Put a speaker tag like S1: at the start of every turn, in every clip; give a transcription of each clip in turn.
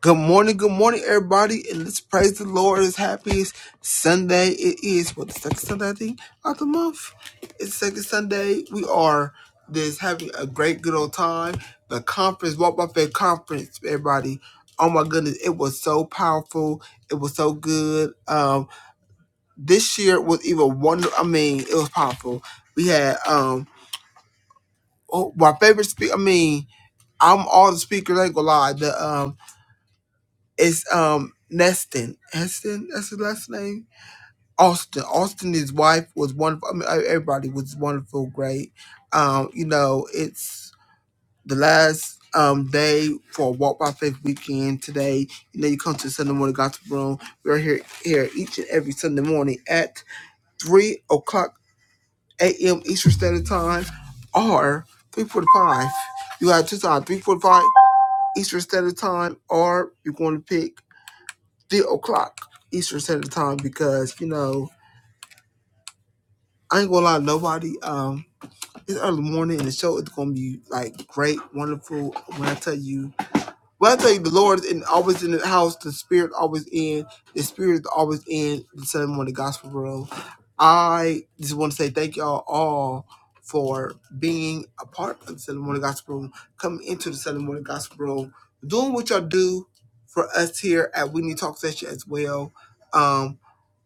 S1: Good morning, good morning, everybody, and let's praise the Lord. It's happiest Sunday. It is what the second Sunday I think of the month. It's the second Sunday. We are just having a great good old time. The conference, Walk by Faith conference, everybody. Oh my goodness, it was so powerful. It was so good. Um, this year was even wonder. I mean, it was powerful. We had um, oh, my favorite speaker. I mean, I'm all the speakers. I ain't gonna lie. The um, It's um Neston. Heston, that's his last name. Austin. Austin, his wife was wonderful. I mean, e- everybody was wonderful, great. Um, you know, it's the last um day for Walk by Faith weekend today. You know, you come to Sunday morning gospel room. We're here here each and every Sunday morning at three o'clock a.m. Eastern Standard Time or three forty five. You have two times, three forty five Eastern Standard Time, or you're going to pick three o'clock Eastern Standard Time because you know I ain't gonna lie to nobody. Um, it's early morning and the show is gonna be like great, wonderful. When I tell you, when I tell you, the Lord is in, always in the house. The Spirit always in. The Spirit is always in the Sunday morning gospel room. I just want to say thank y'all all for being a part of the Sunday morning gospel room, coming into the Sunday morning gospel room, doing what y'all do for us here at We Need Talk Session as well Um,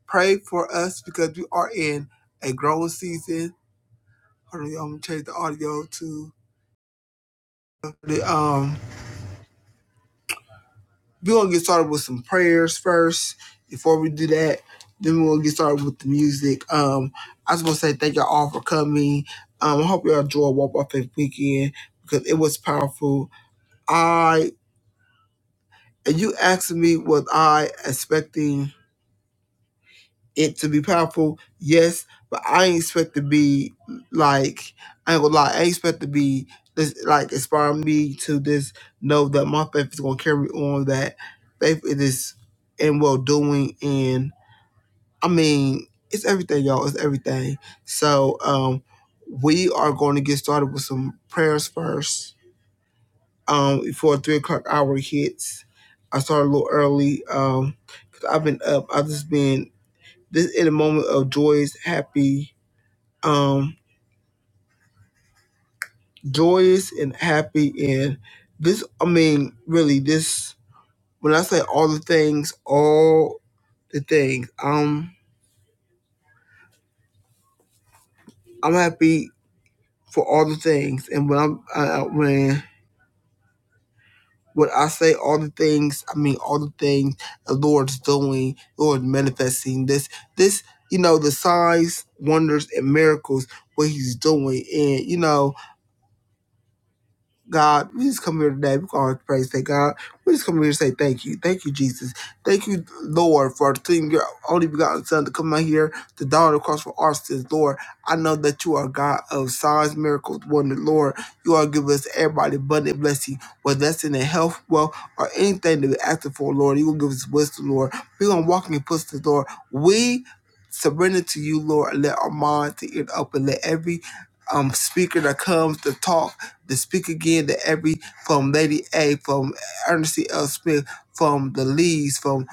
S1: Pray for us because we are in a growing season. Hold on, I'm gonna change the audio to the um. We're gonna get started with some prayers first. Before we do that, then we're gonna get started with the music. Um, I just want to say thank y'all all for coming. Um, I hope y'all enjoy Walk by Faith Weekend because it was powerful. I and you asked me was I expecting it to be powerful, yes, but I ain't expect to be like I ain't gonna lie, I ain't expect to be this like inspire me to just know that my faith is gonna carry on that faith it is in well doing and I mean it's everything y'all, it's everything. So um we are gonna get started with some prayers first. Um before three o'clock hour hits. I started a little early, um, because I've been up, I've just been this in a moment of joyous, happy, um, joyous and happy. And this, I mean, really, this, when I say all the things, all the things, um, I'm happy for all the things. And when I'm, uh, when, when I say all the things, I mean all the things the Lord's doing, Lord manifesting this, this, you know, the signs, wonders, and miracles, what He's doing. And, you know, God, we just come here today. We call it praise. Thank God. We just come here to say thank you. Thank you, Jesus. Thank you, Lord, for seeing your only begotten Son to come out here, the daughter across for our sins. Lord, I know that you are God of signs, miracles, wonder. Lord, you are giving us everybody abundant blessing, whether that's in their health, wealth, or anything that we're asking for, Lord. You will give us wisdom, Lord. We're going to walk in your footsteps, Lord. We surrender to you, Lord. and Let our minds to it up and let every um, speaker that comes to talk to speak again to every from Lady A, from Ernestine L. Smith, from the Lees, from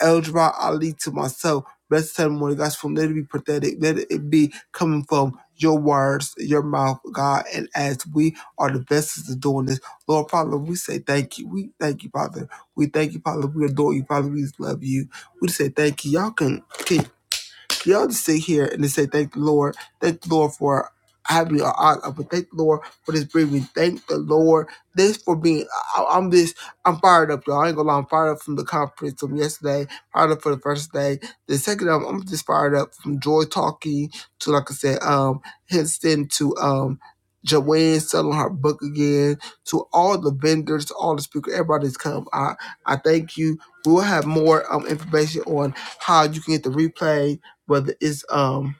S1: Eldra Ali to myself. Blessed testimony, God's from let it be pathetic. Let it be coming from your words, your mouth, God. And as we are the vessels of doing this, Lord Father, we say thank you. We thank you, Father. We thank you, Father. We adore you, Father. We love you. We say thank you. Y'all can keep. Y'all just sit here and just say, Thank the Lord. Thank the Lord for having me on honor. But thank the Lord for this breathing. Thank the Lord. This for being, I, I'm this, I'm fired up, y'all. I ain't gonna lie, I'm fired up from the conference from yesterday, fired up for the first day. The second, i I'm just fired up from Joy talking to, like I said, um, Henson to, um, Joanne selling her book again to all the vendors, all the speakers, everybody's come. I I thank you. We'll have more um, information on how you can get the replay whether it's um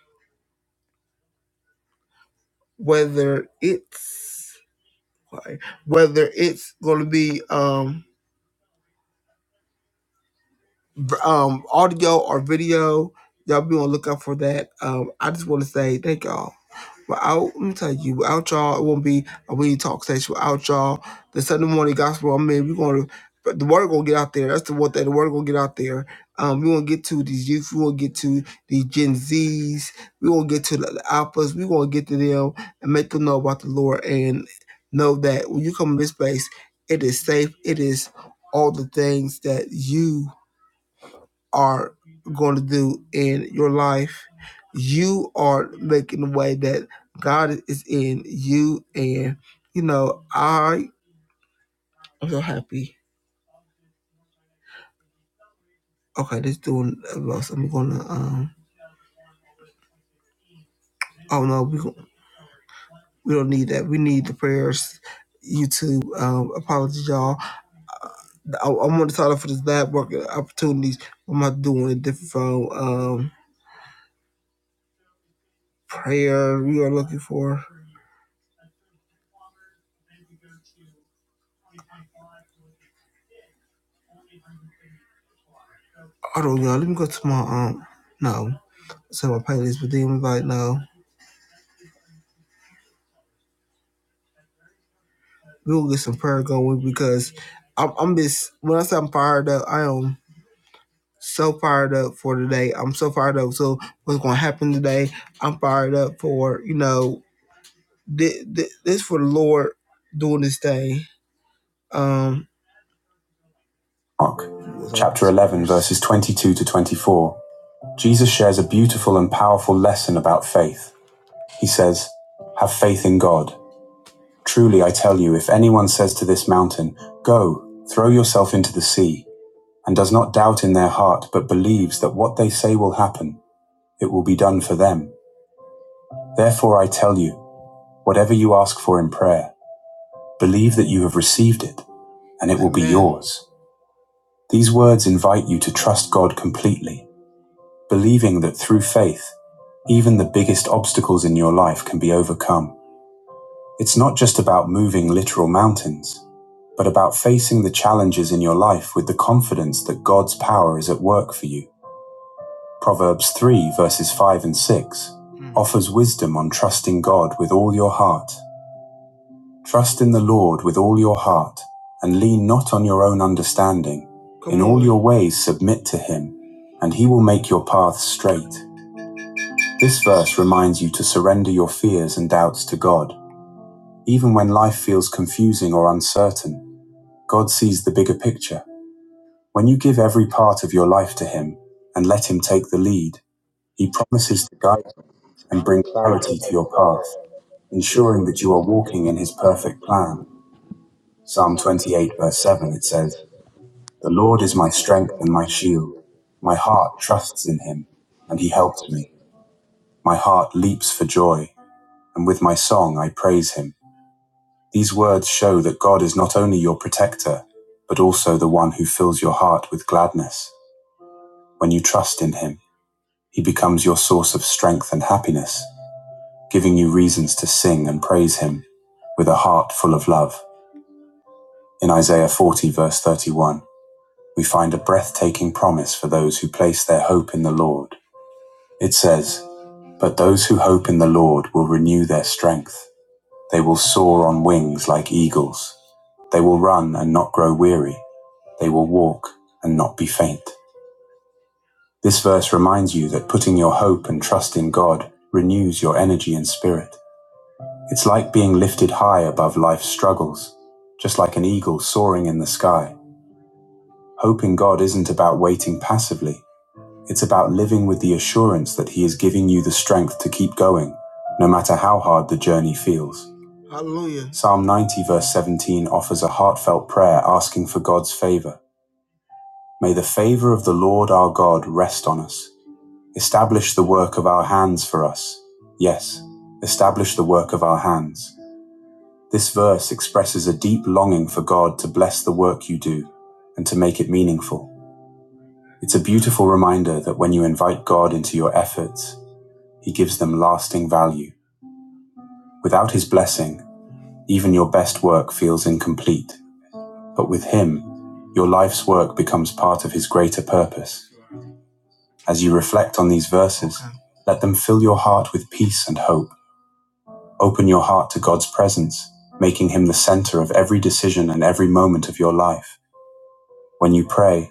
S1: whether it's sorry, whether it's gonna be um um audio or video. Y'all be on the lookout for that. Um I just wanna say thank y'all. Without, let me tell you, without y'all, it won't be a We Need to Talk station. Without y'all, the Sunday morning gospel, I mean, we're going to, but the word going to get out there. That's the word that the word going to get out there. Um, we want to get to these youth. We want to get to these Gen Zs. We want to get to the, the alphas. We want to get to them and make them know about the Lord and know that when you come to this place, it is safe. It is all the things that you are going to do in your life. You are making the way that God is in you, and you know I am so happy. Okay, let's do a most. I'm gonna. Um, oh no, we we don't need that. We need the prayers. YouTube, um, apologies, y'all. I, I want to start off with this lab work opportunities. I'm not doing a different from um prayer. We are looking for. I don't know. Let me go to my um. No, so my playlist, but then we like no. we will get some prayer going because I'm, I'm just when I say I'm fired up, I am so fired up for today. I'm so fired up. So what's going to happen today? I'm fired up for you know thi- this for the Lord doing this day. Um, Mark chapter 11 verses 22 to 24. Jesus shares a beautiful and powerful lesson about faith. He says, "Have faith in God. Truly I tell you, if anyone says to this mountain, 'Go, throw yourself into the sea." and does not doubt in their heart, but believes that what they say will happen, it will be done for them. Therefore I tell you, whatever you ask for in prayer, believe that you have received it, and it will Amen. be yours. These words invite you to trust God completely, believing that through faith, even the biggest obstacles in your life can be overcome. It's not just about moving literal mountains, but about facing the challenges in your life with the confidence that God's power is at work for you. Proverbs 3, verses 5 and 6 Mm. offers wisdom on trusting God with all your heart. Trust in the Lord with all your heart, and lean not on your own understanding. Come In on. all your ways submit to him, and he will make your paths straight. This verse reminds you to surrender your fears and doubts to God. Even when life feels confusing or uncertain, God sees the bigger picture. When you give every part of your life to him and let him take the lead, he promises
S2: is
S1: to
S2: to
S1: guide
S2: guide you,
S1: and
S2: bring
S1: bring
S2: clarity
S1: clarity to
S2: to your
S1: your path,
S2: path, ensuring
S1: ensuring
S2: that
S1: that
S2: you
S1: you
S2: are
S1: are
S2: walking
S1: walking
S2: in
S1: in
S2: his
S1: his
S2: perfect
S1: perfect plan.
S2: plan. Psalm
S1: Psalm
S2: 28,
S1: 28, verse
S2: verse
S1: 7,
S2: 7, it
S1: it says,
S2: says, The
S1: The
S2: Lord
S1: Lord
S2: is
S1: is
S2: my
S1: my
S2: strength
S1: strength
S2: and
S1: and
S2: my
S1: my shield.
S2: shield. My
S1: My heart
S2: heart trusts
S1: trusts
S2: in
S1: in
S2: him,
S1: him,
S2: and
S1: and
S2: he
S1: he helps
S2: helps me.
S1: me. My heart leaps for joy, and with my song I praise him. These words show that God is not only your protector, but also the one who fills your heart with gladness. When you trust in him, he becomes your source of strength and happiness. giving you reasons to sing and praise him with a heart full of love. In Isaiah 40, verse 31, we find a breathtaking promise for those who place their hope in the Lord. It says, But those who hope in the Lord will renew their strength. They will soar on wings like eagles. They will run and not grow weary. They will walk and not be faint. This verse reminds you that putting your hope and trust in God renews your energy and spirit. It's like being lifted high above life's struggles, just like an eagle soaring in the sky. Hoping God isn't about waiting passively, it's about living with the assurance that He is giving you the strength to keep going, no matter how hard the journey feels. Hallelujah. Psalm 90, verse 17, offers a heartfelt prayer asking for God's favor. May the favor of the Lord our God rest on us. Establish the work of our hands for us. Yes, establish the work of our hands. This verse expresses a deep longing for God to bless the work you do and to make it meaningful. It's a beautiful reminder that when you invite God into your efforts, He gives them lasting value. Without His blessing, even your best work feels incomplete. But with Him, your life's work becomes part of His greater purpose. As you reflect on these verses, Okay. let them fill your heart with peace and hope. Open your heart to God's presence, making Him the center of every decision and every moment of your life. When you pray,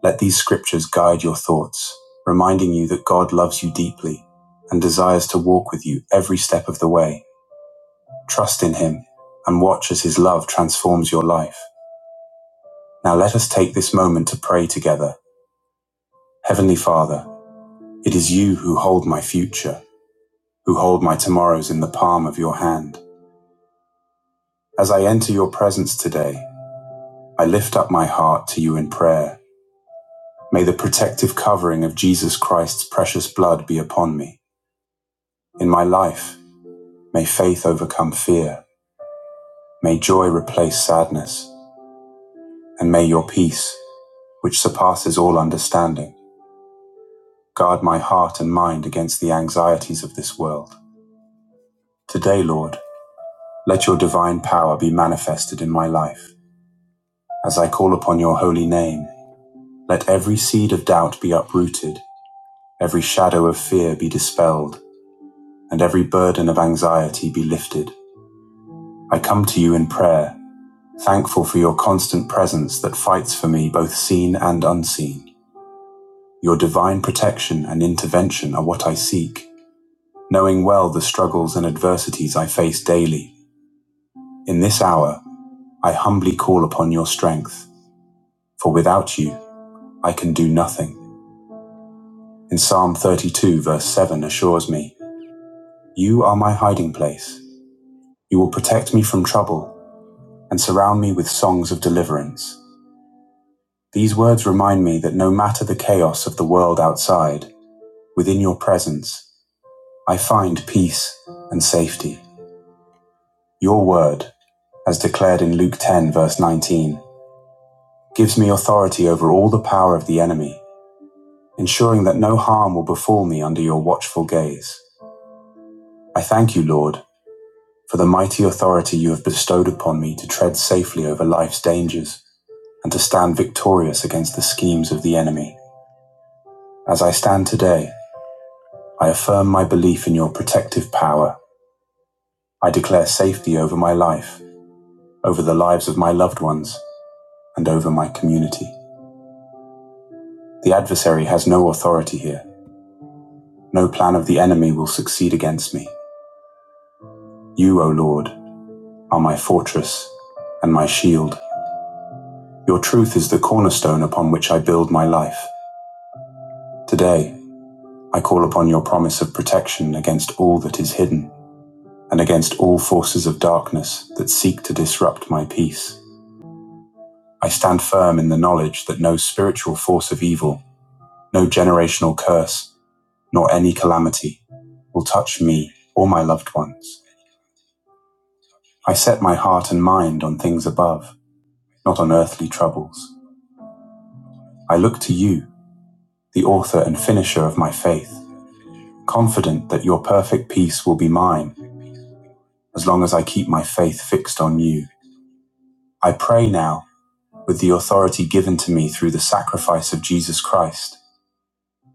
S1: Let these scriptures guide your thoughts, reminding you that God loves you deeply and desires to walk with you every step of the way. Trust in Him and watch as His love transforms your life. Now let us take this moment to pray together. Heavenly Father, it is you who hold my future, who hold my tomorrows in the palm of your hand. As I enter your presence today, I lift up my heart to you in prayer. May the protective covering of Jesus Christ's precious blood be upon me, in my life, May faith overcome fear. May joy replace sadness. And may your peace, which surpasses all understanding, guard my heart and mind against the anxieties of this world. Today, Lord, let your divine power be manifested in my life. As I call upon your holy name, let every seed of doubt be uprooted, every shadow of fear be dispelled, and every burden of anxiety be lifted. I come to you in prayer thankful for your constant presence that fights for me both seen and unseen. Your divine protection and intervention are what I seek, knowing well the struggles and adversities I face daily. In this hour, I humbly call upon your strength, for without you, I can do nothing. In Psalm 32, verse 7 assures me, You are my hiding place. You will protect me from trouble and surround me with songs of deliverance. These words remind me that no matter the chaos of the world outside, Within your presence, I find peace and safety. Your word, as declared in Luke 10, verse 19, gives me authority over all the power of the enemy, ensuring that no harm will befall me under your watchful gaze. I thank you, Lord, for the mighty authority you have bestowed upon me to tread safely over life's dangers and to stand victorious against the schemes of the enemy. As I stand today, I affirm my belief in your protective power. I declare safety over my life over the lives of my loved ones, and over my community. The adversary has no authority here. No plan of the enemy will succeed against me. You, O Lord, are my fortress and my shield. Your truth is the cornerstone upon which I build my life. Today, I call upon your promise of protection against all that is hidden and against all forces of darkness that seek to disrupt my peace. I stand firm in the knowledge that no spiritual force of evil, no generational curse, nor any calamity will touch me or my loved ones. I set my heart and mind on things above, not on earthly troubles. I look to you, the author and finisher of my faith, confident that your perfect peace will be mine as long as I keep my faith fixed on you. I pray now, with the authority given to me through the sacrifice of Jesus Christ,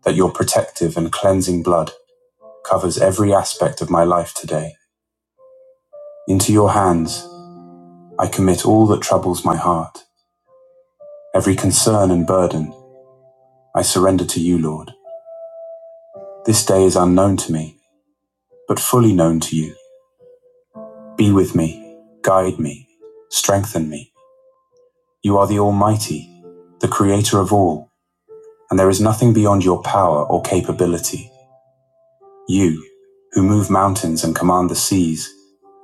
S1: that your protective and cleansing blood covers every aspect of my life today. Into your hands, I commit all that troubles my heart Every concern and burden I surrender to you, Lord. This day is unknown to me, but fully known to you. Be with me, guide me, strengthen me. You are the Almighty, the Creator of all, and there is nothing beyond your power or capability. You, who move mountains and command the seas,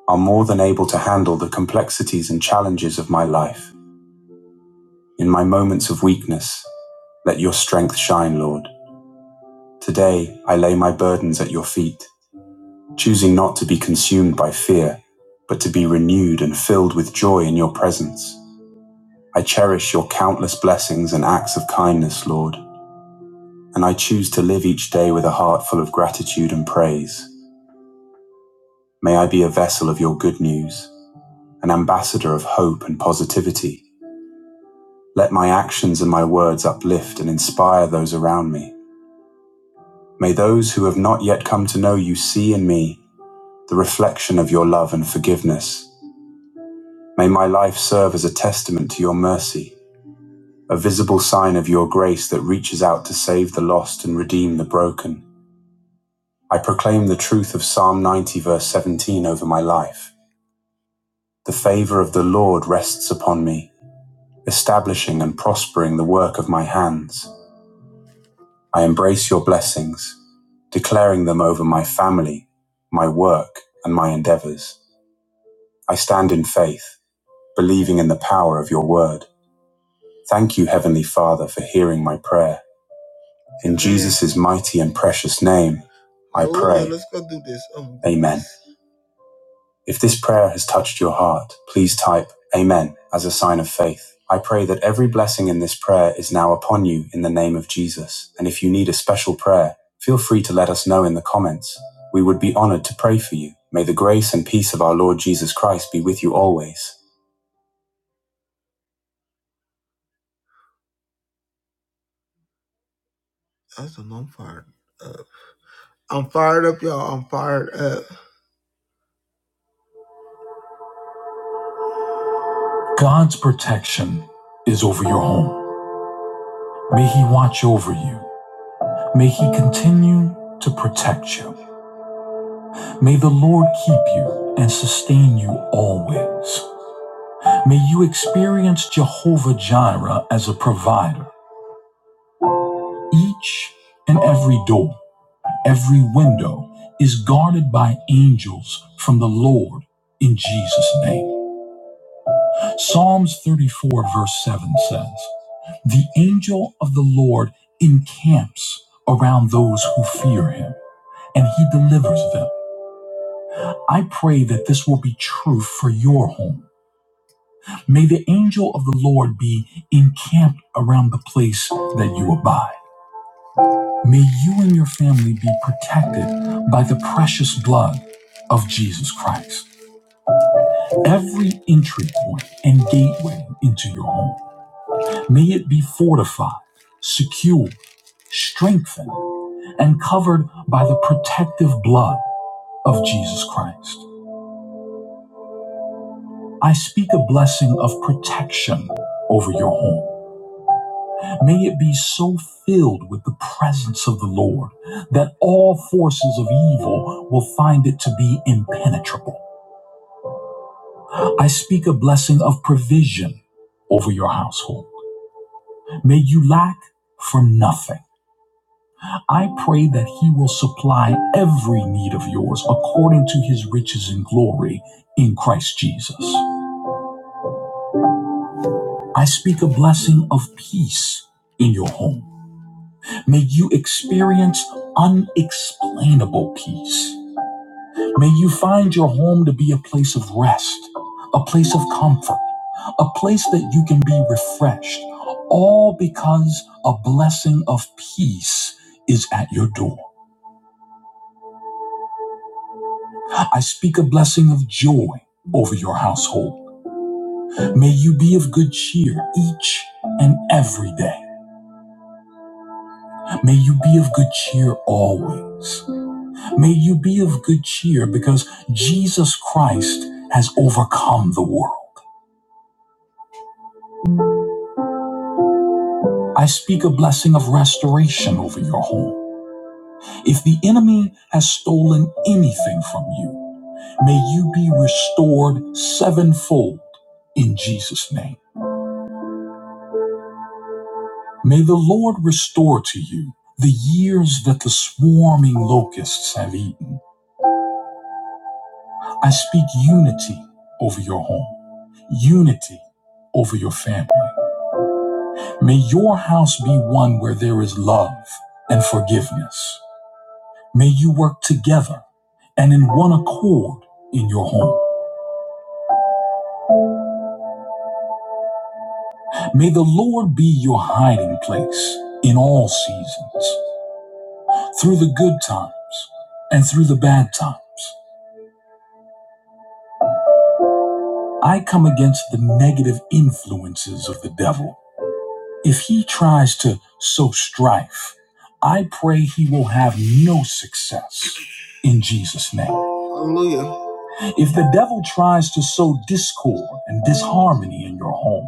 S1: are more than able to handle the complexities and challenges of my life. In my moments of weakness, let your strength shine, Lord. Today, I lay my burdens at your feet. choosing not to be consumed by fear, but to be renewed and filled with joy in your presence. I cherish your countless blessings and acts of kindness, Lord, and I choose to live each day with a heart full of gratitude and praise. May I be a vessel of your good news, an ambassador of hope and positivity. Let my actions and my words uplift and inspire those around me. May those who have not yet come to know you see in me the reflection of your love and forgiveness May my life serve as a testament to your mercy, a visible sign of your grace that reaches out to save the lost and redeem the broken. I proclaim the truth of Psalm 90, verse 17, over my life. The favor of the Lord rests upon me, establishing and prospering the work of my hands. I embrace your blessings, declaring them over my family, my work, and my endeavors. I stand in faith, believing in the power of your word. Thank you, Heavenly Father, for hearing my prayer. In Jesus' mighty and precious name, I pray. let's go do this. Um, Amen. If this prayer has touched your heart, please type Amen as a sign of faith. I pray that every blessing in this prayer is now upon you in the name of Jesus. And if you need a special prayer, feel free to let us know in the comments. We would be honored to pray for you. May the grace and peace of our Lord Jesus Christ be with you always. That's I'm fired up. I'm fired up, y'all. I'm fired up. Is may he watch you. May he continue to protect you. May the Lord keep you and sustain you always. May you experience Jehovah Jireh as a provider. Each and every door, every window is guarded by angels from the Lord in Jesus' name. Psalms 34, verse 7 says, The angel of the Lord encamps around those who fear him, and he delivers them. I pray that this will be true for your home. May the angel of the Lord be encamped around the place that you abide. May you and your family be protected by the precious blood of Jesus Christ. Every entry point and gateway into your home, may it be fortified, secure, strengthened, and covered by the protective blood of Jesus Christ. I speak a blessing of protection over your home. May it be so filled with the presence of the Lord that all forces of evil will find it to be impenetrable. I speak a blessing of provision over your household. May you lack for nothing. I pray that He will supply every need of yours according to His riches and glory in Christ Jesus. I speak a blessing of peace in your home. May you experience unexplainable peace. May you find your home to be a place of rest, a place of comfort, a place that you can be refreshed, all because a blessing of peace is at your door. I speak a blessing of joy over your household. May you be of good cheer each and every day. May you be of good cheer always. May you be of good cheer because Jesus Christ has overcome the world. I speak a blessing of restoration over your home. If the enemy has stolen anything from you, may you be restored sevenfold in Jesus' name. May the Lord restore to you the years that the swarming locusts have eaten. I speak unity over your home, unity over your family. May your house be one where there is love and forgiveness. May you work together and in one accord in your home. May the Lord be your hiding place in all seasons, through the good times and through the bad times. I come against the negative influences of the devil. If he tries to sow strife, I pray he will have no success in Jesus' name. Hallelujah. If the devil tries to sow discord and disharmony in your home,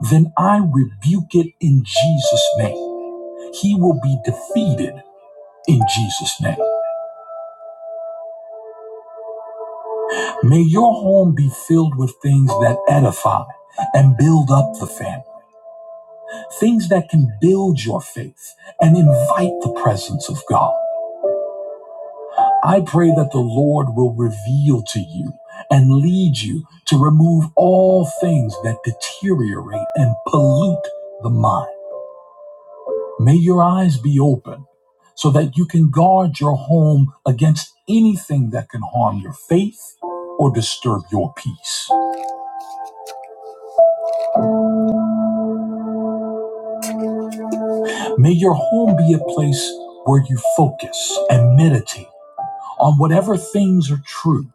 S1: then I rebuke it in Jesus' name. He will be defeated in Jesus' name. May your home be filled with things that edify and build up the family, things that can build your faith and invite the presence of God. I pray that the Lord will reveal to you and lead you to remove all things that deteriorate and pollute the mind May your eyes be open so that you can guard your home against anything that can harm your faith or disturb your peace. May your home be a place where you focus and meditate on whatever things are true,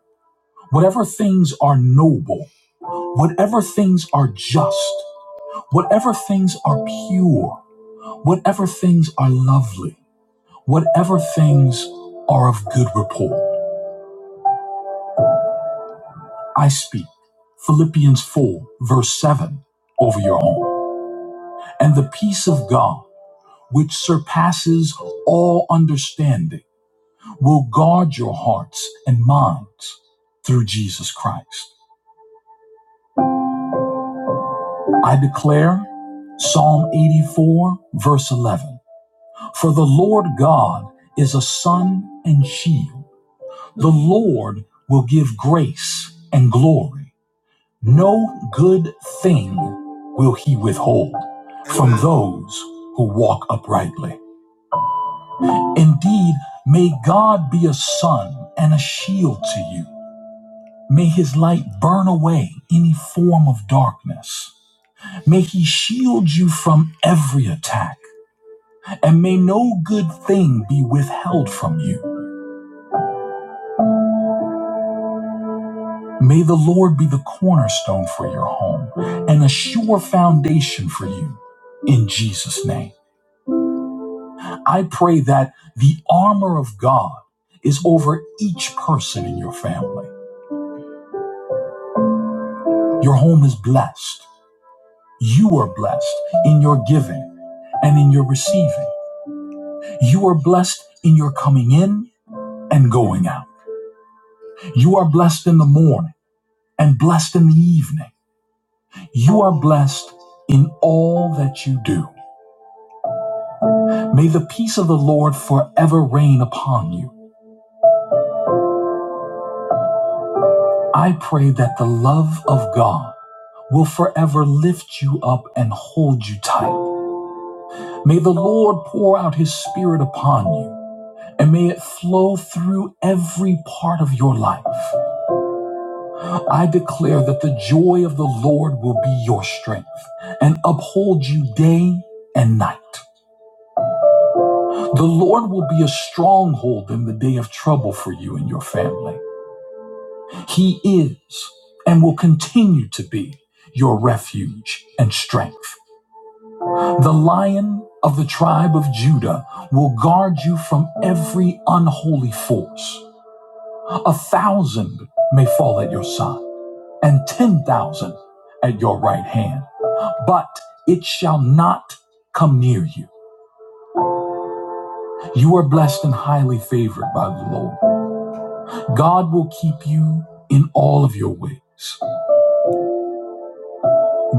S1: whatever things are noble, whatever things are just, whatever things are pure, whatever things are lovely, whatever things are of good report. I speak Philippians 4, verse 7 over your home. And the peace of God, which surpasses all understanding, will guard your hearts and minds through Jesus Christ. I declare Psalm 84, verse 11 For the Lord God is a sun and shield, the Lord will give grace and glory. No good thing will he withhold from those who walk uprightly. Indeed, may God be a sun and a shield to you. May his light burn away any form of darkness. May he shield you from every attack, and may no good thing be withheld from you. May the Lord be the cornerstone for your home and a sure foundation for you in Jesus' name. I pray that the armor of God is over each person in your family. Your home is blessed. You are blessed in your giving and in your receiving. You are blessed in your coming in and going out. You are blessed in the morning and blessed in the evening. You are blessed in all that you do. May the peace of the Lord forever reign upon you. I pray that the love of God will forever lift you up and hold you tight. May the Lord pour out his spirit upon you and may it flow through every part of your life. I declare that the joy of the Lord will be your strength and uphold you day and night. The Lord will be a stronghold in the day of trouble for you and your family. He is and will continue to be your refuge and strength. The lion of the tribe of Judah will guard you from every unholy force. A thousand may fall at your side, and ten thousand at your right hand, but it shall not come near you. You are blessed and highly favored by the Lord. God will keep you in all of your ways.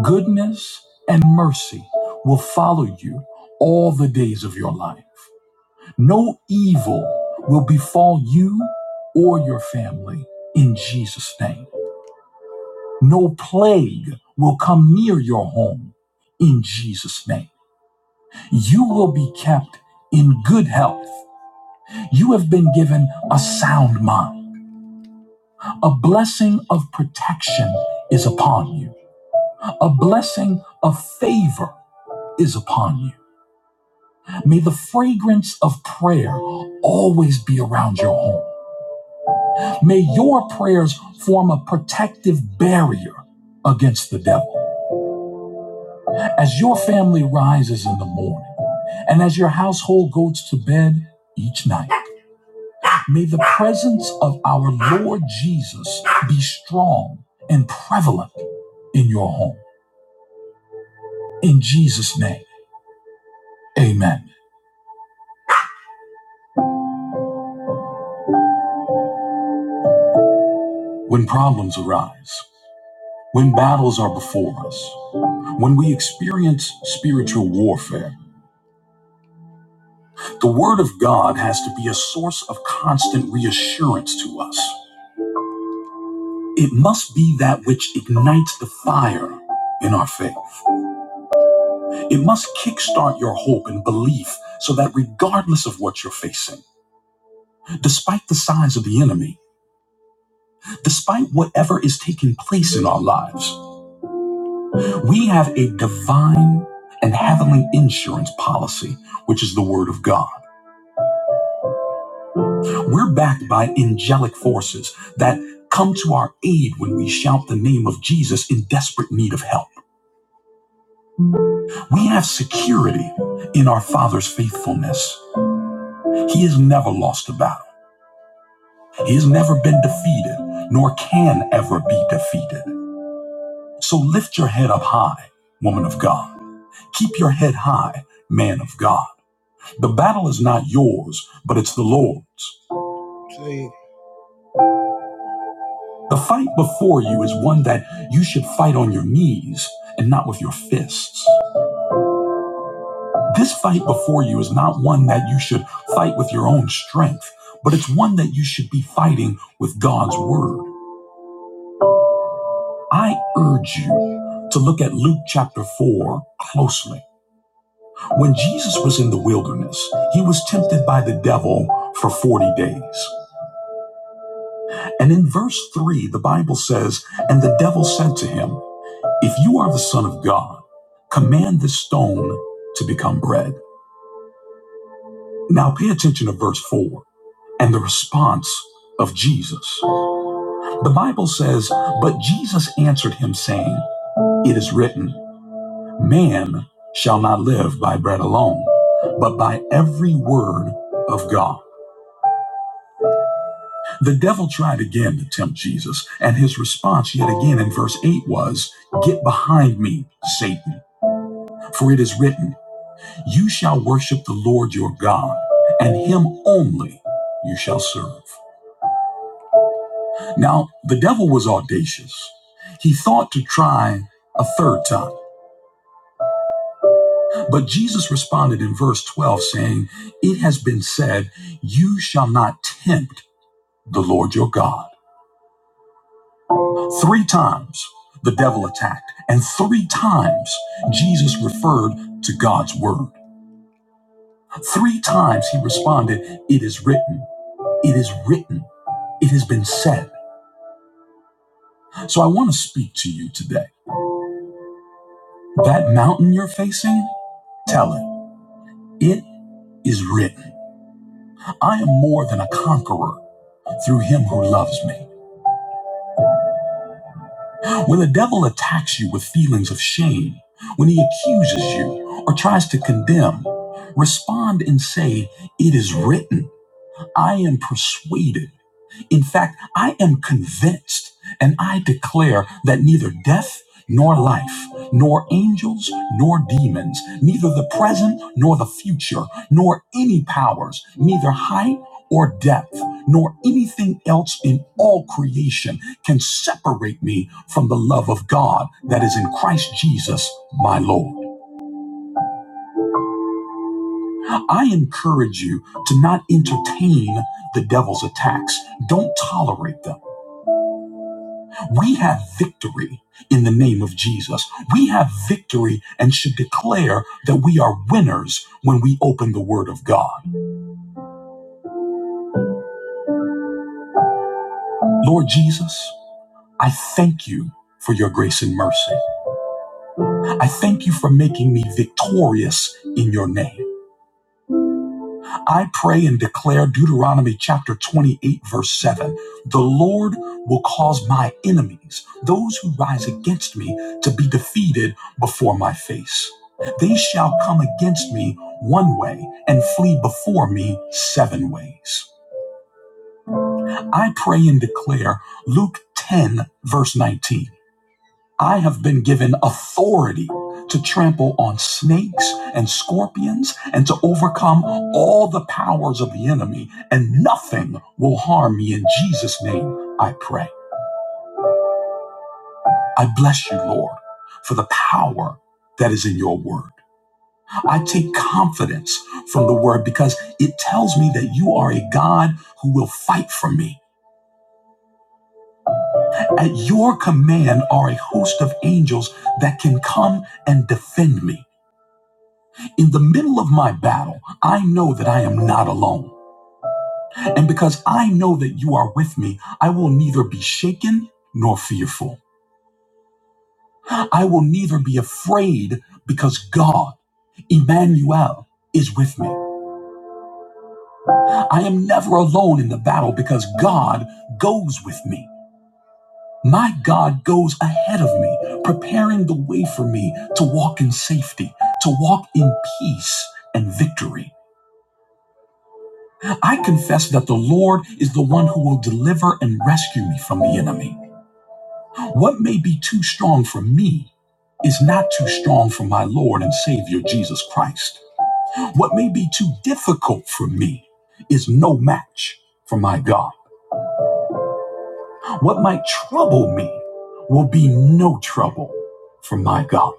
S1: Goodness and mercy will follow you all the days of your life No evil will befall you or your family in Jesus' name. No plague will come near your home in Jesus' name. You will be kept in good health. You have been given a sound mind. A blessing of protection is upon you, a blessing of favor is upon you. May the fragrance of prayer always be around your home. May your prayers form a protective barrier against the devil. As your family rises in the morning and as your household goes to bed each night, may the presence of our Lord Jesus be strong and prevalent in your home. In Jesus' name, amen. When problems arise, when battles are before us, when we experience spiritual warfare, The Word of God has to be a source of constant reassurance to us. It must be that which ignites the fire in our faith. It must kickstart your hope and belief so that regardless of what you're facing, despite the size of the enemy, despite whatever is taking place in our lives, we have a divine and heavenly insurance policy, which is the Word of God. We're backed by angelic forces that come to our aid when we shout the name of Jesus in desperate need of help. We have security in our Father's faithfulness. He has never lost a battle, He has never been defeated, nor can ever be defeated. So lift your head up high, woman of God. Keep your head high, man of God. The battle is not yours, but it's the Lord's. The fight before you is one that you should fight on your knees and not with your fists. This fight before you is not one that you should fight with your own strength, but it's one that you should be fighting with God's word. I urge you to look at Luke chapter 4 closely. When Jesus was in the wilderness, he was tempted by the devil for 40 days. And in verse 3, the Bible says, And the devil said to him, If you are the Son of God, command this stone to become bread. Now pay attention to verse 4 and the response of Jesus. The Bible says, But Jesus answered him, saying, It is written, Man shall not live by bread alone, but by every word of God. The devil tried again to tempt Jesus, and his response yet again in verse 8 was, Get behind me, Satan, for it is written, You shall worship the Lord your God, and him only you shall serve. Now, the devil was audacious. He thought to try a third time, but Jesus responded in verse 12, saying, It has been said, You shall not tempt the Lord your God. Three times the devil attacked, and three times Jesus referred to God's word. Three times he responded, It is written, it is written, it has been said. So I want to speak to you today. That mountain you're facing, tell it. It is written. I am more than a conqueror through him who loves me. When the devil attacks you with feelings of shame, when he accuses you or tries to condemn, respond and say, It is written. I am persuaded. In fact, I am convinced and I declare that neither death nor life, nor angels nor demons, neither the present nor the future, nor any powers, neither height or depth, nor anything else in all creation can separate me from the love of God that is in Christ Jesus, my Lord. I encourage you to not entertain the devil's attacks. Don't tolerate them. We have victory in the name of Jesus. We have victory and should declare that we are winners when we open the Word of God. Lord Jesus, I thank you for your grace and mercy. I thank you for making me victorious in your name. I pray and declare Deuteronomy chapter 28, verse 7 the Lord will cause my enemies, those who rise against me, to be defeated before my face. They shall come against me one way and flee before me seven ways. I pray and declare Luke 10, verse 19. I have been given authority to trample on snakes and scorpions and to overcome all the powers of the enemy, and nothing will harm me. In Jesus' name, I pray. I bless you, Lord, for the power that is in your word. I take confidence from the word because it tells me that you are a God who will fight for me. At your command are a host of angels that can come and defend me. In the middle of my battle, I know that I am not alone. And because I know that you are with me, I will neither be shaken nor fearful. I will neither be afraid because God, Emmanuel, is with me. I am never alone in the battle because God goes with me. My God goes ahead of me, preparing the way for me to walk in safety, to walk in peace and victory. I confess that the Lord is the one who will deliver and rescue me from the enemy. What may be too strong for me is not too strong for my Lord and Savior Jesus Christ. What may be too difficult for me is no match for my God. What might trouble me will be no trouble for my God.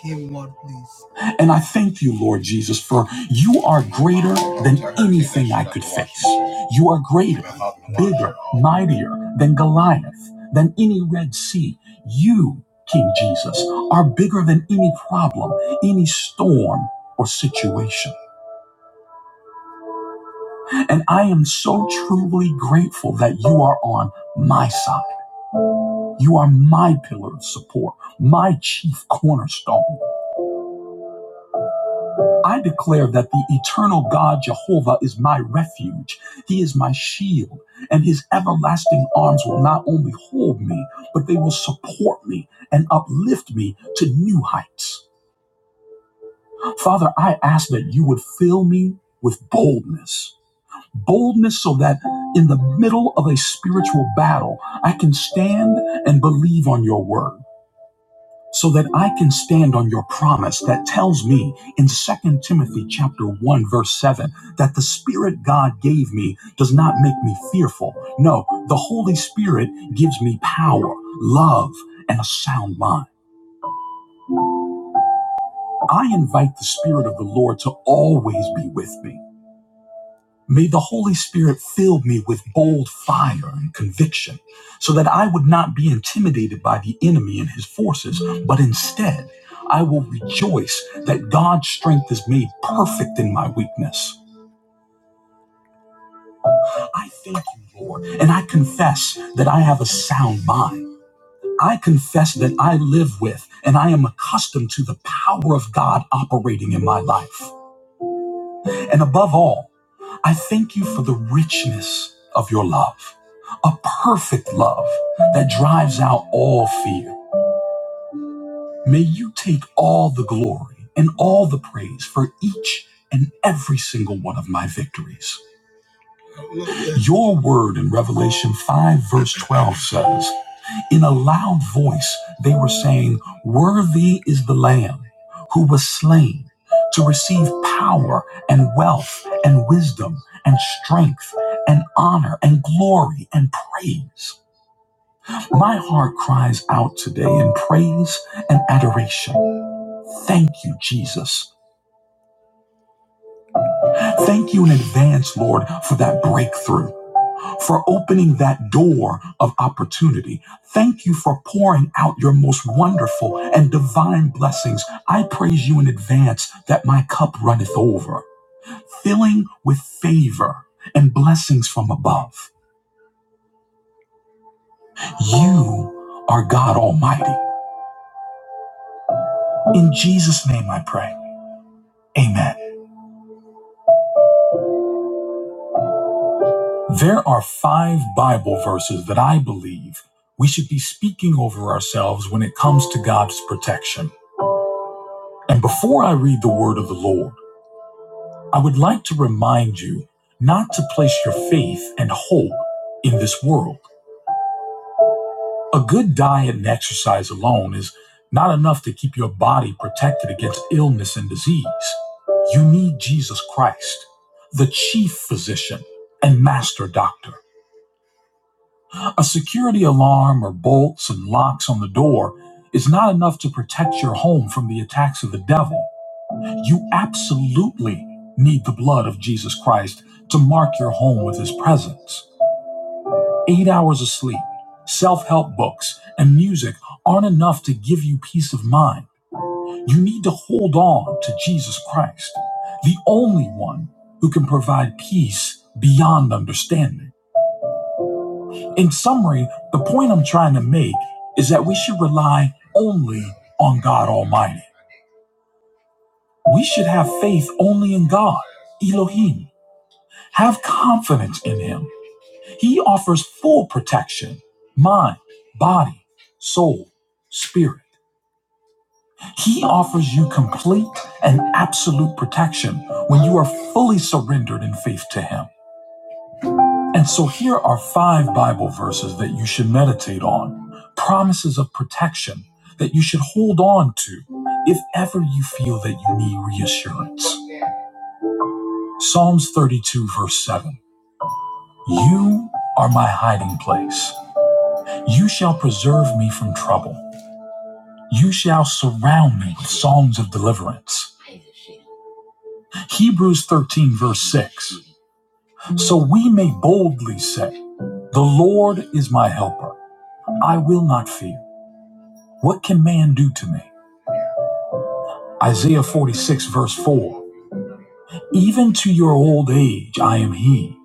S1: Give one, please. And I thank you, Lord Jesus, for you are greater than anything I could face. You are greater, bigger, mightier than Goliath, than any Red Sea. You, King Jesus, are bigger than any problem, any storm, or situation. And I am so truly grateful that you are on my side. You are my pillar of support, my chief cornerstone. I declare that the eternal God Jehovah is my refuge. He is my shield, and his everlasting arms will not only hold me, but they will support me and uplift me to new heights. Father, I ask that you would fill me with boldness. Boldness so that in the middle of a spiritual battle, I can stand and believe on your word so that I can stand on your promise that tells me in Second Timothy chapter 1 verse 7 that the spirit God gave me does not make me fearful. No, the Holy Spirit gives me power, love, and a sound mind. I invite the spirit of the Lord to always be with me. May the Holy Spirit fill me with bold fire and conviction so that I would not be intimidated by the enemy and his forces, but instead I will rejoice that God's strength is made perfect in my weakness. I thank you, Lord, and I confess that I have a sound mind. I confess that I live with and I am accustomed to the power of God operating in my life. And above all, I thank you for the richness of your love, a perfect love that drives out all fear. May you take all the glory and all the praise for each and every single one of my victories. Your word in Revelation 5, verse 12 says, in a loud voice, they were saying, Worthy is the Lamb who was slain to receive power and wealth and wisdom and strength and honor and glory and praise. My heart cries out today in praise and adoration. Thank you, Jesus. Thank you in advance, Lord, for that breakthrough. for opening that door of opportunity. Thank you for pouring out your most wonderful and divine blessings. I praise you in advance that my cup runneth over, filling with favor and blessings from above. You are God Almighty. In Jesus' name I pray. Amen. There are five Bible verses that I believe we should be speaking over ourselves when it comes to God's protection. And before I read the word of the Lord, I would like to remind you not to place your faith and hope in this world. A good diet and exercise alone is not enough to keep your body protected against illness and disease. You need Jesus Christ, the chief physician and master doctor. A security alarm or bolts and locks on the door is not enough to protect your home from the attacks of the devil. You absolutely need the blood of Jesus Christ to mark your home with his presence. Eight hours of sleep, self help books, and music aren't enough to give you peace of mind. You need to hold on to Jesus Christ, the only one who can provide peace beyond understanding. In summary, the point I'm trying to make is that we should rely only on God Almighty. We should have faith only in God, Elohim. Have confidence in him. He offers full protection mind, body, soul, spirit. He offers you complete and absolute protection when you are fully surrendered in faith to him. And so here are five Bible verses that you should meditate on, promises of protection that you should hold on to if ever you feel that you need reassurance. Psalms 32, verse 7. You are my hiding place. You shall preserve me from trouble. You shall surround me with songs of deliverance. Hebrews 13, verse 6. So we may boldly say, The Lord is my helper. I will not fear. What can man do to me? Isaiah 46, verse 4. Even to your old age I am he,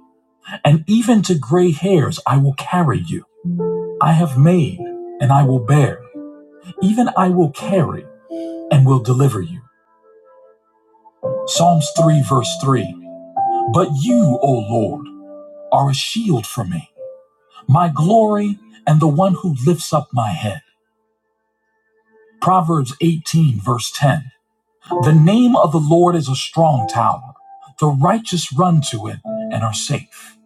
S1: and even to gray hairs I will carry you. I have made, and I will bear. Even I will carry, and will deliver you. Psalms 3, verse 3. But you, O Lord, are a shield for me, my glory, and the one who lifts up my head. Proverbs 18, verse 10. The name of the Lord is a strong tower. The righteous run to it and are safe.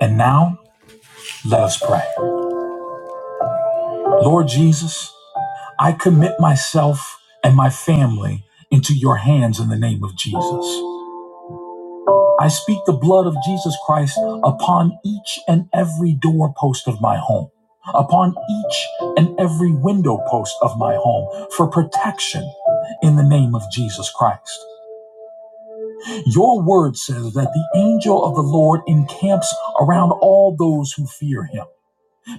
S1: And now, let us pray. Lord Jesus, I commit myself and my family into your hands in the name of Jesus. I speak the blood of Jesus Christ upon each and every doorpost of my home, upon each and every window post of my home for protection in the name of Jesus Christ. Your word says that the angel of the Lord encamps around all those who fear him.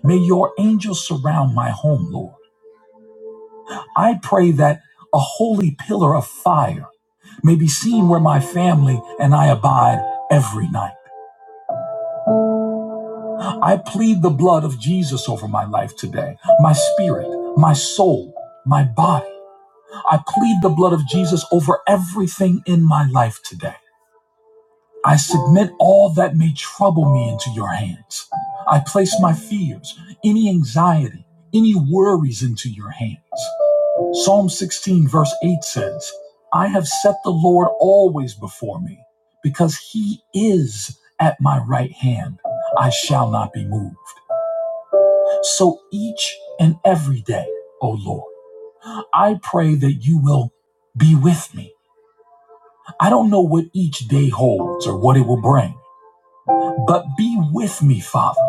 S1: May your angels surround my home, Lord. I pray that a holy pillar of fire may be seen where my family and I abide every night. I plead the blood of Jesus over my life today, my spirit, my soul, my body. I plead the blood of Jesus over everything in my life today. I submit all that may trouble me into your hands. I place my fears, any anxiety, any worries into your hands. Psalm 16, verse 8 says, I have set the Lord always before me because he is at my right hand. I shall not be moved. So each and every day, O Lord, I pray that you will be with me. I don't know what each day holds or what it will bring, but be with me, Father.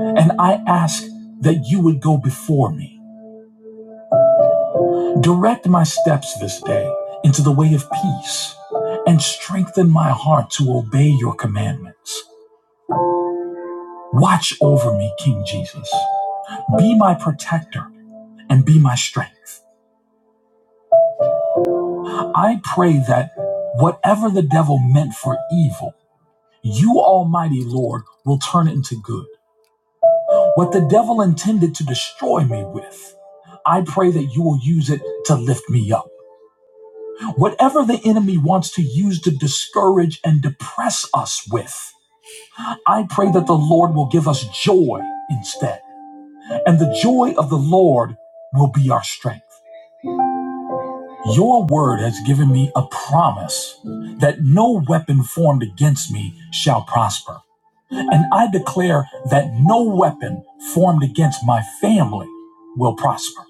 S1: And I ask that you would go before me. Direct my steps this day into the way of peace and strengthen my heart to obey your commandments. Watch over me, King Jesus. Be my protector and be my strength. I pray that whatever the devil meant for evil, you, Almighty Lord, will turn it into good. What the devil intended to destroy me with, I pray that you will use it to lift me up. Whatever the enemy wants to use to discourage and depress us with, I pray that the Lord will give us joy instead. And the joy of the Lord will be our strength. Your word has given me a promise that no weapon formed against me shall prosper. And I declare that no weapon formed against my family will prosper.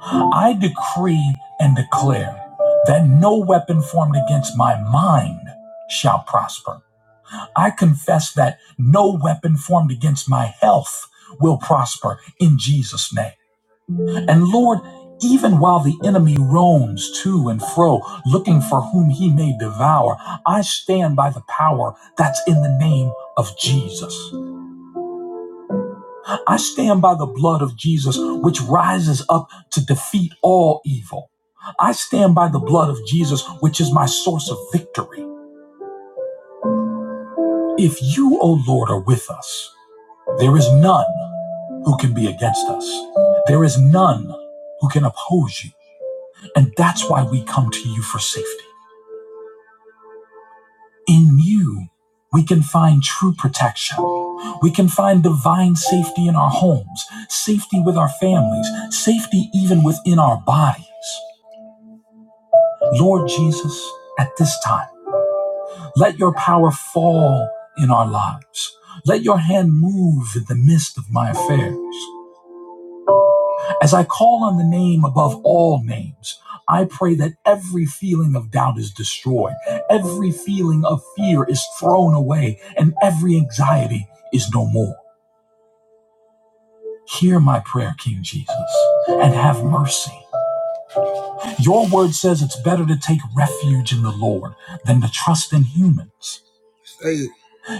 S1: I decree and declare that no weapon formed against my mind shall prosper. I confess that no weapon formed against my health will prosper in Jesus' name. And Lord, even while the enemy roams to and fro, looking for whom he may devour, I stand by the power that's in the name of Jesus. I stand by the blood of Jesus, which rises up to defeat all evil. I stand by the blood of Jesus, which is my source of victory. If you, O Lord, are with us, there is none who can be against us. There is none who can oppose you. And that's why we come to you for safety. In you, we can find true protection. We can find divine safety in our homes, safety with our families, safety even within our bodies. Lord Jesus, at this time, let your power fall in our lives. Let your hand move in the midst of my affairs. As I call on the name above all names, I pray that every feeling of doubt is destroyed, every feeling of fear is thrown away, and every anxiety is no more. Hear my prayer, King Jesus, and have mercy. Your word says it's better to take refuge in the Lord than to trust in humans. Hey,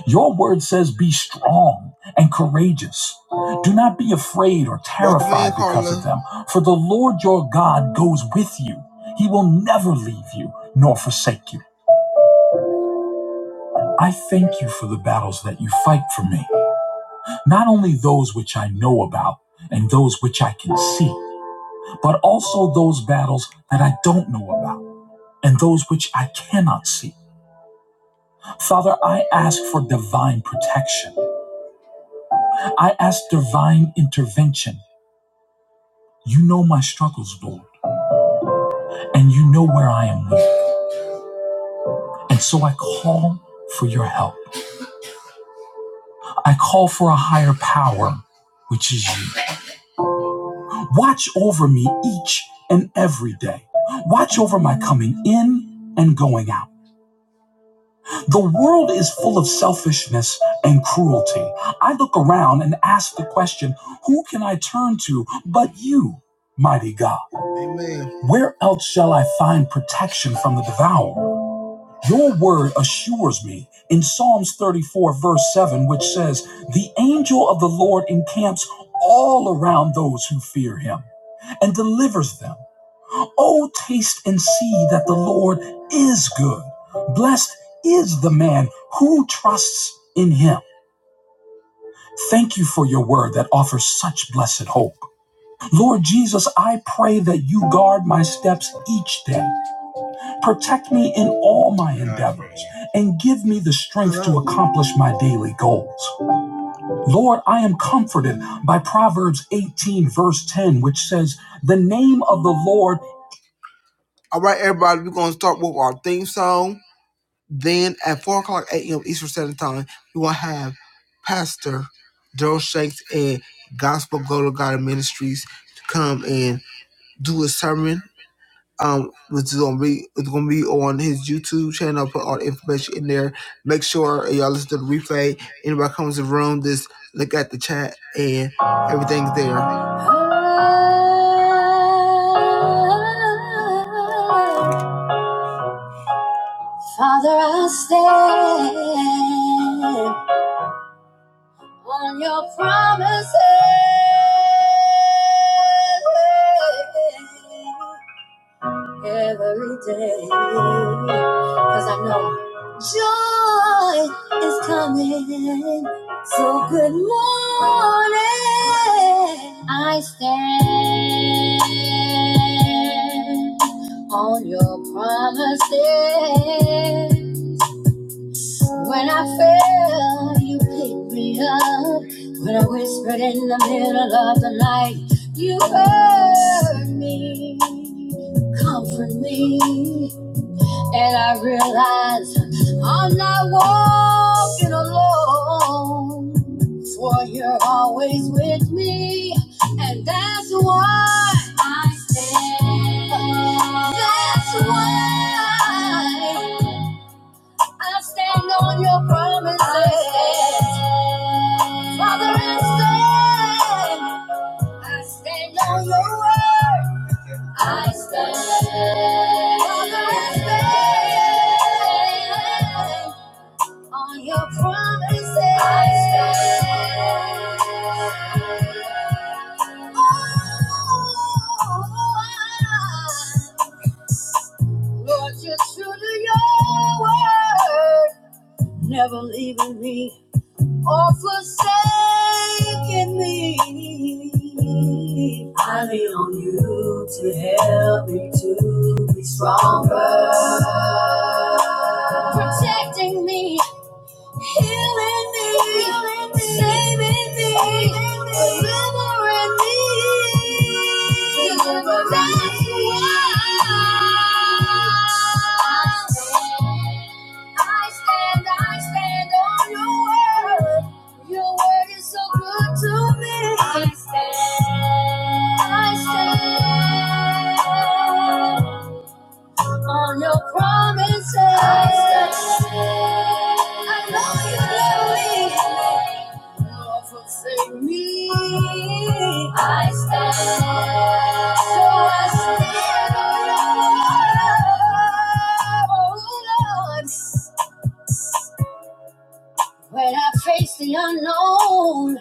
S1: Your word says, Be strong and courageous. Do not be afraid or terrified because of them, for the Lord your God goes with you. He will never leave you nor forsake you. I thank you for the battles that you fight for me, not only those which I know about and those which I can see, but also those battles that I don't know about and those which I cannot see. Father, I ask for divine protection. I ask divine intervention You know my struggles, Lord, and you know where I am weak. And so I call for your help. I call for a higher power, which is you. Watch over me each and every day. Watch over my coming in and going out. The world is full of selfishness and cruelty. I look around and ask the question who can I turn to but you, mighty God? Amen. Where else shall I find protection from the devourer? Your word assures me in Psalms 34, verse 7, which says, The angel of the Lord encamps all around those who fear him and delivers them. Oh, taste and see that the Lord is good. Blessed is the man who trusts in him. Thank you for your word that offers such blessed hope. Lord Jesus, I pray that you guard my steps each day. Protect me in all my endeavors and give me the strength to accomplish my daily goals. Lord, I am comforted by Proverbs 18, verse 10, which says, The name of the Lord. All right, everybody, we're going to start with our theme song. Then at 4 o'clock a.m. Eastern Standard Time, we will have Pastor Daryl Shanks and Gospel Go to God Ministries to come and do a sermon um, which is gonna be it's gonna be on his YouTube channel. I'll put all the information in there. Make sure y'all listen to the replay. Anybody comes in the room, just look at the chat and everything's there. Father, I stand on your promises. every day. Cause I know joy is coming. So good morning. I stand on your promises. When I fell, you picked me up. When I whispered in the middle of the night, you heard me, comfort me. And I realized I'm not walking alone, for you're always with me. And that's why I stand. That's why. I stand on your promises. I stand. Father, I stand. I stand on your word. I stand. Father, I stand on your promises. I stand. Oh, I Lord, you're true to your word never leaving me or forsaking me. I lean on you to help me to be stronger, protecting me. Healing me, saving me, delivering me. That's why I stand, I stand on your word. Your word is so good to me. I stand. I stand on your promises. I stand. I know you love me. Don't forsake me. I stand. So I stand on your love, oh Lord. When I face the unknown,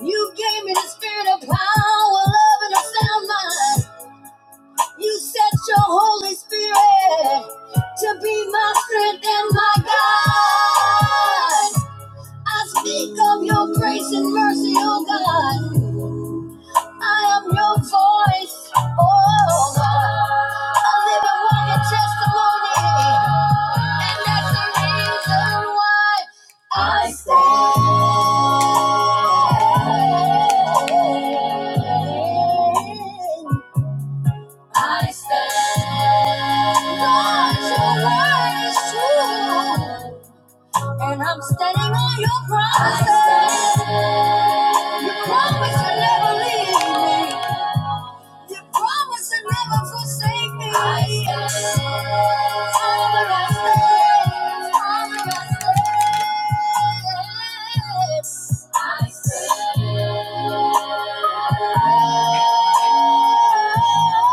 S1: you gave me the spirit of power, love, and a sound mind. You sent your Holy Spirit to be my strength and my guide. I speak of your grace and mercy, oh God. I am your voice, oh God. I live and walk in testimony. And that's the reason why I stand. I stand on your word is true, and I'm standing on your promises. I stand. You promise to never leave me. You promise to never forsake me. I stand Father, I stand. Father, I stand. I stand.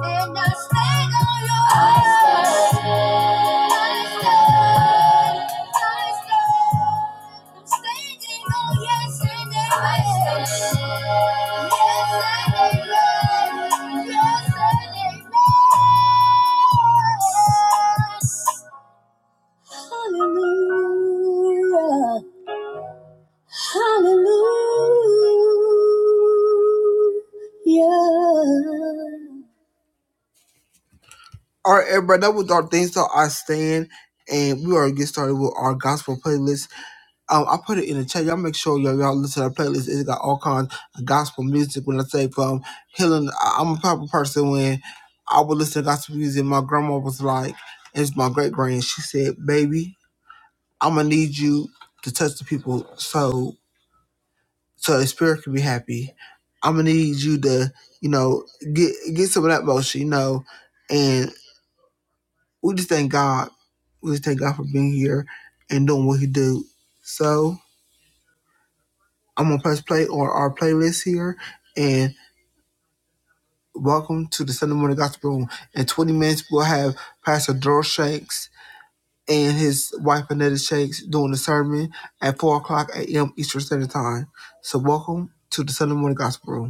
S1: And I stand on your I stand. Hallelujah. Hallelujah. All right, everybody, that was our things that I stand. And we are gonna get started with our gospel playlist. Um, I put it in the chat. Y'all make sure y'all, y'all listen to the playlist. It's got all kinds of gospel music. When I say from healing, I- I'm a proper person. When I would listen to gospel music, my grandma was like, it's my great grand. She said, "Baby, I'm gonna need you to touch the people." So. so the spirit can be happy. I'm gonna need you to, you know, get get some of that motion, you know, and we just thank God. We just thank God for being here and doing what He do. So I'm gonna press play on our playlist here, and welcome to the Sunday morning gospel room. In 20 minutes, we'll have Pastor Daryl Shanks and his wife Anetta Shanks doing the sermon at four o'clock a.m. Eastern Standard Time. So welcome to the Sunday morning gospel room.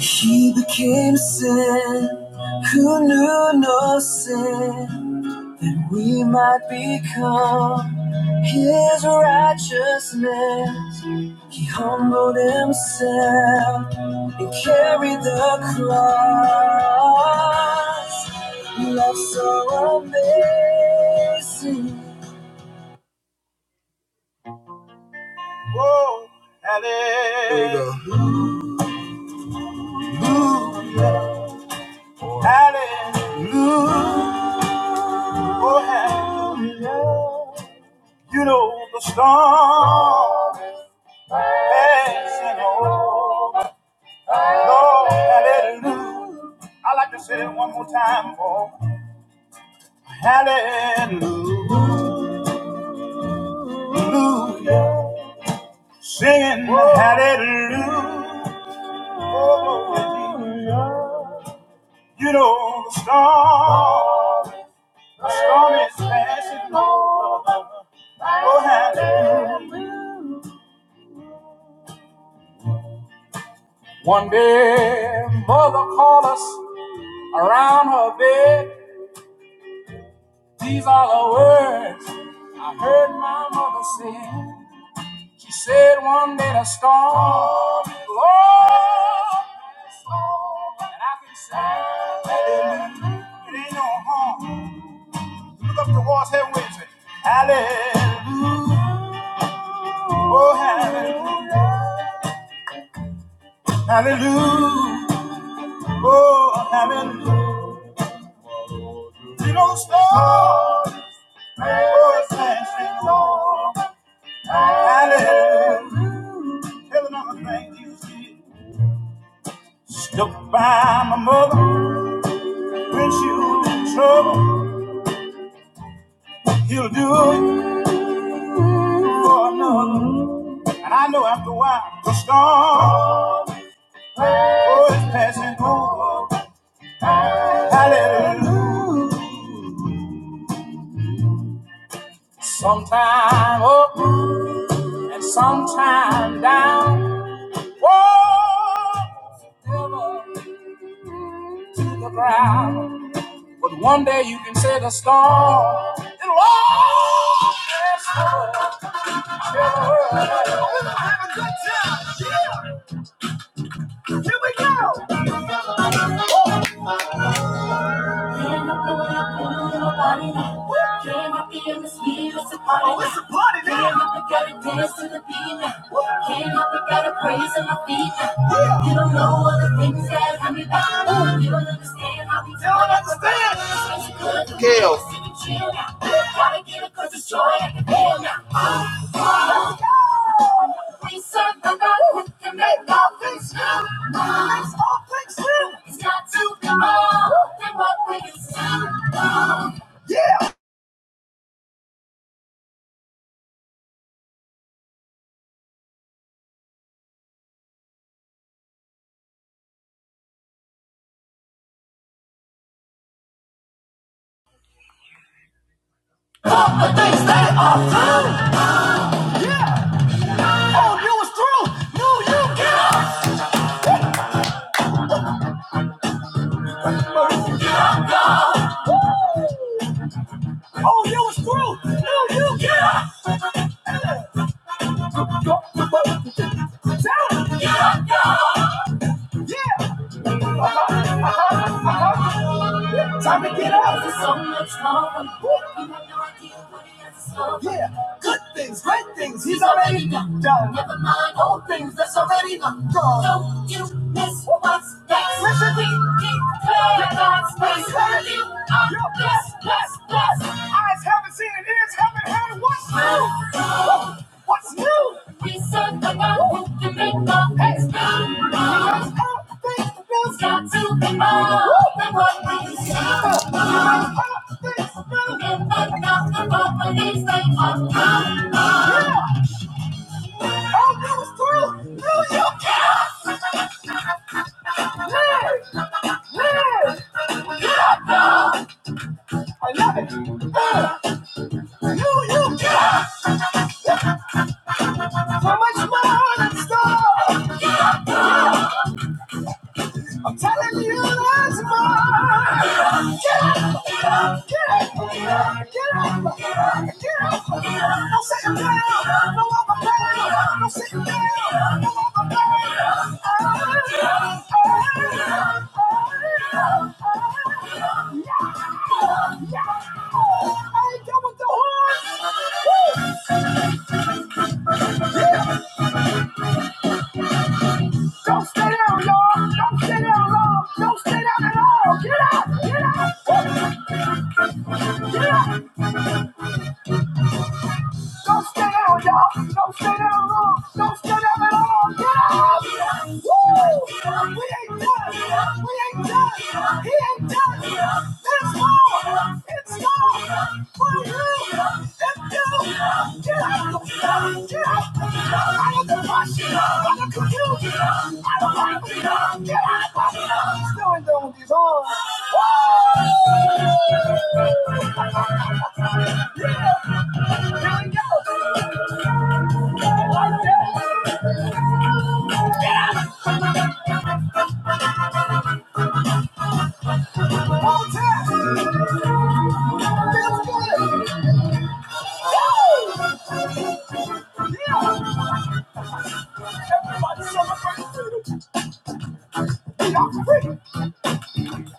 S1: He became sin who knew no sin that we might become his righteousness. He humbled himself and carried the cross. Love so amazing. Alan, oh, hallelujah. You know the storm passing over. Oh, hallelujah. I like to say it one more time. Oh, hallelujah. Singing hallelujah. Oh, you know, the storm, the storm is passing over. Oh, hallelujah. One day, mother called us around her bed. These are the words I heard my mother sing. storm that a storm. oh, and I can say, Hallelujah. It ain't no harm. Look up the walls heaven with me. Hallelujah. Oh, hallelujah. Hallelujah. Oh, hallelujah. You know, storm. Oh, it's passing, Lord. Hallelujah. Tell another thing you did. Stuck by my mother when she was in trouble. He'll do it for another. And I know after a while the storm oh, is passing over. Hallelujah. Up time down. Whoa, to the ground. But one day you can say the storm. is over. Then I pull up and a little body now. Can I feel this beat? It's a party Oh, it's a party now. Can I gotta dance to the beat now? Can I gotta praise on my feet now? Yeah. You don't know all the things that I me back. Ooh. You don't understand how we do it. don't understand. It's good. Gail. Gotta get it 'cause it's joy I can feel now. Ah, ah. We serve the God who can make all things new. Makes all things new. He's got to be more than what we used to. You have no idea what he has in store. Yeah, things, great things he's already done. done. Never mind old things that's already done. gone. Don't you miss what's next. Listen. We declare God's grace. Tell you are blessed, blessed, blessed. Eyes haven't seen it, ears haven't heard what's new. What's new? We serve the God who can make all things new. Because all things new's got to be more than what we see. Because all things new. In the God, the Bible, these things are true. Get up, get up, get up, get up, get up, get up. Don't sit down, no walk around. Don't sit down, no walk around. Ah, ah, ah, ah. Yeah, yeah. Don't sit, don't sit down at all. Get up, get up. Don't stay down, y'all. Don't stay down long. Don't stay down at all. Get up! Woo! We ain't done. We ain't done. He ain't done. It's gone. It's gone. For you. It's you. Get out of the stuff. Get out of the stuff. Out of the pressure. Out of the confusion. Throw these arms. Everybody celebrate Y'all free.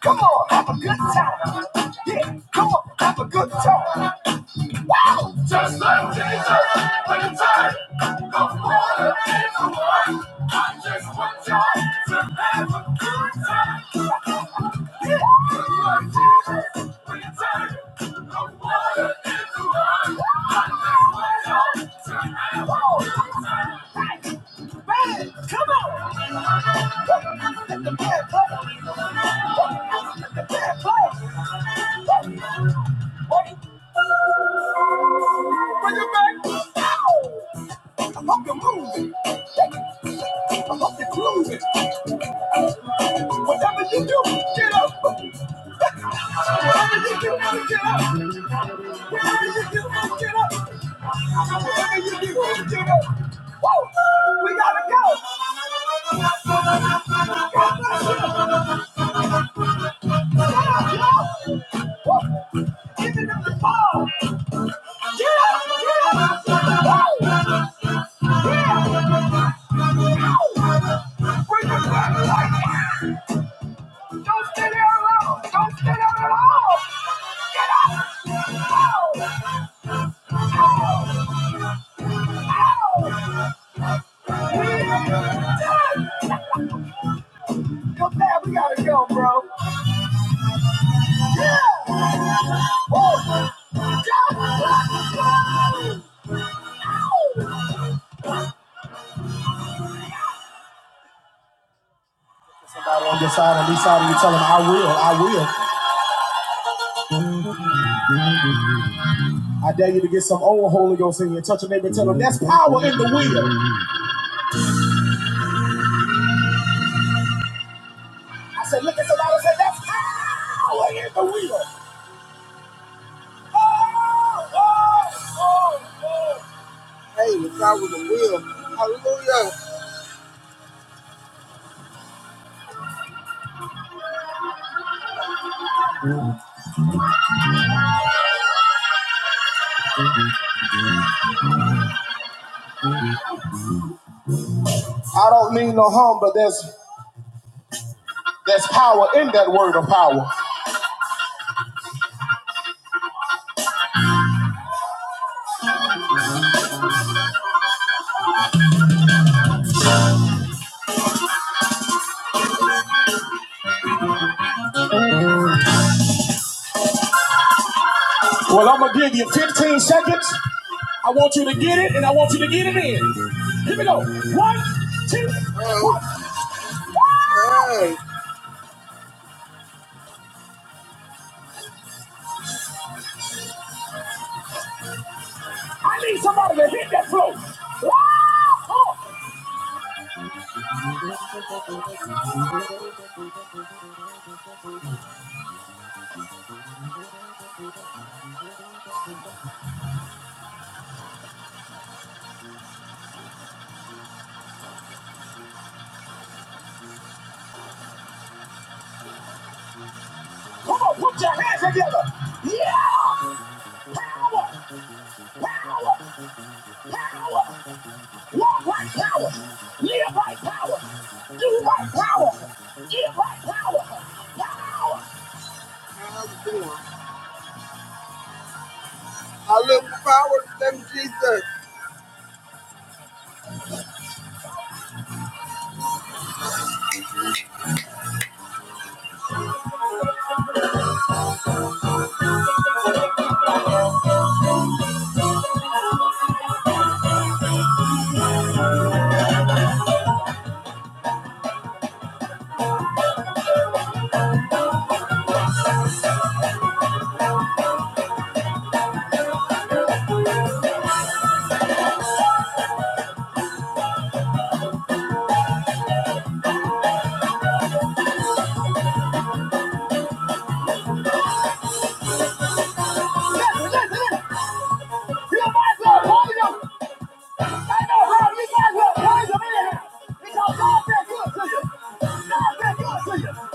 S1: Come on. Have a good time. Yeah. Come on. Have a good time. Whoa! Just like Jesus, when the tide of water in the wine, I just want y'all to have a good time. Yeah. Just like Jesus, when the tide of water in the wine, I just want y'all to have a good time. Bang! Come on! Let the band play. Let the band play. Wait. Bring it back. I hope you're moving. I hope you're grooving. Whatever you do, get up. Whatever you do, get up. Whatever you do, get up. Whatever you do, get up. Woo! We gotta go. Get up, y'all. Woo! Give it up the ball. Come back, we gotta go, bro. Yeah. Oh. Somebody on your side, on this side and you, tell them, I will, I will. I dare you to get some old Holy Ghost in you. Touch a neighbor and tell them that's power in the wheel. I said, look at somebody and say, that's power in the wheel. Oh, oh, oh, oh. Hey, if I was a wheel, yeah. I don't mean no harm, but there's there's power in that word of power. Well, I'm gonna give you 15 seconds. I want you to get it, and I want you to get it in. Here we go. One. Hey. I need somebody to hit that flow. Come on, come on, put your hands together. Yeah! Walk like power, Live like power, Do like power, Give like power. Listen, listen, listen. You might as well call them. I know how you might as well call them in here. Because God's been good to you. God's been good to you.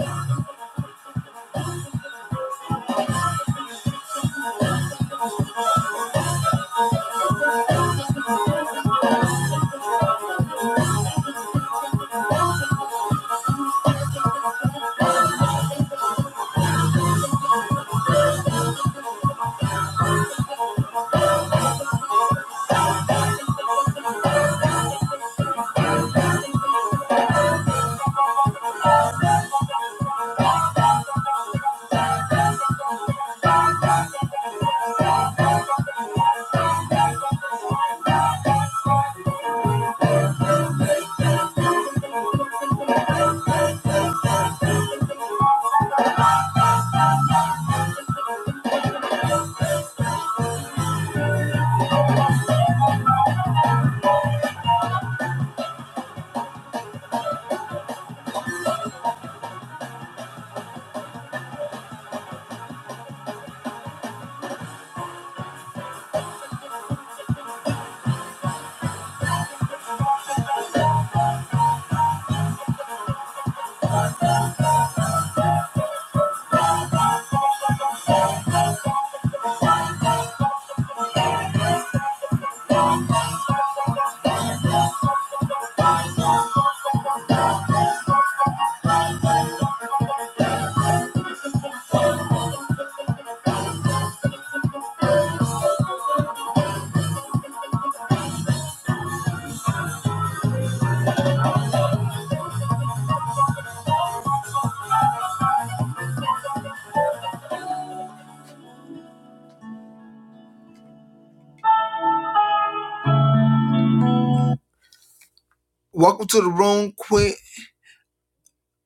S1: Welcome to the room, Quinn.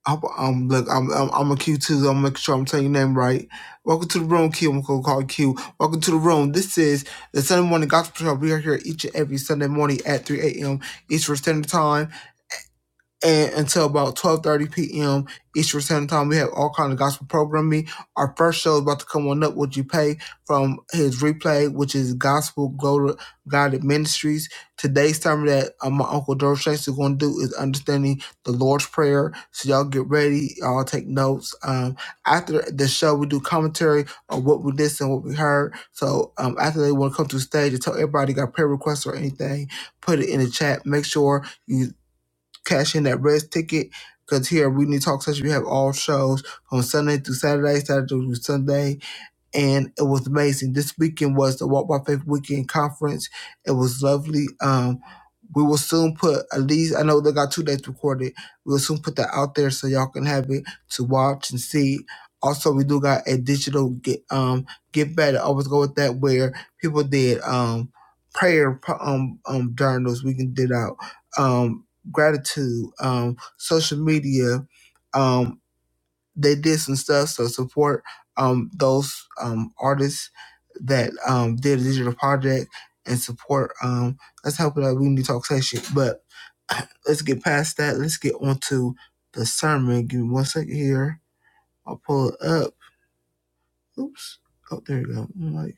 S1: I, um, look, I'm, I'm, I'm a Q too. I'm making sure I'm telling your name right. Welcome to the room, Q. I'm gonna call you Q. Welcome to the room. This is the Sunday Morning Gospel Show. We are here each and every Sunday morning at 3 a.m. Eastern Standard Time and until about 12.30 p.m. Eastern Standard Time, we have all kind of gospel programming. Our first show is about to come on up, Would You Pay, from his replay, which is Gospel Glo- Guided Ministries. Today's sermon that uh, my Uncle George Shanks is going to do is Understanding the Lord's Prayer. So y'all get ready. Y'all take notes. Um, after the show, we do commentary on what we listened, what we heard. So um, after they want to come to the stage and tell everybody got prayer requests or anything, put it in the chat. Make sure you cash in that rest ticket because here at We Need Talk Session, we have all shows from Sunday through Saturday, Saturday through Sunday, and it was amazing. This weekend was the Walk by Faith Weekend Conference. It was lovely. Um, we will soon put at least I know they got two dates recorded. We will soon put that out there so y'all can have it to watch and see. Also, we do got a digital get um get better. I always go with that where people did um prayer um um journals. We can did out um gratitude um social media. um they did some stuff. So support um, those um, artists that um, did a digital project and support. Um, let's help it out. We need to talk session. But let's get past that. Let's get on to the sermon. Give me one second here. I'll pull it up. Oops. Oh, there you go. like,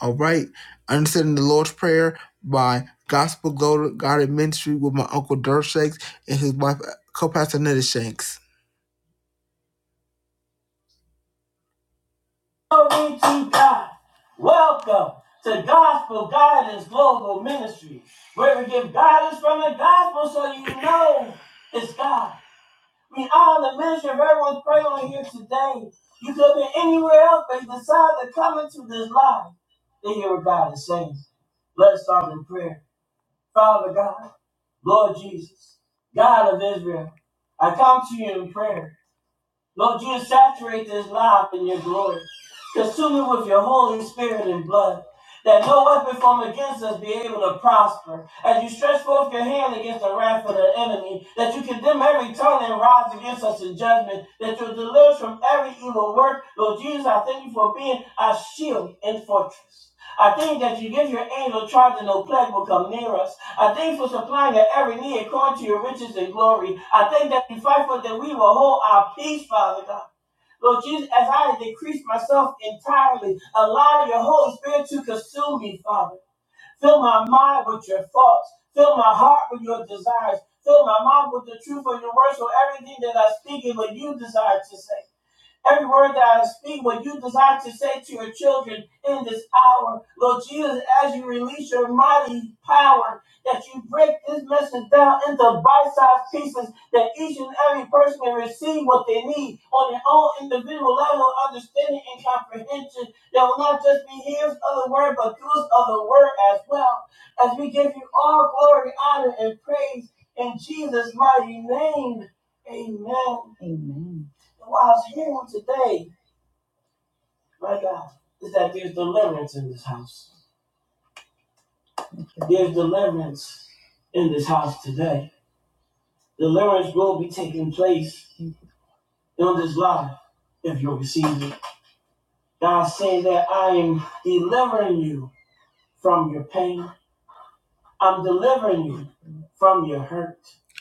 S1: all right. Understanding the Lord's Prayer by Gospel Guided Ministry with my Uncle Dirk Shanks and his wife, uh, Co-Pastor Netta Shanks. Glory to God. Welcome to Gospel Guidance Global Ministry, where we give guidance from the gospel so you know it's God. We honor the ministry of everyone's praying on here today. You could be anywhere else, but you decide to come into this life to hear what God is saying. Let's start in prayer. Father God, Lord Jesus, God of Israel, I come to you in prayer. Lord, you saturate this life in your glory. Consume it with your Holy Spirit and blood, that no weapon formed against us be able to prosper. As you stretch forth your hand against the wrath of the enemy, that you condemn every tongue that rises against us in judgment, that you deliver us from every evil work. Lord Jesus, I thank you for being our shield and fortress. I thank that you give your angel charge and no plague will come near us. I thank for supplying our every need according to your riches and glory. I thank that you fight for that we will hold our peace, Father God. Lord Jesus, as I decrease myself entirely, allow your Holy Spirit to consume me, Father. Fill my mind with your thoughts. Fill my heart with your desires. Fill my mouth with the truth of your words, so everything that I speak is what you desire to say. Every word that I speak, what you desire to say to your children in this hour, Lord Jesus, as you release your mighty power, that you break this message down into bite-sized pieces, that each and every person can receive what they need on their own individual level of understanding and comprehension. That will not just be hearers of the word, but doers of the word as well. As we give you all glory, honor, and praise in Jesus' mighty name. Amen. And While I was here today my God, is that there's deliverance in this house. There's deliverance in this house today. Deliverance will be taking place on this life if you receive it. God saying that I am delivering you from your pain. I'm delivering you from your hurt.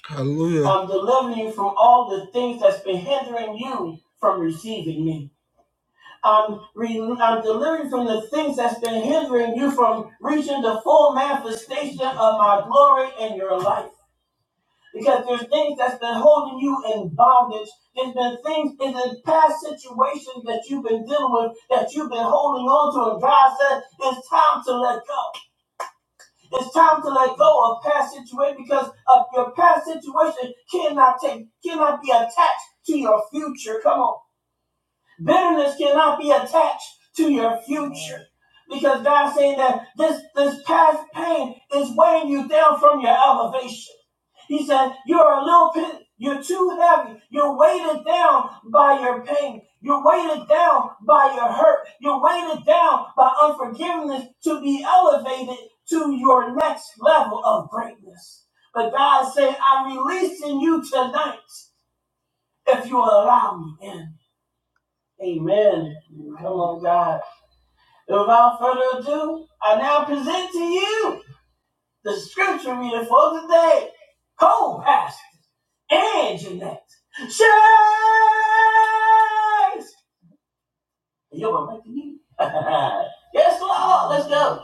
S1: Hallelujah. I'm delivering you from all the things that's been hindering you from receiving me. I'm, re- I'm delivering from the things that's been hindering you from reaching the full manifestation of my glory in your life. Because there's things that's been holding you in bondage. There's been things in the past situations that you've been dealing with that you've been holding on to. And God said, it's time to let go. It's time to let go of past situation because of your past situation cannot take, cannot be attached to your future. Come on. Bitterness cannot be attached to your future. Because God's saying that this, this past pain is weighing you down from your elevation. He said, You're a little bit, you're too heavy. You're weighted down by your pain. You're weighted down by your hurt. You're weighted down by unforgiveness to be elevated to your next level of greatness. But God said, I'm releasing you tonight if you allow me in. Amen. Come on, God. Without further ado, I now present to you the scripture reading for today. Co-pastor and Jeanette. Chase! You're my mic to you. yes, Lord. Let's go.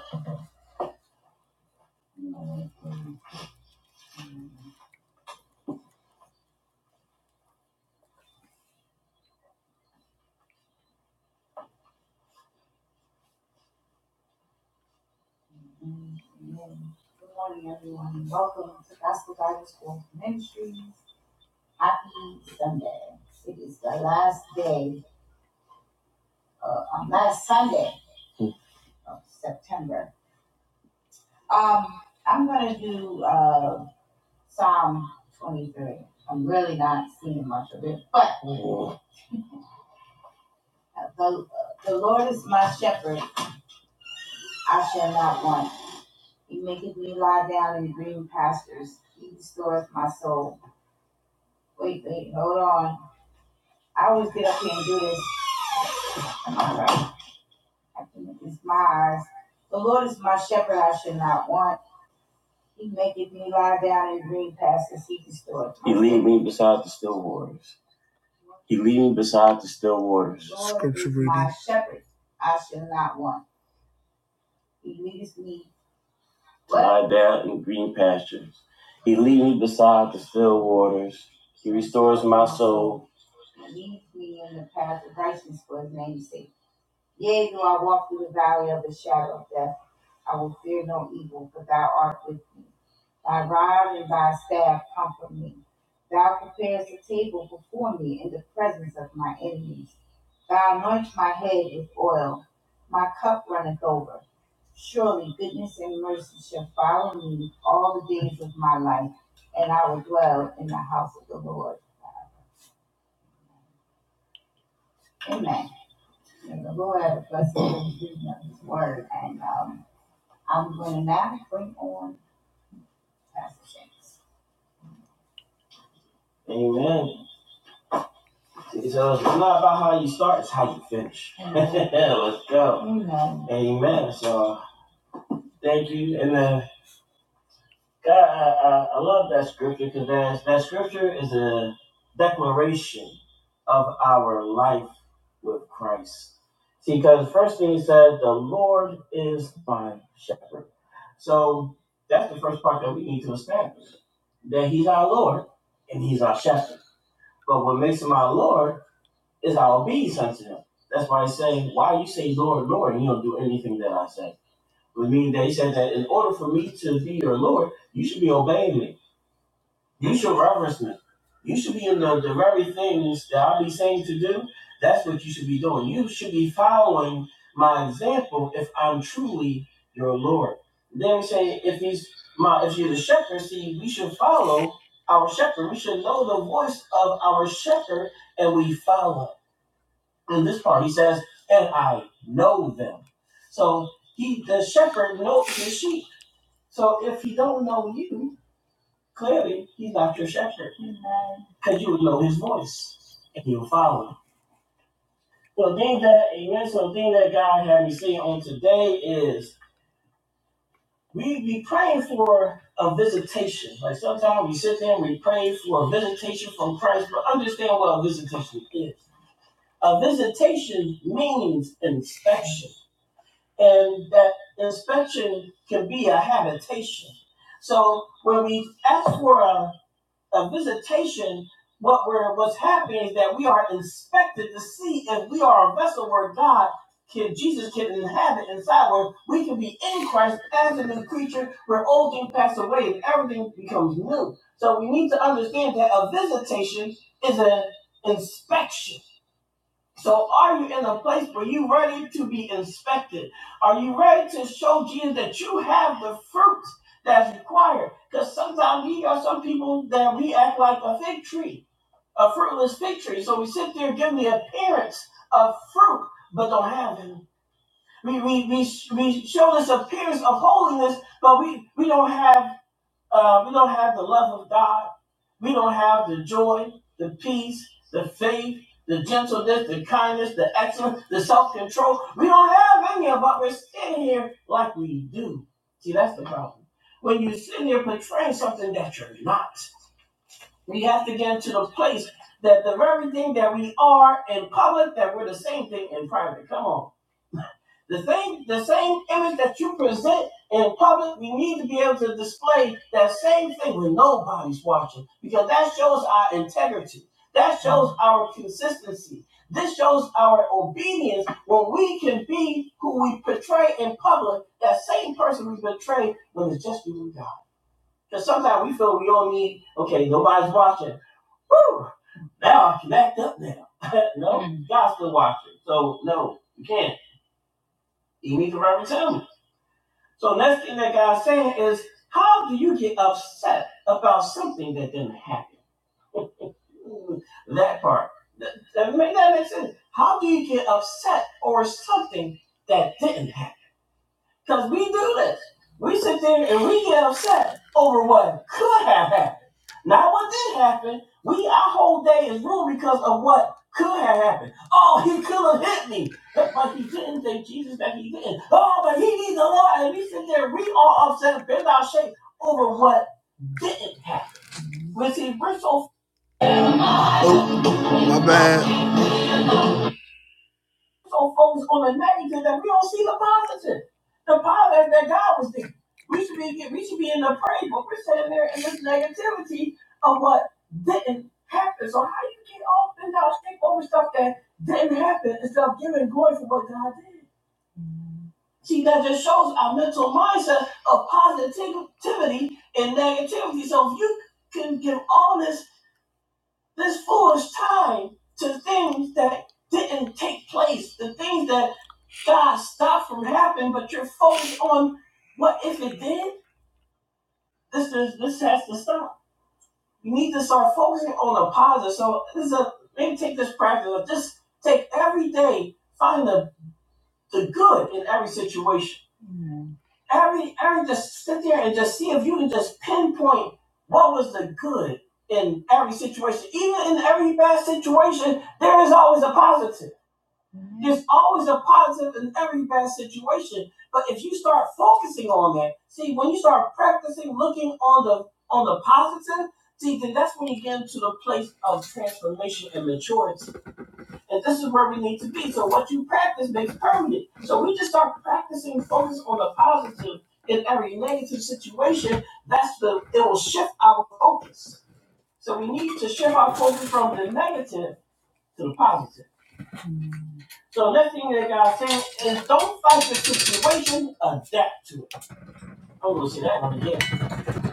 S1: Amen. Good morning, everyone. and Welcome to Gospel Bible School Ministries. Happy Sunday. It is the last day, uh, um, last Sunday of September. Um, I'm gonna do uh Psalm 23. I'm really not seeing much of it, but the, the Lord is my shepherd; I shall not want. He maketh me lie down in green pastures. He restoreth my soul. He Lead me beside the still waters. He lead me beside the still waters. Lie down in green pastures. He lead me beside the still waters. He restores my. Amen. uh, it's not about how you start; it's how you finish. Let's go. Amen. So thank you. And then God, I, I, I love that scripture because that, that scripture is a declaration of our life with Christ. See, because first thing he said, the Lord is my shepherd. So that's the first part that we need to establish that he's our Lord and he's our shepherd. But what makes him our Lord is our obedience unto him. That's why I say, why you say Lord, Lord, and you don't do anything that I say. We mean that he said that in order for me to be your Lord, you should be obeying me. You should reverence me. You should be in the, the very things that I be saying to do. That's what you should be doing. You should be following my example if I'm truly your Lord. Then we say if he's my if you're the shepherd, see we should follow our shepherd. We should know the voice of our shepherd and we follow. In this part he says, and I know them. So he the shepherd knows his sheep so if he don't know you, clearly he's not your shepherd. Because you would know his voice and you'll follow him. So the thing that amen. So the thing that God had me say on today is we be praying for a visitation. Like sometimes we sit there and we pray for a visitation from Christ, but understand what a visitation is. A visitation means inspection. And that inspection can be a habitation. So when we ask for a a visitation, what we're, what's happening is that we are inspected to see if we are a vessel where God can, Jesus can inhabit inside, where we can be in Christ as a new creature, where old things pass away and everything becomes new. So we need to understand that a visitation is an inspection. So are you in a place where you ready to be inspected? Are you ready to show Jesus that you have the fruit that's required? Because sometimes we are some people that we act like a fig tree, a fruitless fig tree. So we sit there giving the appearance of fruit, but don't have it. We, we, we, we show this appearance of holiness, but we, we don't have uh, we don't have the love of God. We don't have the joy, the peace, the faith, the gentleness, the kindness, the excellence, the self control. We don't have any of it. but We're sitting here like we do. See, that's the problem. When you sit here portraying something that you're not, we have to get to the place that the very thing that we are in public, that we're the same thing in private. Come on. The thing, the same image that you present in public, we need to be able to display that same thing when nobody's watching, because that shows our integrity. That shows our consistency. This shows our obedience when we can be who we portray in public, that same person we portray when it's just you and God. Because sometimes we feel we all need, okay, nobody's watching. Whew, now I can act up now. no, God's still watching. So, no, you can't. You need to reverend him. So next thing that God's saying is, how do you get upset about something that didn't happen? Mm, That part. That, that make that make sense. How do you get upset over something that didn't happen? Because we do this. We sit there and we get upset over what could have happened. Not what did happen. We our whole day is ruined because of what could have happened. Oh, he could have hit me. But, he didn't thank Jesus that he didn't. Oh, but he needs the Lord. And we sit there, we all upset bent out of shape over what didn't happen. But see, we're so Oh, my bad. so focused on the negative that we don't see the positive. The positive that God was doing. We should be we should be in the praise, but we're sitting there in this negativity of what didn't happen. So how you get all bent out, stick over stuff that didn't happen instead of giving glory for what God did. See, that just shows our mental mindset of positivity and negativity. So if you can give all this this foolish time to things that didn't take place, the things that God stopped from happening, but you're focused on what if it did? This is this has to stop. You need to start focusing on the positive. So this is a maybe take this practice of just take every day, find the, the good in every situation Every, every, just sit there and just see if you can just pinpoint what was the good in every situation. Even in every bad situation, there is always a positive. There's always a positive in every bad situation. But if you start focusing on that, see, when you start practicing looking on the on the positive, see, then that's when you get into the place of transformation and maturity. And this is where we need to be. So what you practice makes permanent. So we just start practicing focus on the positive in every negative situation. That's the it will shift our focus. So we need to shift our focus from the negative to the positive. So the next thing that God's saying is don't fight the situation, adapt to it. I'm gonna say that one again.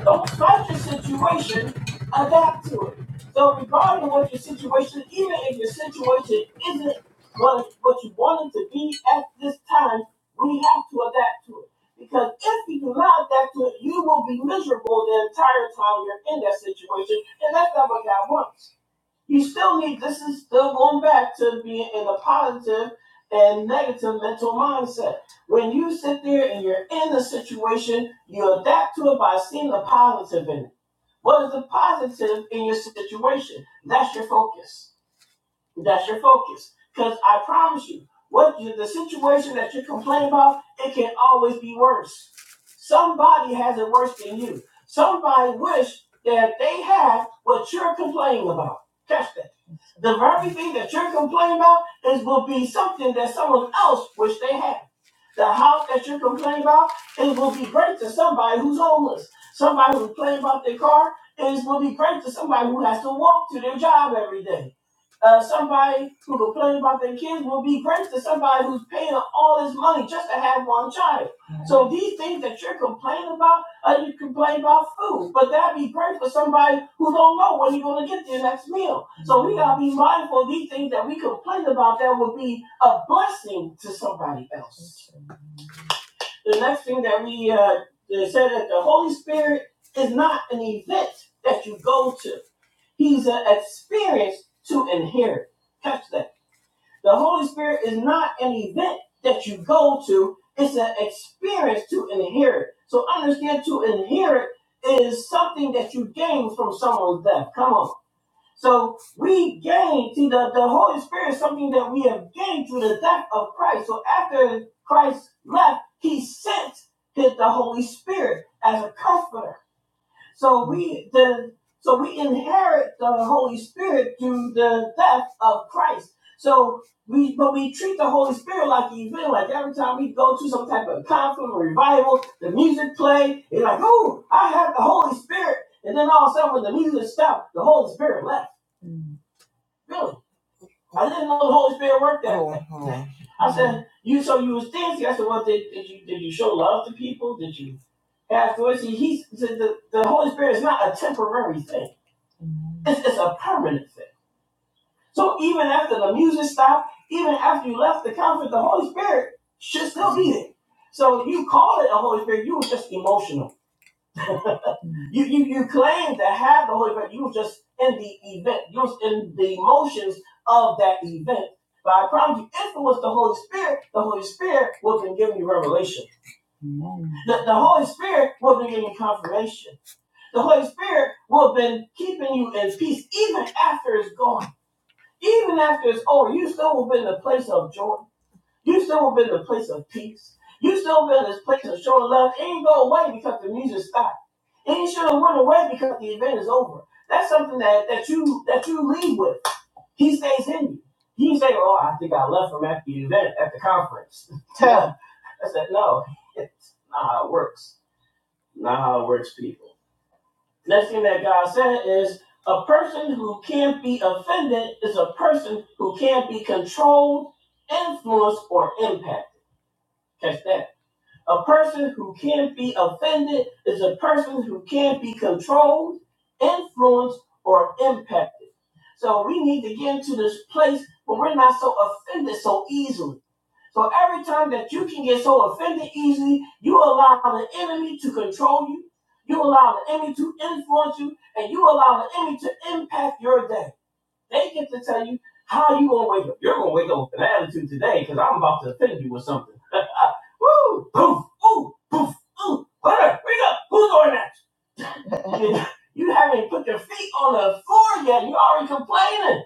S1: Don't fight your situation, adapt to it. So regarding what your situation, even if your situation isn't what, what you wanted to be at this time, we have to adapt to it. Because if you do not adapt to it, you will be miserable the entire time you're in that situation, and that's not what God wants. You still need, this is still going back to being in a positive and negative mental mindset. When you sit there and you're in the situation, you adapt to it by seeing the positive in it. What is the positive in your situation? That's your focus. That's your focus. Because I promise you, what you, the situation that you complain about, it can always be worse. Somebody has it worse than you. Somebody wish that they had what you're complaining about. Catch that. The very thing that you're complaining about is will be something that someone else wish they had. The house that you complain about, it will be great to somebody who's homeless. Somebody who's complaining about their car, it will be great to somebody who has to walk to their job every day. Uh, somebody who complains about their kids will be great to somebody who's paying all this money just to have one child. So these things that you're complaining about, uh, you complain about food, but that'd be great for somebody who don't know when you're going to get their next meal. So we got to be mindful of these things that we complain about that will be a blessing to somebody else. The next thing that we uh, said that the Holy Spirit is not an event that you go to. He's an experience to inherit. Catch that. The Holy Spirit is not an event that you go to. It's an experience to inherit. So understand to inherit is something that you gain from someone's death. Come on. So we gain, see, the, the Holy Spirit is something that we have gained through the death of Christ. So after Christ left, he sent his, the Holy Spirit as a comforter. So we the so we inherit the Holy Spirit through the death of Christ. So we but we treat the Holy Spirit like he's like every time we go to some type of conference or revival, the music play, it's like, oh, I have the Holy Spirit. And then all of a sudden when the music stopped, the Holy Spirit left. Really? I didn't know the Holy Spirit worked that Hold on, way. hold on. You so you was stingy. I said, well, did, did you did you show love to people? Did you have to? See, he's the the Holy Spirit is not a temporary thing. It's, it's a permanent thing. So even after the music stopped, even after you left the conference, the Holy Spirit should still be there. So you call it a Holy Spirit, you were just emotional. You, you, you claim to have the Holy Spirit. You were just in the event. You was in the emotions of that event. But I promise you, if it was the Holy Spirit, the Holy Spirit would have been giving you revelation. The, the Holy Spirit would have been giving you confirmation. The Holy Spirit would have been keeping you in peace even after it's gone. Even after it's over, you still will be in a place of joy. You still been in the place of peace. You still been in this place of showing love. It ain't go away because the music stopped. It ain't should have went away because the event is over. That's something that, that you that you leave with. He stays in you. He say, "Oh, I think I left him at the event at the conference." I said, "No, it's not how it works. Not how it works, people." Next thing that God said is, "A person who can't be offended is a person who can't be controlled, influenced, or impacted." Catch that. A person who can't be offended is a person who can't be controlled, influenced, or impacted. So we need to get into this place where we're not so offended so easily. So every time that you can get so offended easily, you allow the enemy to control you, you allow the enemy to influence you, and you allow the enemy to impact your day. They get to tell you how you gonna wake up. You're gonna wake up with an attitude today because I'm about to offend you with something. Woo! Poof! Ooh! Poof! Ooh! Hunter, wake up! Who's doing that? you you haven't put your feet on the floor yet. You're already complaining.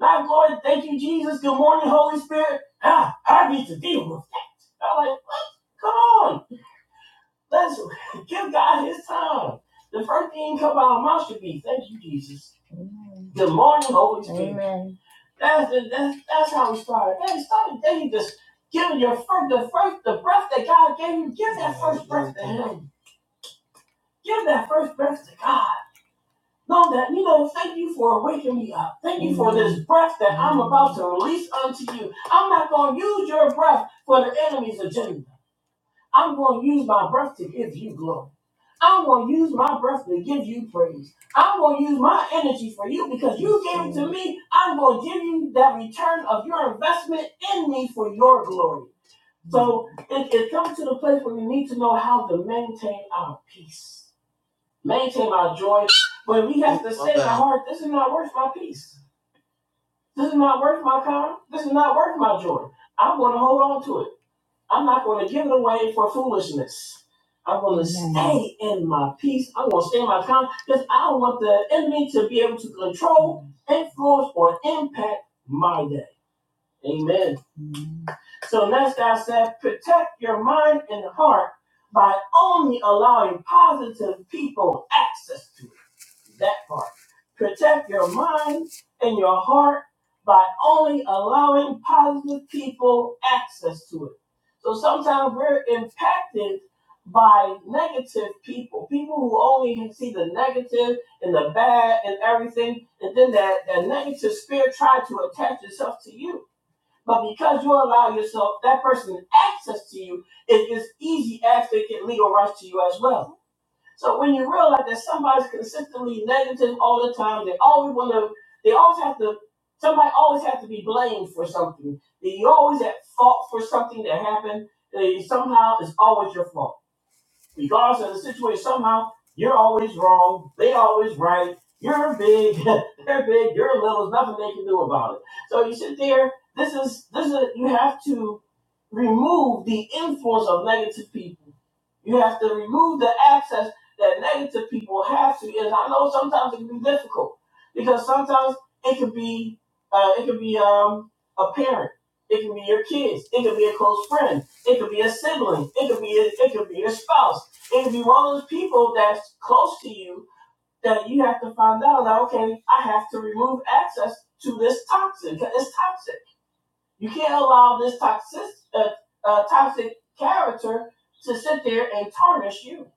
S1: Now, glory, thank you, Jesus. Good morning, Holy Spirit. Ah, I need to deal with that. I'm like, what? Come on. Let's give God his time. The first thing come out of mouth should be, thank you, Jesus. Good morning, Holy That's, the, that's, that's how we started. Then start. then you just giving your first, the first, the breath that God gave you, give that first breath to him. Give that first breath to God. Know that, you know, thank you for waking me up. Thank for this breath that I'm about to release unto you. I'm not going to use your breath for the enemy's agenda. I'm going to use my breath to give you glory. I'm going to use my breath to give you praise. I'm going to use my energy for you because you gave it to me. I'm going to give you that return of your investment in me for your glory. So it, it comes to the place where we need to know how to maintain our peace maintain my joy. But we have to say in our heart, this is not worth my peace. This is not worth my power. This is not worth my joy. I'm going to hold on to it. I'm not going to give it away for foolishness. I'm going stay in my peace. I'm going to stay in my calm because I don't want the enemy to be able to control, influence, or impact my day. Amen. So next God said, protect your mind and heart by only allowing positive people access to it. that part. Protect your mind and your heart by only allowing positive people access to it. So sometimes we're impacted by negative people, people who only can see the negative and the bad and everything, and then that, that negative spirit tries to attach itself to you. But because you allow yourself that person access to you, it is easy as they get legal rights to you as well. So when you realize that somebody's consistently negative all the time, they always want to, they always have to, somebody always has to be blamed for something. You're always at fault for something that happened. They somehow it's always your fault regardless of the situation, somehow you're always wrong, they always right, you're big, they're big, you're little, there's nothing they can do about it. So you sit there, this is this is you have to remove the influence of negative people. You have to remove the access that negative people have to and I know sometimes it can be difficult because sometimes it could be uh, it could be um, a parent, it could be your kids, it could be a close friend, it could be a sibling. It could be a, it could be your spouse it'd be one of those people that's close to you that you have to find out that okay, I have to remove access to this toxin. 'cause It's toxic. You can't allow this toxic uh, uh, toxic character to sit there and tarnish you.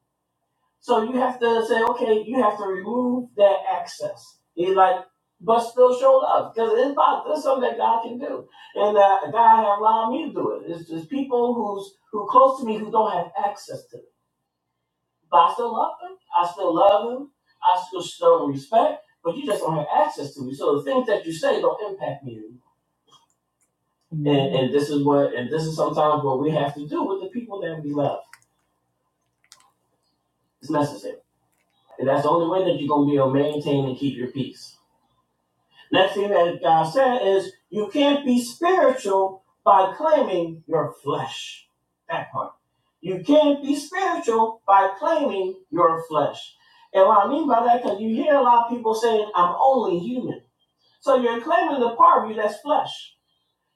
S1: So you have to say, okay, you have to remove that access. He's like, but still show love because it's about this something that God can do, and uh, God has allowed me to do it. It's just people who's who close to me who don't have access to me. But I still love him. I still love him. I still show him respect. But you just don't have access to me. So the things that you say don't impact me. anymore. Mm-hmm. And, and this is what, and this is sometimes what we have to do with the people that we love. It's necessary. And that's the only way that you're gonna be able to maintain and keep your peace. Next thing that God said is, you can't be spiritual by claiming your flesh. That part. You can't be spiritual by claiming your flesh. And what I mean by that, because you hear a lot of people saying, I'm only human. So you're claiming the part of you that's flesh.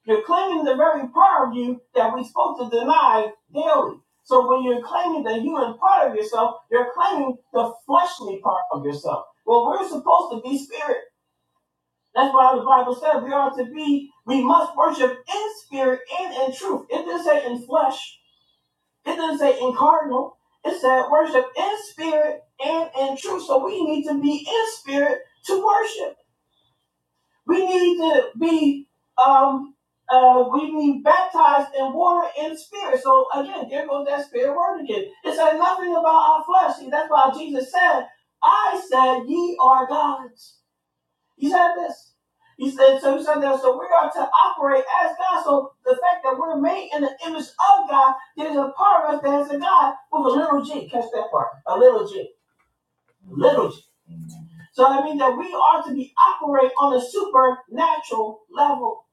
S1: You're claiming the very part of you that we're supposed to deny daily. So when you're claiming the human part of yourself, you're claiming the fleshly part of yourself. Well, we're supposed to be spirit. That's why the Bible says we are to be, we must worship in spirit and in truth. It didn't say in flesh, it didn't say incarnal. It said worship in spirit and in truth. So we need to be in spirit to worship. We need to be, um, uh, we need baptized in water and spirit. So again, there goes that spirit word again. It said nothing about our flesh. See, that's why Jesus said, I said, ye are gods. He said this. He said so. He said that. So we are to operate as God. So the fact that we're made in the image of God, there's a part of us that is a God with a little G. Catch that part. A little G. Little G. So that means that we are to be operate on a supernatural level.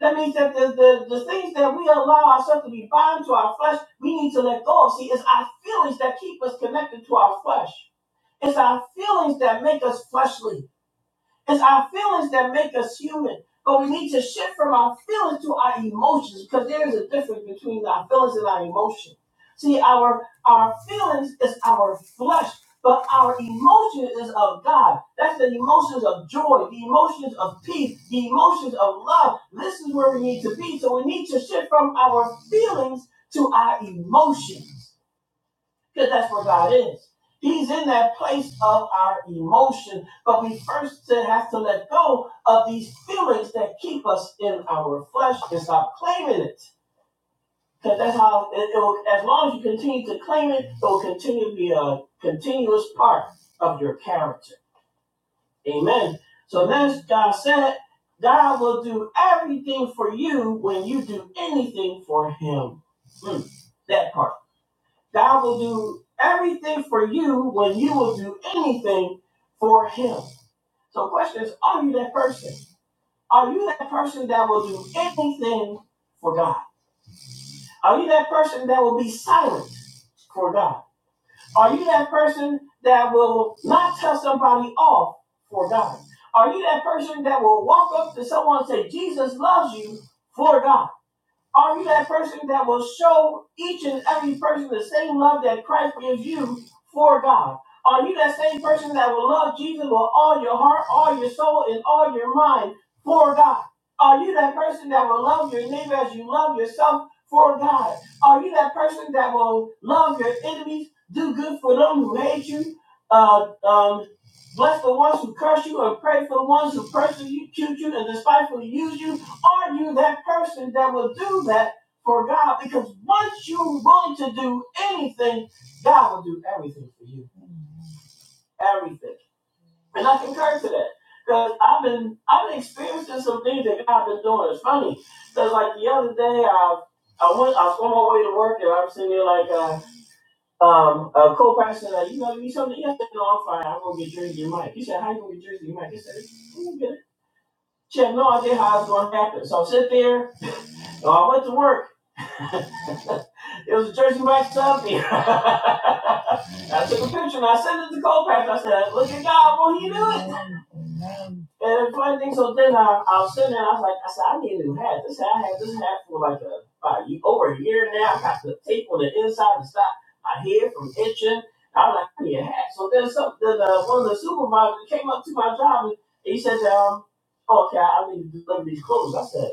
S1: That means that the, the, the things that we allow ourselves to be bound to our flesh, we need to let go of. See, it's our feelings that keep us connected to our flesh. It's our feelings that make us fleshly. It's our feelings that make us human. But we need to shift from our feelings to our emotions because there is a difference between our feelings and our emotions. See, our our feelings is our flesh, but our emotion is of God. That's the emotions of joy, the emotions of peace, the emotions of love. This is where we need to be. So we need to shift from our feelings to our emotions because that's where God is. He's in that place of our emotion, but we first then have to let go of these feelings that keep us in our flesh and stop claiming it. Because that's how it, it will. As long as you continue to claim it, it will continue to be a continuous part of your character. Amen. So then God said, God will do everything for you when you do anything for Him. Hmm, that part. God will do everything for you when you will do anything for Him. So, the question is, are you that person? Are you that person that will do anything for God? Are you that person that will be silent for God? Are you that person that will not tell somebody off for God? Are you that person that will walk up to someone and say, Jesus loves you for God? Are you that person that will show each and every person the same love that Christ gives you for God? Are you that same person that will love Jesus with all your heart, all your soul, and all your mind for God? Are you that person that will love your neighbor as you love yourself for God? Are you that person that will love your enemies, do good for them who hate you, uh, um, bless the ones who curse you, and pray for the ones who persecute you and despitefully use you? Are you that person that will do that for God? Because once you're willing to do anything, God will do everything for you. Everything. And I concur to that. Because I've been I've been experiencing some things that God's been doing. It's funny. Because like the other day I I went I was on my way to work and i was sitting there like uh um, a co-pastor, like, you gonna give me something? Yes, no, I'm fine. I'm gonna get Jersey Mike. He said, how you gonna get Jersey Mike? He said, I'm gonna get it. She had no idea how it's gonna happen. So I sit there So I went to work. it was a Jersey Mike's job here. I took a picture and I sent it to Colpack. I said, look at God, won't he do it? And the funny thing, so then I, I was sitting there and I was like, I said, I need a new hat. This hat, I had this hat for like a, about over a year now. I got the tape on the inside to stop my hair from itching. I was like, I need a hat. So then some, then, uh, one of the supervisors came up to my job and he said, um, okay, I need to deliver these clothes. I said,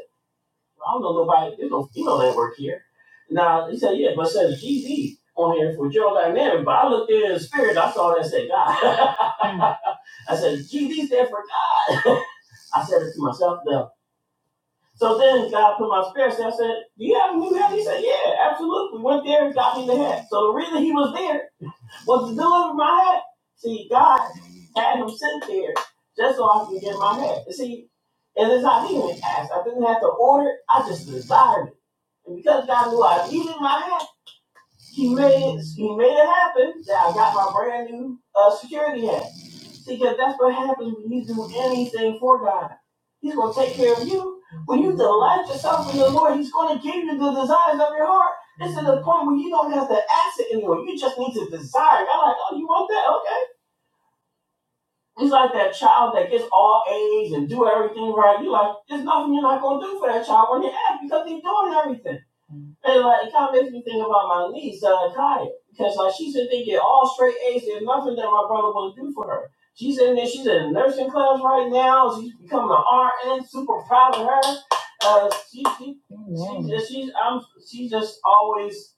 S1: I don't know nobody. There's no female that work here. Now he said, yeah, but it says GD on here for Gerald Dynamic. But I looked in the spirit, I saw that and said God. I said GD there for God. I said it to myself though. So then God put my spirit. So I said, do you have a new head?" He said, yeah, absolutely. We Went there and got me the head. So the reason he was there was the deal my head? See, God had him sent there just so I can get my head. See, and it's not even asked. I didn't have to order it. I just desired it. And because God knew I needed my head, he made he made it happen that I got my brand new uh, security hat. See, because that's what happens when you do anything for God. He's gonna take care of you. When you delight yourself in the Lord, He's gonna give you the desires of your heart. It's to the point where you don't have to ask it anymore. You just need to desire. I'm like, oh, you want that? Okay. It's like that child that gets all A's and do everything right. You're like, there's nothing you're not gonna do for that child when they act because he's doing everything. And like it kind of makes me think about my niece, uh, Kaya, because like she's been thinking all straight A's. There's nothing that my brother will do for her. She's in there. She's in nursing class right now. She's becoming an RN. Super proud of her. Uh, she, she, Amen. she just, she's, I'm, she's just always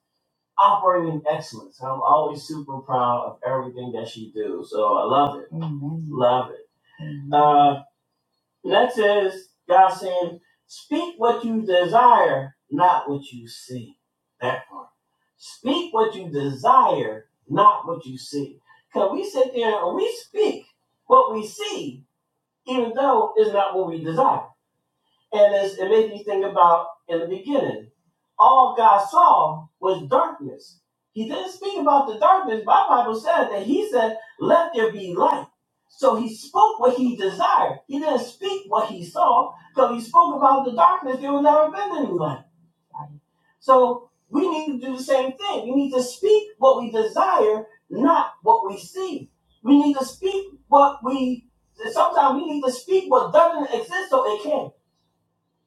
S1: operating in excellence. I'm always super proud of everything that she do. So I love it. Amen. Love it. Uh, Next is God saying, speak what you desire, not what you see. That part. Speak what you desire, not what you see. Because we sit there and we speak what we see, even though it's not what we desire. And it's, it made me think about in the beginning, all God saw was darkness. He didn't speak about the darkness. My Bible said that he said, Let there be light. So he spoke what he desired. He didn't speak what he saw because he spoke about the darkness. There would never been any light. So we need to do the same thing. We need to speak what we desire, not what we see. We need to speak what we sometimes we need to speak what doesn't exist so it can.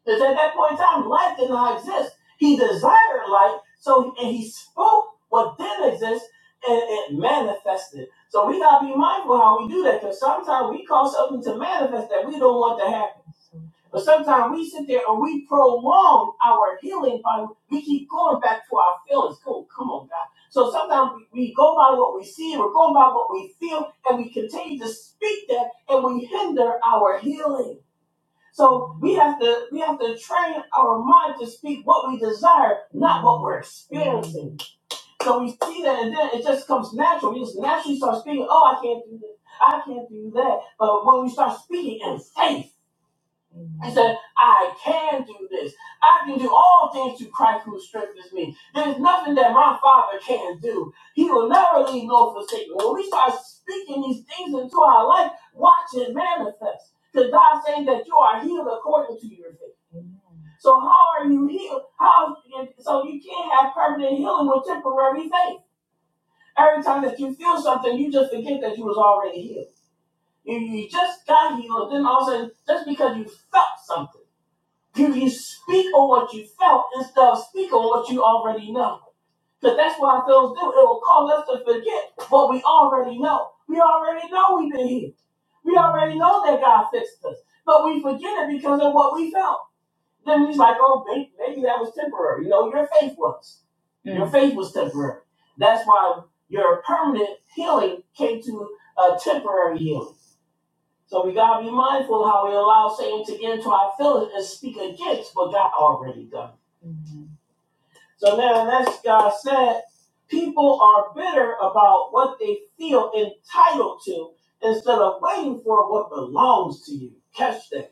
S1: Because at that point in time, light did not exist. He desired light, so and he spoke what did exist, and it manifested. So we gotta be mindful how we do that, because sometimes we cause something to manifest that we don't want to happen. But sometimes we sit there and we prolong our healing by we keep going back to our feelings. Go, come on, God. So sometimes we, we go by what we see, we're going by what we feel, and we continue to speak that, and we hinder our healing. So we have to we have to train our mind to speak what we desire, not what we're experiencing. So we see that, and then it just comes natural. We just naturally start speaking. Oh, I can't do this. I can't do that. But when we start speaking in faith. He said, I can do this. I can do all things through Christ who strengthens me. There's nothing that my Father can't do. He will never leave nor forsake me. When we start speaking these things into our life, watch it manifest. Because God's saying that you are healed according to your faith. So how are you healed? How? So you can't have permanent healing with temporary faith. Every time that you feel something, you just forget that you was already healed. You, you just got healed, then all of a sudden, just because you felt something. Can you speak on what you felt instead of speaking on what you already know? Because that's what our feelings do. It will cause us to forget what we already know. We already know we've been healed. We already know that God fixed us. But we forget it because of what we felt. Then he's like, oh, maybe, maybe that was temporary. You know, your faith was. Your faith was temporary. That's why your permanent healing came to a temporary healing. So we gotta be mindful how we allow Satan to get into our feelings and speak against what God already done. So now, next God said, people are bitter about what they feel entitled to instead of waiting for what belongs to you. Catch that.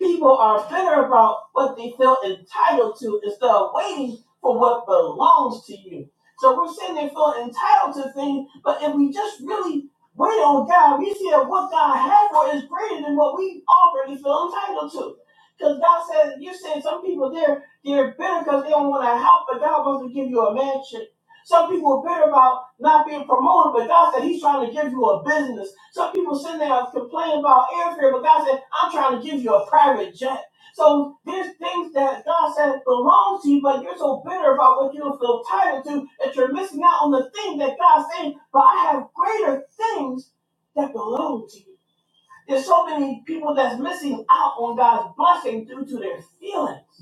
S1: People are bitter about what they feel entitled to instead of waiting for what belongs to you. So we're sitting there feel entitled to things, but if we just really wait on God, we see that what God has for us is greater than what we already feel entitled to. Because God says, you're saying some people, they're, they're bitter because they don't want to help, but God wants to give you a mansion some people are bitter about not being promoted, but God said He's trying to give you a business. Some people sitting there complaining about airfare, but God said, I'm trying to give you a private jet. So there's things that God said belongs to you, but you're so bitter about what you don't feel tired to that you're missing out on the thing that God's saying, but I have greater things that belong to you. There's so many people that's missing out on God's blessing due to their feelings.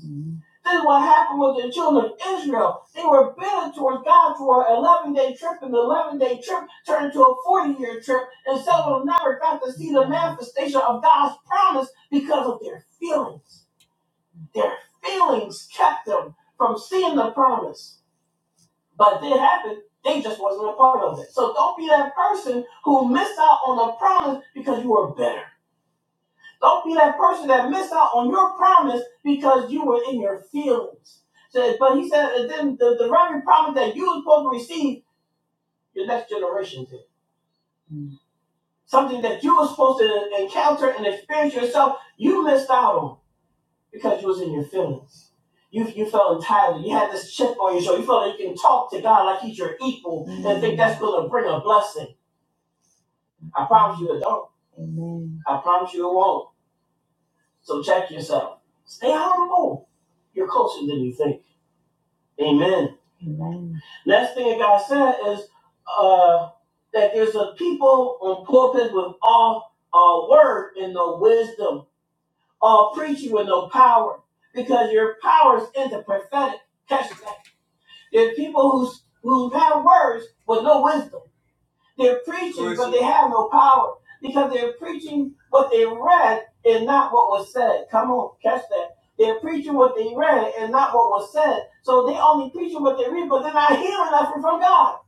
S1: This is what happened with the children of Israel. They were bitter towards God for an 11 day trip, and the 11 day trip turned to a 40 year trip, and some of them never got to see the manifestation of God's promise because of their feelings. Their feelings kept them from seeing the promise. But it happened, they just wasn't a part of it. So don't be that person who missed out on the promise because you were bitter. Don't be that person that missed out on your promise because you were in your feelings. So, but he said, and then the, the very promise that you were supposed to receive, your next generation did. Something that you were supposed to encounter and experience yourself, you missed out on because you was in your feelings. You, you felt entitled. You had this chip on your shoulder. You felt like you can talk to God like he's your equal mm-hmm. and think that's going to bring a blessing. I promise you it don't. I promise you it won't. So check yourself. Stay humble. You're closer than you think. Amen. Last thing that God said is uh, that there's a people on pulpit with all uh, word and no wisdom, all preaching with no power, because your power is in the prophetic. Catch that. There's people who who have words with no wisdom. They're preaching, but they have no power because they're preaching what they read and not what was said. Come on, catch that. They're preaching what they read and not what was said. So they only preaching what they read, but they're not hearing nothing from God.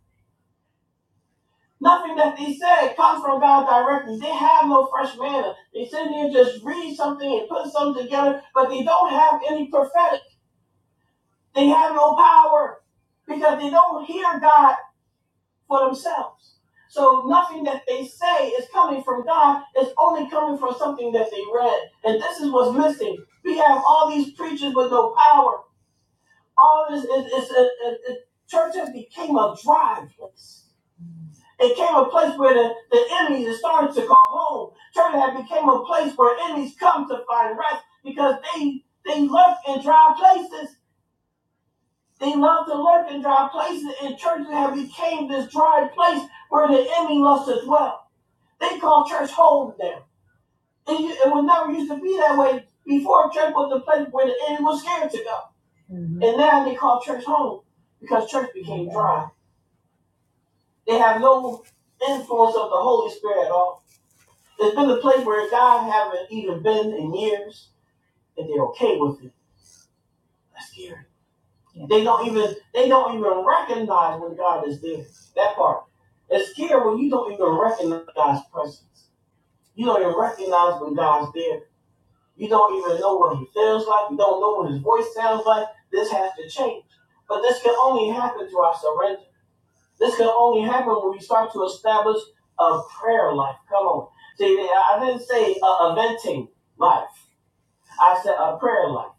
S1: Nothing that they said comes from God directly. They have no fresh manna. They sit there and just read something and put something together, but they don't have any prophetic. They have no power because they don't hear God for themselves. So nothing that they say is coming from God. It's only coming from something that they read. And this is what's missing. We have all these preachers with no power. All this is, is, is, is, is churches became a dry place. It became a place where the, the enemies is starting to come home. Church had became a place where enemies come to find rest because they they lurk in dry places. They love to lurk in dry places, and churches have became this dry place where the enemy loves to dwell. They call church home now. And you, it was never used to be that way. Before church was the place where the enemy was scared to go. Mm-hmm. And now they call church home because church became dry. They have no influence of the Holy Spirit at all. It's been the place where God haven't even been in years and they're okay with it. That's scary. Yeah. They don't even they don't even recognize when God is there. That part. It's scary when you don't even recognize God's presence. You don't even recognize when God's there You don't even know what he feels like. You don't know what his voice sounds like. This has to change. But this can only happen through our surrender. This can only happen when we start to establish a prayer life. Come on. See, I didn't say a, a venting life. I said a prayer life.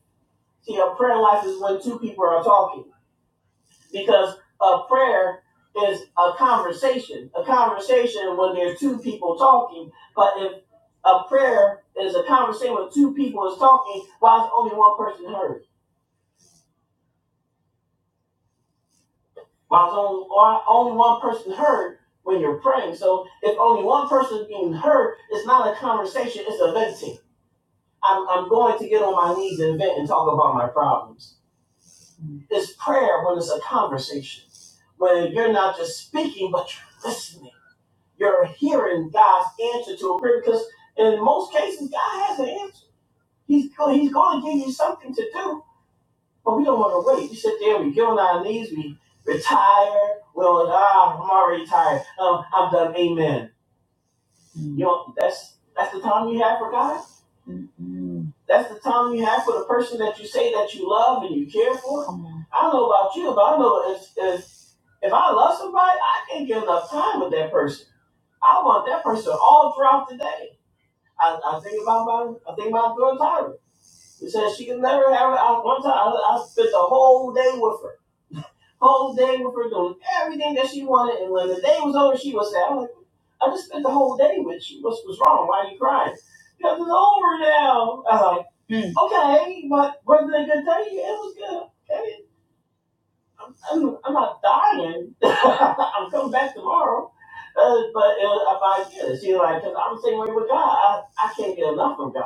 S1: See, a prayer life is when two people are talking because a prayer is a conversation. A conversation when there's two people talking, but if a prayer is a conversation when two people is talking, why is only one person heard? Why is only, why only one person heard when you're praying? So if only one person is being heard, it's not a conversation, it's a venting. I'm, I'm going to get on my knees and vent and talk about my problems. It's prayer when it's a conversation, when you're not just speaking, but you're listening You're hearing God's answer to a prayer because in most cases, God has an answer. He's go- He's going to give you something to do, but we don't want to wait. We sit there, we get on our knees, we retire. Well, ah, I'm already tired. Um, I'm done. Amen. You know, that's that's the time you have for God. That's the time you have for the person that you say that you love and you care for. Come I don't know about you, but I know if, if if I love somebody, I can't give enough time with that person. I want that person all throughout the day. I, I think about my, I think about girl Tyra. She said she could never have it. I, one time, I, I spent the whole day with her, whole day with her doing everything that she wanted. And when the day was over, she was sad. "I'm like, I just spent the whole day with you. What's what's wrong? Why are you crying?" Because it's over now. I was like, okay, but wasn't it a good day? Yeah, it was good. Okay. I'm, I'm not dying. I'm coming back tomorrow. Uh, but it was, I'm like, yeah, she like, because I'm the same way with God. I, I can't get enough of God.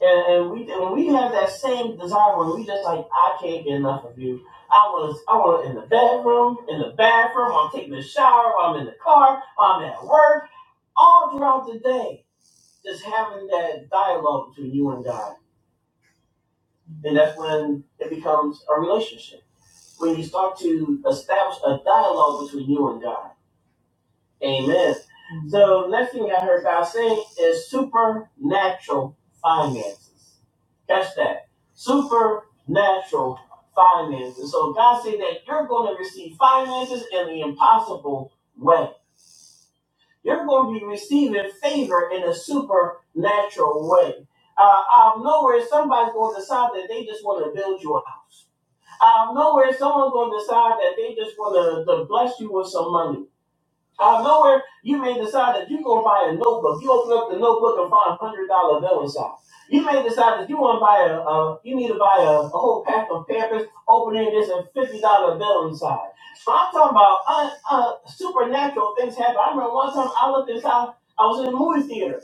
S1: And, and we when we have that same desire when we just like I can't get enough of you. I was I want in the bedroom, in the bathroom. I'm taking a shower. I'm in the car. I'm at work. All throughout the day, just having that dialogue between you and God, and that's when it becomes a relationship. When you start to establish a dialogue between you and God. Amen. So next thing I heard God saying is supernatural finances. That's that. Supernatural finances. So God said that you're going to receive finances in the impossible way. You're going to be receiving favor in a supernatural way. Uh, out of nowhere, somebody's going to decide that they just want to build you a house. Out of nowhere, someone's going to decide that they just want to, to bless you with some money. Out of nowhere, you may decide that you're gonna buy a notebook. You open up the notebook and find one hundred dollar bill inside. You may decide that you want to buy a, uh, you need to buy a, a whole pack of Pampers. Opening this and fifty dollar bill inside. I'm talking about uh, uh, supernatural things happen. I remember one time I looked inside. I was in the movie theater,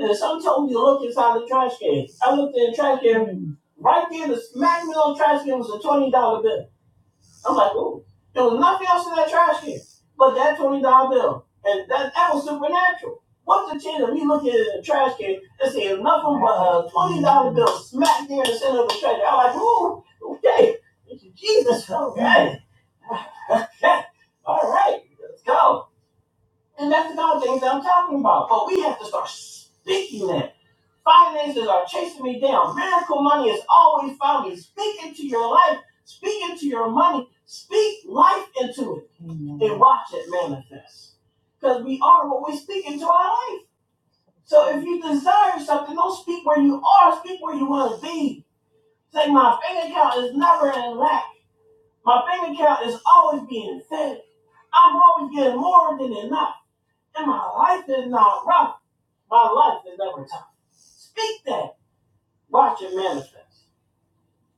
S1: and someone told me to look inside the trash can. I looked in the trash can. Right there, the smack me on the trash can was a twenty dollar bill. I'm like, oh, there was nothing else in that trash can but that twenty dollar bill, and that that was supernatural. What's the chance of me looking at the trash can and seeing nothing but a twenty dollar bill smack there in the center of the trash? can? I'm like, ooh, okay, Jesus, okay, okay, all right, let's go. And that's the kind of things that I'm talking about. But we have to start speaking that. Finances are chasing me down. Miracle money is always found me. Speak into your life. Speak into your money. Speak life into it. Amen. And watch it manifest. Because we are what we speak into our life. So if you desire something, don't speak where you are. Speak where you want to be. Say, my bank account is never in lack. My bank account is always being fed. I'm always getting more than enough. And my life is not rough. My life is never tough. Speak that. Watch it manifest.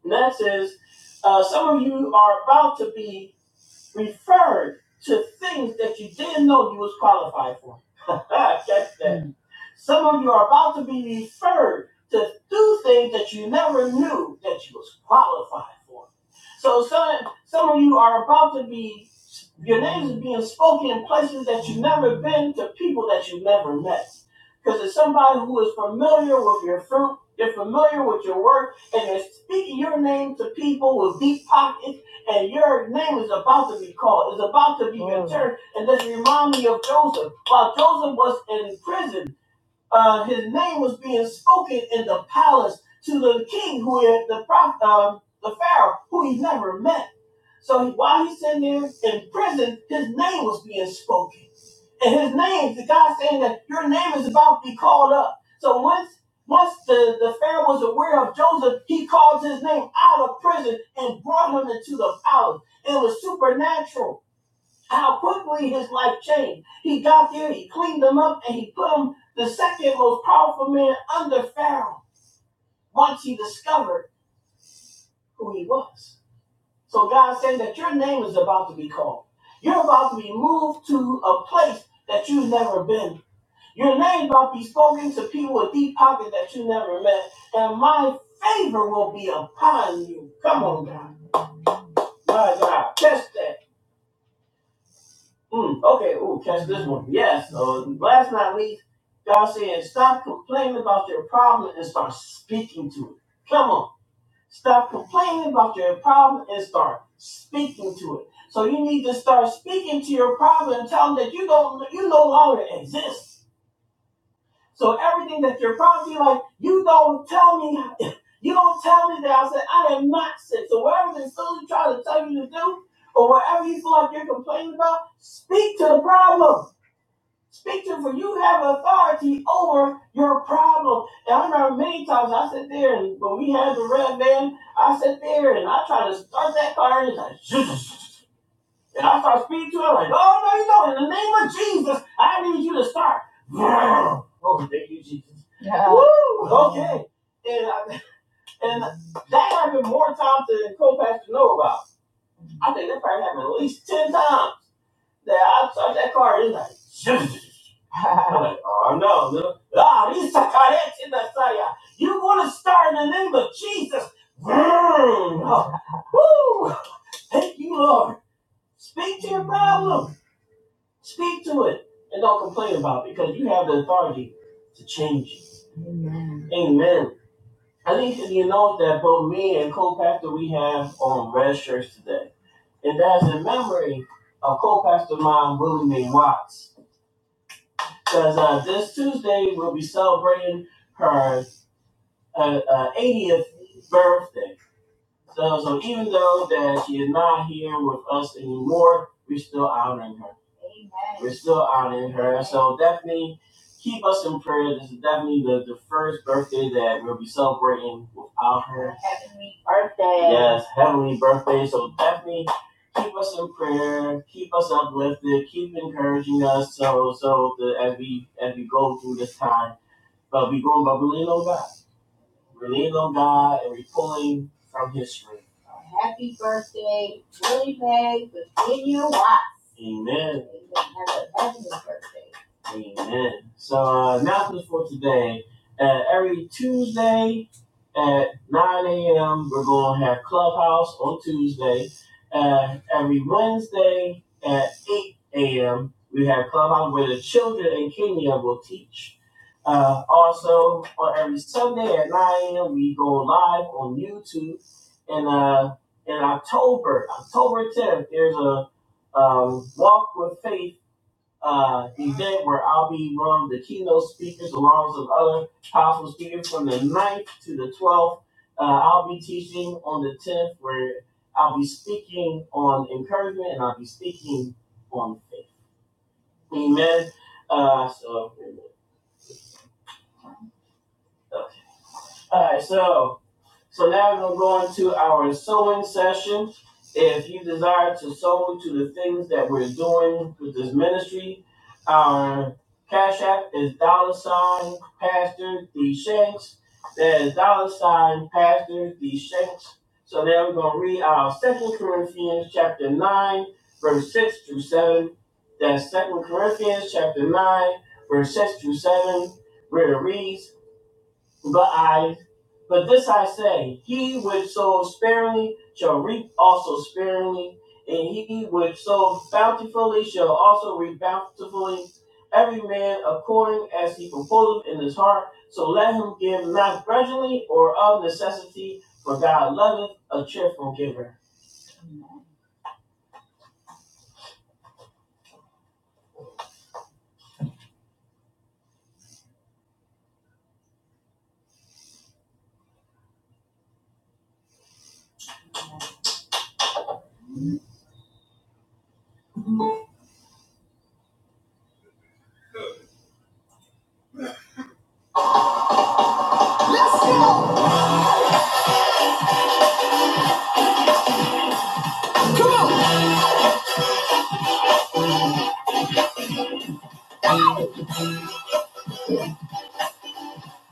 S1: And that says, uh, some of you are about to be referred to things that you didn't know you was qualified for. Catch that. Some of you are about to be referred to do things that you never knew that you was qualified for. So some some of you are about to be your names are being spoken in places that you've never been to people that you've never met. Because it's somebody who is familiar with your fruit, they're familiar with your work, and they're speaking your name to people with deep pockets, and your name is about to be called, It's about to be Mm. returned. And this reminds me of Joseph. While Joseph was in prison, uh, his name was being spoken in the palace to the king, who is the prophet, uh, the pharaoh, who he never met. So while he's sitting there in prison, his name was being spoken, and his name, the God saying that your name is about to be called up. So once once the, the Pharaoh was aware of Joseph, he called his name out of prison and brought him into the palace. And It was supernatural how quickly his life changed. He got there, he cleaned them up, and he put him the second most powerful man under Pharaoh once he discovered who he was. So God said that your name is about to be called. You're about to be moved to a place that you've never been. Your name about to be spoken to people with deep pockets that you never met. And my favor will be upon you. Come on, God. My God. Test that. Mm, okay, ooh, catch this one. Yes. Uh, last but not least, y'all saying stop complaining about your problem and start speaking to it. Come on. Stop complaining about your problem and start speaking to it. So you need to start speaking to your problem and tell them that you don't you no longer exist. So everything that your problem, you like, you don't tell me you don't tell me that I said I am not sick. So whatever they silly try to tell you to do, or whatever you feel like you're complaining about, speak to the problem. Speak to him, for you have authority over your problem. And I remember many times I sit there, and when we had the red man, I sit there and I try to start that car, and it's like, and I start speaking to him, like, oh, no, you know, in the name of Jesus, I need you to start. Oh, thank you, Jesus. Woo! Okay. And, I, and that happened more times than co-pastor know about. I think that probably happened at least 10 times. They outside that car, it's like, "Zzzz." I'm like, oh no, no. Ah, these sacarettes in the saya. You want to start in the name of Jesus. Vroom. Oh, Woo! Thank you, Lord. Speak to your problem. Speak to it. And don't complain about it because you have the authority to change it. Amen. I think that you know that both me and co-pastor we have on red shirts today. And that's in memory of co-pastor mom Willie Mae Watts. Because uh, this Tuesday we'll be celebrating her uh, uh, 80th birthday. So, so even though that she is not here with us anymore, we're still honoring her. We're still honoring her. So definitely keep us in prayer. This is definitely the, the first birthday that we'll be celebrating without her. That's heavenly birthday. So definitely keep us in prayer. Keep us uplifted. Keep encouraging us. So so the, as we as we go through this time. But we are going by we lean on God. We lean on God and we are pulling from His strength. Amen. Amen. So uh, announcements for today. Uh, every Tuesday at 9 a.m. we're going to have Clubhouse on Tuesday. Uh, every Wednesday at 8 a.m. we have Clubhouse where the children in Kenya will teach. Uh, also on every Sunday at 9 a.m. we go live on YouTube. And uh, in October, October 10th, there's a um, walk with faith uh, event where I'll be one of the keynote speakers along with other powerful speakers from the ninth to the 12th. Uh, I'll be teaching on the 10th where I'll be speaking on encouragement and I'll be speaking on faith. Amen. Uh, so, uh, all right, so. So now we're going to go into our sewing session. If you desire to sow to the things that we're doing with this ministry, our cash app is dollar sign Pastor D Shanks. That is dollar sign Pastor D Shanks. So now we're going to read our Second Corinthians chapter 9, verse 6 through 7. That's Second Corinthians chapter 9, verse 6 through 7, where it reads, but I, but this I say, he which sows sparingly shall reap also sparingly, and he which sows bountifully shall also reap bountifully. Every man according as he proposeth in his heart, so let him give not grudgingly or of necessity, for God loveth a cheerful giver.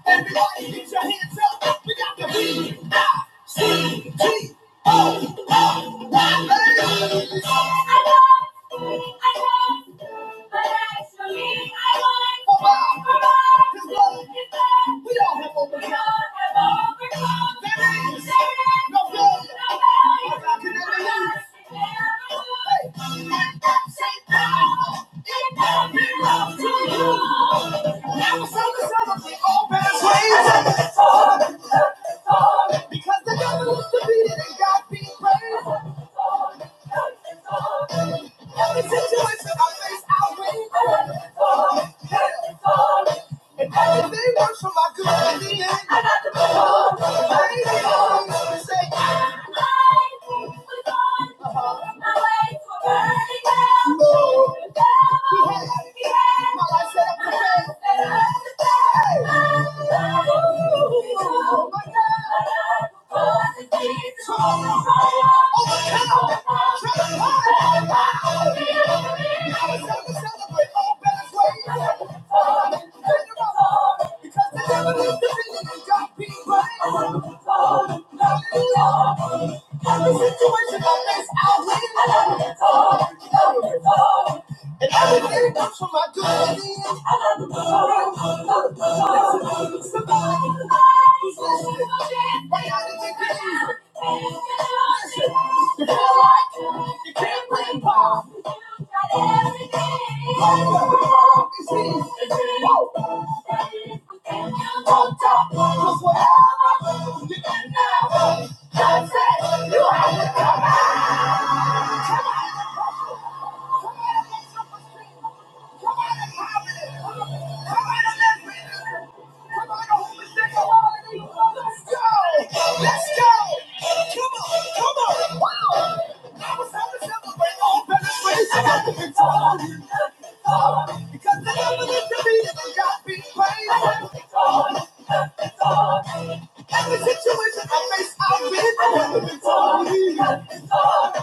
S1: Everybody, get your hands up! We got the B C G. Hey! Because the devil is defeated and God be praised. Every situation I face, I win. And everything works for my good in the end. I got to move on. Baby, I ain't always say, I like what's on Uh-huh. my way to a burning hell. Lord, the devil, He has. He has. My life set up to fail. Set up to fail. Hey. My life, Ooh. My God. My God. was born to be. Every situation on this outlet, I face, I'll win. And everything comes from my good at the end. I love the Lord. Somebody who's listening, right out in the game. Listen, you feel like you can't win by. Hope is easy. Woo! On top, 'cause whatever you get now, that's it. You have to come out. Because the devil is defeated and God be praised. It's on, it's on. Every situation I face, I've been. through. It's on, it's on.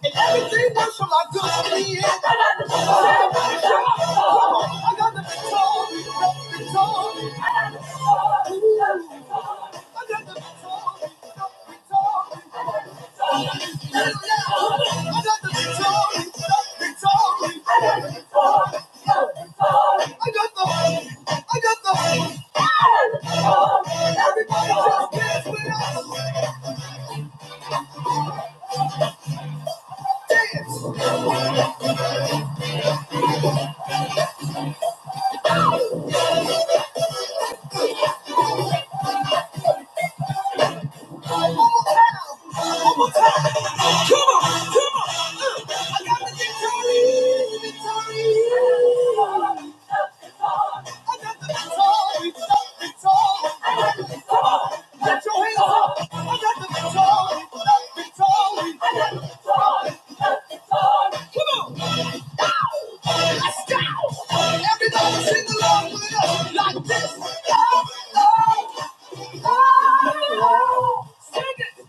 S1: And everything works for my good in the end. I got the victory. Come on. I got the victory. The victory. I got the victory. I got the victory. The victory. Hell yeah. I got the victory. The victory. I got the victory. The victory. I got the I got the I got the victory. Everybody just dance with us. One more time. One more time. Come on, come on. I got the victory, victory. I got the victory, victory. Come on, get your hands up. I got the victory, victory. I got the victory, victory. Come on. Go! Let's go! Everybody sing along with us like this. Oh, oh, oh. Sing it.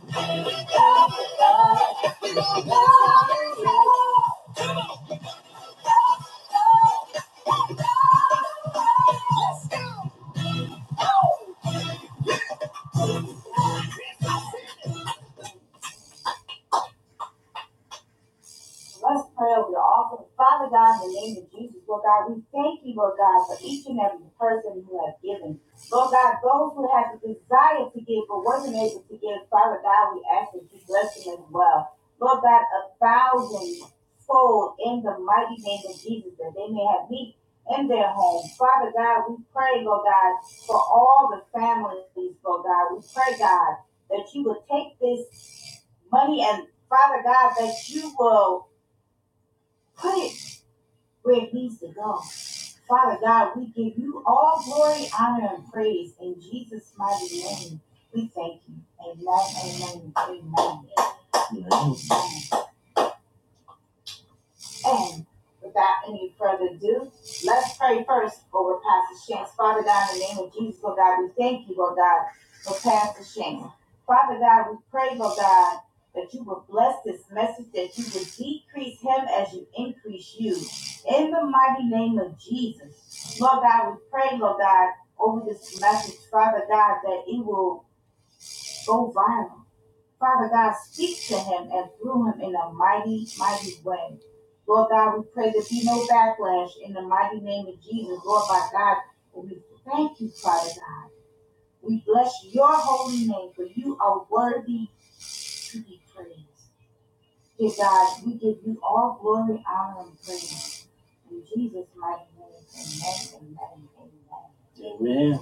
S1: Amen.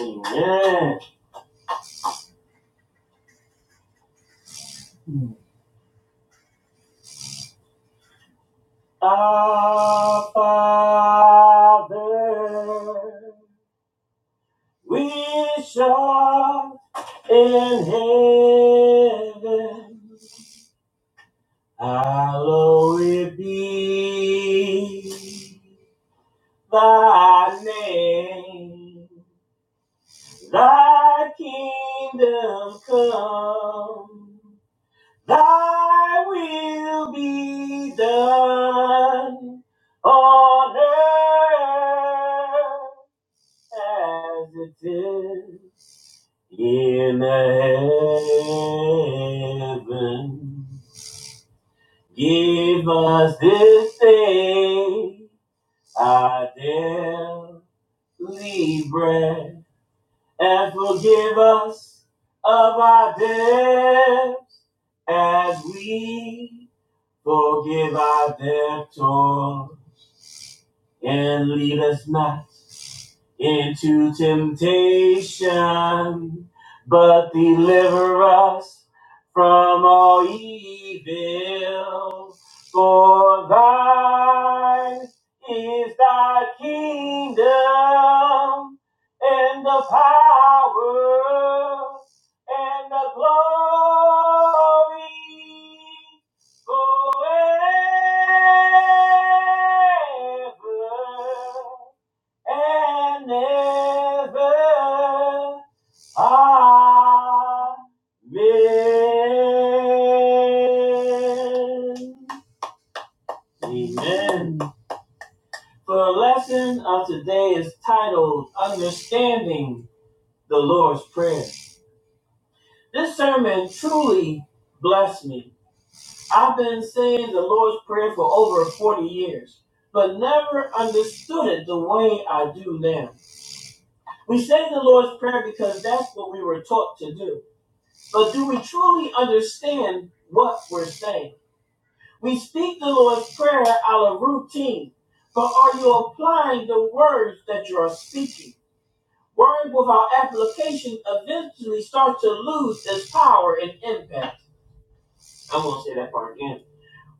S1: Amen. Our Father, which art in heaven, hallowed be Thy name, thy kingdom come, thy will be done on earth as it is in heaven. Give us this day our daily bread and forgive us of our debts as we forgive our debtors and lead us not into temptation, but deliver us from all evil. For thine is thy kingdom and the power and the glory forever and ever. Amen. Amen. The lesson of today is titled Understanding the Lord's Prayer. This sermon truly blessed me. I've been saying the Lord's Prayer for over 40 years, but never understood it the way I do now. We say the Lord's Prayer because that's what we were taught to do. But do we truly understand what we're saying? We speak the Lord's Prayer out of routine, but are you applying the words that you are speaking? Words without application eventually start to lose its power and impact. I'm going to say that part again.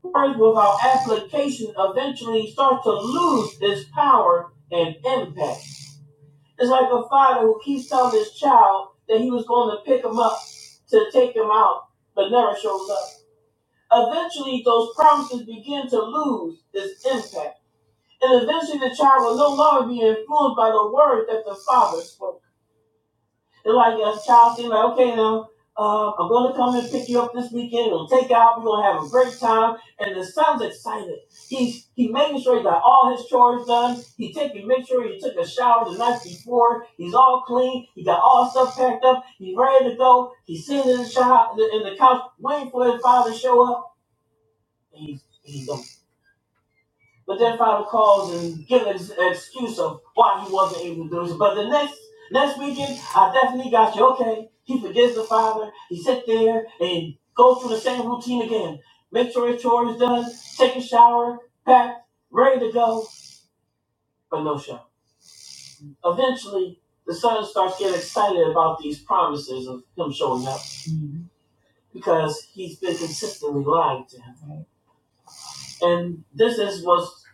S1: Words without application eventually start to lose its power and impact. It's like a father who keeps telling his child that he was going to pick him up to take him out, but never shows up. Eventually, those promises begin to lose its impact, and eventually the child will no longer be influenced by the words that the father spoke. It's like a child saying, like, okay, now, uh, I'm going to come and pick you up this weekend. We'll take you out. We're going to have a great time. And the son's excited. He's he making sure he got all his chores done. He taking, make sure he took a shower the night before. He's all clean. He got all stuff packed up. He's ready to go. He's sitting in the, shop, in the couch waiting for his father to show up. And he's, he's going but then Father calls and gives an excuse of why he wasn't able to do this. But the next next weekend, I definitely got you. Okay, he forgives the Father. He sits there and goes through the same routine again. Make sure his chore is done. Take a shower, pack, ready to go, but no show. Eventually, the son starts getting excited about these promises of him showing up because he's been consistently lying to him. And this is what's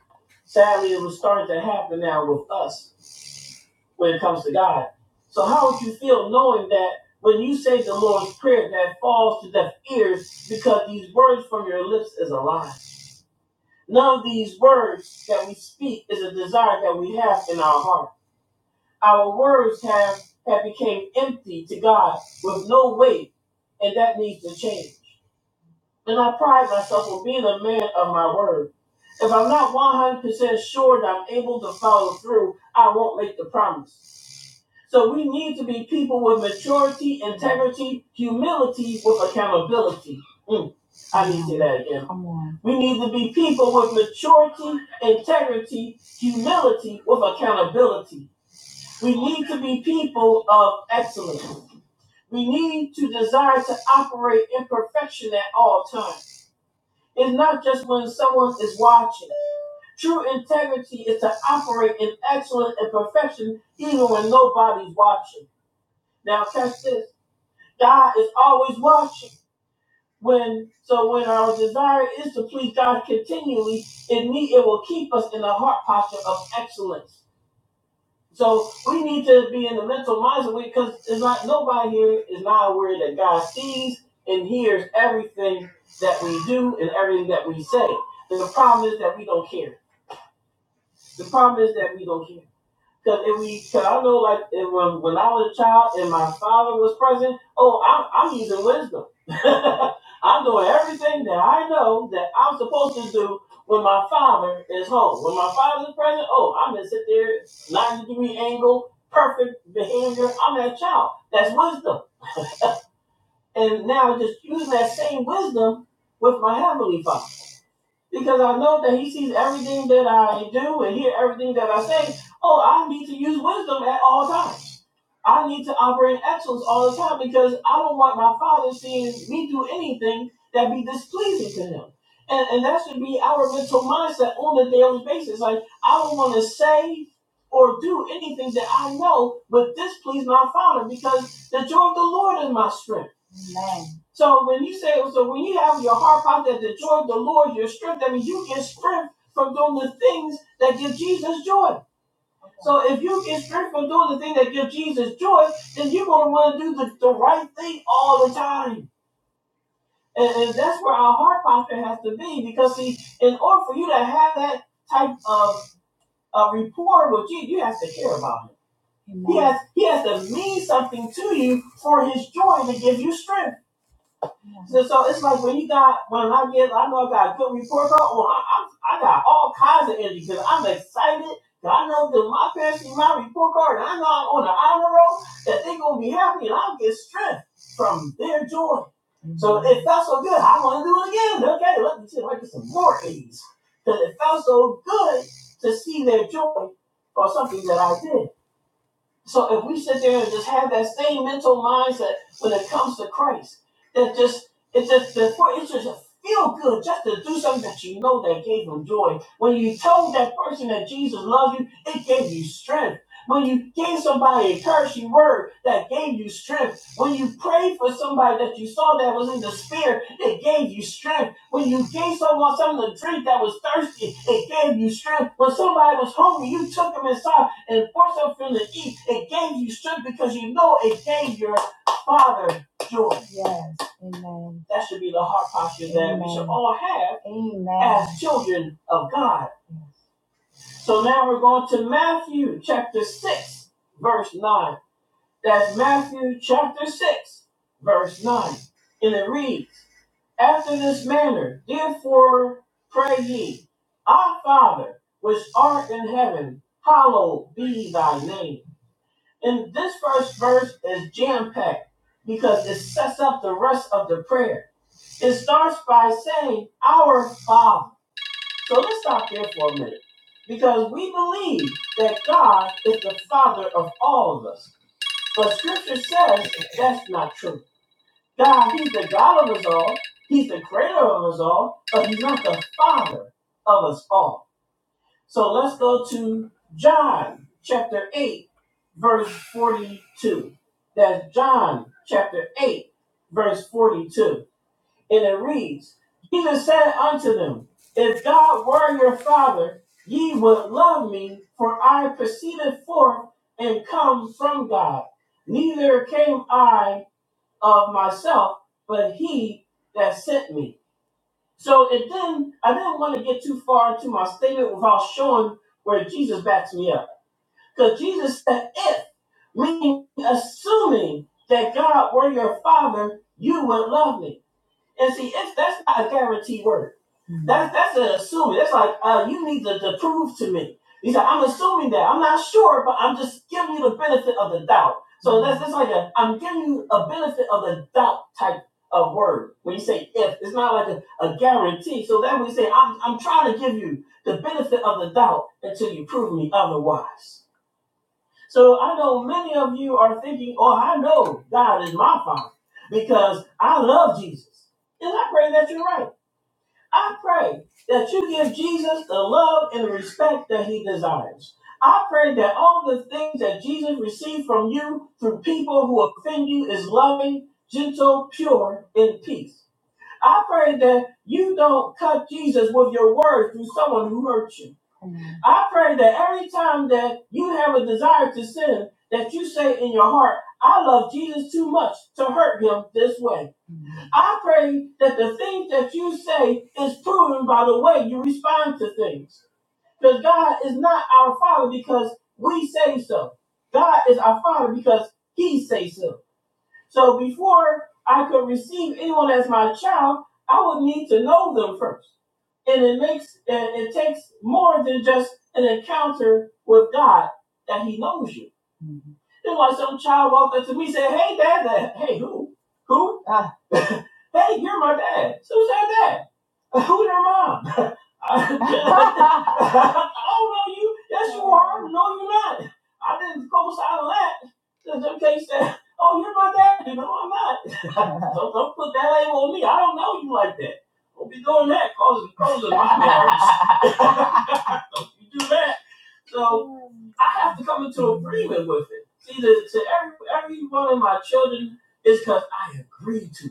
S1: sadly it was starting to happen now with us when it comes to God. So how would you feel knowing that when you say the Lord's Prayer that falls to deaf ears because these words from your lips is a lie? None of these words that we speak is a desire that we have in our heart. Our words have, have become empty to God with no weight, and that needs to change. And I pride myself on being a man of my word. If I'm not 100% sure that I'm able to follow through, I won't make the promise. So we need to be people with maturity, integrity, humility, with accountability. Mm, I need to say that again. We need to be people with maturity, integrity, humility, with accountability. We need to be people of excellence. We need to desire to operate in perfection at all times. It's not just when someone is watching. True integrity is to operate in excellence and perfection even when nobody's watching. Now, catch this. God is always watching. When so when our desire is to please God continually, it need it will keep us in the heart posture of excellence. So we need to be in the mental mindset because it's not nobody here is not aware that God sees and hears everything that we do and everything that we say. And the problem is that we don't care. The problem is that we don't care. Cause if we, cause I know like if, when, when I was a child and my father was present, oh, I'm, I'm using wisdom. I'm doing everything that I know that I'm supposed to do when my father is home. When my father is present, oh, I'm gonna sit there, 90 degree angle, perfect behavior. I'm that child. That's wisdom. And now just using that same wisdom with my heavenly father. Because I know that he sees everything that I do and hear everything that I say. Oh, I need to use wisdom at all times. I need to operate in excellence all the time because I don't want my father seeing me do anything that be displeasing to him. And, and that should be our mental mindset on a daily basis. Like, I don't want to say or do anything that I know would displease my father because the joy of the Lord is my strength. So when you say, so when you have your heart out that the joy of the Lord, your strength, I mean, you get strength from doing the things that give Jesus joy. So if you get stripped from doing the thing that gives Jesus joy, then you're going to want to do the, the right thing all the time. And, and that's where our heart posture has to be. Because, see, in order for you to have that type of uh, rapport with Jesus, you have to care about him. He has, he has to mean something to you for his joy to give you strength. So, so it's like when you got when I get I know I got good report card. Well, I, I I got all kinds of energy because I'm excited. excited. I know that my parents see my report card, and I know I'm on the honor roll. That they're gonna be happy, and I'll get strength from their joy. Mm-hmm. So it felt so good. I want to do it again. Okay, let me see. if I get some more A's because it felt so good to see their joy for something that I did. So if we sit there and just have that same mental mindset when it comes to Christ, that just it's just it's just a feel good just to do something that you know that gave him joy. When you told that person that Jesus loved you, it gave you strength. When you gave somebody a cursory word that gave you strength. When you prayed for somebody that you saw that was in the spirit, it gave you strength. When you gave someone something to drink that was thirsty, it gave you strength. When somebody was hungry, you took them inside and forced them for to eat. It gave you strength because you know it gave your father joy. That should be the heart posture. Or have children of God. So now we're going to Matthew chapter 6, verse 9. That's Matthew chapter 6, verse 9. And it reads, After this manner, therefore, pray ye, Our Father, which art in heaven, hallowed be thy name. And this first verse is jam-packed because it sets up the rest of the prayer. It starts by saying, Our Father. So let's stop there for a minute because we believe that God is the Father of all of us. But scripture says that's not true. God, he's the God of us all. He's the creator of us all, but he's not the father of us all. So let's go to John chapter 8, verse 42. That's John chapter 8, verse 42. And it reads, Jesus said unto them, If God were your Father, ye would love me, for I proceeded forth and come from God. Neither came I of myself, but he that sent me. So it then I didn't want to get too far into my statement without showing where Jesus backs me up. Because Jesus said, if, meaning assuming that God were your father, you would love me. And see, it's, that's not a guarantee word. Mhm. That's that's an assuming. That's like uh, you need to, to prove to me. He said, I'm assuming that. I'm not sure, but I'm just giving you the benefit of the doubt. So that's it's like a I'm giving you a benefit of the doubt type of word when you say if. It's not like a, a guarantee. So that we say I'm I'm trying to give you the benefit of the doubt until you prove me otherwise. So I know many of you are thinking, oh, I know God is my father because I love Jesus. And I pray that you're right. I pray that you give Jesus the love and respect that he desires. I pray that all the things that Jesus received from you through people who offend you is loving, gentle, pure, and peace. I pray that you don't cut Jesus with your words through someone who hurt you. I pray that every time that you have a desire to sin, that you say in your heart, I love Jesus too much to hurt him this way. I pray that the things that you say is proven by the way you respond to things. Because God is not our Father because we say so. God is our Father because He says so. So before I could receive anyone as my child, I would need to know them first. And it makes and it takes more than just an encounter with God that He knows you. It's like some child walked up to me and said, Hey dad, Dad." hey who? Who? Ah. hey, you're my dad. So who said that? dad? Who's your mom? I, I don't know you. Yes, no, you're not. I didn't co-sign on that. Just in case that, oh, you're my dad. No, I'm not. Don't, don't put that label on me. I don't know you like that. Don't be doing that, causing causing don't you do that. So I have to come into agreement with it. See, to, to every every one of my children is because I agree to.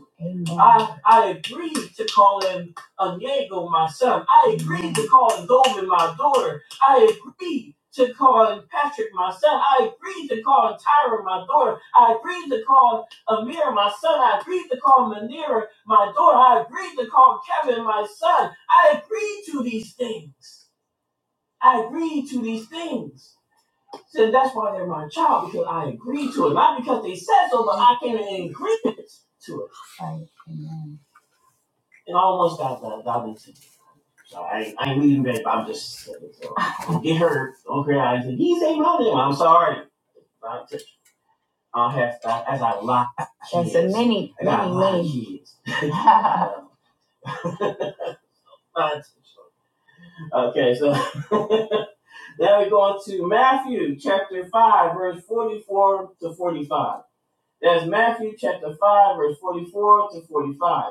S1: I agreed to call him Onyego, my son. I agreed to call him Goldman, my daughter. I agreed to call him Patrick, my son. I agreed to call him Tyra, my daughter. I agreed to call him Amir, my son. I agreed to call him Manira, my daughter. I agreed to call Kevin, my son. I agreed to these things. I agreed to these things. So that's why they're my child, because I agreed to it. Not because they said so, but I came in agreement to it. And I almost got that. So I, I ain't leaving, babe. I'm just sick. So get hurt. Don't cry. I said, these ain't my name. I t- i I have to, as I lock kids. okay, so now we go to Matthew chapter 5, verse 44 to 45. That's Matthew chapter 5, verse 44 to 45.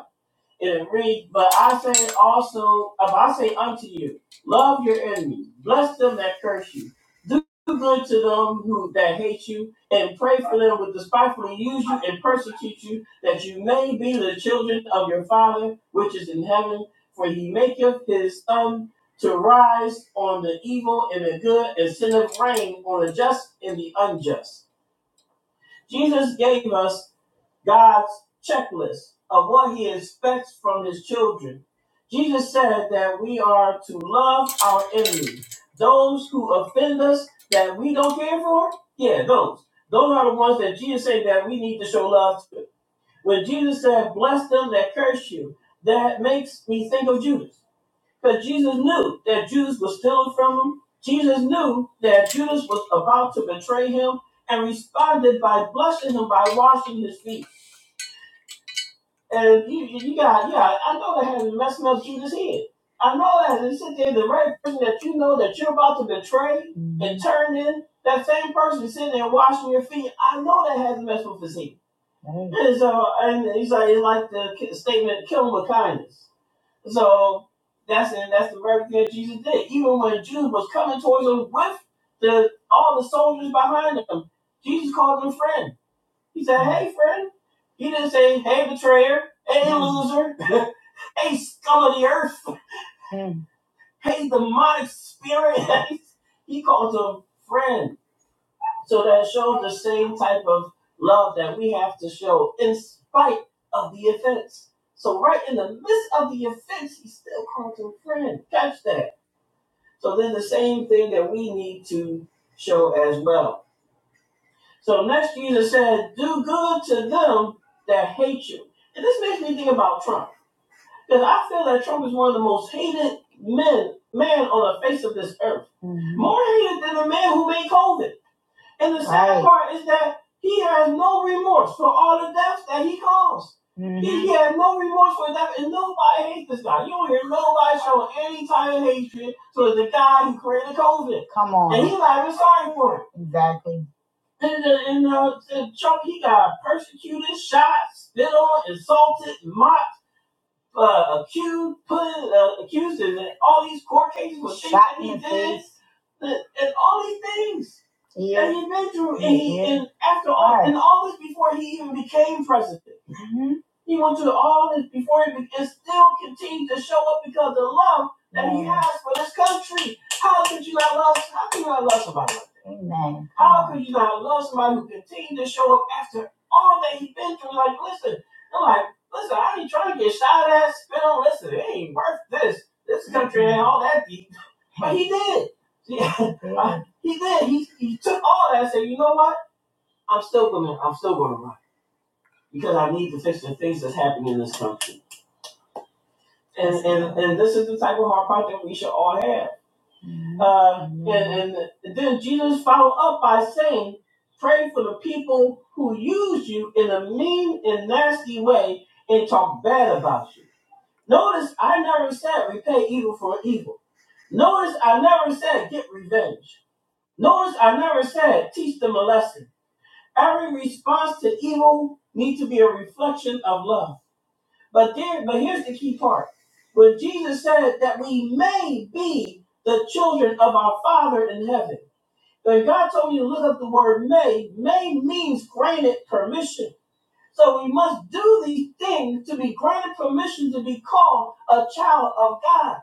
S1: It reads, But I say also, um, I say unto you, love your enemies, bless them that curse you, do good to them who that hate you, and pray for them who despitefully use you and persecute you, that you may be the children of your Father which is in heaven. For he maketh his sun to rise on the evil and the good, and sendeth rain on the just and the unjust. Jesus gave us God's checklist of what he expects from his children. Jesus said that we are to love our enemies, those who offend us that we don't care for. Yeah, those. Those are the ones that Jesus said that we need to show love to. When Jesus said, Bless them that curse you, that makes me think of Judas. Because Jesus knew that Judas was stealing from him. Jesus knew that Judas was about to betray him and responded by blessing him by washing his feet. And you, you you got, yeah, I know that has messing up Judas' head. I know that as you sit there, the very person that you know that you're about to betray and turn in, that same person sitting there washing your feet, I know that has messed with his head. And so, and he's like, it's like the statement, kill him with kindness. So that's and that's the very thing that Jesus did. Even when the Jews was coming towards him with the all the soldiers behind him, Jesus called him friend. He said, "Hey, friend." He didn't say, "Hey, betrayer." Hey, loser. hey, scum of the earth. Hey, demonic spirit. he called him friend. So that shows the same type of love that we have to show in spite of the offense. So right in the midst of the offense, he still calls him friend. Catch that. So there's the same thing that we need to show as well. So next Jesus said, do good to them that hate you. And this makes me think about Trump. Because I feel that Trump is one of the most hated men, man on the face of this earth. More hated than the man who made COVID. And the part is that he has no remorse for all the deaths that he caused. He has no remorse for death, and nobody hates this guy. You don't hear nobody showing any type of hatred towards the guy who created COVID. He's not even sorry for him. And, and, uh, and Trump, he got persecuted, shot, spit on, insulted, mocked, uh, accused, put uh, accused in all these court cases, and, and all these things. He's been through and after all this before he even became president. He went through all this before him and still continued to show up because the love has for this country. How could you not love? How could you not love somebody like that? Could you not love somebody who continued to show up after all that he's been through? Like, listen, I'm like, listen, I ain't trying to get shot at, spit on. Listen, it ain't worth this. This is gonna all that deep, but he did. Yeah, he did. He he took all that and said, you know what? I'm still gonna, I'm still gonna run because I need to fix the things that's happening in this country And And, and this is the type of heart project we should all have. Uh, and then Jesus followed up by saying, Pray for the people who use you in a mean and nasty way and talk bad about you. Notice I never said repay evil for evil. Notice I never said get revenge. Notice I never said teach them a lesson. Every response to evil needs to be a reflection of love. But there, but here's the key part. When Jesus said that we may be the children of our Father in heaven, when God told me to look up the word may, may means granted permission. So we must do these things to be granted permission to be called a child of God.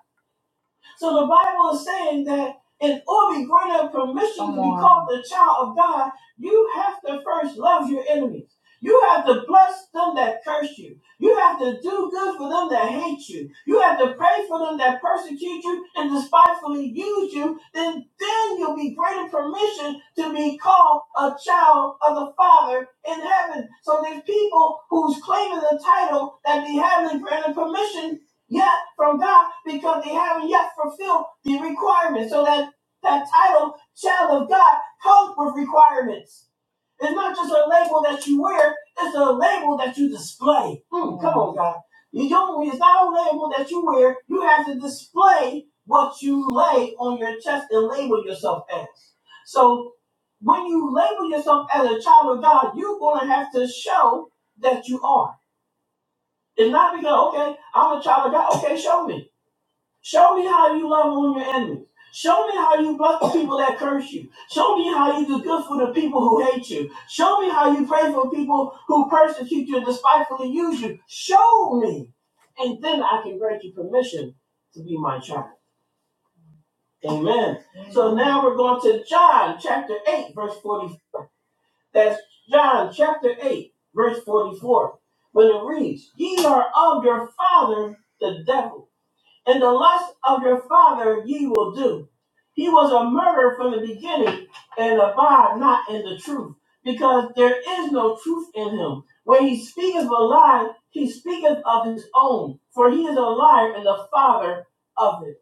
S1: So the Bible is saying that in order to be granted permission of the child of God, you have to first love your enemies. You have to bless them that curse you. You have to do good for them that hate you. You have to pray for them that persecute you and despitefully use you. Then, then you'll be granted permission to be called a child of the Father in heaven. So there's people who's claiming the title that they haven't granted permission yet from God because they haven't yet fulfilled the requirement. So that that title Child of God comes with requirements. It's not just a label that you wear, it's a label that you display. Mm. Oh God. You don't it's not a label that you wear. You have to display what you lay on your chest and label yourself as. So when you label yourself as a child of God, you're gonna have to show that you are. It's not because, okay, I'm a child of God, okay, show me. Show me how you love on your enemies. Show me how you bless the people that curse you. Show me how you do good for the people who hate you. Show me how you pray for people who persecute you and despitefully use you. Show me. And then I can grant you permission to be my child. Amen. So now we're going to John chapter 8, verse 44. That's John chapter 8, verse 44. When it reads, Ye are of your father, the devil and the lust of your father ye will do. He was a murderer from the beginning and abide not in the truth, because there is no truth in him. When he speaketh a lie, he speaketh of his own, for he is a liar and the father of it.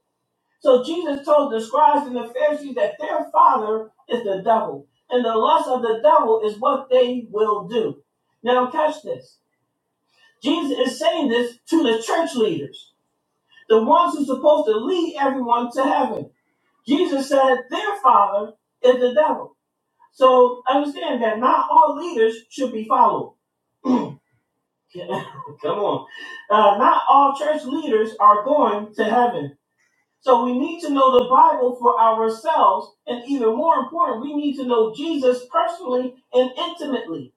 S1: So Jesus told the scribes and the Pharisees that their father is the devil, and the lust of the devil is what they will do. Now, catch this. Jesus is saying this to the church leaders the ones who're supposed to lead everyone to heaven. Jesus said their father is the devil. So understand that not all leaders should be followed. Come on. Uh, not all church leaders are going to heaven. So we need to know the Bible for ourselves. And even more important, we need to know Jesus personally and intimately.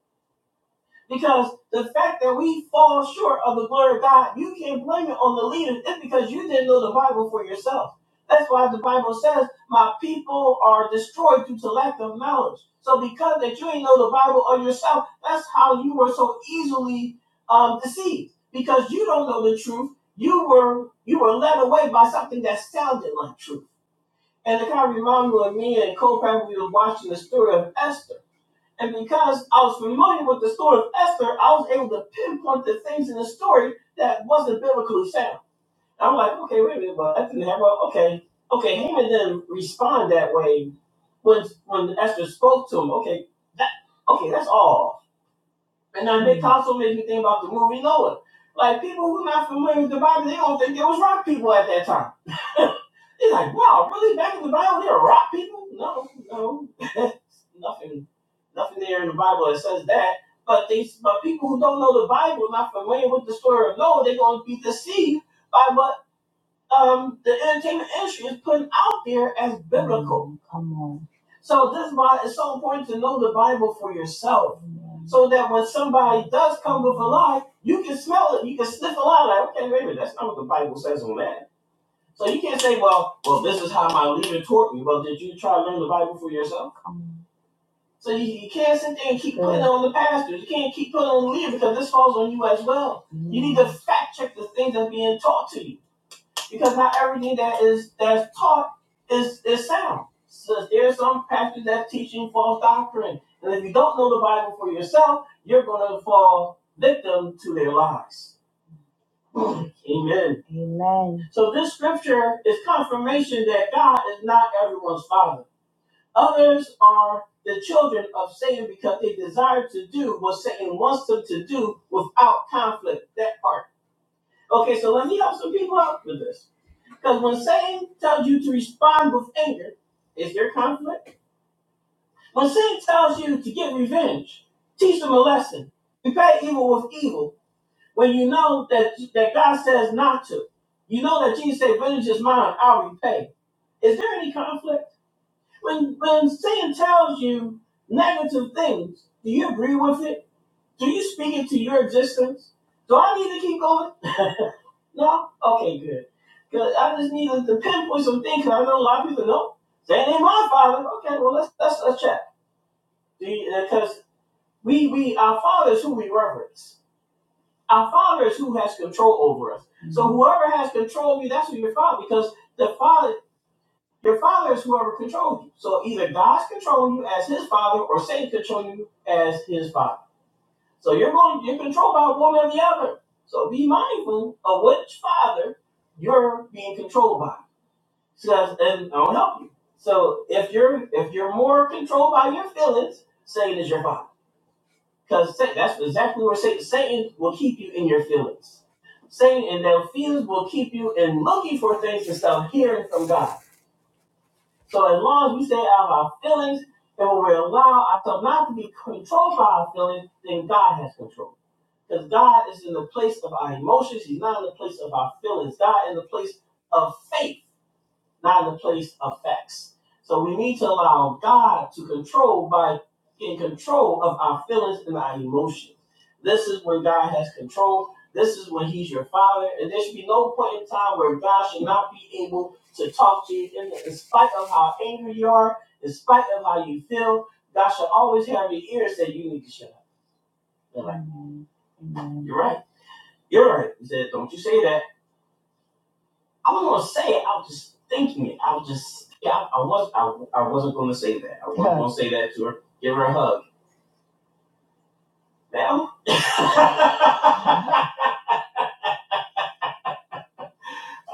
S1: Because the fact that we fall short of the glory of God, you can't blame it on the leaders. It's because you didn't know the Bible for yourself. That's why the Bible says, My people are destroyed due to lack of knowledge. So because that you ain't know the Bible on yourself, that's how you were so easily um, deceived. Because you don't know the truth. You were you were led away by something that sounded like truth. And it kind of reminded me of me and co we were watching the story of Esther and because I was familiar with the story of Esther, I was able to pinpoint the things in the story that wasn't biblically sound. And I'm like, okay, wait a minute, but that didn't happen. Okay, okay, Haman didn't respond that way when when Esther spoke to him. Okay, that okay, that's all. And now also makes me think about the movie Noah. Like people who are not familiar with the Bible, they don't think there was rock people at that time. They're like, wow, really? Back in the Bible, there were rock people? No, no, nothing, nothing there in the Bible that says that. But they, but people who don't know the Bible, not familiar with the story of Noah, they're going to be deceived by what um, the entertainment industry is putting out there as. So this is why it's so important to know the Bible for yourself so that when somebody does come with a lie, you can smell it, you can sniff a lie. Like, okay, wait a minute, that's not what the Bible says on that. So you can't say, well, well, this is how my leader taught me. Well, did you try to learn the Bible for yourself? So you, you can't sit there and keep on the pastor. You can't keep putting on the leader because this falls on you as well. To fact check the things that's being taught to you because not everything that is that's taught is is sound. So there's some pastors that's teaching false doctrine, and if you don't know the Bible for yourself, you're going to fall victim to their lies. Amen. So this scripture is confirmation that God is not everyone's father. Others are the children of Satan because they desire to do what Satan wants them to do without conflict. That part. Okay, so let me help some people out with this. Because when Satan tells you to respond with anger, is there conflict? When Satan tells you to get revenge, teach them a lesson. Repay evil with evil. When you know that, that God says not to, you know that Jesus said, Vengeance is mine, I'll repay. Is there any conflict? When, when Satan tells you negative things, do you agree with it? Do you speak into your existence? Do I need to keep going? no? Okay, good. Because I just needed to pinpoint some things 'cause I know a lot of people know. That ain't my father. Okay, well let's let's let's check. Because we we our father is who we reverence. Our father is who has control over us. Mm-hmm. So whoever has control of you, that's who your father. Because the father, your father is whoever controls you. So either God's controlling you as his father, or Satan controlling you as his father. So you're going, you're controlled by one or the other. So be mindful of which father you're being controlled by. So that's, and I'll help you. So if you're if you're more controlled by your feelings, Satan is your father. Because that's exactly where Satan, Satan will keep you in your feelings. Satan and their feelings will keep you in looking for things instead of hearing from God. So as long as we stay out of our feelings and when we allow ourselves not to be controlled by our feelings, then God has control. Because God is in the place of our emotions. He's not in the place of our feelings. God in the place of faith, not in the place of facts. So we need to allow God to control by getting control of our feelings and our emotions. This is where God has control. This is when He's your Father. And there should be no point in time where God should not be able to talk to you. In, in spite of how angry you are, in spite of how you feel, God should always have your ears that you need to shut up. You're right. You're right. He said, "Don't you say that." I was gonna say it. I was just thinking it. I was just yeah. I, I was I, I wasn't gonna say that. I was gonna say that to her. Give her a hug. Now. I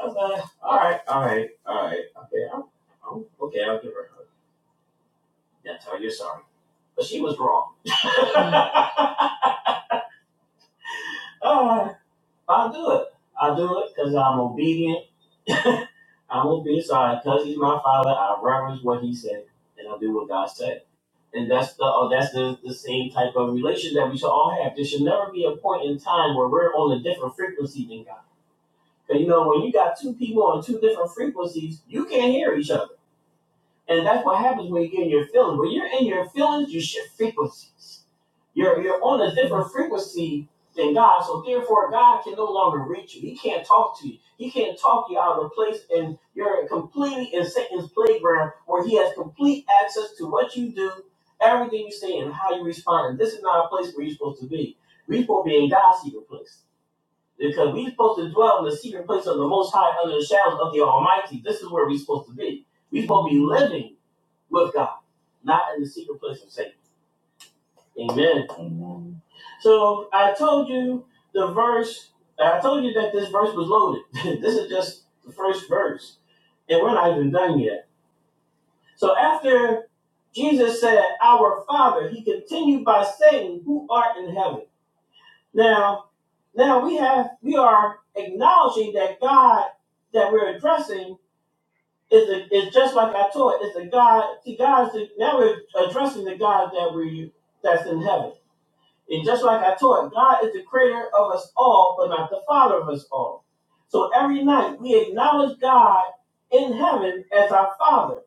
S1: was like, all right, all right, all right. Okay, I'll, I'll- okay. I'll give her a hug. Yeah, tell her you're sorry, but she was wrong. all right, I'll do it. I'll do it because I'm obedient. I'm obedient. So because he's my father, I reverence what he said, and I do what God said. And that's the uh, that's the, the same type of relation that we should all have. There should never be a point in time where we're on a different frequency than God. Because you know, when you got two people on two different frequencies, you can't hear each other. And that's what happens when you get in your feelings. When you're in your feelings, you shift frequencies. You're you're on a different frequency than God, so therefore God can no longer reach you. He can't talk to you. He can't talk you out of the place, and you're completely in Satan's playground where he has complete access to what you do, everything you say, and how you respond. And this is not a place where you're supposed to be. We're supposed to be in God's secret place. Because we're supposed to dwell in the secret place of the Most High under the shadows of the Almighty. This is where we're supposed to be. We're supposed to be living with God, not in the secret place of Satan. Amen. So I told you the verse, I told you that this verse was loaded. this is just the first verse, and we're not even done yet. So after Jesus said, Our Father, he continued by saying, Who art in heaven. Now, now we have we are acknowledging that God that we're addressing is a, is just like I taught, is the God, see God's the, now we're addressing the God that we that's in heaven. And just like I taught, God is the creator of us all, but not the father of us all. So every night we acknowledge God in heaven as our father.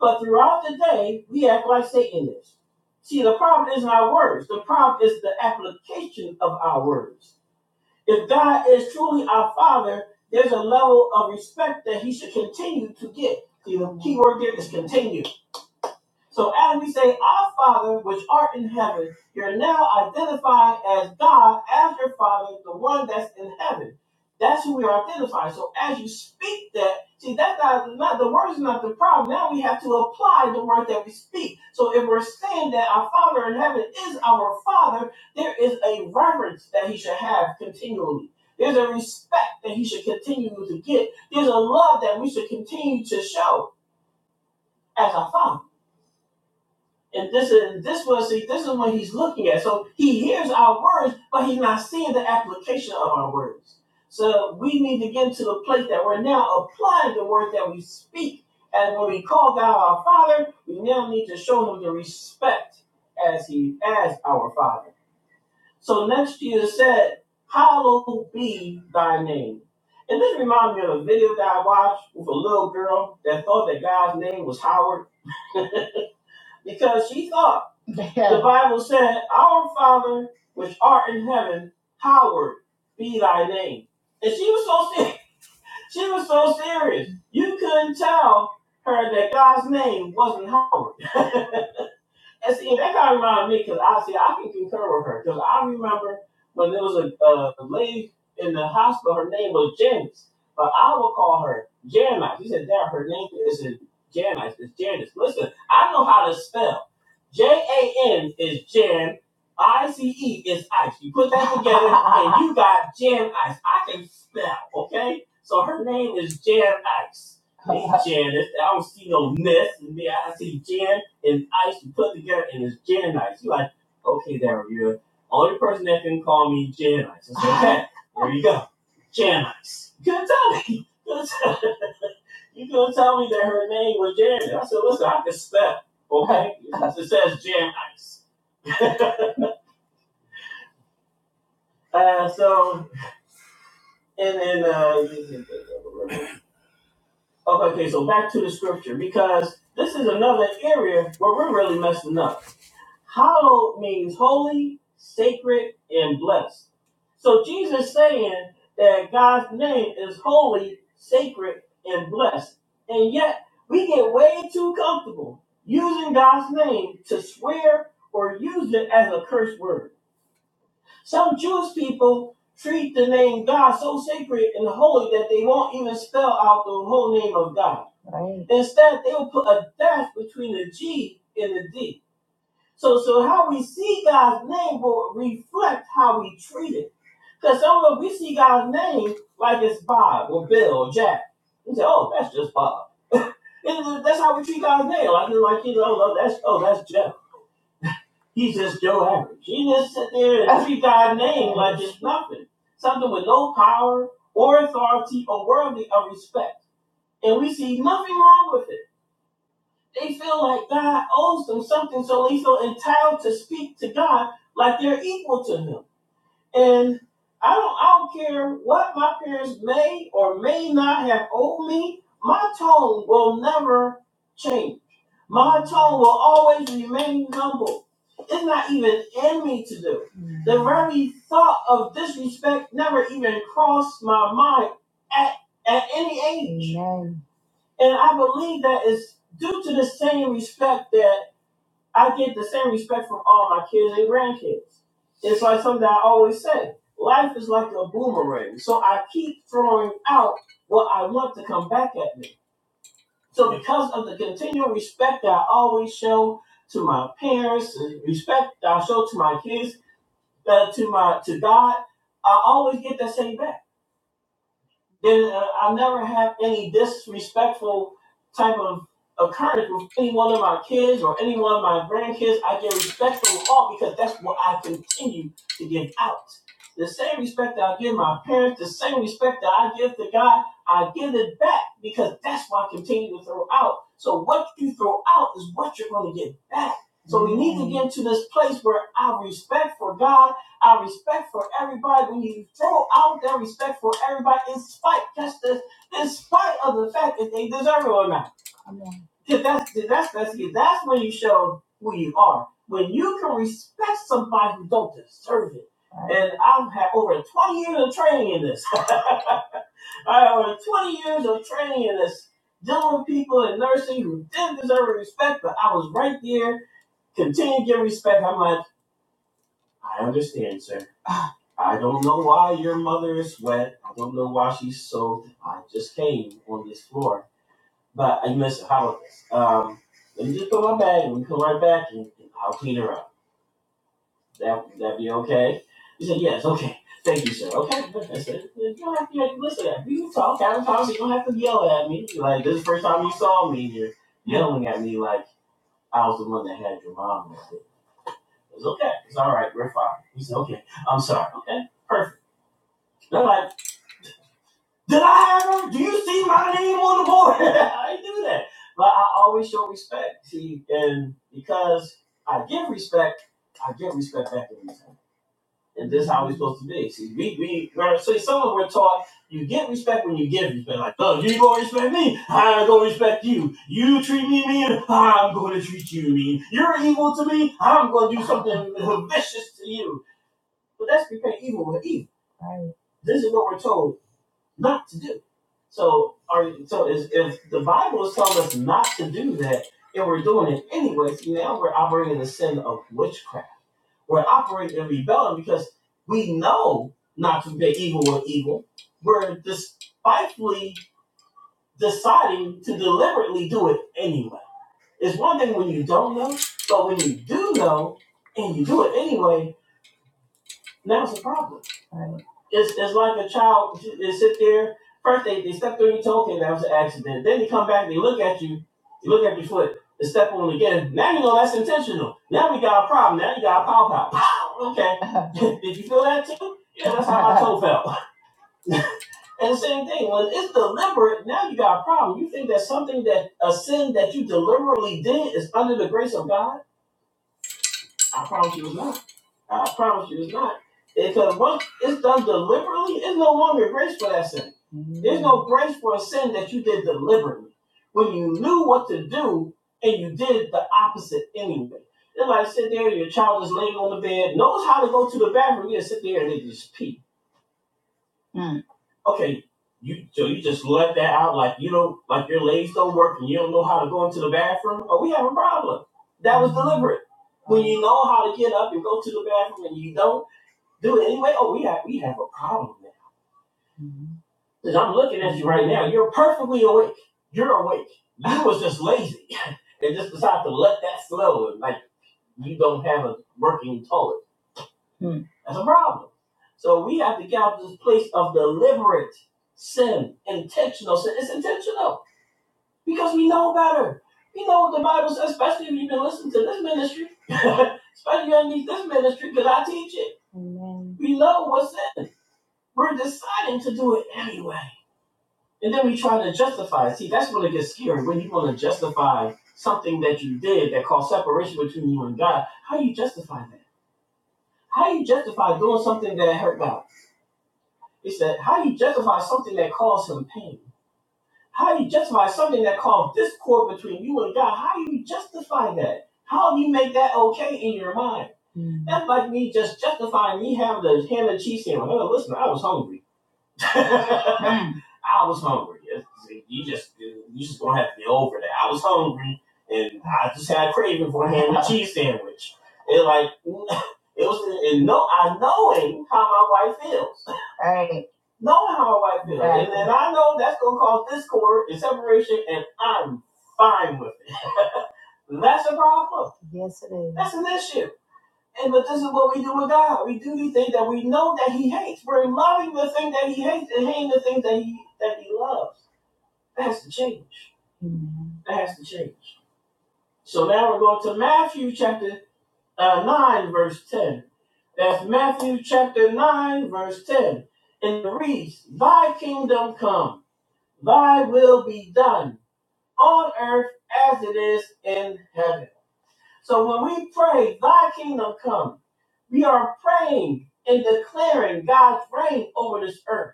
S1: But throughout the day, we act like Satan is. See, the problem isn't our words. The problem is the application of our words. If God is truly our father, there's a level of respect that he should continue to get. See, the key word there is continue. So as we say, Our Father, which art in heaven, you're now identified as God, as your Father, the one that's in heaven. That's who we are identifying. So as you speak that, see, that's not, not the word is not the problem. Now we have to apply the word that we speak. So if we're saying that our Father in heaven is our Father, there is a reverence that he should have continually. There's a respect that he should continue to get. There's a love that we should continue to show as a father. And this is this was see, this is what he's looking at. So he hears our words, but he's not seeing the application of our words. So we need to get to the place that we're now applying the word that we speak. And when we call God our Father, we now need to show him the respect as he as our Father. So next Jesus said, Hallowed be thy name. And this reminds me of a video that I watched with a little girl that thought that God's name was Howard because she thought Bible said, Our Father which art in heaven, hallowed be thy name. And she was so serious. She was so serious. You couldn't tell her that God's name wasn't Howard. And see, that kind of reminded me because I see I can concur with her because I remember when there was a, uh, a lady in the hospital. Her name was Janice, but I would call her Janice. She said, "Dad, her name isn't Janice. It's Janice." Listen, I know how to spell. J A N is Jan. I C E is ice. You put that, you got Jan Ice. I can spell, okay? So her name is Jan Ice. Janice. I don't see no mess in me. I see Jan and Ice put together, and it's Jan and Ice. you like, okay, there you Only person that can call me Jan Ice. There you go. Jan Ice. You couldn't tell me. you gonna tell me that her name was Janet. I said, listen, I can spell. Okay? It says Jan Ice. Uh, so, and then, uh, okay, so back to the scripture because this is another area where we're really messing up. Hallowed means holy, sacred, and blessed. So Jesus is saying that God's name is holy, sacred, and blessed. And yet we get way too comfortable using God's name to swear or use it as a curse word. Some Jewish people treat the name God so sacred and holy that they won't even spell out the whole name of God. Instead, they'll put a dash between the G and the D. So, so how we see God's name will reflect how we treat it. Because some of us, we see God's name like it's Bob or Bill or Jack. We say, oh, that's just Bob. And that's how we treat God's name. Like, like you know, oh, that's, oh, that's Jeff. He's just Joe Average. You just sit there and treat God's name as nothing. Something with no power or authority or worthy of respect. And we see nothing wrong with it. They feel like God owes them something, so they feel entitled to speak to God like they're equal to Him. And I don't, I don't care what my parents may or may not have owed me. My tone will never change. My tone will always remain humble. It's not even in me to do. The very thought of disrespect never even crossed my mind at at any and I believe that is due to the same respect that I get the same respect from all my kids and grandkids. It's like something I always say. Life is like a boomerang. So I keep throwing out what I want to come back at me. So because of the continual respect that I always show to my parents, the respect that I show to my kids, uh, to my to God, I always get that same back. Then uh, I'll never have any disrespectful type of occurrence with any one of my kids or any one of my grandkids. I get respect from all because that's what I continue to give out. The same respect that I give my parents, the same respect that I give to God, I give it back because that's what I continue to throw out. So what you throw out is what you're going to get back into this place where our respect for God, our respect for everybody, when you throw out that respect for everybody, in spite, just this, in spite of the fact that they deserve it or not. That- That's, that's, that's, that's when you show who you are. When you can respect somebody who don't deserve it. And I've had over 20 years of training in this. I had over 20 years of training in this, dealing with people in nursing who didn't deserve respect, but I was right there, continuing to get respect. I'm like, I understand, sir. Ah. I don't know why your mother is wet. I don't know why she's soaked. I just came on this floor. But I miss how um let me just put my bag and we come right back and, and I'll clean her up. That that be okay? He said, Yes, okay. Thank you, sir. Okay. I said, you don't have to you listen, we can talk, have a conversation, you don't have to yell at me. Like this is the first time you saw me and you're yelling at me like I was the one that had your mom. I said, It's okay. It's all right, we're fine. He said, Okay, I'm sorry. Okay. Perfect. They're like, did I have them? Do you see my name on the board? I ain't do that. But I always show respect. See, and because I give respect, I get respect back in return. And this how we're supposed to be. See, we, we, we're- see, some of us we're taught you get respect when you give respect. Like, oh, you gonna respect me, I'm gonna respect you. You treat me mean, I'm gonna treat you mean. You're evil to me, I'm gonna do something vicious to you. But that's repay evil with evil. This is what we're told not to do. So are so is if the Bible is telling us not to do that, and we're doing it anyway, now we're operating in the sin of witchcraft. We're operating in rebellion because we know not to pay evil with evil. We're despitefully deciding to deliberately do it anyway. It's one thing when you don't know, but when you do know and you do it anyway, now it's a problem. It's, it's like a child. They sit there. First, they, they step through your toe. Okay, that was an accident. Then they come back. They look at you. You look at your foot. They step on it again. Now you know that's intentional. Now we got a problem. Now you got a pow pow. Pow. Okay. Did you feel that too? Yeah, that's how it felt. And the same thing. When it's deliberate, now you got a problem. You think that something that a sin that you deliberately did is under the grace of God? I promise you it's not. I promise you it's not. Because once it's done deliberately, it's no longer grace for that sin. no grace for a sin that you did deliberately. When you knew what to do and you did the opposite anyway. They're like, sit there, your child is laying on the bed, knows how to go to the bathroom, you sit there and they just pee. Okay, you so you just let that out like you don't like your legs don't work and you don't know how to go into the bathroom? Oh, we have a problem. That's You know how to get up and go to the bathroom and you don't do it anyway. Oh, we have we have a problem now. because 'Cause I'm looking You're perfectly awake. You're awake. You was just lazy and just decided to let that slow and like you don't have a working toilet. That's a problem. So we have to get out of this place of deliberate sin, intentional sin. It's intentional because we know better. We know what the Bible says, especially if you've been listening to this ministry, especially underneath this ministry because I teach it. We know what's sin. We're deciding to do it anyway. And then we try to justify. it. See, that's when it gets scary. When you want to justify something that you did that caused separation between you and God, how do you justify that? How do you justify doing something that hurt God? It's that how do you justify something that caused him pain? How do you justify something that caused discord between you and God? How do you justify that? How do you make that okay in your mind? That's like me just justifying me having a ham and cheese sandwich. Oh, listen, I was hungry. I was hungry. You just you just gonna have to get over that. I was hungry and I just had a craving for a ham and cheese sandwich. And like it was and no I knowing how my wife feels. Knowing how my wife feels. And I know that's gonna cause discord and separation and I'm fine with it. That's a problem. That's an issue. And but this is what we do with God. We do these things that we know that He hates. We're loving the thing that He hates and hating the things that He that He loves. That's the change. That has to change. So now we're going to Matthew chapter uh, 9, verse 10. That's Matthew chapter 9, verse 10. And it reads, Thy kingdom come, thy will be done on earth as it is in heaven. So when we pray, Thy kingdom come, we are praying and declaring God's reign over this earth.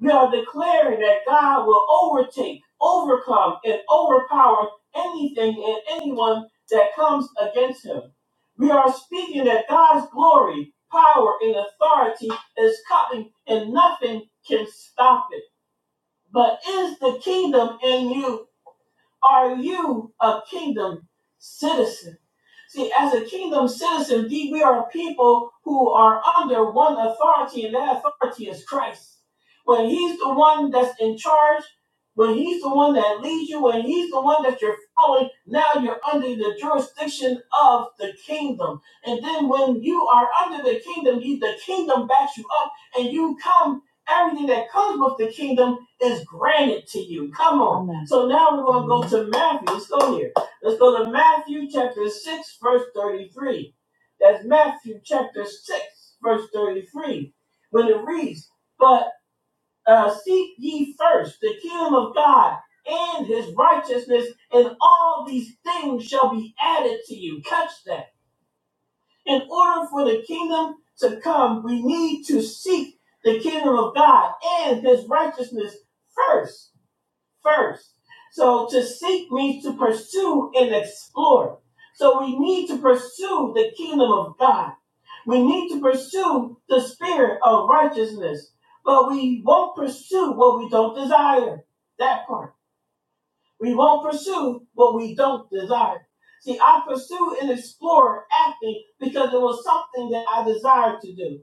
S1: We are declaring that God will overtake, overcome, and overpower anything and anyone that comes against him. We are speaking that God's glory, power, and authority is coming, and nothing can stop it. But is the kingdom in you? Are you a kingdom citizen? See, as a kingdom citizen, we are people who are under one authority, and that authority is Christ. When He's the one that's in charge, when He's the one that leads you, when He's the one that you're following, now you're under the jurisdiction of the kingdom. And then when you are under the kingdom, you, the kingdom backs you up, and you come, everything that comes with the kingdom is granted to you. Come on. So now we're to Matthew. Let's go here. Let's go to Matthew chapter 6, verse 33. That's Matthew chapter 6, verse 33. When it reads, But uh, seek ye first the kingdom of God and his righteousness, and all these things shall be added to you. Catch that. In order for the kingdom to come, we need to seek the kingdom of God and his righteousness first first. So to seek means to pursue and explore. So we need to pursue the kingdom of God. We need to pursue the spirit of righteousness, but we won't pursue what we don't desire. That part. We won't pursue what we don't desire. See, I pursued and explored acting because it was something that I desired to do.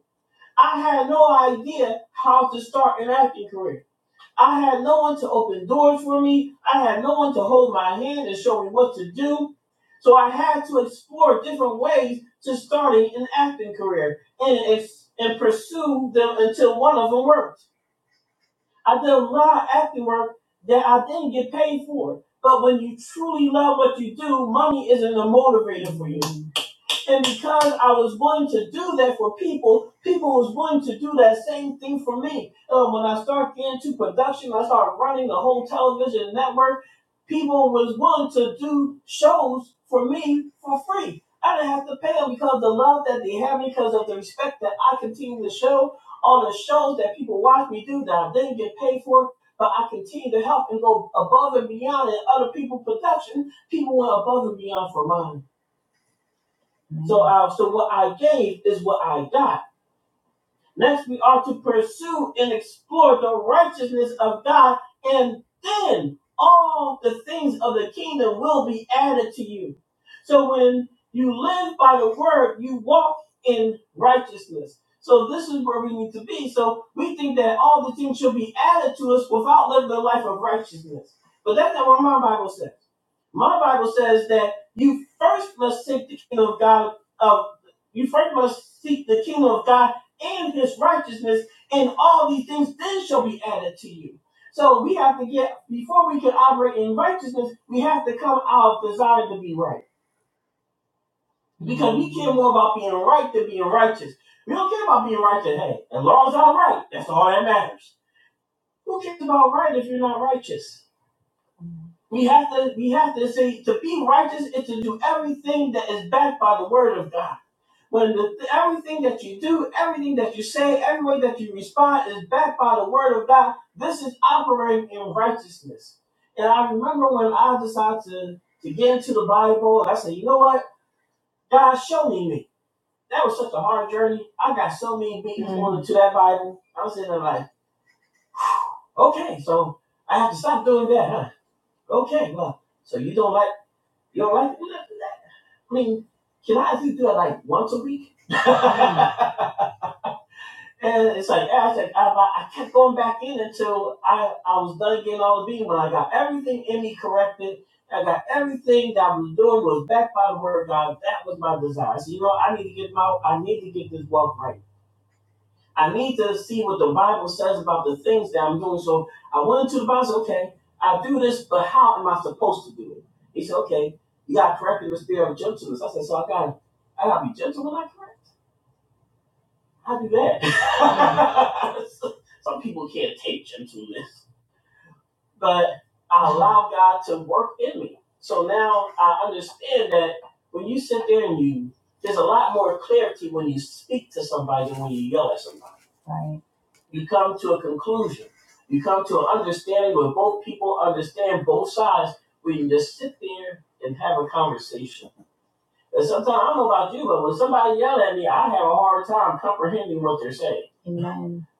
S1: I had no idea how to start an acting career. I had no one to open doors for me. I had no one to hold my hand and show me what to do. So I had to explore different ways to starting an acting career and ex- and pursue them until one of them worked. I did a lot of acting work that I didn't get paid for. But when you truly love what you do, money isn't a motivator for you. And because I was willing to do that for people, people was willing to do that same thing for me. Uh, when I started getting into production, I started running the whole television network. People was willing to do shows for me for free. I didn't have to pay them because of the love that they have, because of the respect that I continue to show, all the shows that people watch me do that I didn't get paid for, but I continue to help and go above and beyond in other people's production. People went above and beyond for mine. So uh, so what I gave is what I got. Next, we are to pursue and explore the righteousness of God, and then all the things of the kingdom will be added to you. So when you live by the word, you walk in righteousness. So this is where we need to be. So we think that all the things should be added to us without living a life of righteousness. But that's not what my Bible says. My Bible says that you first must seek the kingdom of God of you first must seek the kingdom of God and his righteousness, and all these things then shall be added to you. So we have to get before we can operate in righteousness, we have to come out of desire to be right. Because we care more about being right than being righteous. We don't care about being righteous. Hey, as long as I'm right, that's all that matters. Who cares about right if you're not righteous? We have to we have to say to be righteous is to do everything that is backed by the word of God. When the, everything that you do, everything that you say, every way that you respond is backed by the word of God, this is operating in righteousness. And I remember when I decided to, to get into the Bible, I said, you know what? God, show me me. That was such a hard journey. I got so many people to that Bible. I was sitting there like, okay, so I have to stop doing that, huh? Okay, well, so you don't like You don't like that? I mean, can I actually do that like once a week? and it's like, I said, I, I kept going back in until I, I was done getting all the beating. When I got everything in me corrected, I got everything that I was doing was backed by the word of God. That was my desire. So, you know, I need to get my, I need to get this walk right. I need to see what the Bible says about the things that I'm doing. So I went into the Bible and said, okay, I do this, but how am I supposed to do it? He said, okay, you got to correct in the spirit of gentleness. I said, so I got I gotta be gentle when I correct? How do that? Some people can't take gentleness, but I allow God to work in me. So now I understand that when you sit there and you, there's a lot more clarity when you speak to somebody than when you yell at somebody. you come to a conclusion. You come to an understanding where both people understand both sides. We can just sit there and have a conversation. And sometimes I don't know about you, but when somebody yells at me, I have a hard time comprehending what they're saying.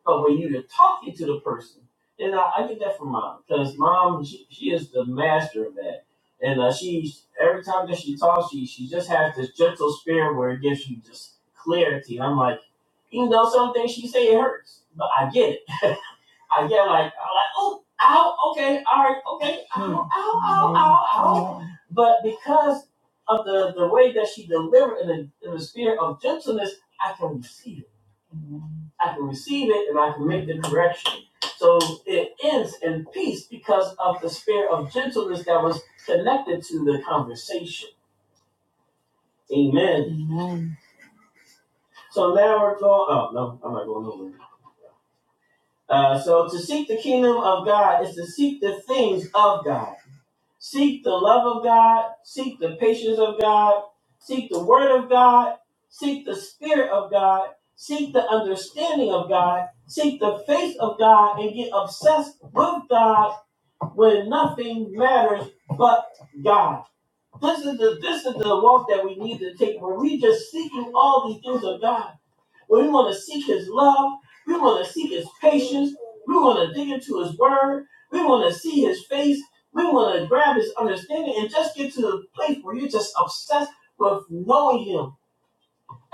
S1: But when you're talking to the person, and I, I get that from mom because mom she, she is the master of that. And uh, she every time that she talks, she she just has this gentle spirit where it gives you just clarity. And I'm like, even though some things she say it hurts, but I get it. I get like I'm like, oh, ow, okay, all right, okay, ow, ow, ow, But because of the the way that she delivered in the, in the spirit of gentleness, I can receive it. I can receive it, and I can make the correction. So it ends in peace because of the spirit of gentleness that was connected to the conversation. Amen. So now we're going. Oh no, I'm not going nowhere. Uh, so to seek the kingdom of God is to seek the things of God. Seek the love of God, seek the patience of God, seek the word of God, seek the spirit of God, seek the understanding of God, seek the faith of God, and get obsessed with God when nothing matters but God. This is the this is the walk that we need to take where we just seeking all these things of God. But we want to seek his love. We want to seek his patience. We want to dig into his word. We want to see his face. We want to grab his understanding and just get to the place where you're just obsessed with knowing him.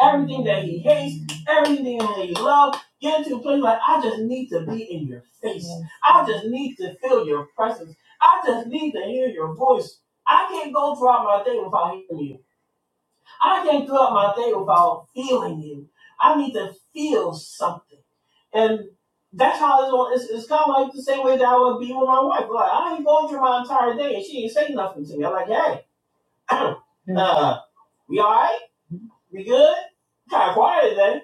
S1: Everything that he hates, everything that he loves, get to a place like, I just need to be in your face. I just need to feel your presence. I just need to hear your voice. I can't go throughout my day without hearing you. I can't go out my day without feeling you. I need to feel something. And that's how it's on. It's, it's kind of like the same way that I would be with my wife. Like, I ain't going through my entire day and she ain't saying nothing to me. I'm like, hey, uh, we all right? We good? Kind of quiet today.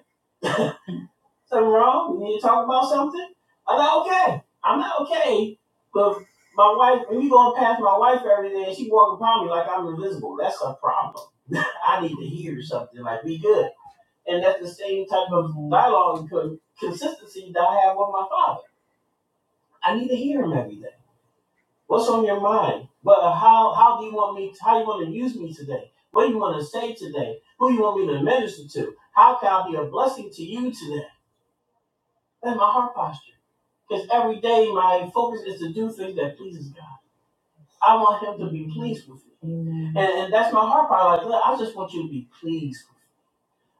S1: Something wrong? We need to talk about something? I'm not okay. I'm not okay. But my wife, when you going past my wife every day and she walking by me like I'm invisible, that's a problem. I need to hear something. Like, we good. And that's the same type of dialogue and consistency that I have with my father. I need to hear him every day. What's on your mind? But how how do you want me? How you want to use me today? What do you want to say today? Who you want me to minister to? How can I be a blessing to you today? That's my heart posture. Because every day my focus is to do things that pleases God. I want Him to be pleased with me, and, and that's my heart posture. Like, look, I just want you to be pleased. with me.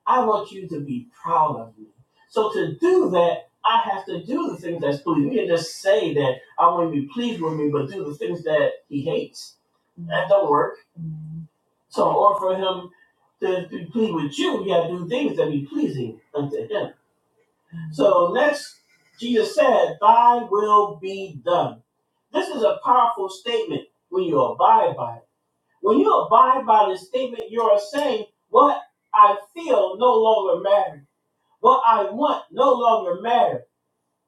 S1: I want you to be proud of me. So to do that, I have to do the things that's pleasing. You can just say that I want you to be pleased with me, but do the things that he hates. That don't work. So in order for him to be pleased with you, you got to do things that be pleasing unto him. So next, Jesus said, Thy will be done. This is a powerful statement when you abide by it. When you abide by this statement, you are saying, What I feel no longer matters. What I want no longer matter.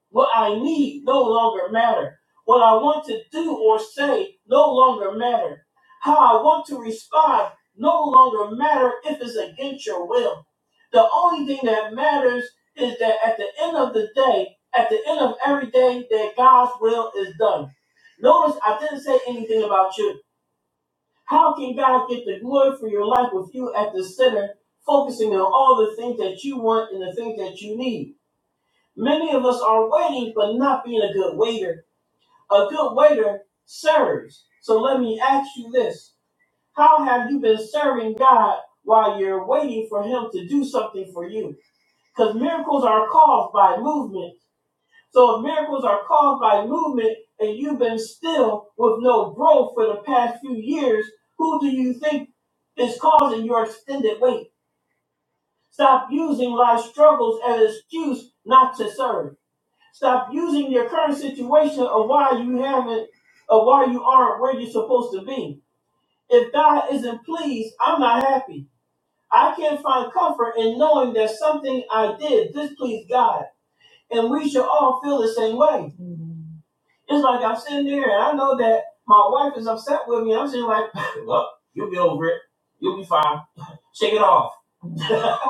S1: What I need no longer matter. What I want to do or say no longer matter. How I want to respond no longer matter if it's against your will. The only thing that matters is that at the end of the day, at the end of every day, that God's will is done. Notice I didn't say anything about you. How can God get the glory for your life with you at the center, focusing on all the things that you want and the things that you need? Many of us are waiting, but not being a good waiter. A good waiter serves. So let me ask you this How have you been serving God while you're waiting for Him to do something for you? Because miracles are caused by movement. So if miracles are caused by movement and you've been still with no growth for the past few years, who do you think is causing your extended wait? Stop using life's struggles as an excuse not to serve. Stop using your current situation of why you haven't, of why you aren't where you're supposed to be. If God isn't pleased, I'm not happy. I can't find comfort in knowing that something I did displeased God. And we should all feel the same way. It's like I'm sitting there and I know that my wife is upset with me. I'm sitting like, look, you'll be over it. You'll be fine. Shake it off.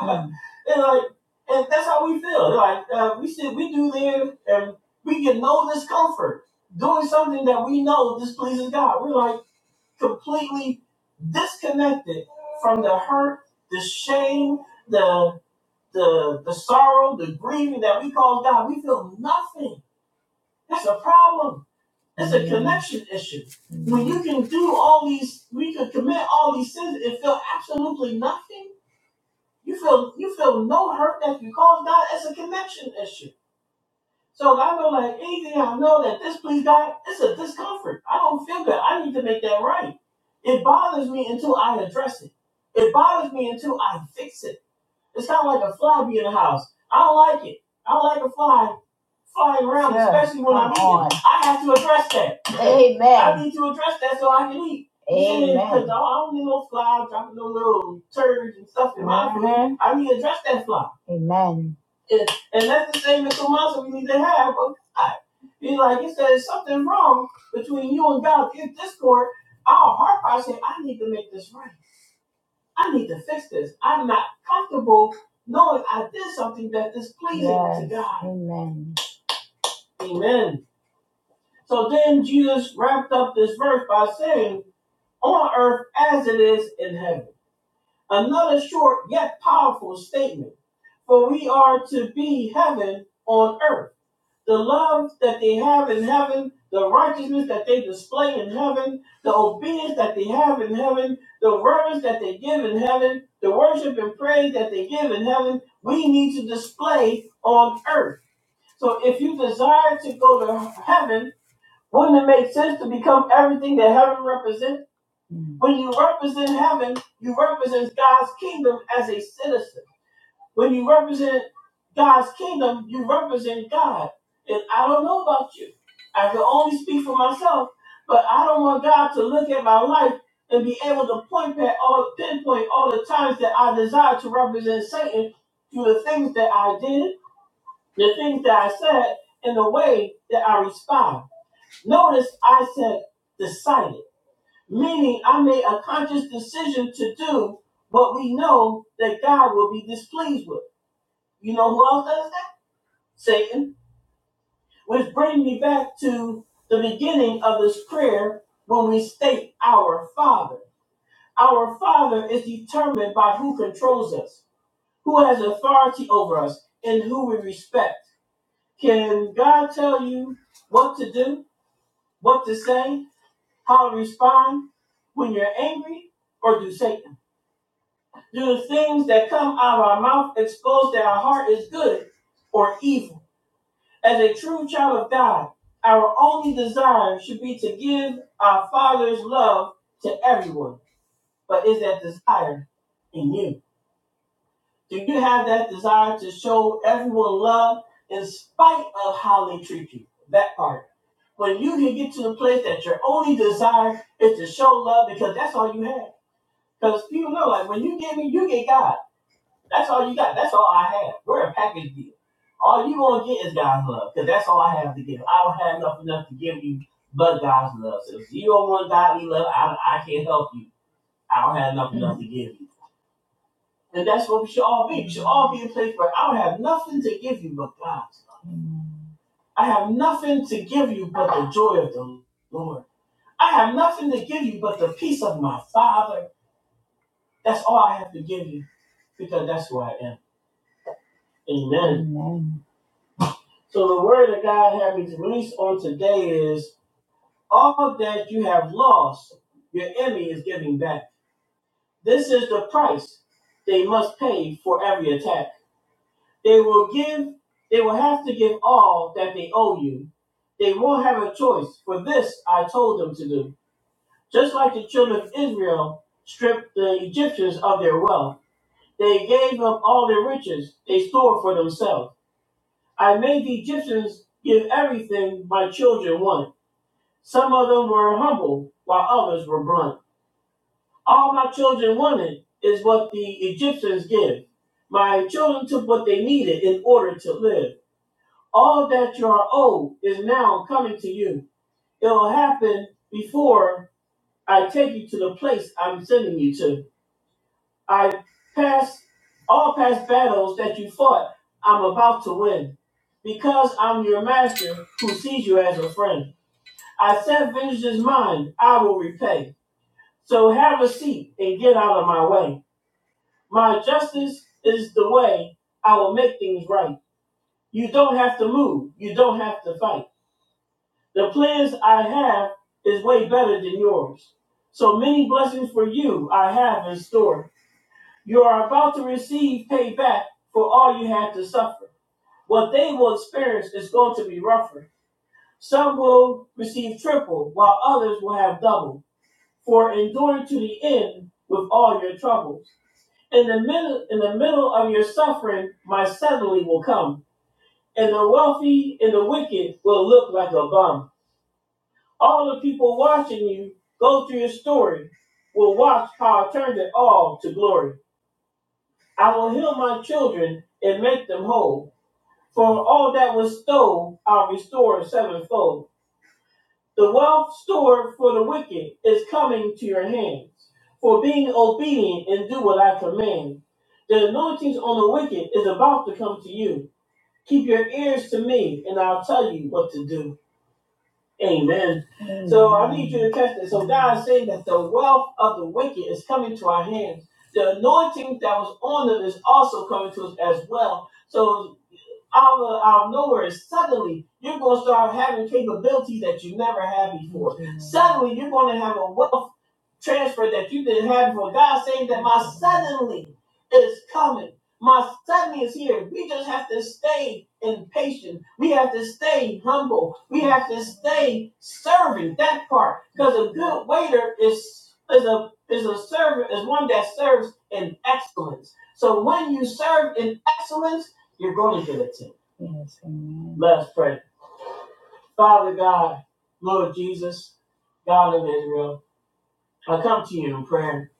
S1: And like, and that's how we feel. Like uh, we see, we do live, and we get no discomfort doing something that we know displeases God. We're like completely disconnected from the hurt, the shame, the the the sorrow, the grieving that we cause God. We feel nothing. That's a problem. That's action issue. When you can do all these, we could commit all these sins and feel absolutely nothing you feel you feel no hurt that you caused God. It's a connection issue. So I know like anything I know that this please God, it's a discomfort. I don't feel good. I need to make that right. It bothers me until I address it. It bothers me until I fix it. It's kind of like a fly being in the house. I don't like it. I don't like a fly flying around. I have to address that. need to address that so I can eat. I don't need no fly dropping no little turds and stuff. I need to address that fly. And, and that's the same as philosophy we need to have with God. Be like, if says something wrong between you and God, this discord, our heart posture, I need to make this right. I need to fix this. I'm not comfortable knowing I did something that displeased. Amen. So then Jesus wrapped up this verse by saying, on earth as it is in heaven. Another short yet powerful statement. For we are to be heaven on earth. The love that they have in heaven, the righteousness that they display in heaven, the obedience that they have in heaven, the reverence that they give in heaven, the worship and praise that they give in heaven, we need to display on earth. So if you desire to go to heaven, wouldn't it make sense to become everything that heaven represents? When you represent heaven, you represent God's kingdom as a citizen. When you represent God's kingdom, you represent God. And I don't know about you. I can only speak for myself, but I don't want God to look at my life and be able to point at all pinpoint all the times that I desire to represent Satan through the things that I did, the things that I said, and the way that I respond. Notice I said decided. Meaning, I made a conscious decision to do what we know that God will be displeased with. You know who else does that? Satan. Which brings me back to the beginning of this prayer when we state our Father. Our Father is determined by who controls us, who has authority over us, and who we respect. Can God tell you what to do, what to say, how to respond when you're angry, or do Satan? Do the things that come out of our mouth expose that our heart is good or evil? As a true child of God, our only desire should be to give our Father's love to everyone. But is that desire in you? Do you have that desire to show everyone love in spite of how they treat you? That part. When you can get to the place that your only desire is to show love because that's all you have. Because people know, like, when you give me, you get God. That's all you got. That's all I have. We're a package deal. All you gonna get is God's love, because that's all I have to give. I don't have enough, enough to give you but God's love. So if you don't want godly love, I, I can't help you. I don't have nothing to give you. And that's what we should all be. We should all be in a place where I don't have nothing to give you but God's love. I have nothing to give you but the joy of the Lord. I have nothing to give you but the peace of my Father. That's all I have to give you because that's who I am. Amen. So the word that God had me to release on today is all that you have lost, your enemy is giving back. This is the price they must pay for every attack. They will give, they will have to give all that they owe you. They won't have a choice, for this I told them to do. Just like the children of Israel stripped the Egyptians of their wealth, they gave up all their riches they stored for themselves. I made the Egyptians give everything my children want. Some of them were humble, while others were blunt. All my children wanted is what the Egyptians give. My children took what they needed in order to live. All that you are owed is now coming to you. It will happen before I take you to the place I'm sending you to. I pass all past battles that you fought, I'm about to win. Because I'm your master who sees you as a friend. I set vengeance is mine, I will repay. So have a seat and get out of my way. My justice is the way I will make things right. You don't have to move. You don't have to fight. The plans I have is way better than yours. So many blessings for you I have in store. You are about to receive payback for all you had to suffer. What they will experience is going to be rougher. Some will receive triple, while others will have double, for enduring to the end with all your troubles. In the middle, in the middle of your suffering, my suddenly will come, and the wealthy and the wicked will look like a bum. All the people watching you go through your story will watch how I turned it all to glory. I will heal my children and make them whole. For all that was stole, I'll restore sevenfold. The wealth stored for the wicked is coming to your hands. For being obedient and do what I command. The anointings on the wicked is about to come to you. Keep your ears to me, and I'll tell you what to do. Amen. So I need you to catch this. So God is saying that the wealth of the wicked is coming to our hands. The anointing that was on them is also coming to us as well. So out of, out of nowhere, suddenly you're going to start having capabilities that you never had before. Suddenly, you're going to have a wealth transfer that you didn't have before. God saying that my suddenly is coming. My suddenly is here. We just have to stay impatient. We have to stay humble. We have to stay serving that part. Because a good waiter is is a is a servant is one that serves in excellence. So when you serve in excellence, you're going to get a tip. Let us pray. Father God, Lord Jesus, God of Israel. I come to you in prayer.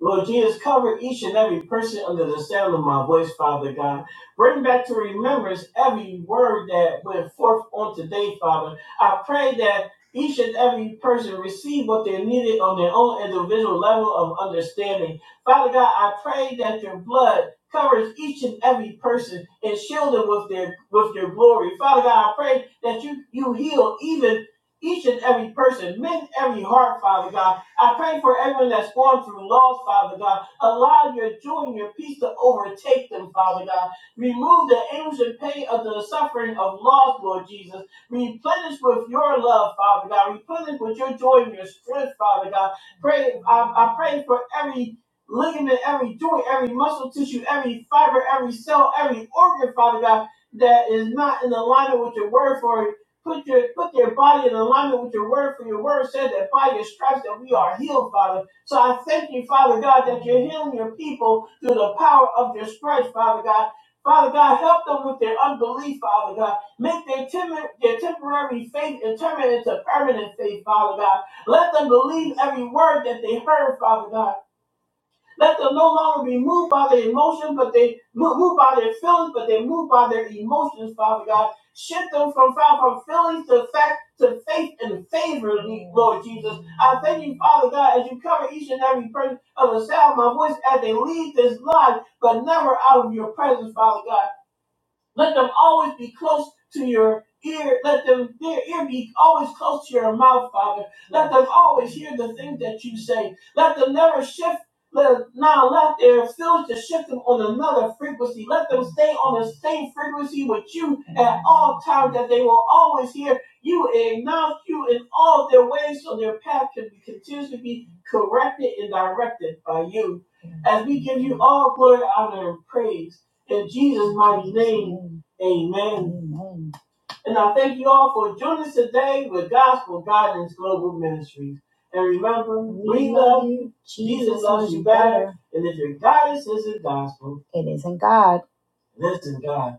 S1: Lord Jesus, cover each and every person under the sound of my voice, Father God. Bring back to remembrance every word that went forth on today, Father. I pray that each and every person receive what they needed on their own individual level of understanding. Father God, I pray that your blood covers each and every person and shield them with their with your glory. Father God, I pray that you you heal even each and every person, mend every heart, Father God. I pray for everyone that's going through loss, Father God. Allow your joy and your peace to overtake them, Father God. Remove the anguish and pain of the suffering of loss, Lord Jesus. Replenish with your love, Father God. Replenish with your joy and your strength, Father God. Pray, I, I pray for every ligament, every joint, every muscle tissue, every fiber, every cell, every organ, Father God, that is not in alignment with your word for it Put your put your body in alignment with your word, for your word said that by your stripes that we are healed, Father. So I thank you, Father God, that you're healing your people through the power of your stripes, Father God. Father God, help them with their unbelief, Father God. Make their, tem their temporary faith and turn it into permanent faith, Father God. Let them believe every word that they heard, Father God. Let them no longer be moved by their emotions, but they mo- moved by their feelings, but they moved by their emotions, Father God. Shift them from, from feelings to fact to faith and favor, Lord Jesus. I thank you, Father God, as you cover each and every person of the sound of my voice as they leave this life, but never out of your presence, Father God. Let them always be close to your ear. Let them their ear be always close to your mouth, Father. Let them always hear the things that you say. Let them never shift. Let, now let their fields to shift them on another frequency. Let them stay on the same frequency with you at all times that they will always hear you and acknowledge you in all their ways so their path can be continuously be corrected and directed by you. As we give you all glory, honor, and praise in Jesus' mighty name. Amen. And I thank you all for joining us today with Gospel Guidance Global Ministries. And remember, and if your guidance isn't gospel, listen, God.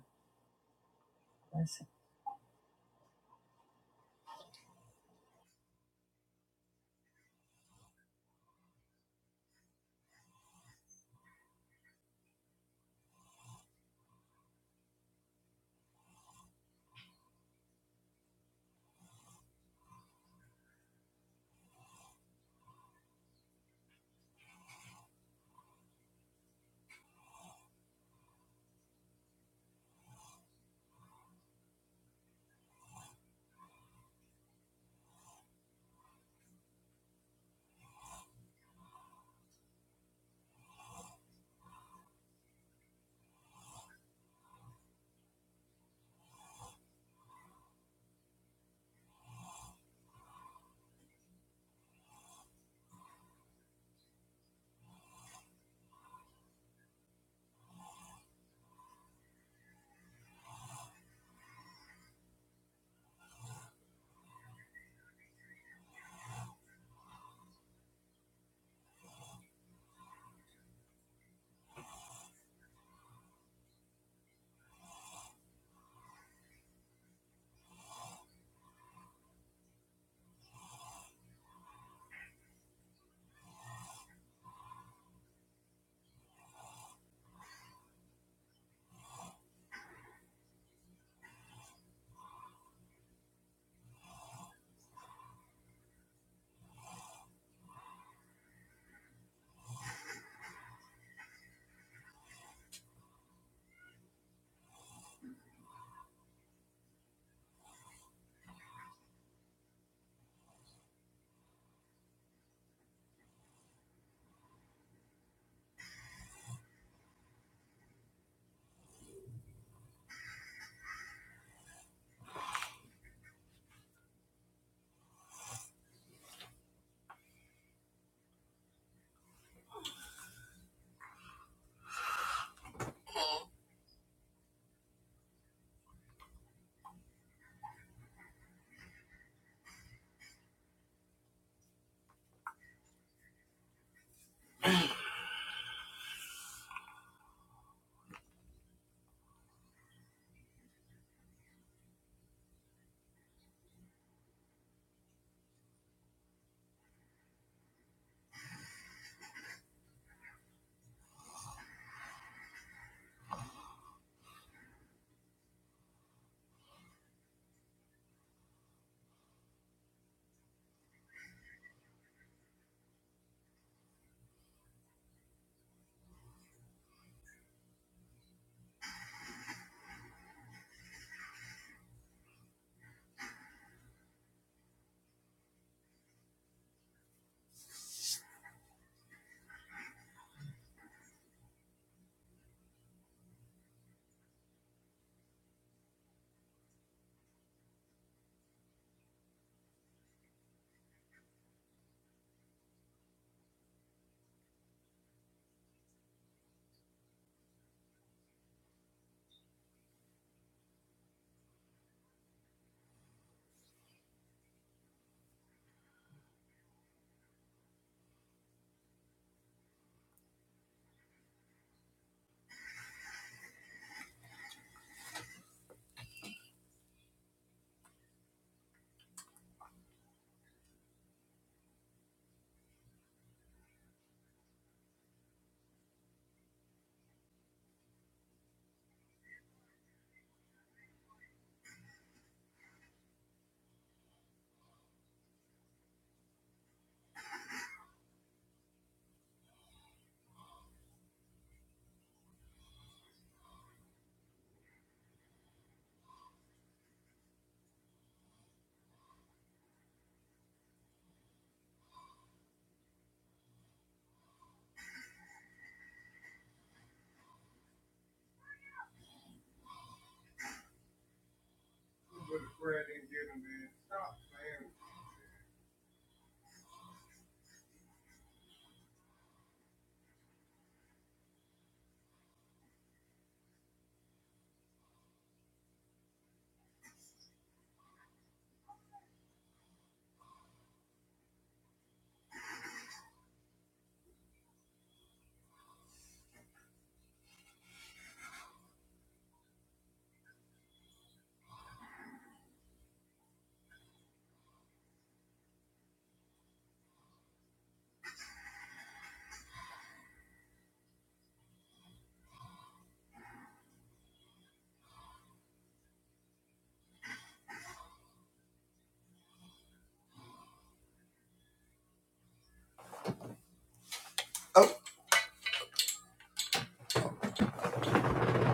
S1: Oh,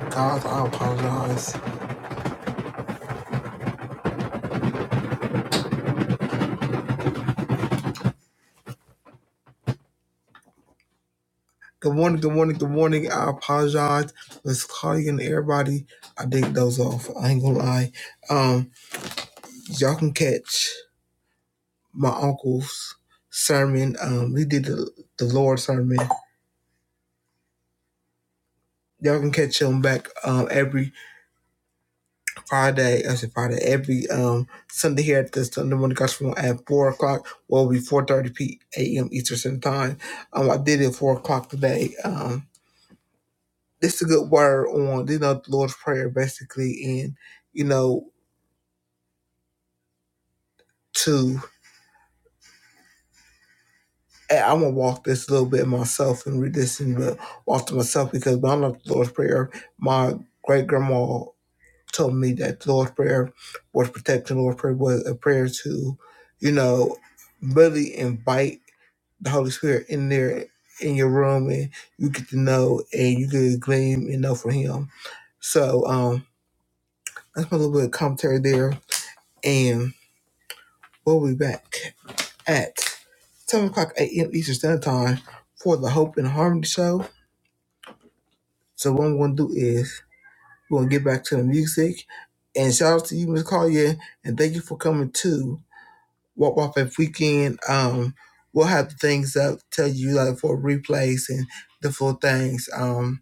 S1: God, I apologize. Good morning, good morning, good morning. I apologize. Let's call you and everybody, I dig those off. I ain't gonna lie. Um, y'all can catch my uncle's sermon. Um, he did the, the Lord's sermon. Y'all can catch him back um every Friday, I said Friday, every um Sunday here at the Sunday morning gospel at four o'clock, will be four thirty p.m. Eastern Standard Time. Um, I did it at four o'clock today. Um, this is a good word on you know the Lord's prayer basically, and you know to I'm gonna walk this a little bit myself and read this and uh, walk to myself because when I love the Lord's prayer, my great grandma told me that the Lord's prayer was protection. The Lord's prayer was a prayer to, you know, really invite the Holy Spirit in there in your room and you get to know and you get to glean and know from him. So um that's my little bit of commentary there and we'll be back at seven o'clock AM Eastern Standard Time for the Hope and Harmony show. So what I'm gonna do is we're gonna get back to the music and shout out to you, Miss Collier, and thank you for coming to Walk Walk Faith Weekend. Um we'll have the things up, tell you like for replays and the full things. Um,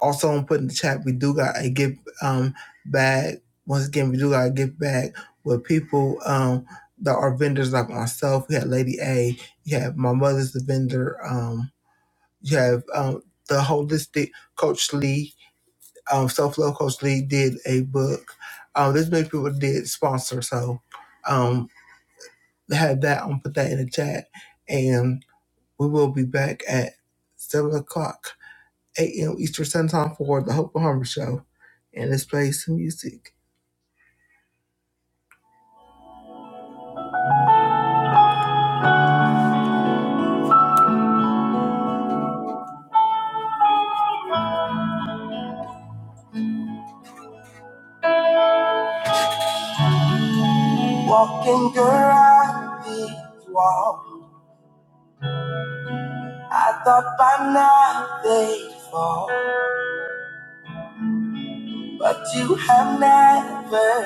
S1: Also, I'm putting in the chat. We do got a gift um, bag. Once again, we do got a gift bag where people um, that are vendors like myself. We had Lady A. You have my mother's the vendor. Um, you have um, the holistic Coach Lee. Um, Self love Coach Lee did a book. Um, this many people did sponsor. So um, they had that. I'm gonna put that in the chat, and we will be back at seven o'clock 8 a.m. Eastern Standard Time for the Hope Harmer Show. And let's play some music. Faithful, But you have never,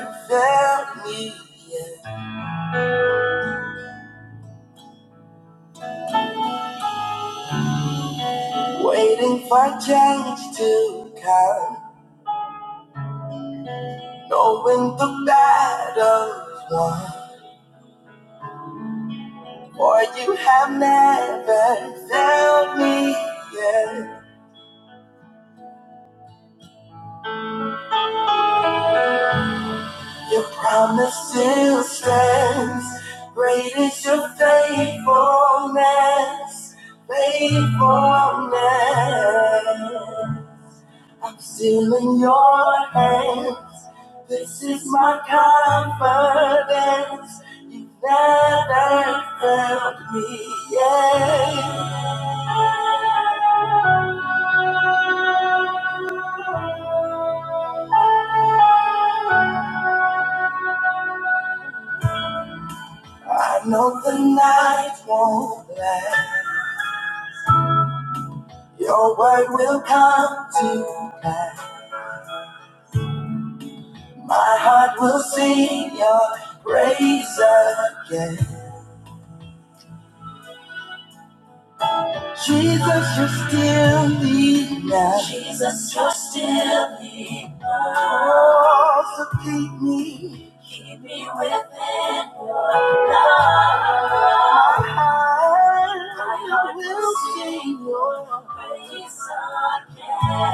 S1: your promise still stands. Great is your faithfulness, faithfulness. I'm still in your hands. This is my confidence. you never failed me yet. I know the night won't last. Your word will come to pass. My heart will sing your praise again. Jesus, you're still the Suffocate me. I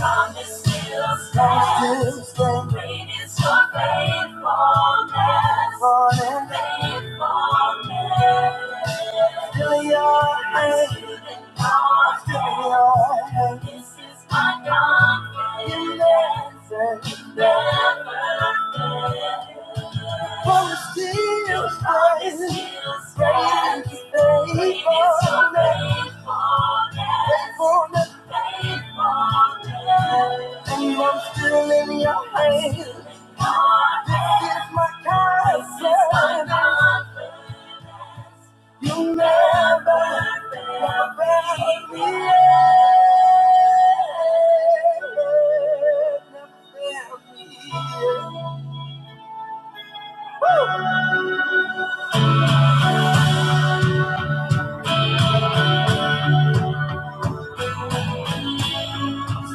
S1: promise you. Great is your faithfulness. Faithfulness. Faithfulness. Still your hand. Still your hand. This is my confidence. You never you never fail. And I'm still in your hands. This is my confidence. You never, never leave me. Never fail me.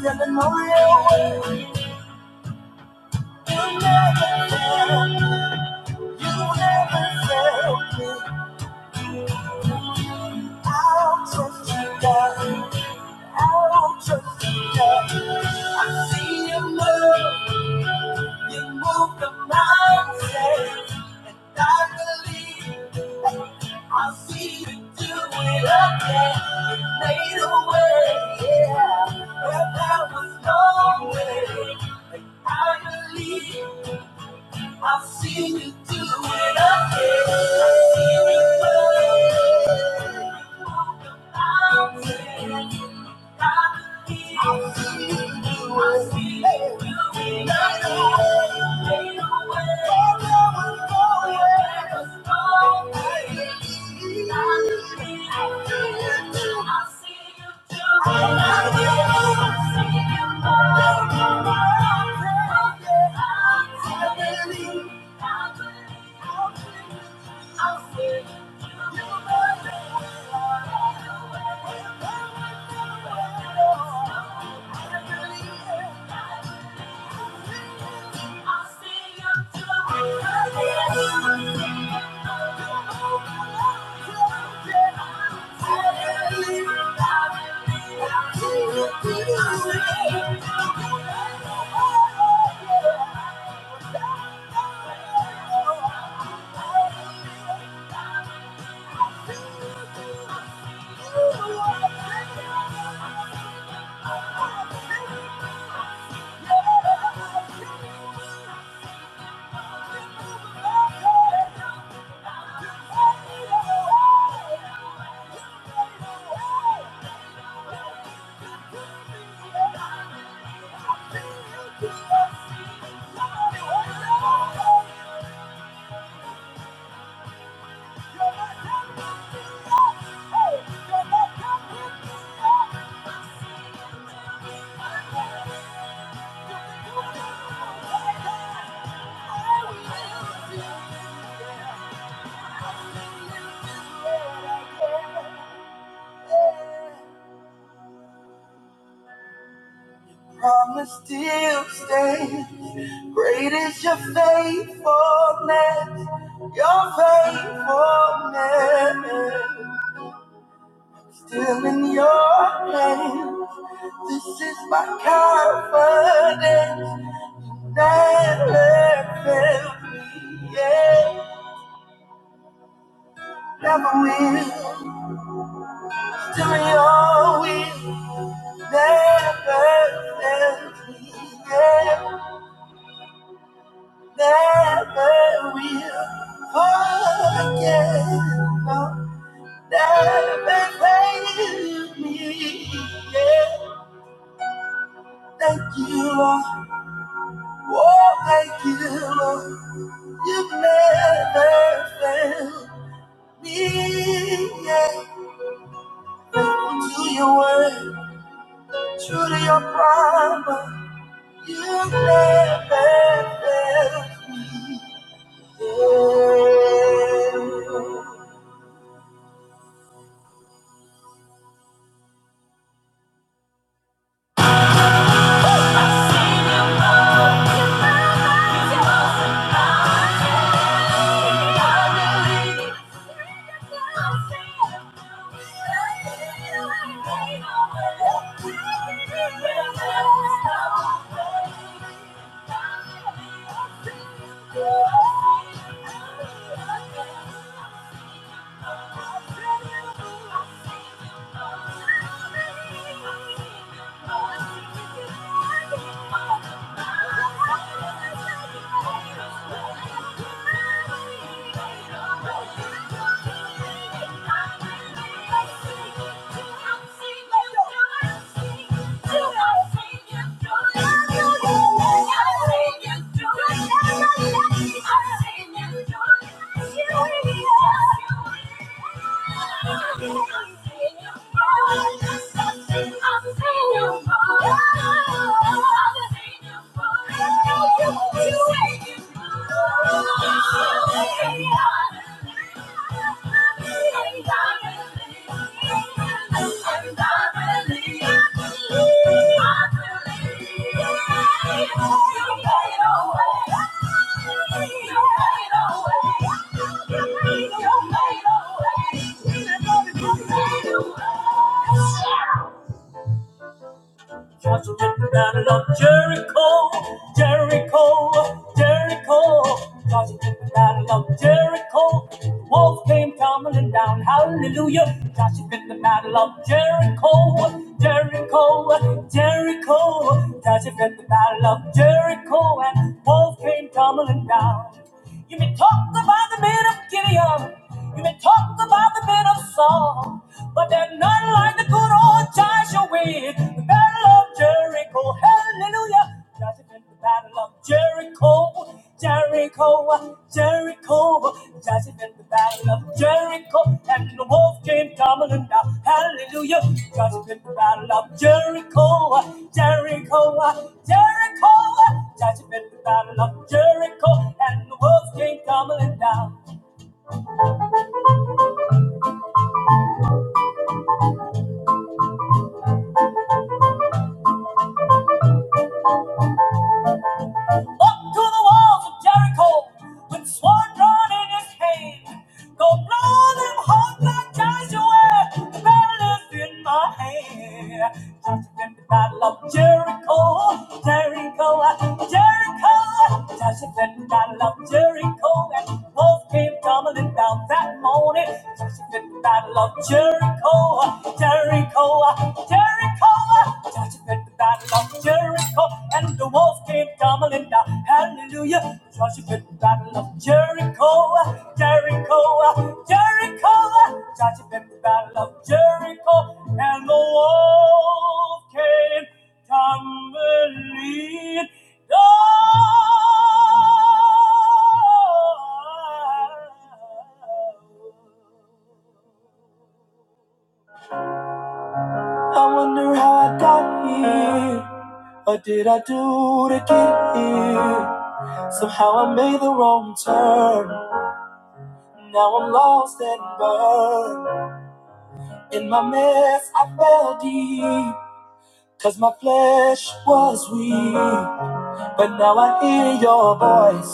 S1: Standing on your word. You never fail. You never fail me. I'll trust you, God. I'll trust you, God. I see you move. You move the mountains, and I believe. I see you do it again. You made a way, yeah. Where there was no way, and I believe. I've seen you do it again. I've seen you do it. Walk the mountain. I believe. I I believe. I believe. Thank you. Great is your faithfulness, your faithfulness. Still in your hands. This is my confidence. Never fail me. Yeah, never will. Still in your will. Never fail me. Yeah, never will. Thank you. Thank you. Thank you. made a way. Just let the battle of Jericho, Jericho, Jericho. Just let the battle of Jericho, Walls came tumbling down, hallelujah. Joshua fit the battle of Jericho, Jericho, Jericho. Joshua fit the battle of Jericho, and walls came tumbling down. You may talk about the men of Gideon, you may talk about the men of Saul, but they're not like the good old Joshua in the battle of Jericho, hallelujah. Joshua fit the battle of Jericho, Jericho, of Jericho, Joseph in the battle of Jericho, and the wolf came tumbling down. Hallelujah, Joseph in the battle of Jericho, Jericho, Jericho, Joseph in the battle of Jericho, and the wolf came tumbling down. Up to the walls of Jericho with sword drawn in his hand. Go blow them hot like Joshua, the battle is in my hand. Joshua fought the battle of Jericho, Jericho, Jericho. Joshua fought the battle of Jericho, and walls came tumbling down that morning. Joshua fought the battle of Jericho, Jericho, Jericho. Joshua fought the battle of Jericho. And the walls came tumbling down. Hallelujah. Joshua fit battle of Jericho. Jericho. Jericho. Joshua fit battle of Jericho. And the walls came tumbling down. I wonder how I got here. What did I do to get here? Somehow I made the wrong turn. Now I'm lost and burned. In my mess, I fell deep, 'cause my flesh was weak. But now I hear your voice,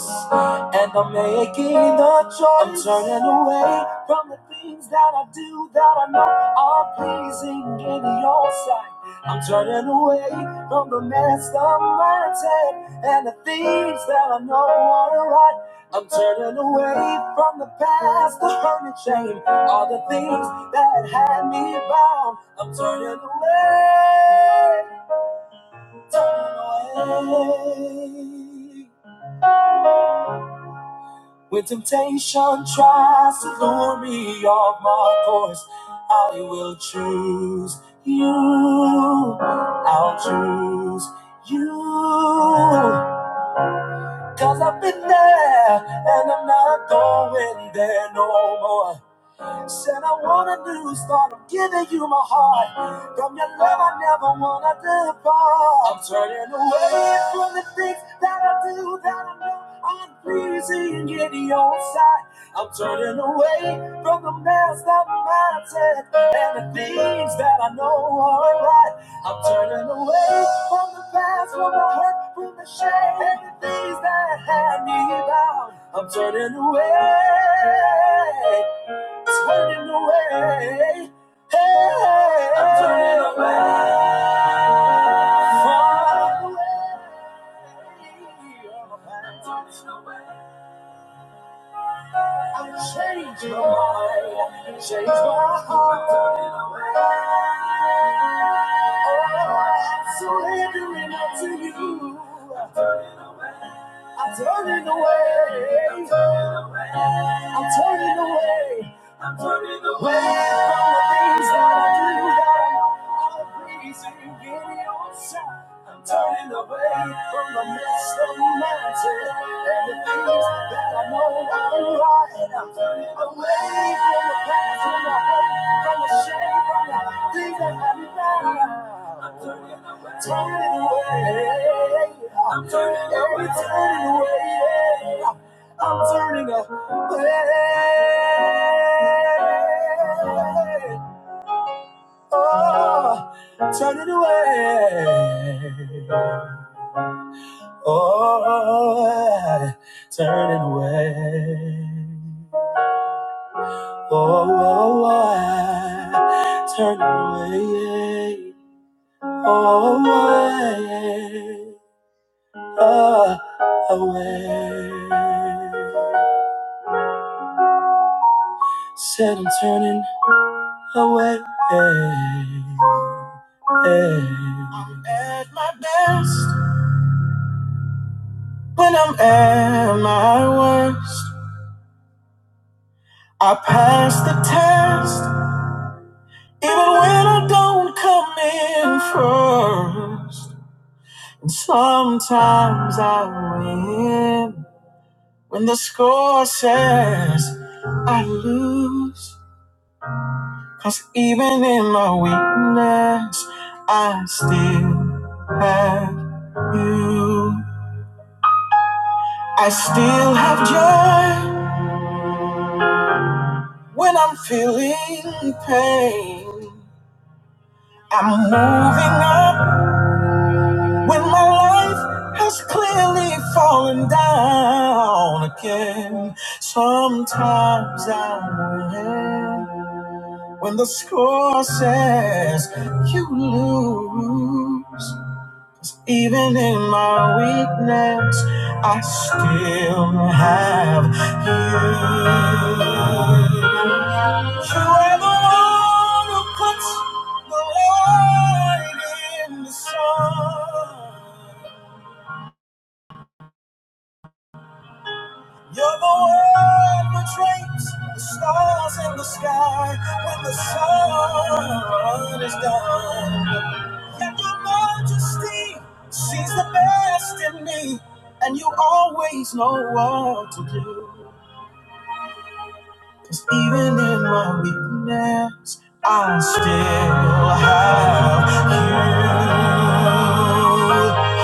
S1: and I'm making the choice. I'm turning away from the things that I do that I know are pleasing in your sight. I'm turning away from the mess of mindset and the things that I know are right. I'm turning away from the past, the hurt and shame, all the things that had me bound. I'm turning away, turning away. When temptation choose you, I'll choose you. Cause I've been there and I'm not going there no more. Said I want a new start. I'm giving you my heart. From your love, I never wanna depart. I'm turning away from the things that I do that I know aren't pleasing in your sight. I'm turning away from the mess that my head and the things that I know are right. I'm turning away from the past, from the hurt, from the shame, and the things that had me bound. I'm turning away turning away. Hey, I'm turning away. Far away. surrendering out to you. I'm turning away. I'm turning away. I'm turning away. from the things that I do. God, I'm not pleasing in your sight. I'm turning away from the mist of humanity and the things that I know are right. I'm turning away from the past from the hurt, from the shame, from the things that have me down. I'm turning away. Turning away. I'm turning away. Turning away. I'm turning away. Oh, turning away. Oh, I turn away. Oh, oh, I turn away. Oh, I oh, away. Said I'm turning away. I'm at my best when I'm at my worst. I passed the test. Even when I don't come in first. And sometimes I win. When the score says I lose. Cause even in my weakness, I still have you. I still have joy when I'm feeling pain. I'm moving up When my life has clearly fallen down again, sometimes I win. When the score says you lose, even in my weakness, I still have you. You are the one who puts the light in the sun. You're the one which drapes the stars in the sky when the sun is gone. Yet your majesty sees the best in me, and you always know what to do. Cause even in my weakness, I still have you.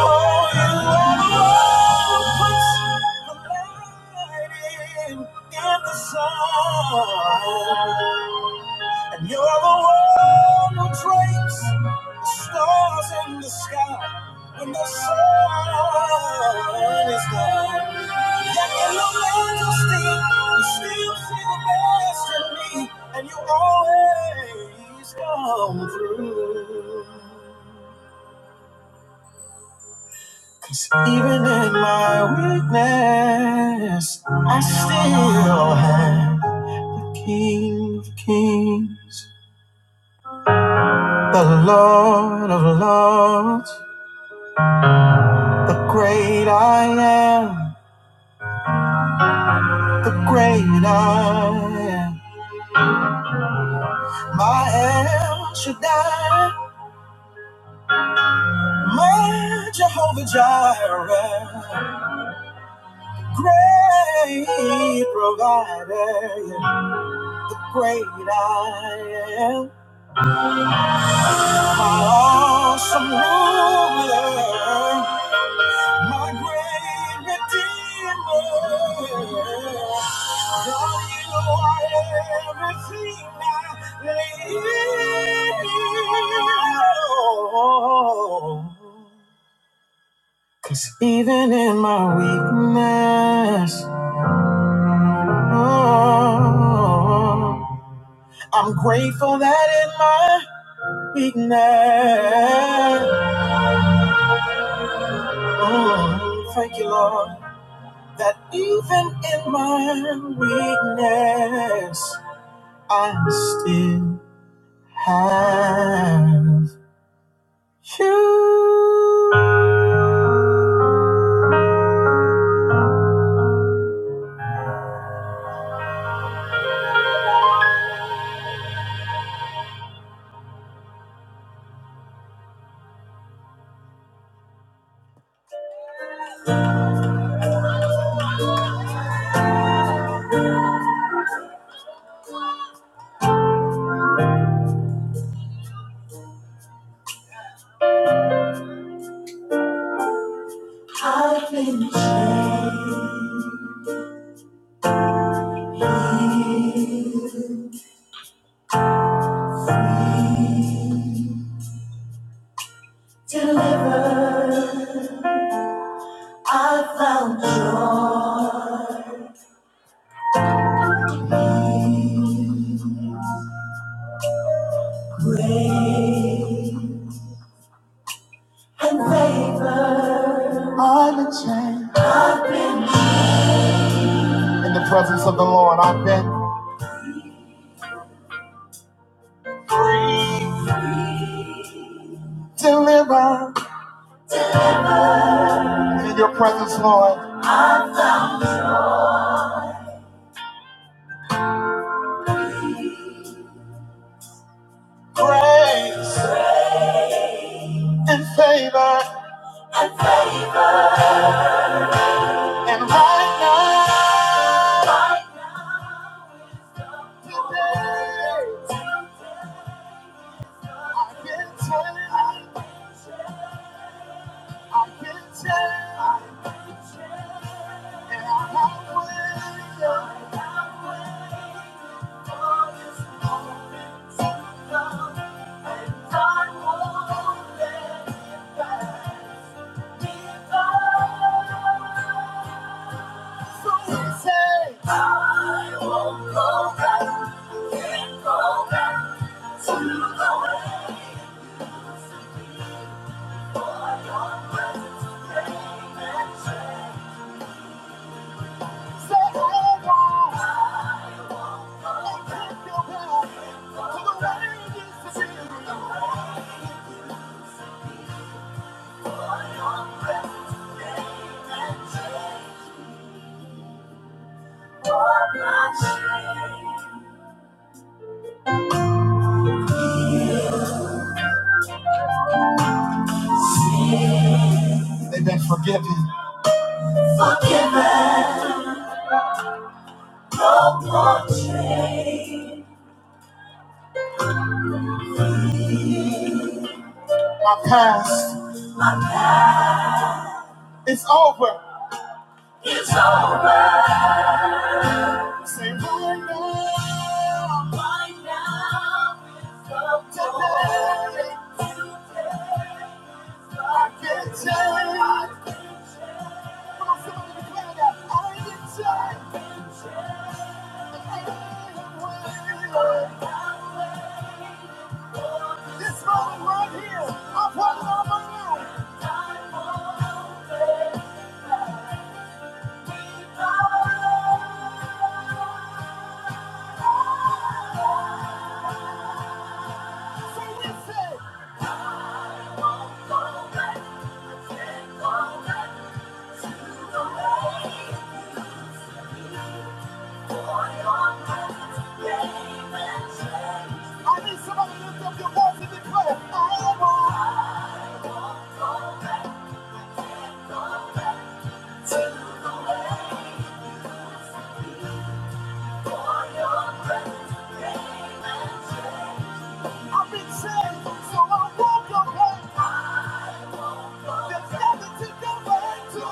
S1: Oh, you are the one who puts the light in, in the sun. And you are the one who drapes the stars in the sky when the sun is gone. That yellow angels sting, you still see the best in me, and you always come through. 'Cause even in my weakness, I still have the King of Kings, the Lord of Lords, the great I am, the great I am, my El Shaddai. Great Jehovah Jireh, great provider, I am redeemer. God, you are everything I need. 'Cause even in my weakness, oh, I'm grateful that in my weakness. Oh, thank you, Lord, that even in my weakness, I still have my been delivered in your presence, Lord. Grace and favor and mercy. I won't let it pass me by. They've been forgiven. My past is over. Say right now. Right now. This moment right here, I'm running out of my life. So we say, I need somebody to lift up your voice and declare, I am I won't go back. I can't go back to the way it used to be. For your presence came and I've been saved, so I won't go back. There's nothing to go back to. Go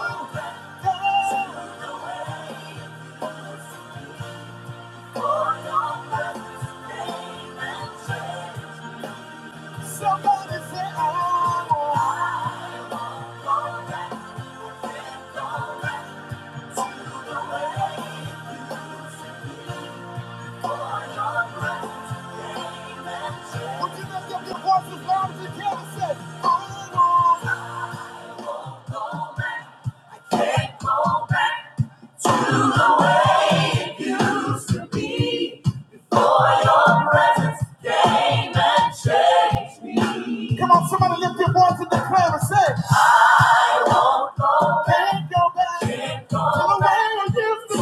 S1: Somebody say, oh, would you lift up your voice as loud as you can and say, oh, Lord. Come on, somebody lift your voice and declare and say, can't go back to the way I used to be.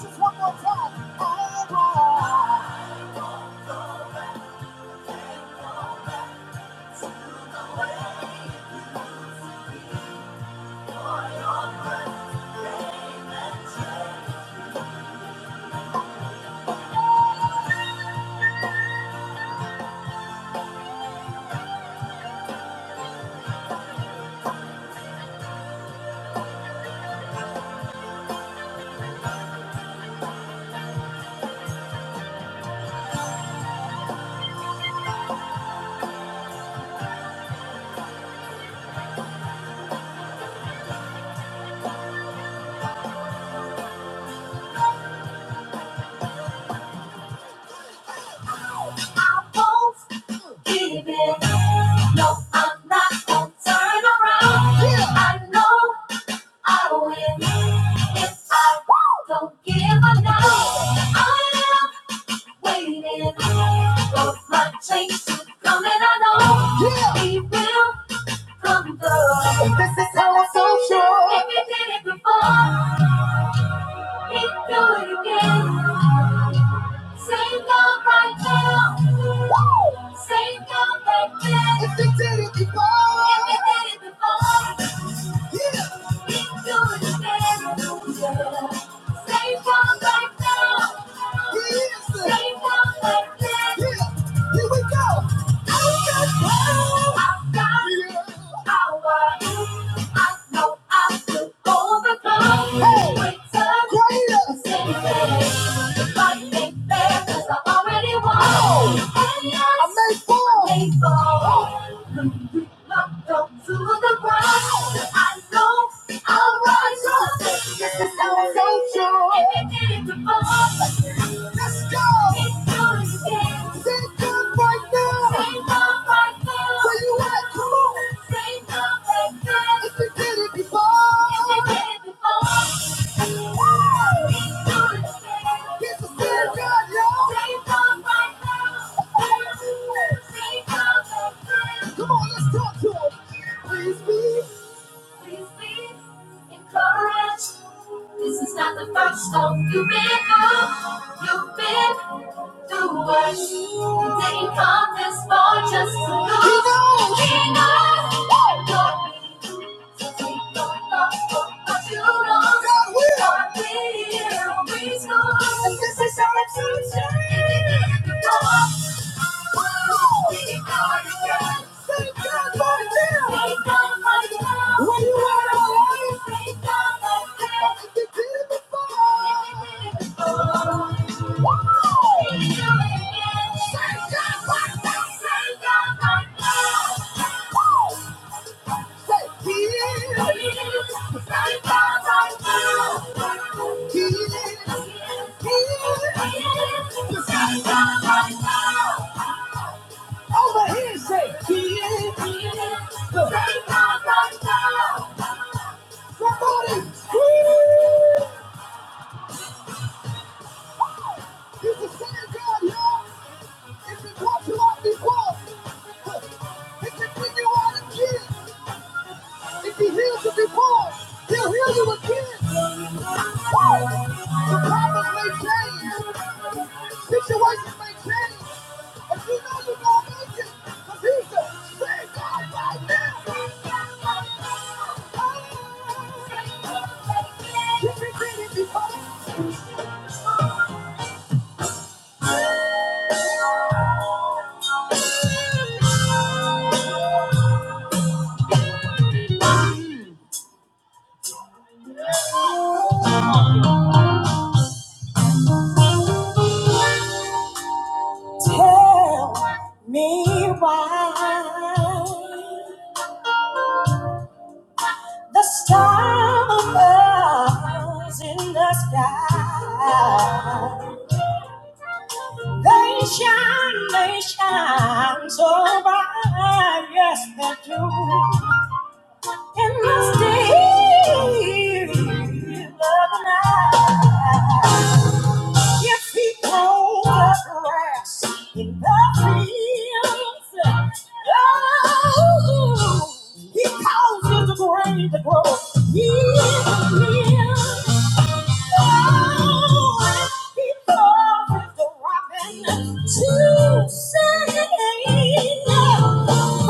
S1: Just come, oh, Lord. Give it. No, I'm not gonna turn around. Yeah. I know I win If I don't give up now, I am waiting for my change to come, and I know yeah. He will come through. If He did it before, He do it again. Sing out right now. Sing out right now. If He did it before, if He did it before. Here we go! To the ground, I know I'll rise up. Let's go. Say good right now. Where you at? Come on. If you did it before. Woo! This is still good, y'all. Come on, let's talk to 'em. Please, please. Please, please. Encourage. This is not the first time you've been through. You've been through worse. You didn't come this far just to lose. He knows. He knows. You're being used to take your thoughts what you lost. God will. this is our exception. Thank you. It's been talked about before. It's been you out of kids. If he heals the deformed, he'll heal you again. The problems may change. Situations may change. But you know you're going to make it. Because he's the same God right now. Tell me why. The stars in the sky, they shine, they shine so bright, yes they do. In the still of the night, If he grows the grass in the fields, oh, he causes the grain to grow. He is. Oh, he causes the robin to sing.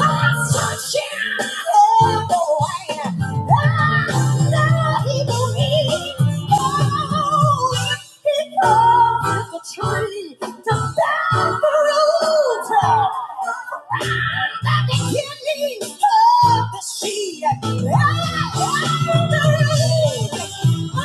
S1: Tree to bear fruit. I'm the kidney of the seed. I am the root. From the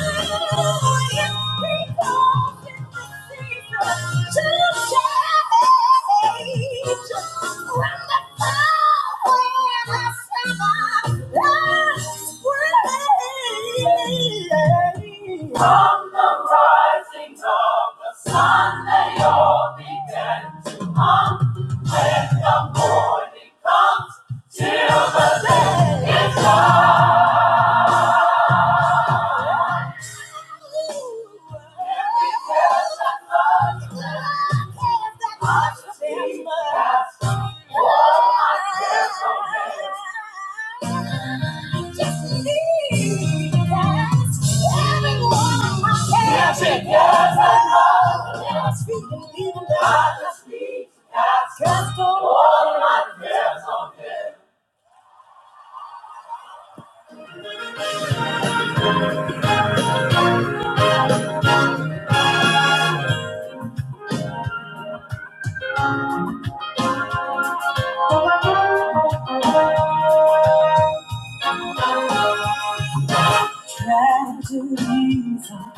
S1: rising of the sun, they all began to hum. When the morning comes, Yes, it does. I love. Yes, we can leave it. I just need God's Just all my cares on Him. Tragedies are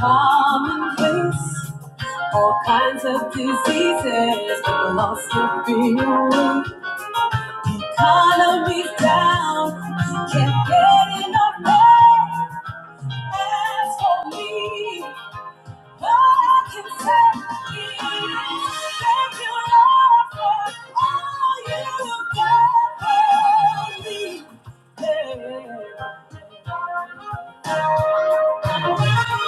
S1: commonplace. all kinds of diseases, lost of being economy's down, can't get enough pay. As for me, what I can say is, thank you, Lord, for all you've done for me. Yeah.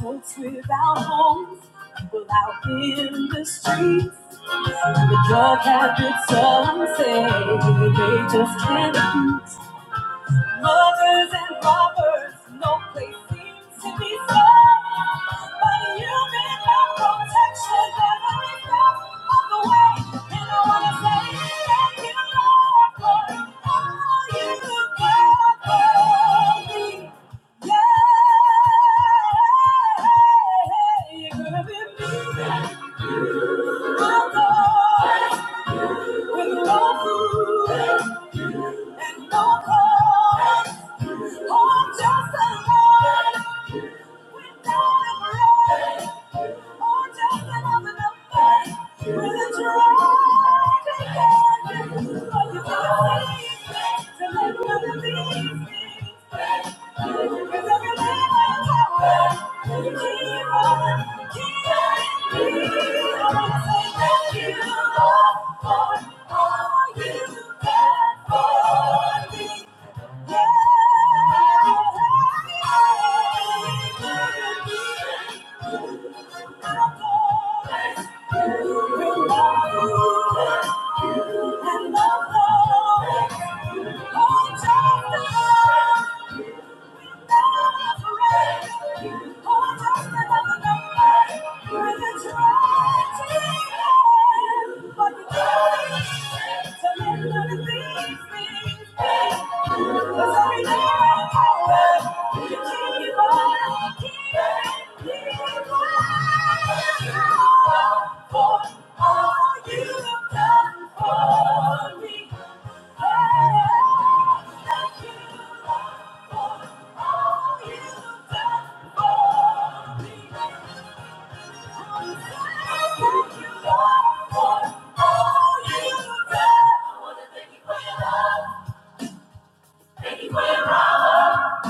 S1: Folks without homes, people out in the streets. The drug habits are unsafe, they just can't eat. Mothers and robbers, no place seems to be safe. But you've been my protection, and I step on the way. And I want to say thank you, Lord, for all you do for me. Yeah, you're gonna be me. I'll go With no food, no cause. I'm just a lad Thank you. me, you for for all Thank you. and the Lord, oh, Thank you. Thank you for your power.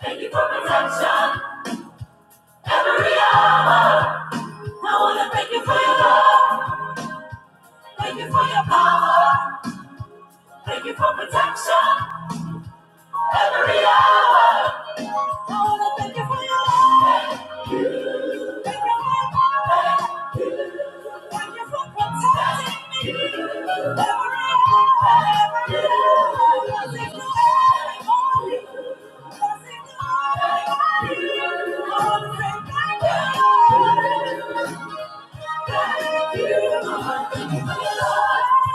S1: Thank you for protection. Every hour, I wanna thank you for your love, thank you for your power, thank you for protection. Every hour. I wanna thank you for your love. Thank you Thank you for your power. Thank you Thank you for protecting me. Every hour. Every hour. Cause it's the early morning. Cause it's the early morning. I wanna say thank you. Thank you. I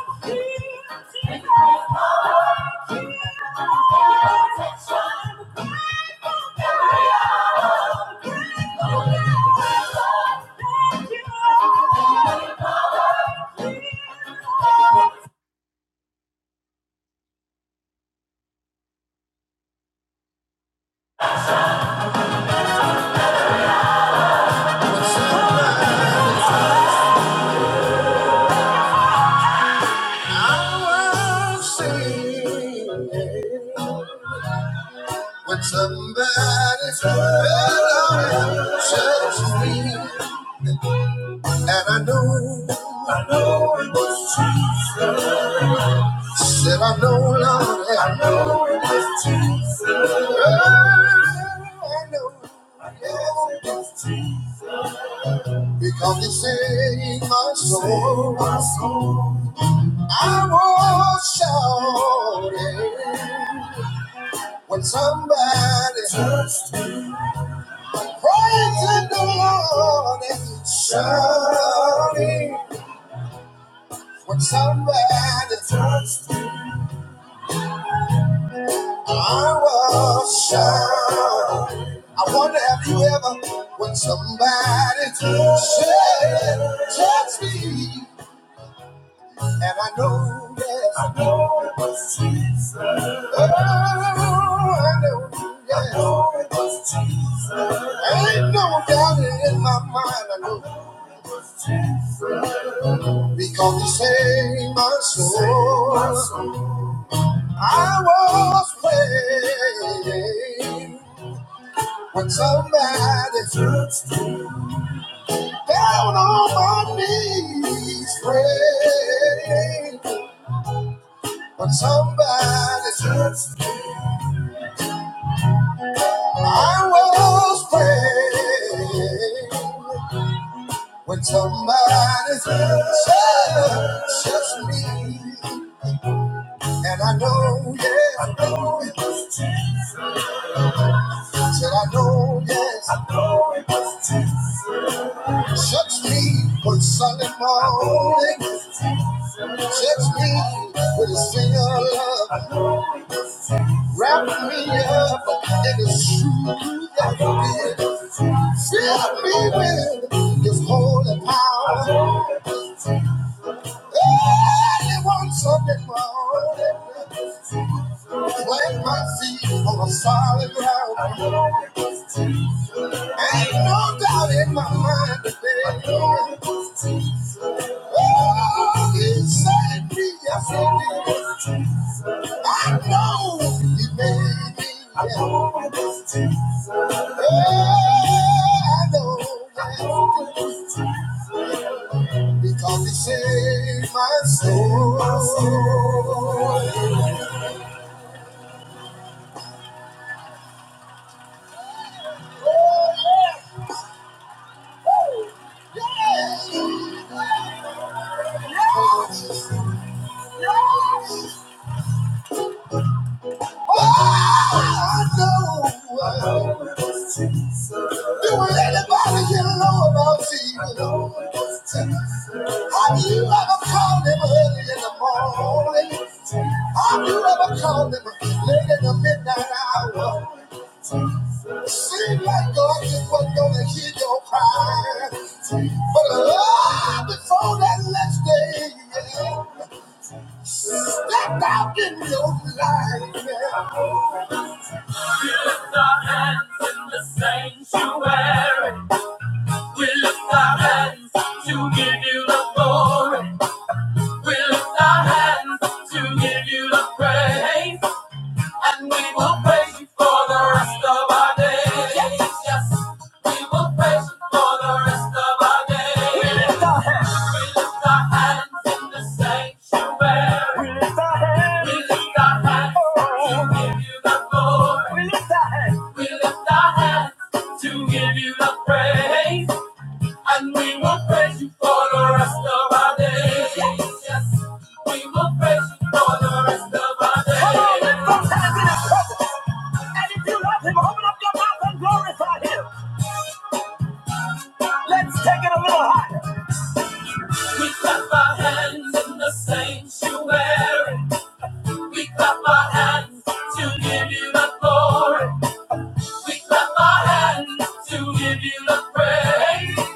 S1: was singing when somebody's hello touched me, and I know, I know it was Jesus. Said I know, Lord, I know it is Jesus. I know, I know it's Jesus. because He saved my soul. My soul. I was shouting when somebody touched me, praising the Lord and shouting when somebody touched. me. I was shy. I wonder have you ever when somebody touched me and I know yes. I know it was Jesus. Oh, I know, yes. I know it was Jesus. Ain't no doubt in my mind, I know because he saved my soul. I was waiting when somebody touched down on my knees praying, but somebody just I was praying when somebody just touched me, and I know, yeah, I know, said I know, yes, touched me one Sunday morning, touched me with a single love, wrapped me up in the truth. of it. Fill me with His holy power. Only one Sunday morning, plant my feet on a solid ground. Ain't no doubt in my mind today. Oh, He saved me, yes He did. I know He made me. Yeah. Oh, I know, yes. He did. Because he saved my soul. My soul. Yeah, yeah, yeah. Yeah. Oh, I know. There were anybody here know about Jesus. Have you ever called him early in the morning? Have you ever called him late in the midnight hour? Seem like God just wasn't gonna hear your cry. But love before that last day, yeah, stepped out in your life. We lift our hands to give you the glory. We lift our hands to give you the praise. And we will praise you for the rest of our days. Yes, yes. We will praise you for the rest of our days. To give you the glory. to give you the praise,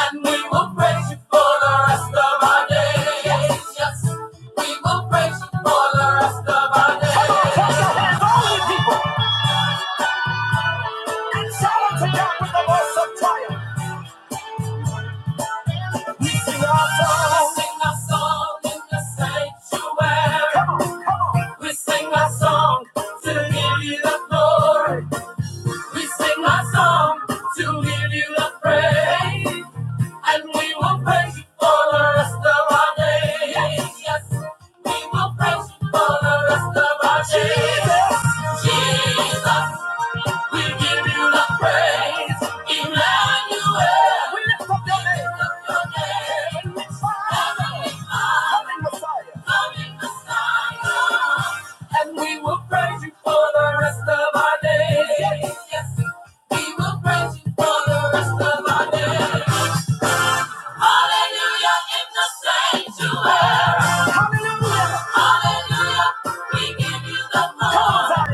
S1: and we will praise you for the rest of our days. Yes, yes, we will praise you for the rest of our days. We sing a song in the sanctuary. We sing a song to give you the glory. We sing a song to give you the praise. And we will praise you for the rest of our days. Yes, we will praise you for the rest of our days. Jesus, we give you the praise. Emmanuel, we lift up your name. We lift up your name. Heavenly Father, Coming Messiah. Coming Messiah. And we will praise you for the rest of our days. Yes, yes. We will praise you for the rest of our days. Hallelujah in the sanctuary. Hallelujah. Hallelujah. We give you the glory.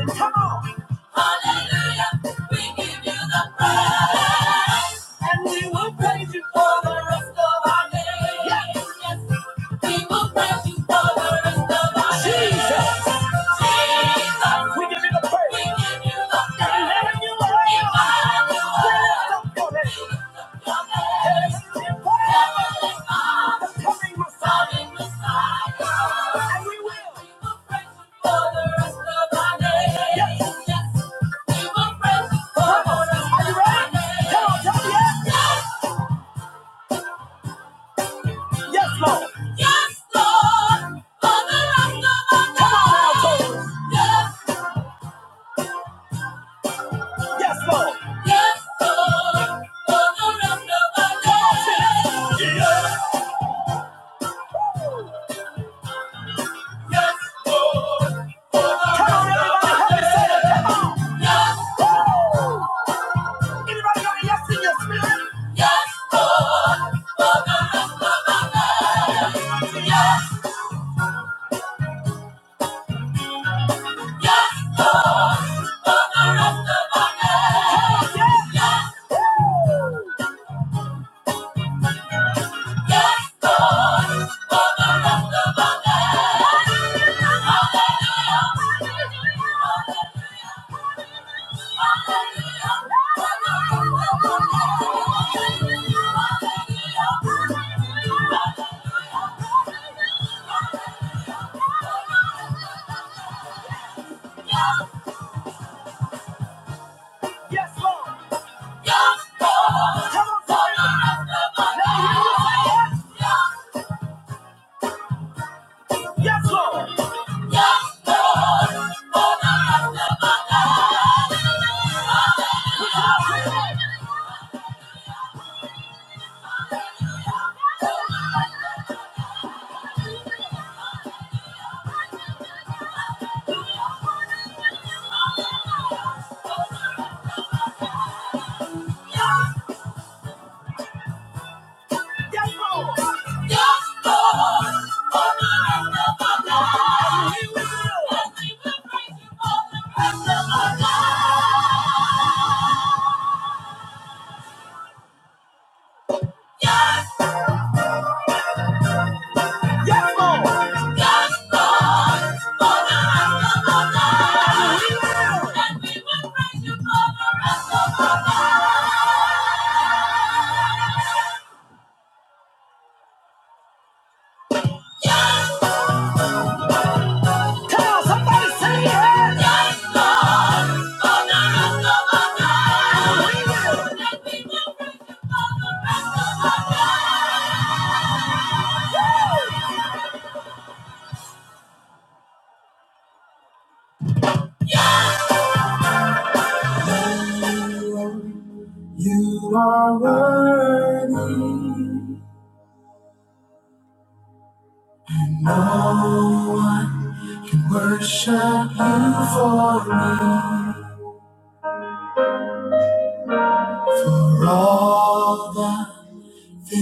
S1: Hallelujah, we give you the praise. And we will praise you for the rest of our days. Yes, yes. We will praise you for the rest of our days. Jesus. Jesus. We give you the praise. We give you the praise. Emmanuel. Emmanuel. We lift up your name. Yes, Lord. Yes, Lord. Yes, Tell somebody, say it. Yes, Lord, for the rest of our lives. We will. And we will praise you for the rest of our lives.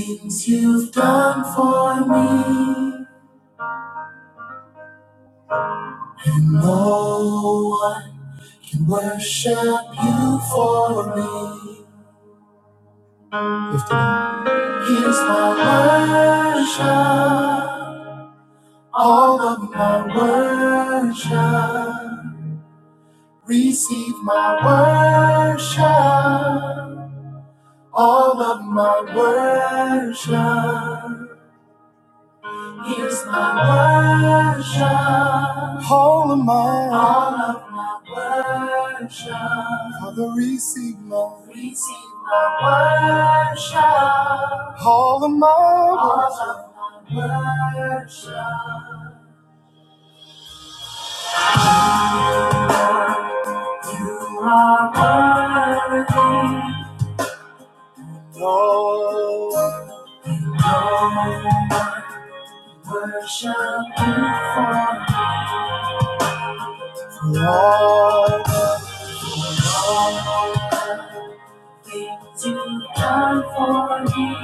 S1: Things you've done for me. No one can worship you for me. Here's my worship, all of my worship. Receive my worship, all of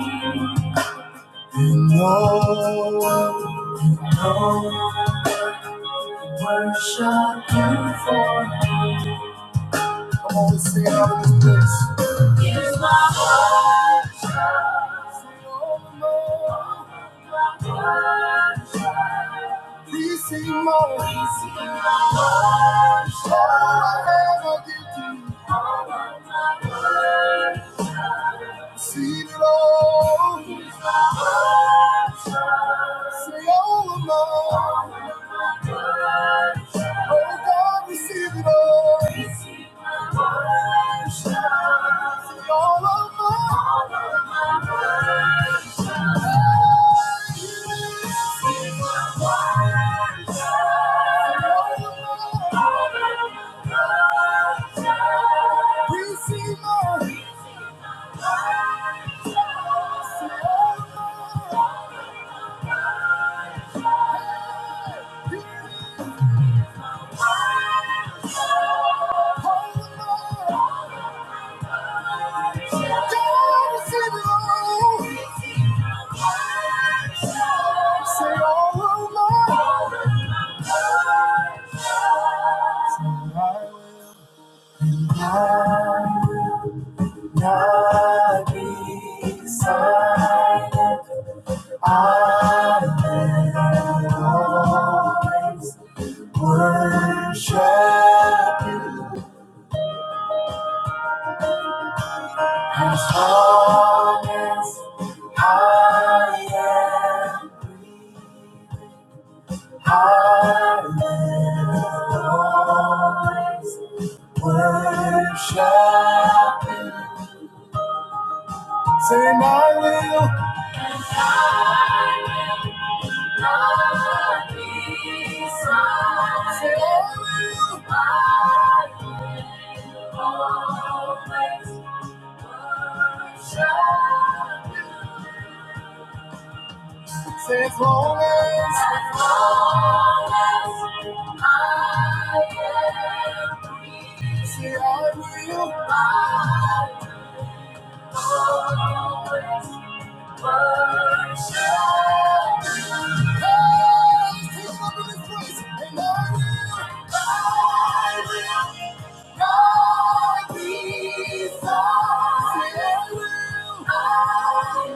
S1: you for me. Come on, let's out in this place. Here's my worship. Sing all the Lord. Please sing more. Please sing more. All I ever give to you. All of my worship. Seen it all. Seen all of my. Oh God, receive it all. Receive my worship. Seen all of my. I will always worship Honest I am, I will always worship you. I will not be silent. I always worship you. I will. I I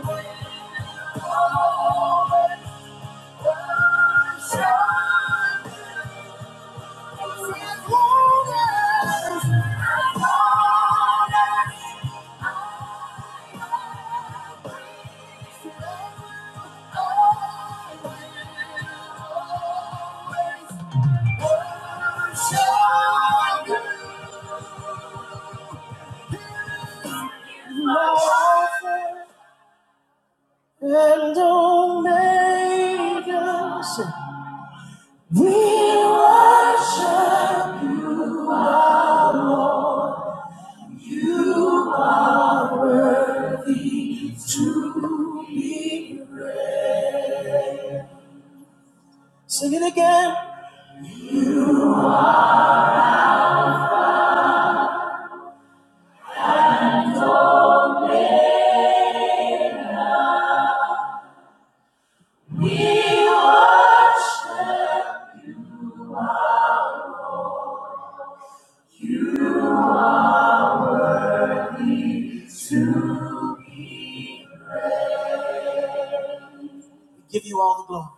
S1: will I will and Omega. Sing sing it again. We Give you all the glory.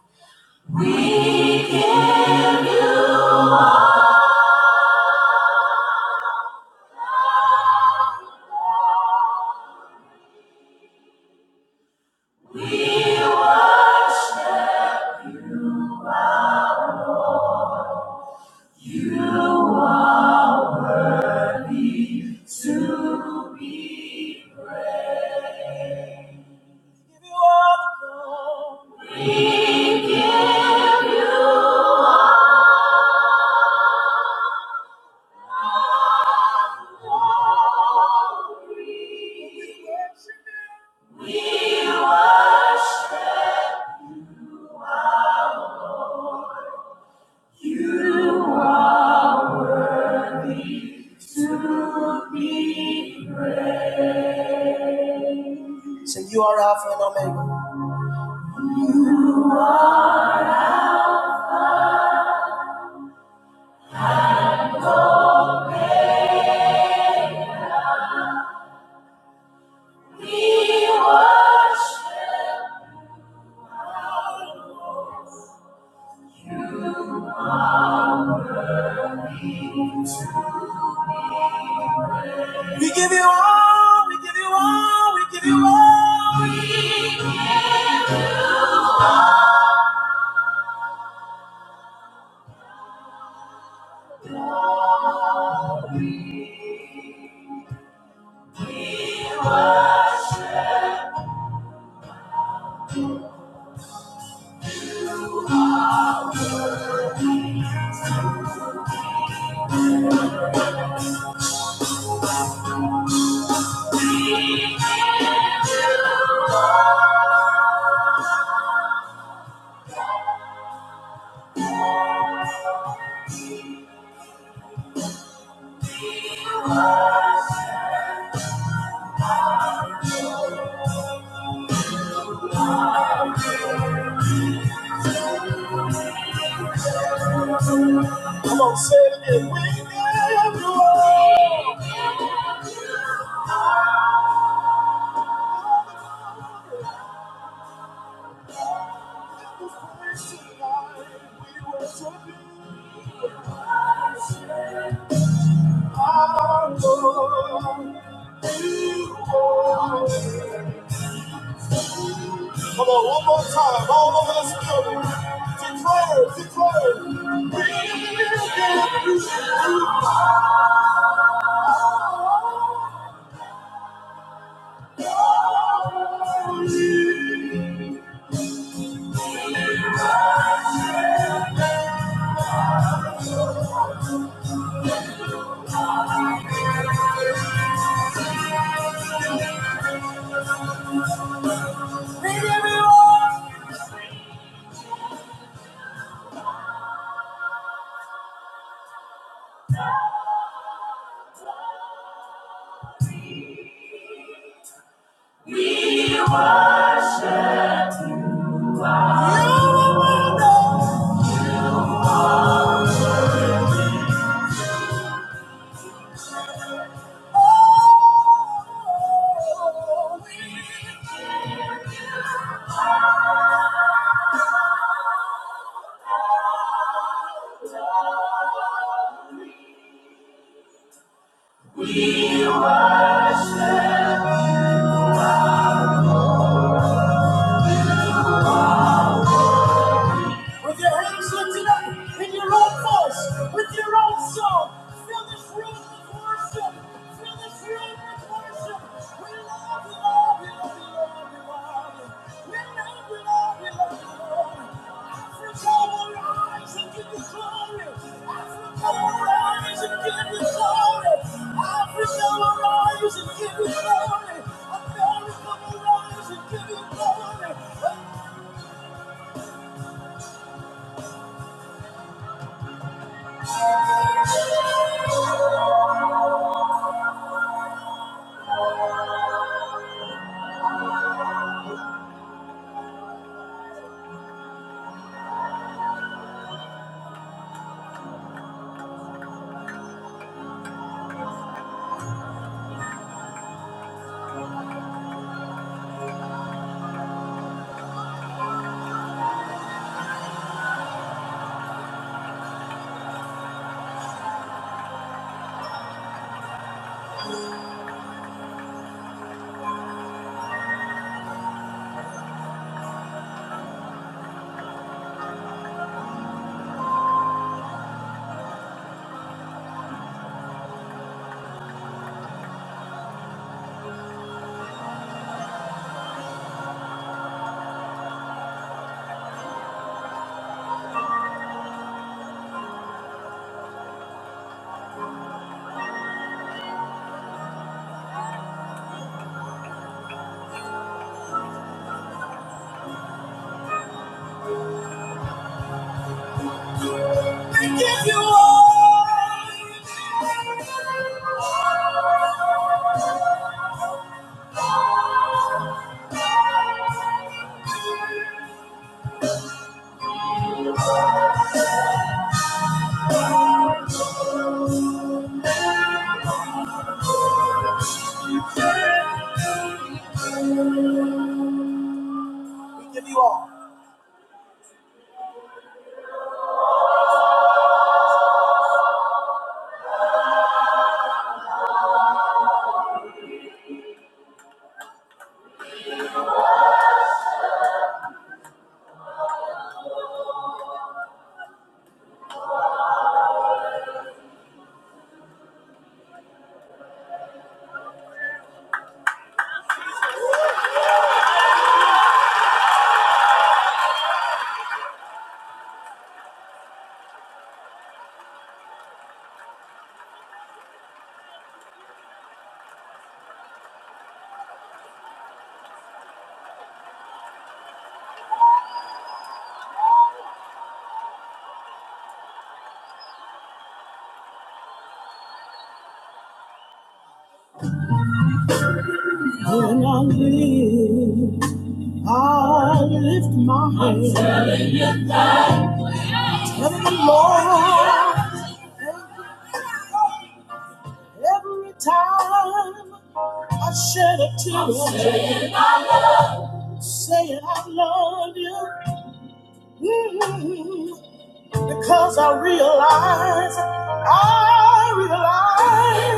S1: We worship. With your hands lifted up in your own voice, with your own song, fill this room with worship. Fill this room with worship. We love you, Lord. We love you, Lord. We love you. We love you, Lord. We love you, Lord. Africa will rise and give you glory. Africa will rise and give you glory. Africa will rise and give you glory. America will rise and give you glory. Town shed a tear. Say I love you mm, because I realize, I realize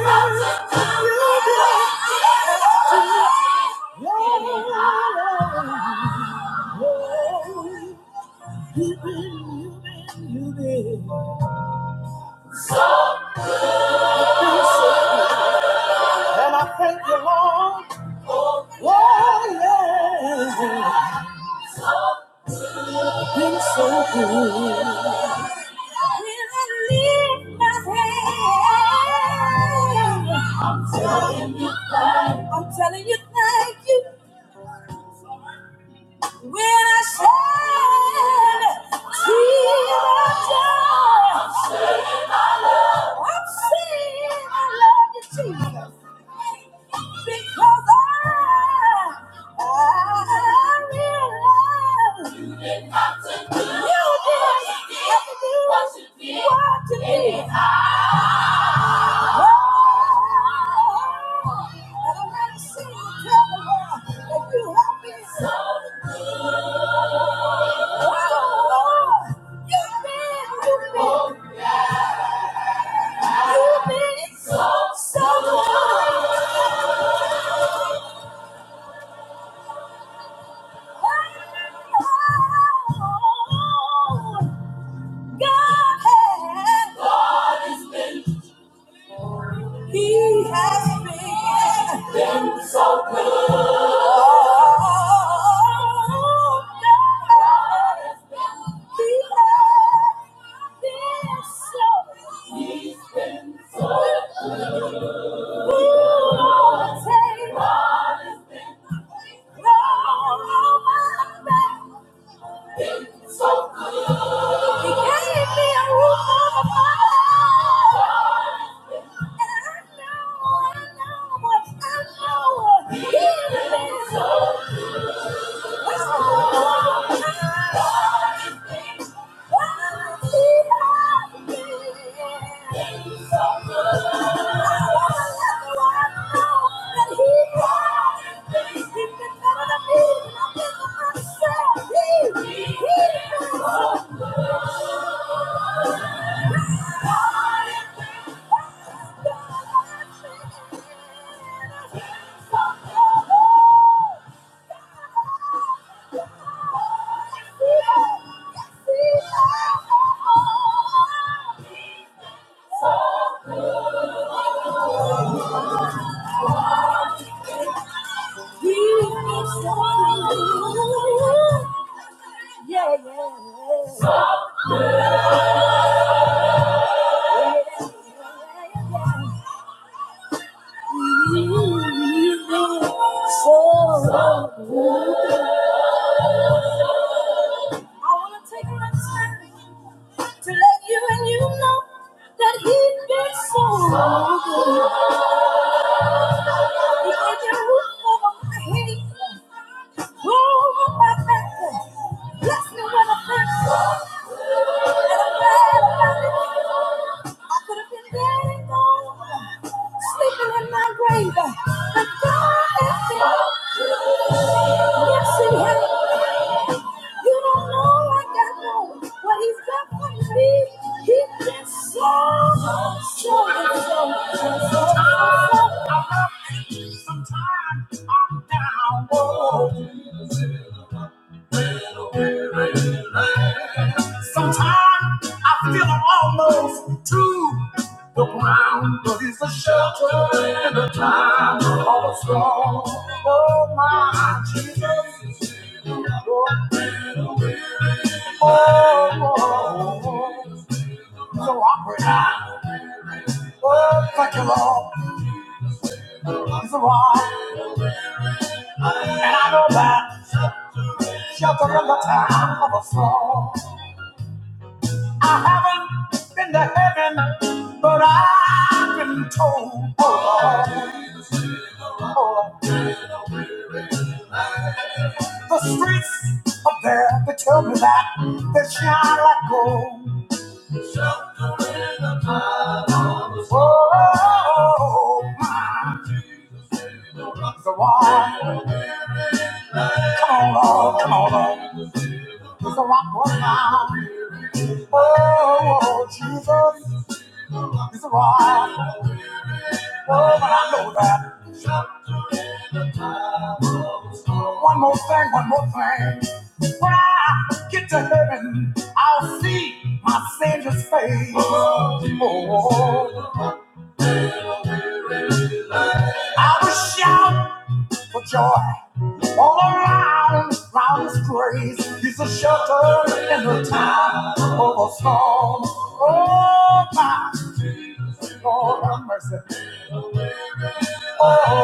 S1: you did. Yeah, yeah, yeah. You did, you did, you did. And I thank you, Lord. Yeah, I'm saying I love you, Jesus, because I, I realize you didn't have to do what you did. What you did. What you did. Oh, and I'm gonna sing and tell the world that you have been so good. Oh, Lord, you've been, you've been. You've been so, so good. God has. God has been. He has been been so good. Oh, God has been- He has been so- good. He's been so good. Ooh, he been So good. Thank you. Yeah, yeah. yeah, yeah. Yeah, yeah, yeah. So I wanna take my time to let you and you know that he's been so good. He made the roof over my head, over my back, blessed me with a friend, and I'm glad about it. I could have been dead and gone, sleeping in my grave. But God is good. Yes, He has. You don't know like I know what He's done for me. He's been so, so, so, so, so, so, so. Sometimes I'm down. Sometimes I feel I'm almost too. The ground is a shelter in a time of storm. Oh, my Jesus. Oh, oh, oh. So I pray. Oh, thank you, Lord. He's a rock. And I know that shelter in the time of a storm. I haven't been to heaven, but I've been told. Oh, Lord, oh, Lord. the streets up there, they tell me that they shine like gold. Shelter in the time of storm. Oh, my. It's a rock. Come on, Lord, come on, Lord. It's a rock right now. Oh, Jesus. It's a ride. Oh, but I know that. One more thing, one more thing. When I get to heaven, I'll see my Savior's face. Oh, I will shout for joy all around, round His grace. He's a shelter in the time of a storm. Oh, my Lord, have mercy. Oh, oh, oh,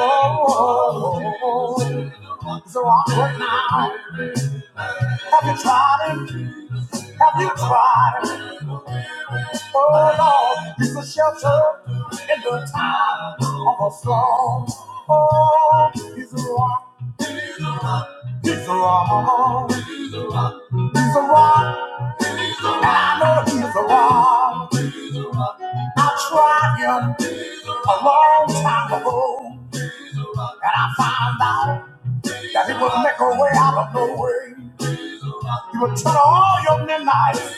S1: oh. oh, oh. So I'm right now. Have you tried him? Have you tried him? Oh Lord, he's a shelter in the time of a storm. Oh, he's a rock. He's a rock. He's a rock. And I know he's a rock. I tried him a long time ago. And I found out that he would make a way out of no way. He would turn all your midnight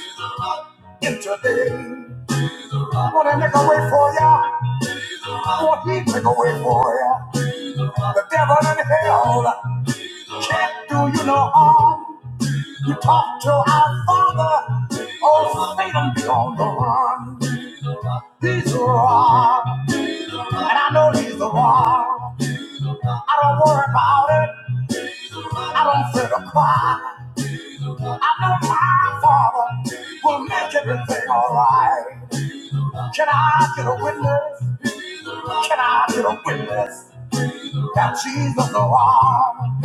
S1: on the run. He's a rock. I don't want I know my father will make everything alright. Can I get a witness? Can I get a witness? That Jesus the one,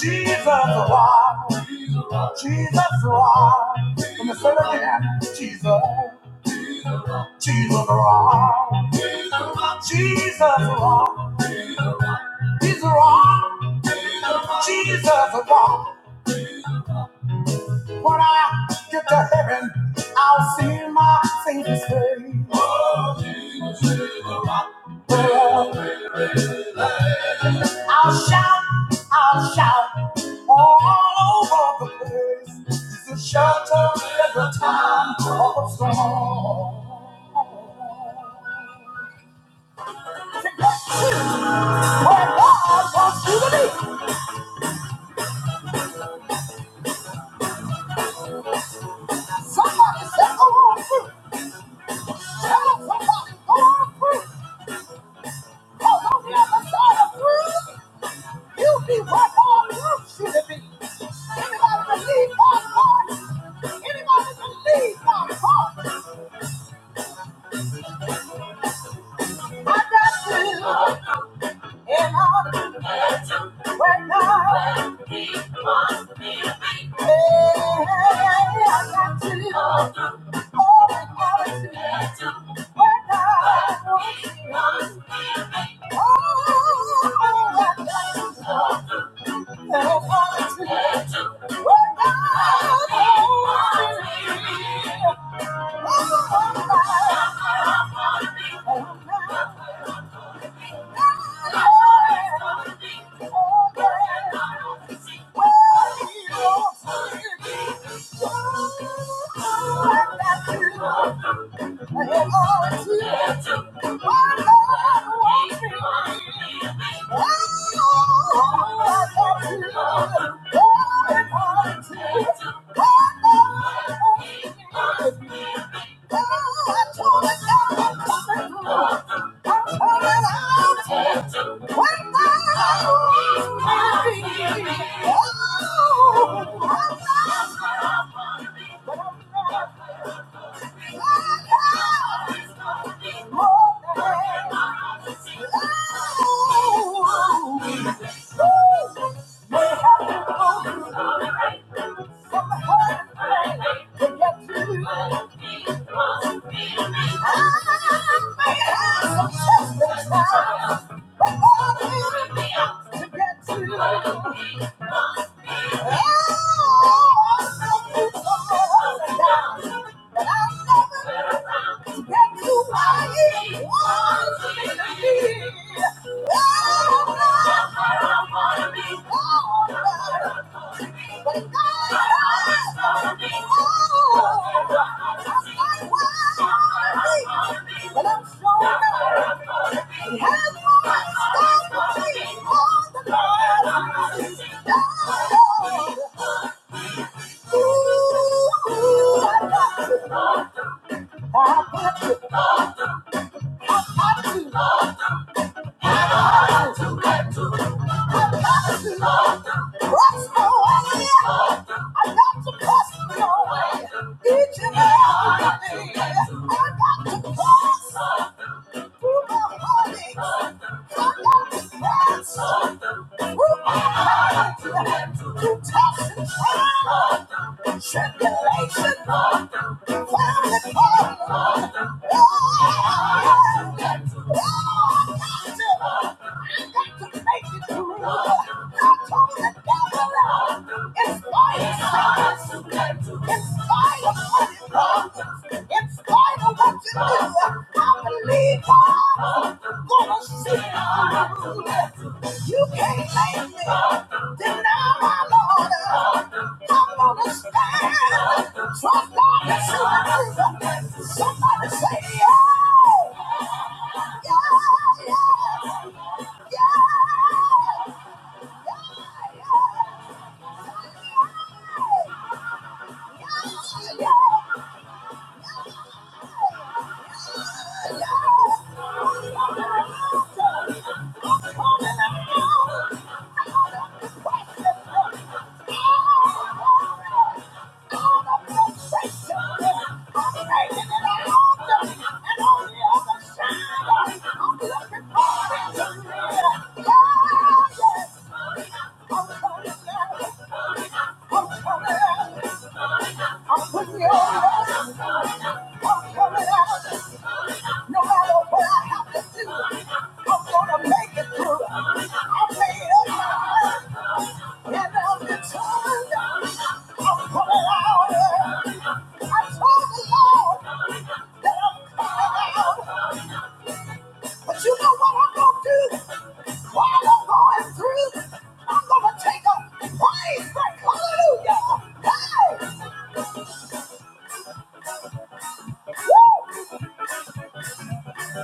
S1: Jesus the one, Jesus the one. Let me say it again. Jesus, Jesus the one, Jesus the one, He's the one, Jesus the one. When I get to heaven, I'll see my Savior's face. Oh, Jesus, is the rock where we lay. I'll shout, I'll shout all over the place. He's a shelter at the time of storm. When God wants you to be, somebody say, go on through. Tell 'em somebody, go on through. 'Cause on the other side of through. You be what God wants you to be. Anybody believe God's word? Anybody believe God's word? Oh, Thank you. Oh, Thank you. Oh, Ooh, I got you. Each and every day, I got to cross. It's fire, it's fire, it's fire, what you do. You can't make me deny my Lord. I'm gonna stand. Trust God and surrender. Somebody say, yeah, yeah, yeah. No matter what I have to do, I'm gonna make it through. I made it. And I'm determined. I'm coming out. I told the Lord that I'm coming out. But you know what I'm gonna do while I'm going through? I'm gonna take a praise break. Hallelujah.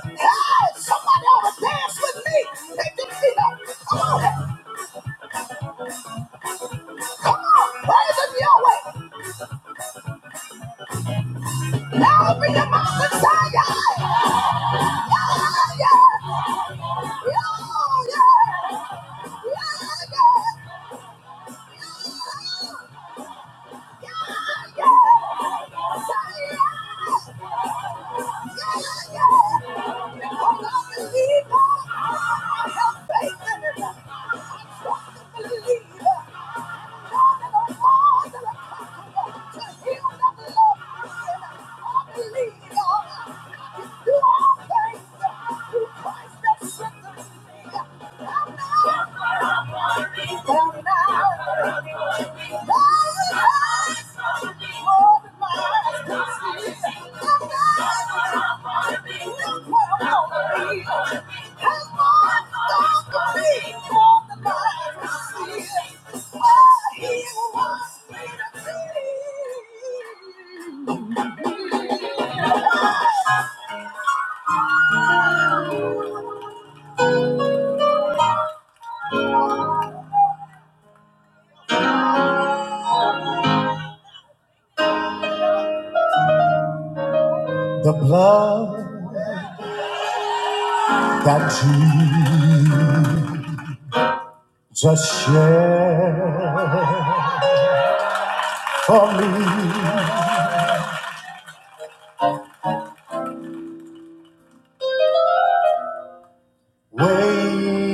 S1: Hey, somebody ought to dance with me. Make them see the praise of Yahweh. Now be the mouth of Zion. He I have faith in it. Believe the heart and the heart and the heart to heal and love the sinner. I believe God. I can do all things through Christ that strengthens me.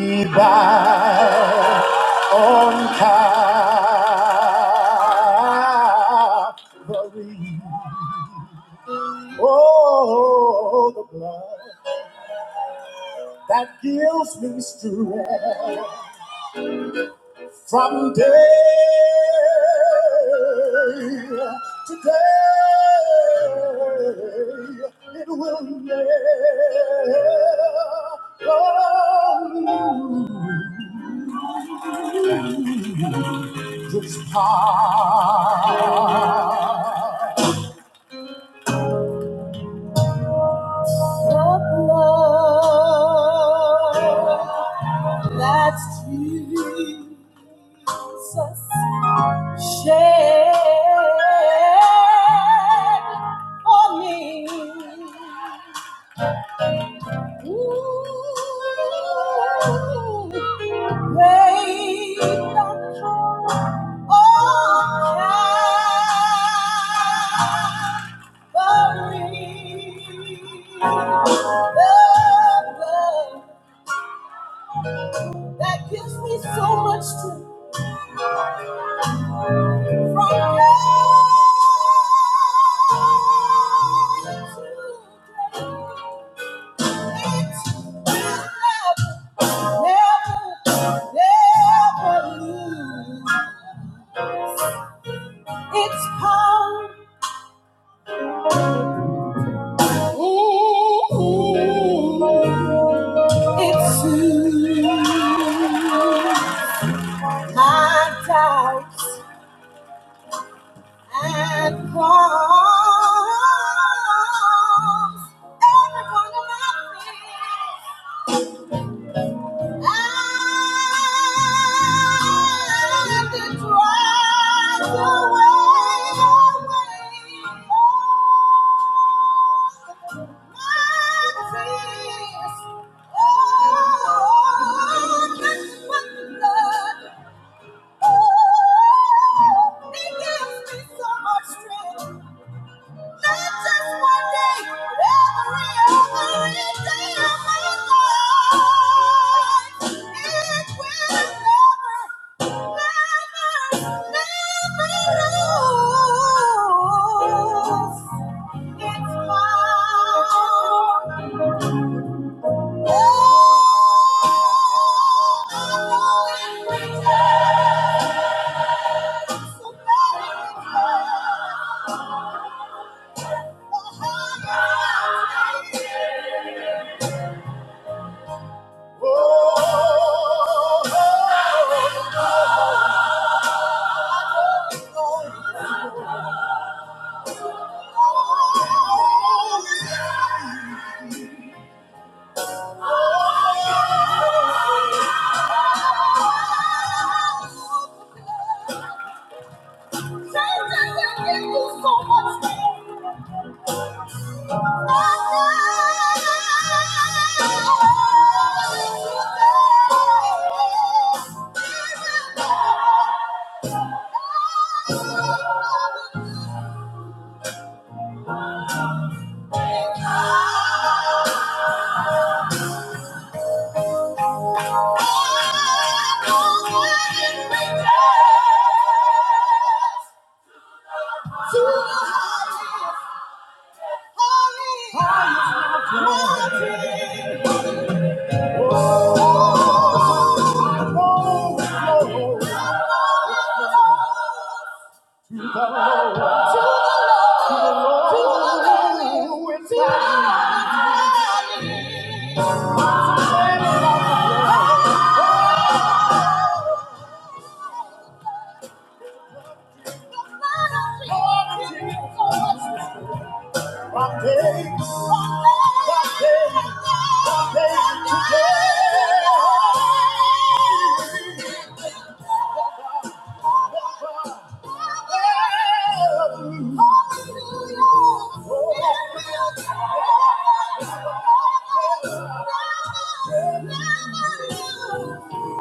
S1: He On Calvary. Oh, the blood that gives me strength from day to day. It will never lose. The blood. That's Jesus shed for me. Ooh, great oh, Calvary, the blood that gives me so much to From It's power, it's soon. My doubts And warms every one of my fears. And it drives away, away my fears. Oh, that's what love. It gives me so much strength. Oh, oh,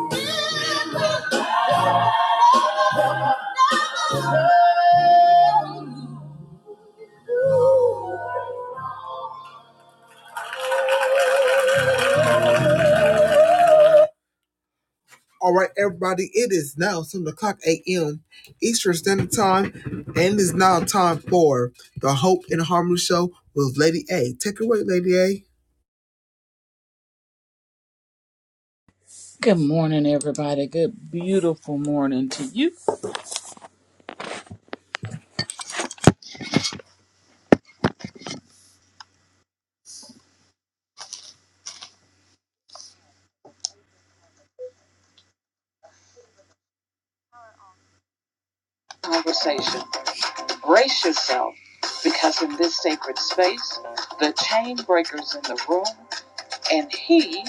S1: Hallelujah. All right, everybody, it is now 7 o'clock a.m. Eastern Standard Time, and it's now time for the Hope and Harmony Show with Lady A. Take it away, Lady A.
S3: Good morning, everybody. Good, beautiful morning to you. Conversation. Brace yourself because in this sacred space, the chain breaker's in the room, and he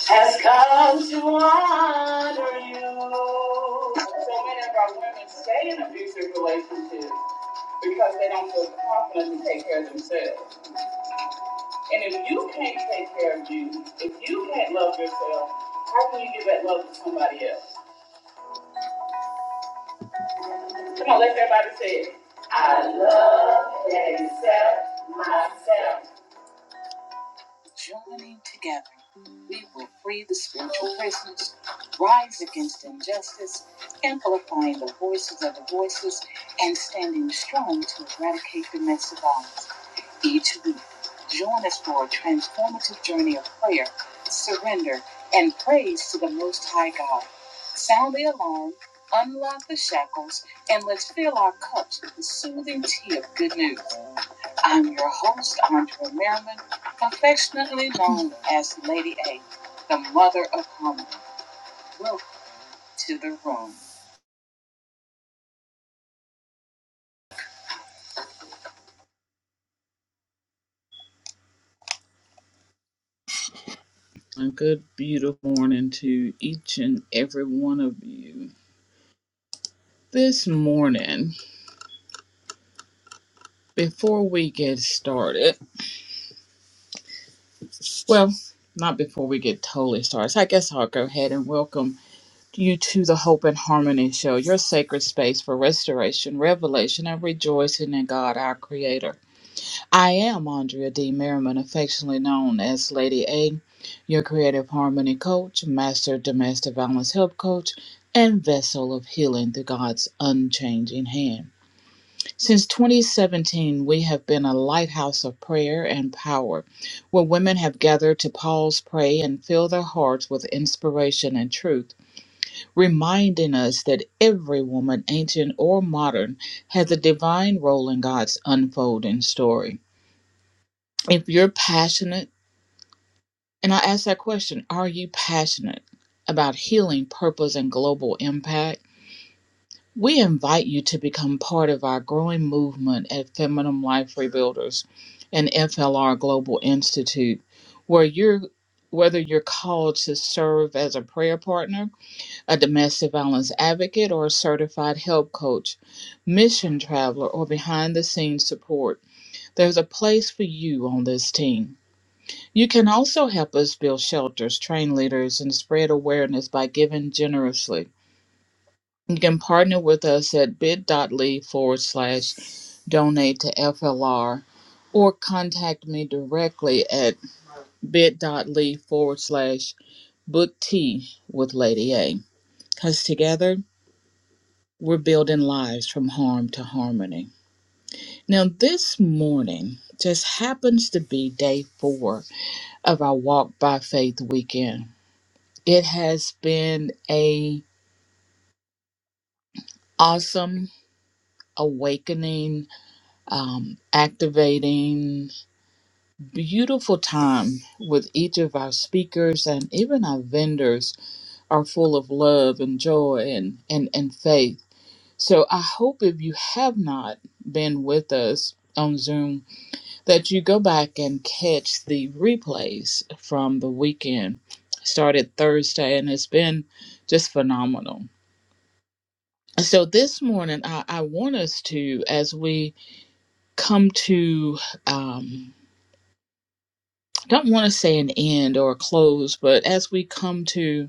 S3: has come to honor you. So many of our women stay in abusive relationships because they don't feel confident to take care of themselves. And if you can't take care of you, if you can't love yourself, how can you give that love to somebody else? Come on, let's everybody say it. I love and accept myself. Joining together, we will free the spiritual prisoners, rise against injustice, amplifying the voices of the voices, and standing strong to eradicate domestic violence. Each week, join us for a transformative journey of prayer, surrender, and praise to the Most High God. Sound the alarm, unlock the shackles, and let's fill our cups with the soothing tea of good news. I'm your host, Andrea Merriman, affectionately known as Lady A, the mother of harmony. Welcome to the room. A good, beautiful morning to each and every one of you. This morning, before we get started, well, not before we get totally started, so I guess I'll go ahead and welcome you to the Hope and Harmony Show, your sacred space for restoration, revelation, and rejoicing in God, our Creator. I am Andrea D. Merriman, affectionately known as Lady A, your creative harmony coach, master domestic violence help coach, and vessel of healing through God's unchanging hand. Since 2017, we have been a lighthouse of prayer and power, where women have gathered to pause, pray, and fill their hearts with inspiration and truth, reminding us that every woman, ancient or modern, has a divine role in God's unfolding story if you're passionate, and I ask that question, are you passionate about healing, purpose, and global impact? We invite you to become part of our growing movement at Feminine Life Rebuilders and FLR Global Institute, where you're whether you're called to serve as a prayer partner, a domestic violence advocate, or a certified help coach, mission traveler, or behind the scenes support, there's a place for you on this team. You can also help us build shelters, train leaders, and spread awareness by giving generously. You can partner with us at bit.ly forward slash donate to FLR or contact me directly at bit.ly forward slash book tea with Lady A. Because together we're building lives from harm to harmony. Now, this morning just happens to be day four of our Walk by Faith weekend. it has been a awesome awakening um, activating beautiful time with each of our speakers and even our vendors are full of love and joy and, and, and faith so i hope if you have not been with us on zoom that you go back and catch the replays from the weekend started thursday and it's been just phenomenal So this morning, I, I want us to, as we come to, um, don't want to say an end or a close, but as we come to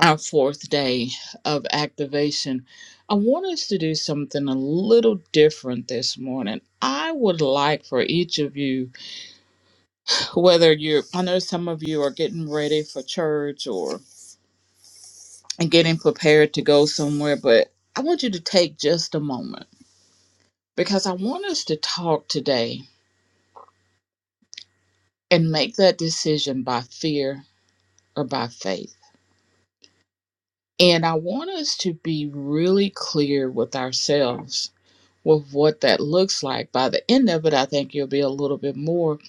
S3: our fourth day of activation, I want us to do something a little different this morning. I would like for each of you, whether you're, I know some of you are getting ready for church or getting prepared to go somewhere, but I want you to take just a moment because I want us to talk today and make that decision by fear or by faith. And I want us to be really clear with ourselves with what that looks like. By the end of it, I think you'll be a little bit more.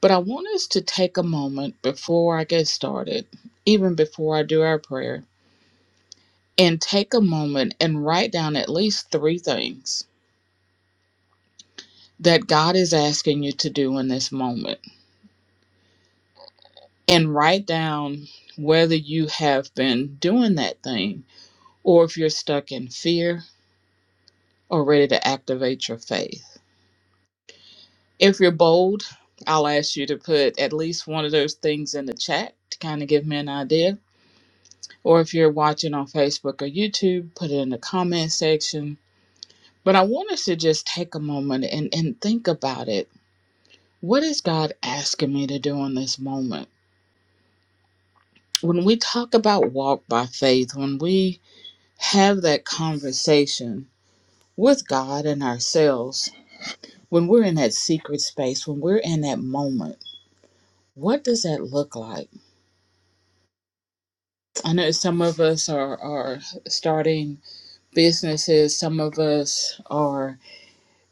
S3: But I want us to take a moment before I get started, even before I do our prayer, and take a moment and write down at least three things that God is asking you to do in this moment. And write down whether you have been doing that thing or if you're stuck in fear or ready to activate your faith. If you're bold, I'll ask you to put at least one of those things in the chat to kind of give me an idea. Or if you're watching on Facebook or YouTube, put it in the comment section. But I want us to just take a moment and, and think about it. What is God asking me to do in this moment? When we talk about walk by faith, when we have that conversation with God and ourselves, when we're in that secret space, when we're in that moment, what does that look like? I know some of us are, are starting businesses, some of us are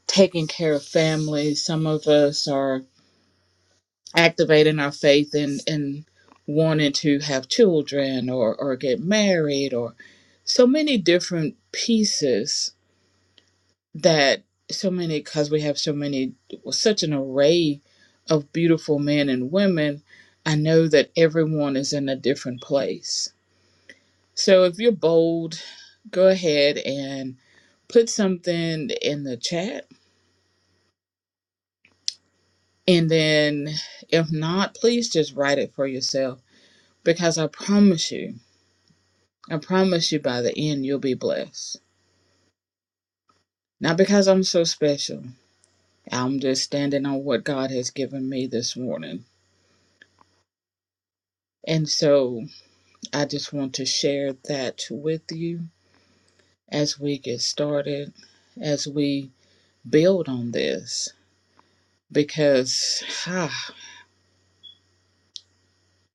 S3: taking care of families, some of us are activating our faith and, and wanting to have children or, or get married or so many different pieces that so many because we have so many such an array of beautiful men and women i know that everyone is in a different place so if you're bold go ahead and put something in the chat and then if not please just write it for yourself because i promise you i promise you by the end you'll be blessed not because i'm so special i'm just standing on what god has given me this morning and so I just want to share that with you as we get started, as we build on this, because ah,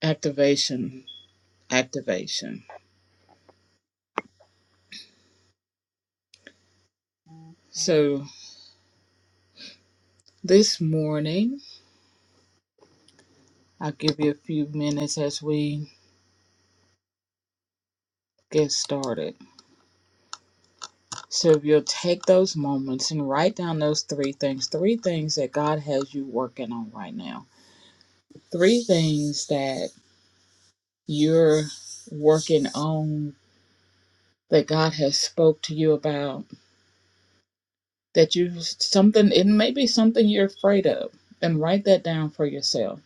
S3: activation, activation. So this morning, I'll give you a few minutes as we get started. So if you'll take those moments and write down those three things, three things that God has you working on right now, three things that you're working on that God has spoke to you about that you something it may be something you're afraid of and write that down for yourself.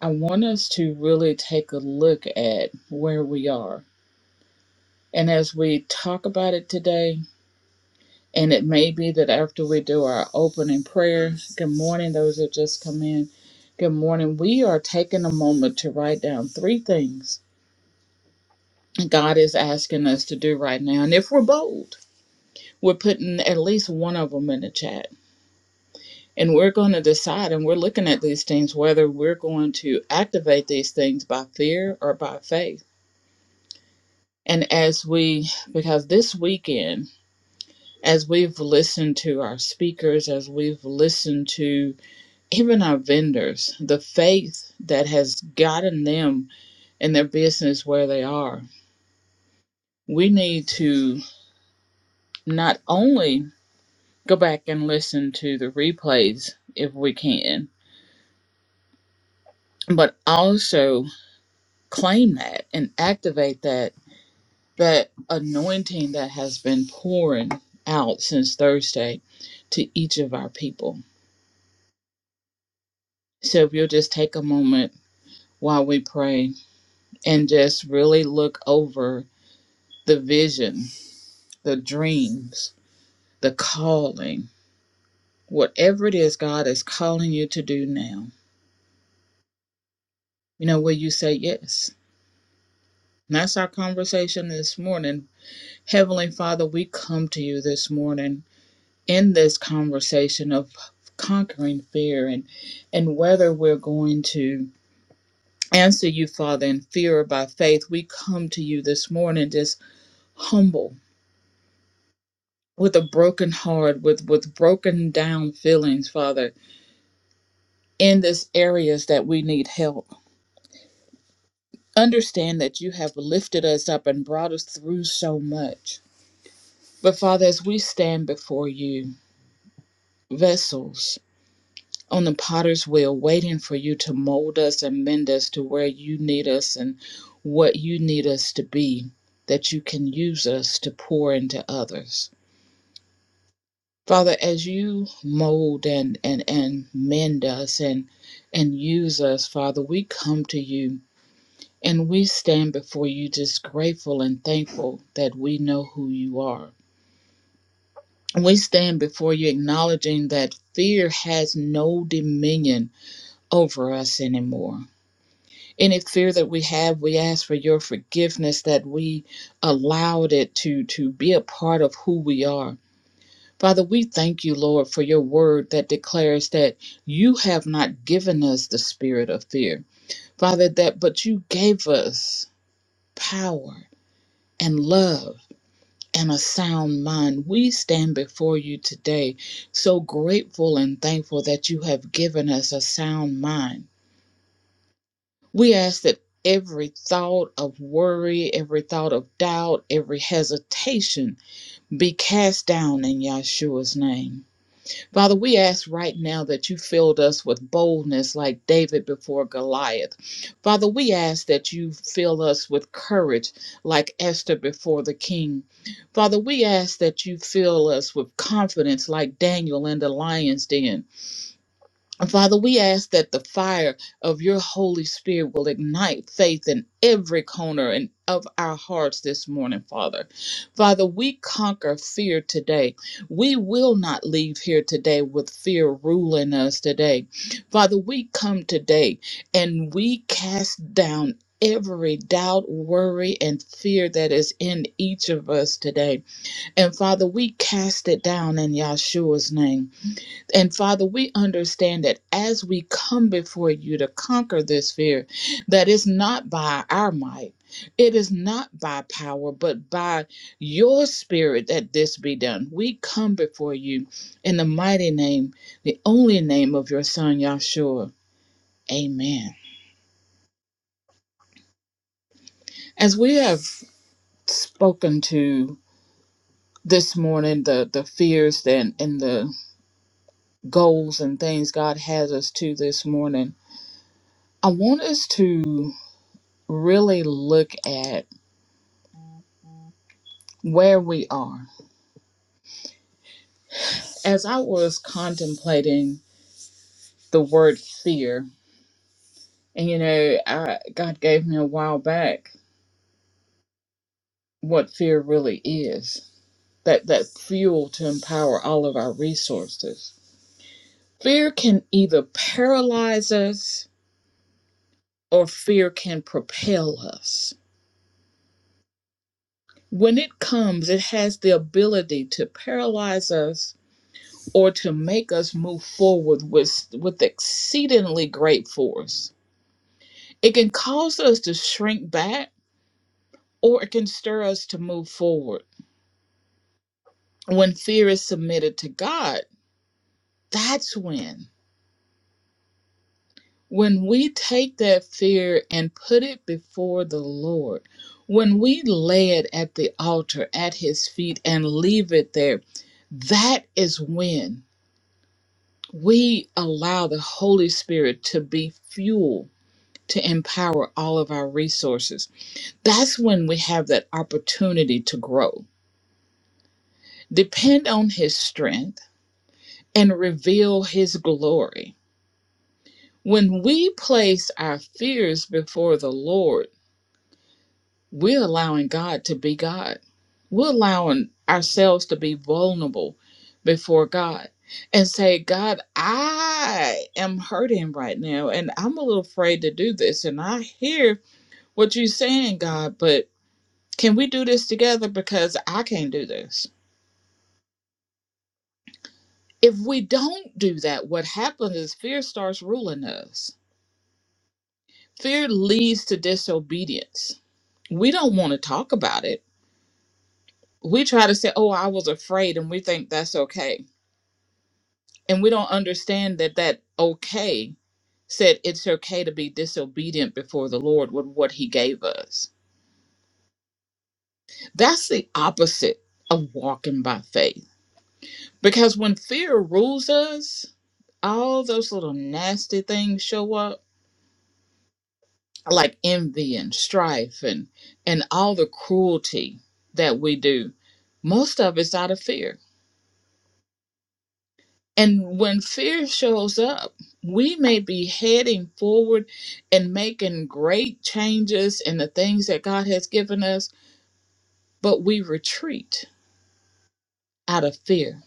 S3: I want us to really take a look at where we are. And as we talk about it today, and it may be that after we do our opening prayer, good morning, those that just come in, good morning, we are taking a moment to write down three things God is asking us to do right now. And if we're bold, we're putting at least one of them in the chat And we're going to decide, and we're looking at these things, whether we're going to activate these things by fear or by faith. And as we, because this weekend, as we've listened to our speakers, as we've listened to even our vendors, the faith that has gotten them in their business where they are, we need to not only go back and listen to the replays if we can, but also claim that and activate that that anointing that has been pouring out since Thursday to each of our people. So if you'll just take a moment while we pray and just really look over the vision, the dreams, the calling, whatever it is God is calling you to do now, you know, will you say yes? And that's our conversation this morning. Heavenly Father, we come to you this morning in this conversation of conquering fear and and whether we're going to answer you father in fear or by faith we come to you this morning just humble with a broken heart with with broken down feelings father in this areas that we need help understand that you have lifted us up and brought us through so much but father as we stand before you vessels on the potter's wheel, waiting for you to mold us and mend us to where you need us and what you need us to be, that you can use us to pour into others. Father, as you mold and, and, and mend us and and use us, Father, we come to you and we stand before you just grateful and thankful that we know who you are. We stand before you acknowledging that fear has no dominion over us anymore any fear that we have we ask for your forgiveness that we allowed it to to be a part of who we are father we thank you lord for your word that declares that you have not given us the spirit of fear father that but you gave us power and love and a sound mind. We stand before you today so grateful and thankful that you have given us a sound mind We ask that every thought of worry, every thought of doubt, every hesitation be cast down in Yahshua's name. Father, we ask right now that you filled us with boldness like David before Goliath. Father, we ask that you fill us with courage like Esther before the king. Father, we ask that you fill us with confidence like Daniel in the lion's den. And Father, we ask that the fire of your Holy Spirit will ignite faith in every corner and of our hearts this morning, Father. Father, we conquer fear today. We will not leave here today with fear ruling us today. Father, we come today and we cast down every doubt, worry, and fear that is in each of us today. And Father, we cast it down in Yahshua's name. And Father, we understand that as we come before you to conquer this fear, that it's not by our might, it is not by power, but by your spirit that this be done. We come before you in the mighty name, the only name of your Son, Yahshua. Amen. As we have spoken to this morning, the, the fears and, and the goals and things God has us to this morning, I want us to. really look at where we are. As I was contemplating the word fear, and you know, I, God gave me a while back what fear really is that, that fuel to empower all of our resources. Fear can either paralyze us or fear can propel us. When it comes, it has the ability to paralyze us or to make us move forward with, with exceedingly great force It can cause us to shrink back or it can stir us to move forward. When fear is submitted to God, that's when. When we take that fear and put it before the Lord, when we lay it at the altar at His feet and leave it there, that is when we allow the Holy Spirit to be fuel to empower all of our resources. That's when we have that opportunity to grow depend on his strength, and reveal his glory. When we place our fears before the Lord, we're allowing God to be God. We're allowing ourselves to be vulnerable before God and say, God, I am hurting right now and I'm a little afraid to do this. And I hear what you're saying, God, but can we do this together? Because I can't do this. If we don't do that, what happens is fear starts ruling us. Fear leads to disobedience. We don't want to talk about it. We try to say, "Oh, I was afraid," and we think that's okay. And we don't understand that that okay said it's okay to be disobedient before the Lord with what he gave us. That's the opposite of walking by faith. Because when fear rules us, all those little nasty things show up like envy and strife and and all the cruelty that we do most of it's out of fear and when fear shows up we may be heading forward and making great changes in the things that god has given us but we retreat out of fear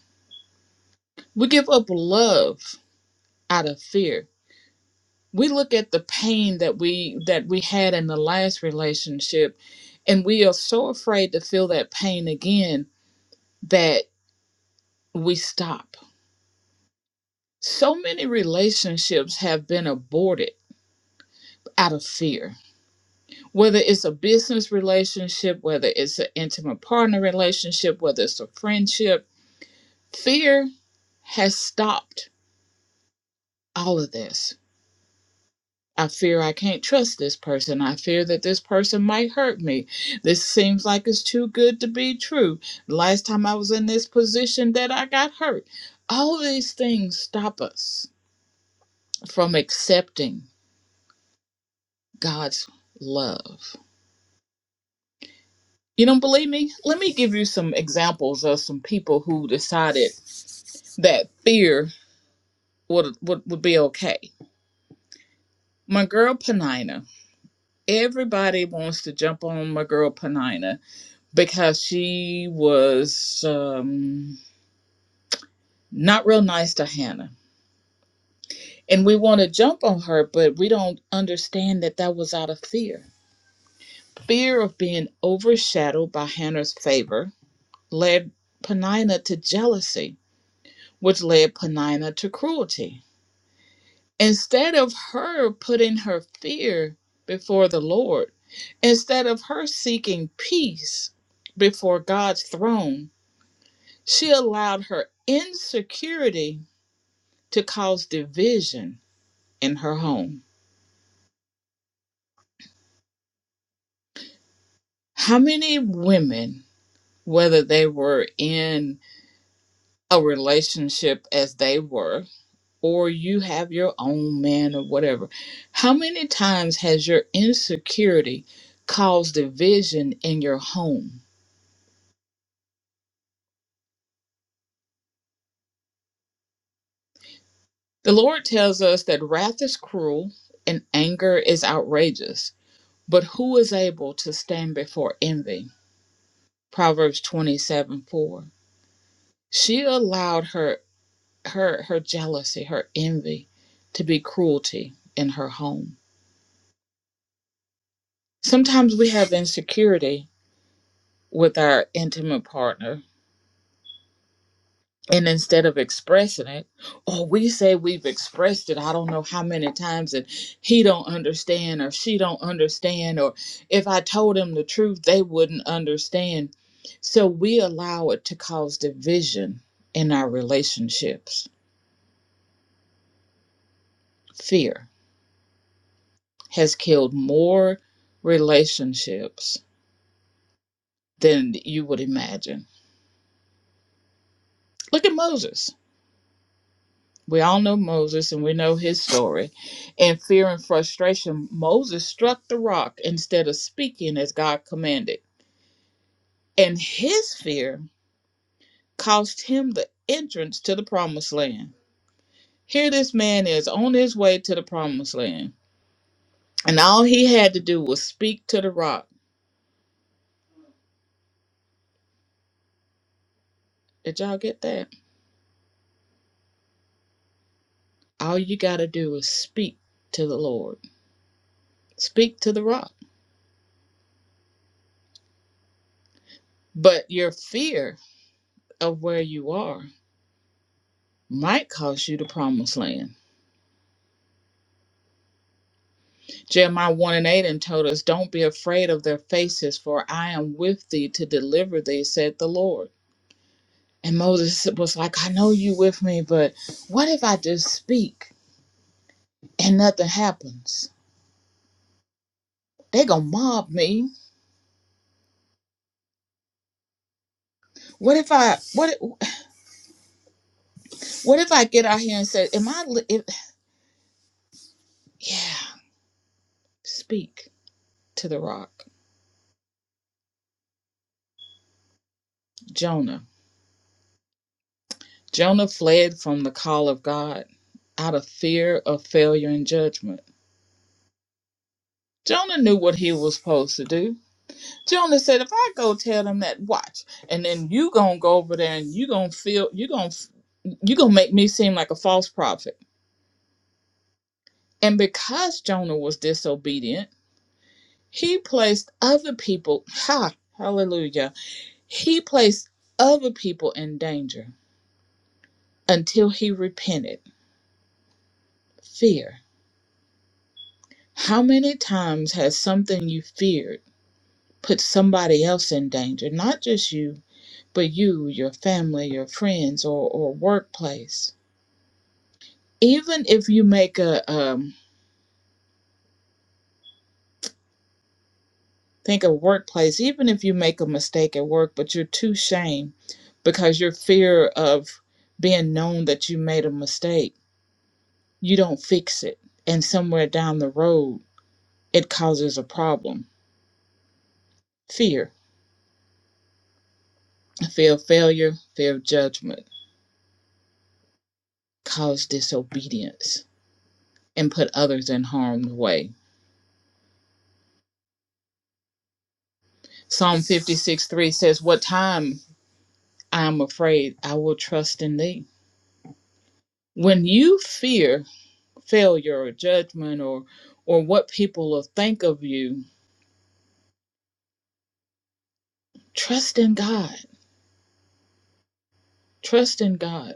S3: we give up love out of fear we look at the pain that we that we had in the last relationship and we are so afraid to feel that pain again that. we stop. So many relationships have been aborted out of fear. Whether it's a business relationship, whether it's an intimate partner relationship, whether it's a friendship, fear has stopped all of this. I fear I can't trust this person. I fear that this person might hurt me. This seems like it's too good to be true. Last time I was in this position that I got hurt. All of these things stop us from accepting God's love. You don't believe me? Let me give you some examples of some people who decided that fear would would, would be okay. My girl Panina. Everybody wants to jump on my girl Panina because she was um, not real nice to Hannah. And we want to jump on her, but we don't understand that that was out of fear. Fear of being overshadowed by Hannah's favor led Panina to jealousy which led Penina to cruelty. Instead of her putting her fear before the Lord, instead of her seeking peace before God's throne, she allowed her insecurity to cause division in her home. How many women, whether they were in a relationship as they were, or you have your own man or whatever. How many times has your insecurity caused division in your home? The Lord tells us that wrath is cruel and anger is outrageous, but who is able to stand before envy? Proverbs 27 4. She allowed her her her jealousy, her envy to be cruelty in her home. Sometimes we have insecurity with our intimate partner and instead of expressing it or we say we've expressed it i don't know how many times and he don't understand or she don't understand or if i told him the truth they wouldn't understand so we allow it to cause division in our relationships fear has killed more relationships than you would imagine look at moses We all know Moses and we know his story. In fear and frustration, Moses struck the rock instead of speaking as God commanded. And his fear cost him the entrance to the promised land. Here, this man is on his way to the promised land, and all he had to do was speak to the rock. Did y'all get that? All you got to do is speak to the Lord, speak to the rock. But your fear of where you are might cost you the promised land Jeremiah 1 and 8 and told us, Don't be afraid of their faces, for I am with thee to deliver thee, said the Lord. And Moses was like, I know you with me, but what if I just speak and nothing happens? They gonna mob me. What if I what what if I get out here and say, Am I li- if, yeah, speak to the rock. Jonah. Jonah fled from the call of God out of fear of failure and judgment. Jonah knew what he was supposed to do. Jonah said, if I go tell them that, watch, and then you gonna go over there and you gonna feel you gonna you gonna make me seem like a false prophet. And because Jonah was disobedient, he placed other people. Ha, hallelujah. He placed other people in danger until he repented. Fear. How many times has something you feared put somebody else in danger? Not just you, but you, your family, your friends, or or workplace even if you make a um, think of workplace even if you make a mistake at work but you're too shame because your fear of being known that you made a mistake you don't fix it and somewhere down the road it causes a problem fear fear of failure fear of judgment cause disobedience and put others in harm's way psalm 56 3 says what time i am afraid i will trust in thee when you fear failure or judgment or or what people will think of you trust in god trust in god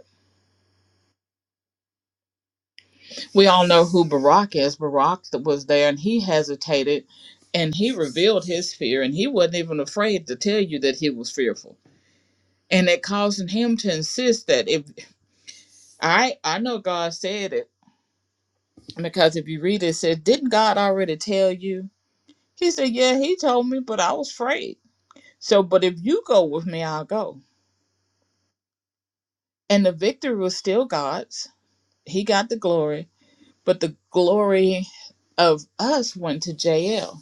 S3: we all know who barak is barak that was there and he hesitated and he revealed his fear and he wasn't even afraid to tell you that he was fearful and it caused him to insist that if i i know god said it because if you read it, it says didn't god already tell you he said yeah he told me but i was afraid so but if you go with me i'll go and the victory was still god's He got the glory, but the glory of us went to JL,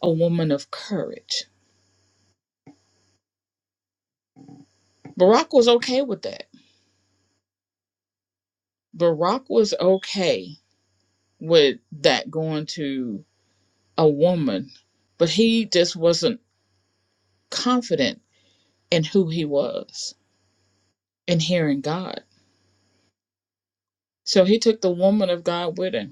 S3: a woman of courage. Barack was okay with that. Barack was okay with that going to a woman, but he just wasn't confident in who he was and hearing God. So he took the woman of God with him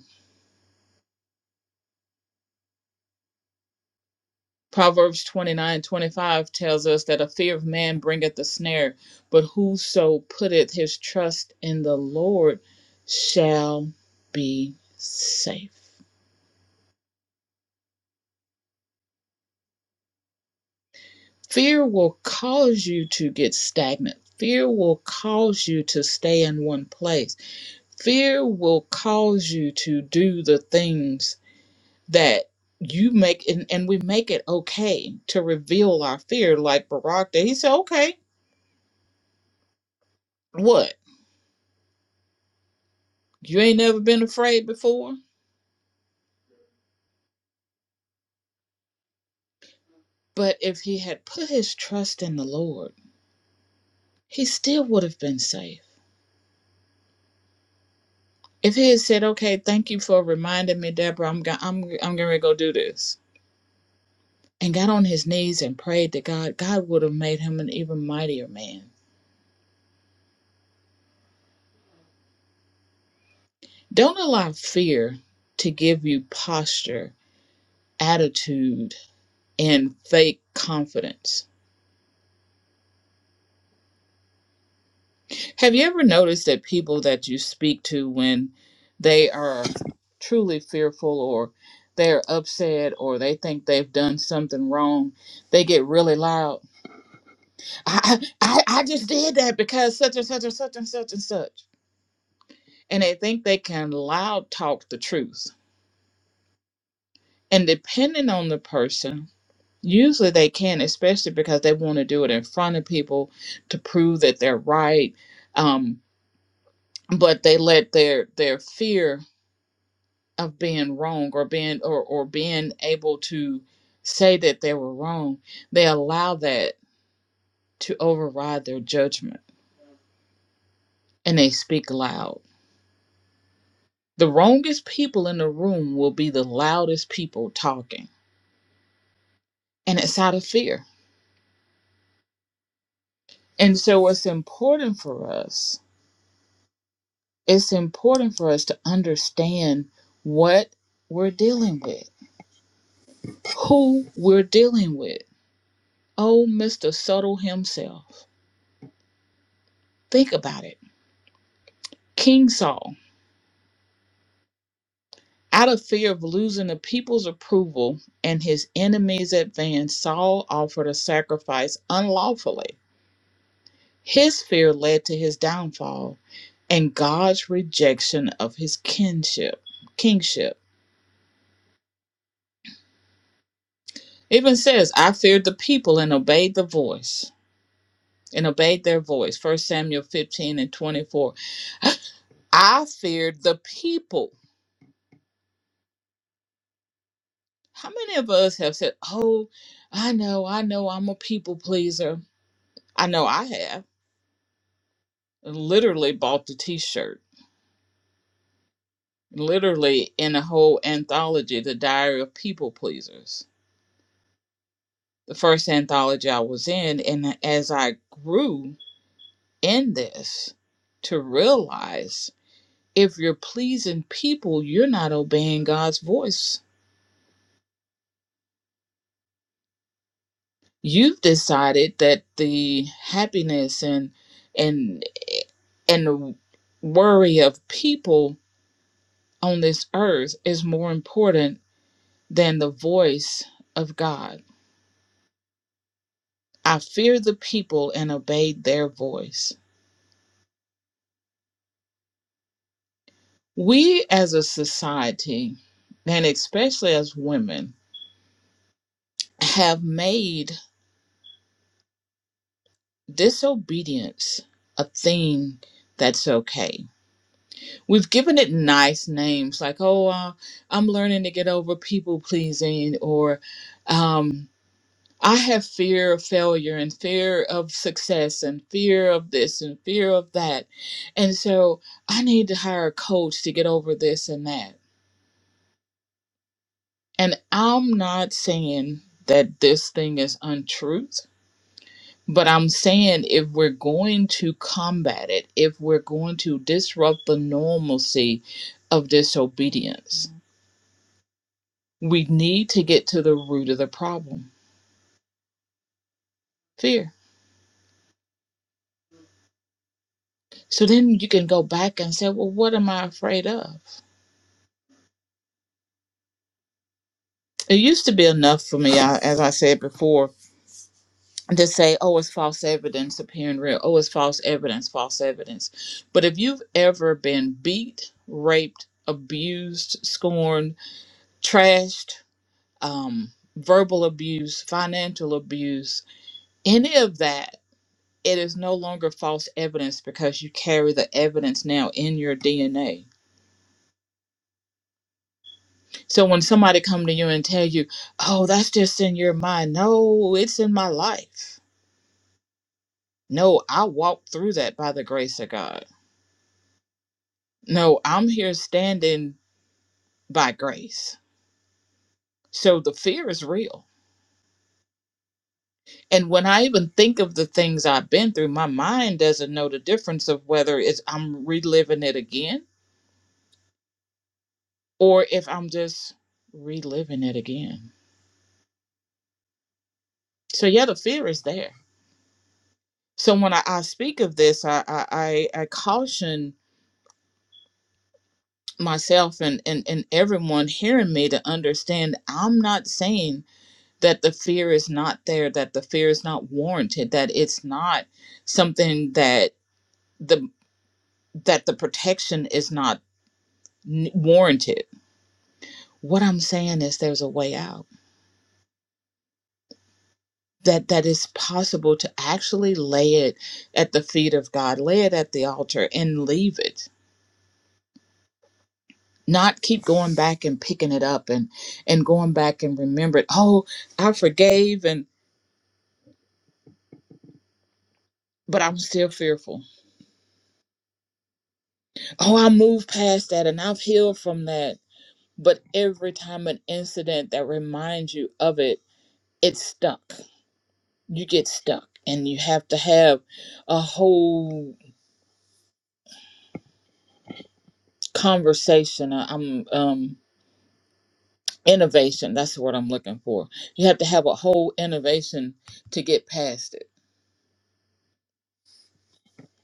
S3: Proverbs 29 25 tells us that a fear of man bringeth a snare, but whoso putteth his trust in the Lord shall be safe. Fear will cause you to get stagnant. Fear will cause you to stay in one place. Fear will cause you to do the things that you make, and, and we make it okay to reveal our fear. Like Barak, did, he said, okay. What? You ain't never been afraid before. But if he had put his trust in the Lord, he still would have been safe. If he had said, "Okay, thank you for reminding me, Deborah. I'm go- I'm I'm going to go do this," and got on his knees and prayed to God, God would have made him an even mightier man. Don't allow fear to give you posture, attitude, and fake confidence Have you ever noticed that people that you speak to when they are truly fearful or they're upset or they think they've done something wrong, they get really loud. I I, I I just did that because such and such and such and such and such. And they think they can loud talk the truth. And depending on the person, usually they can, especially because they want to do it in front of people to prove that they're right. Um, but they let their their fear of being wrong or being or, or being able to say that they were wrong they allow that to override their judgment and they speak loud the wrongest people in the room will be the loudest people talking and it's out of fear and so it's important for us it's important for us to understand what we're dealing with who we're dealing with oh mr subtle himself think about it king saul Out of fear of losing the people's approval and his enemies' advance, Saul offered a sacrifice unlawfully. His fear led to his downfall and God's rejection of his kinship, kingship. It Even says, I feared the people and obeyed the voice, and obeyed their voice. First Samuel 15 and 24. I feared the people. How many of us have said, Oh, I know, I know I'm a people pleaser? I know I have. and literally bought the t-shirt literally in a whole anthology the diary of people pleasers the first anthology i was in and as i grew in this to realize if you're pleasing people you're not obeying god's voice you've decided that the happiness and and and the worry of people on this earth is more important than the voice of god I feared the people and obeyed their voice. We as a society, and especially as women, have made disobedience a thing that's okay. We've given it nice names like, oh, uh, I'm learning to get over people pleasing, or um, I have fear of failure and fear of success and fear of this and fear of that. And so I need to hire a coach to get over this and that And I'm not saying that this thing is untruth, but I'm saying if we're going to combat it, if we're going to disrupt the normalcy of disobedience, we need to get to the root of the problem fear. So then you can go back and say, well, what am I afraid of? It used to be enough for me, I, as I said before, to say, oh, it's false evidence appearing real. Oh, it's false evidence, false evidence. But if you've ever been beat, raped, abused, scorned, trashed, um, verbal abuse, financial abuse, any of that, it is no longer false evidence because you carry the evidence now in your DNA. So when somebody come to you and tell you, oh, that's just in your mind. No, it's in my life. No, I walked through that by the grace of God. No, I'm here standing by grace. So the fear is real. And when I even think of the things I've been through, my mind doesn't know the difference of whether it's I'm reliving it again or if I'm just reliving it again. So yeah, the fear is there. So when I, I speak of this, I I, I I caution myself and, and and everyone hearing me to understand I'm not saying that the fear is not there that the fear is not warranted that it's not something that the that the protection is not n- warranted what i'm saying is there's a way out that that is possible to actually lay it at the feet of god lay it at the altar and leave it not keep going back and picking it up and and going back and remember it oh i forgave and but i'm still fearful oh i moved past that and i've healed from that But every time an incident that reminds you of it, it's stuck. You get stuck, and you have to have a whole conversation. I- I'm um, innovation. That's what I'm looking for. You have to have a whole innovation to get past it.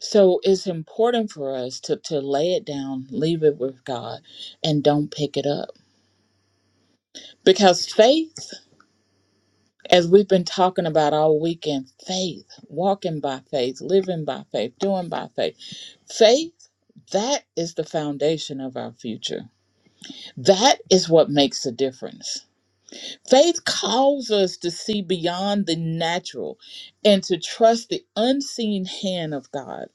S3: So it's important for us to to lay it down, leave it with God, and don't pick it up because faith. As we've been talking about all weekend, faith, walking by faith, living by faith, doing by faith. Faith, that is the foundation of our future. That is what makes a difference. Faith calls us to see beyond the natural and to trust the unseen hand of God.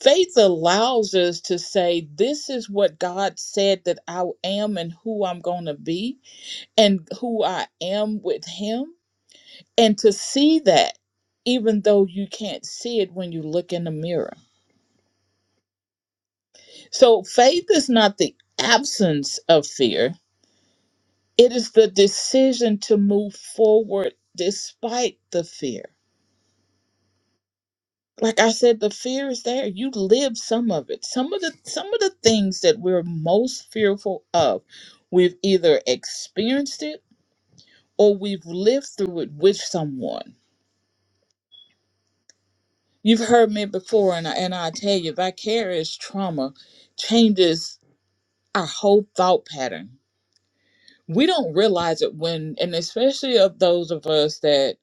S3: Faith allows us to say, This is what God said that I am and who I'm going to be and who I am with Him. and to see that even though you can't see it when you look in the mirror. So faith is not the absence of fear, it is the decision to move forward despite the fear. Like I said the fear is there. You live some of it. Some of the some of the things that we're most fearful of, we've either experienced it or we've lived through it with someone. You've heard me before and I, and I tell you vicarious trauma changes our whole thought pattern. We don't realize it when, and especially of those of us that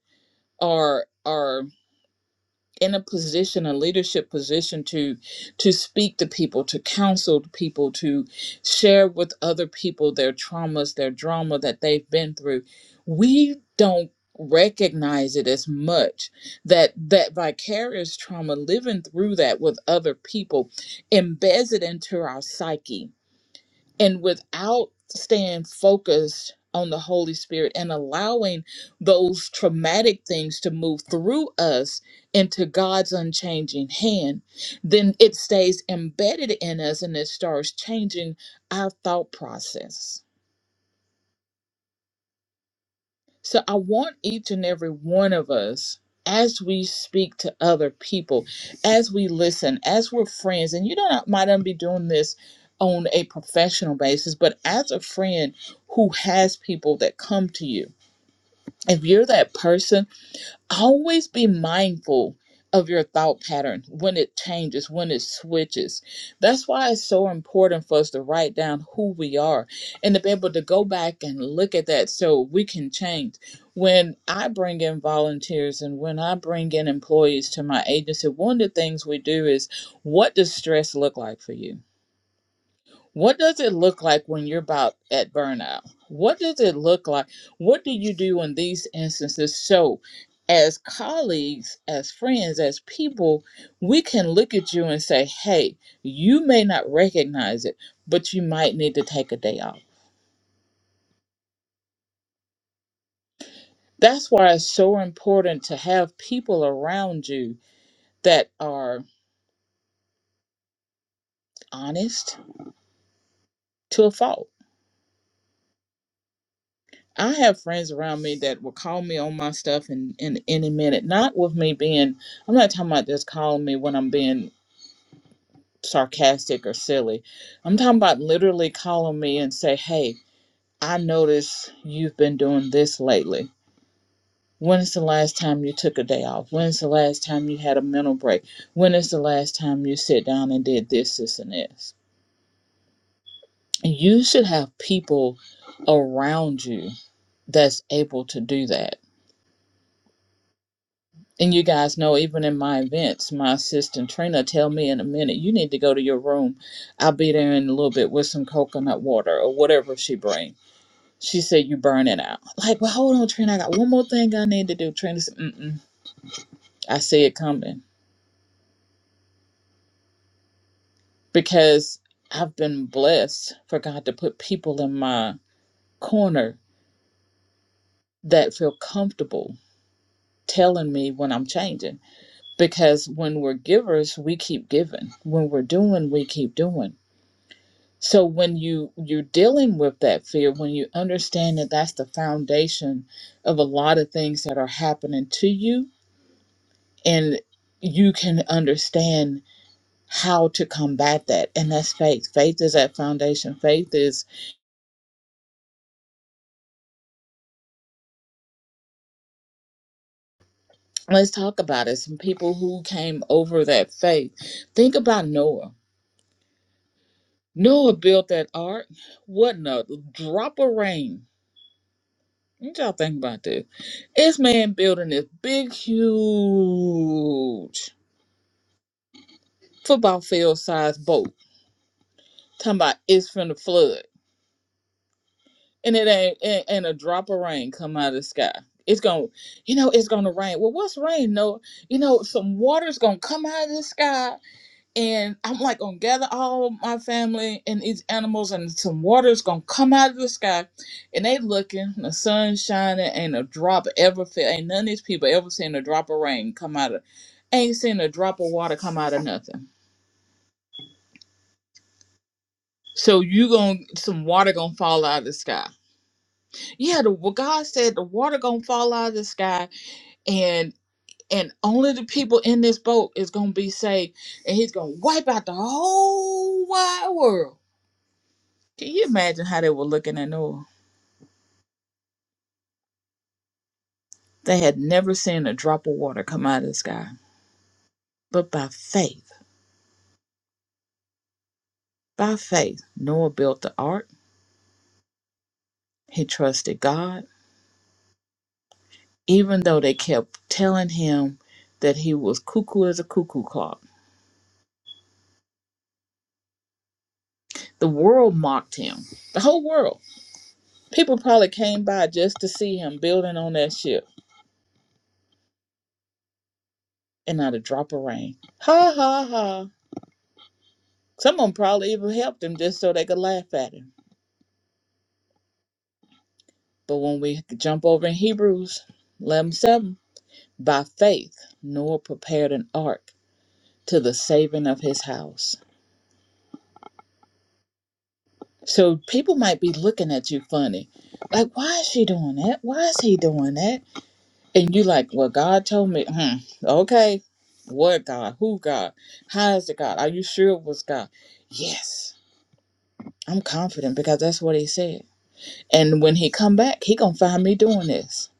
S3: are are in a position, a leadership position to to speak to people, to counsel people, to share with other people their traumas, their drama that they've been through. We don't recognize it as much that that vicarious trauma living through that with other people embeds it into our psyche and without staying focused on the Holy Spirit and allowing those traumatic things to move through us into God's unchanging hand, then it stays embedded in us and it starts changing our thought process So I want each and every one of us, as we speak to other people, as we listen, as we're friends, and you don't uh, might not be doing this on a professional basis, but as a friend who has people that come to you. If you're that person always be mindful of your thought pattern when it changes, when it switches. That's why it's so important for us to write down who we are and to be able to go back and look at that so we can change. When I bring in volunteers and when I bring in employees to my agency, one of the things we do is what does stress look like for you? What does it look like when you're about at burnout? What does it look like? What do you do in these instances? So, as colleagues, as friends, as people, we can look at you and say, hey, you may not recognize it, but you might need to take a day off. That's why it's so important to have people around you that are honest to a fault I have friends around me that will call me on my stuff in, in any minute. Not with me being, I'm not talking about just calling me when I'm being sarcastic or silly. I'm talking about literally calling me and say, hey, I notice you've been doing this lately. When is the last time you took a day off? When is the last time you had a mental break? When is the last time you sit down and did this, this, and this? You should have people around you that's able to do that And you guys know, even in my events, my assistant trainer tell me in a minute, you need to go to your room. I'll be there in a little bit with some coconut water or whatever she bring. She said, you burn it out. Like, well, hold on, Trina. I got one more thing I need to do. Trina said, mm-mm. I see it coming because I've been blessed for God to put people in my corner that feel comfortable telling me when I'm changing. Because when we're givers, we keep giving. When we're doing, we keep doing So when you you're dealing with that fear, when you understand that that's the foundation of a lot of things that are happening to you, and you can understand how to combat that and that's faith faith is that foundation faith is let's talk about it some people who came over that faith think about noah noah built that ark what in a drop of rain what y'all think about this this man building this big huge football field size boat. Talking about it's from the flood, and it ain't and, and a drop of rain come out of the sky. It's gonna, you know, it's gonna rain. Well, what's rain? No, you know, some water's gonna come out of the sky, and I'm like gonna gather all my family and these animals, and some water's gonna come out of the sky, and they looking, the sun's shining, ain't a drop ever fell. Ain't none of these people ever seen a drop of rain come out of, ain't seen a drop of water come out of nothing. So you going to some water gonna fall out of the sky. Yeah, the what God said the water gonna fall out of the sky and and only the people in this boat is gonna be saved and he's gonna wipe out the whole wide world. Can you imagine how they were looking at Noah? They had never seen a drop of water come out of the sky. But by faith, by faith, Noah built the ark. He trusted God, even though they kept telling him that he was cuckoo as a cuckoo clock The world mocked him. The whole world. People probably came by just to see him building on that ship and not a drop of rain. Ha ha ha. Some of them probably even helped him just so they could laugh at him. But when we jump over in Hebrews 11 7, by faith, Noah prepared an ark to the saving of his house. So people might be looking at you funny. Like, why is she doing that? Why is he doing that? And you like, well, God told me, hmm, okay, what God? Who God? How is it God? Are you sure it was God? Yes, I'm confident because that's what he said. And when he come back, he gonna find me doing this.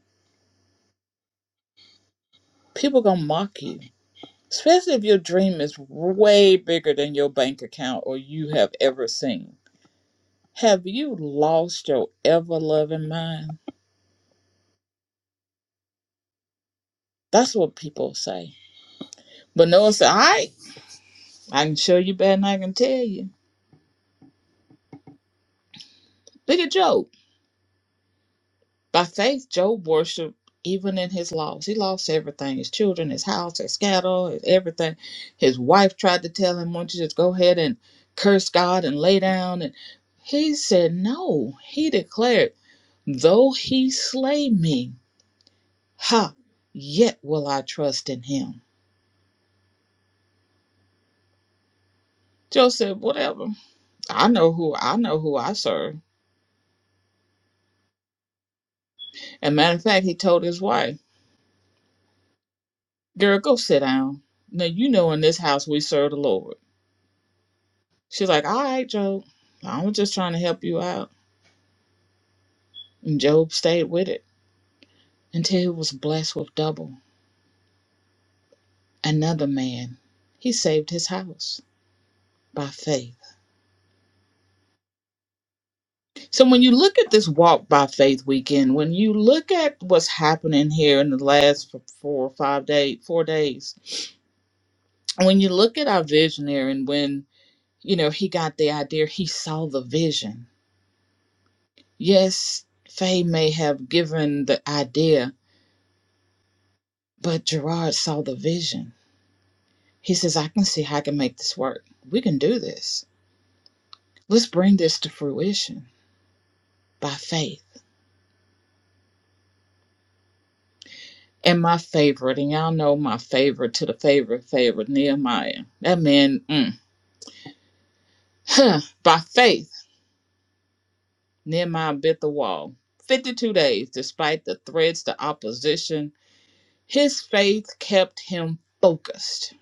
S3: People gonna mock you, especially if your dream is way bigger than your bank account or you have ever seen. Have you lost your ever loving mind? That's what people say. But Noah said, all right, I can show you better than I can tell you. Look at Job. By faith, Job worshiped even in his loss. He lost everything his children, his house, his cattle, his everything. His wife tried to tell him, Won't you just go ahead and curse God and lay down? And he said, No. He declared, Though he slay me, ha, yet will I trust in him. Job said, whatever. I know who I know who I serve. And matter of fact, he told his wife, Girl, go sit down. Now you know in this house we serve the Lord. She's like, All right, Job, I was just trying to help you out. And Job stayed with it until he was blessed with double. Another man, he saved his house by faith. So when you look at this walk by faith weekend, when you look at what's happening here in the last four or five days, four days, when you look at our visionary and when, you know, he got the idea, he saw the vision. Yes, Faye may have given the idea, but Gerard saw the vision He says, I can see how I can make this work. We can do this. Let's bring this to fruition by faith. And my favorite, and y'all know my favorite to the favorite favorite, Nehemiah. That man, mm, huh, by faith, Nehemiah bit the wall. 52 days, despite the threats, the opposition, his faith kept him focused.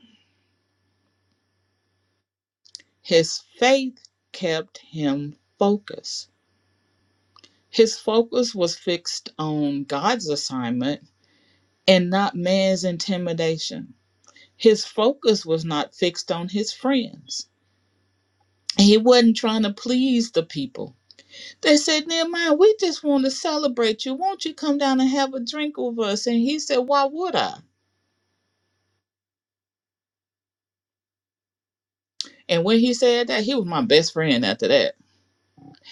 S3: His faith kept him focused. His focus was fixed on God's assignment and not man's intimidation. His focus was not fixed on his friends. He wasn't trying to please the people. They said, Nehemiah, we just want to celebrate you. Won't you come down and have a drink with us? And he said, Why would I? And when he said that, he was my best friend after that.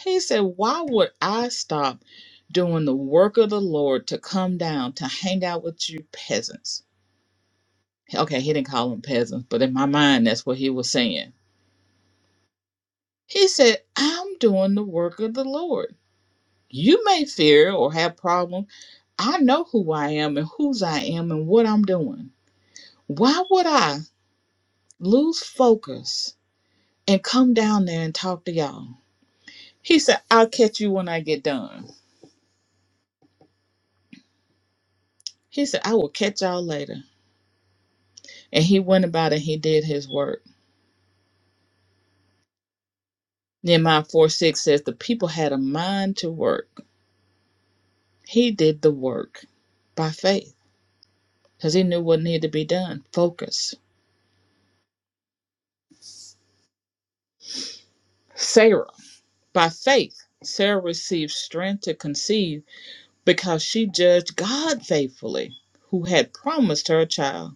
S3: He said, Why would I stop doing the work of the Lord to come down to hang out with you peasants? Okay, he didn't call them peasants, but in my mind, that's what he was saying He said, I'm doing the work of the Lord. You may fear or have problem. I know who I am and whose I am and what I'm doing. Why would I lose focus and come down there and talk to y'all? He said, I'll catch you when I get done. He said, I will catch y'all later. And he went about and he did his work. Nehemiah 4 6 says, The people had a mind to work. He did the work by faith because he knew what needed to be done. Focus. Sarah. By faith, Sarah received strength to conceive because she judged God faithfully, who had promised her a child.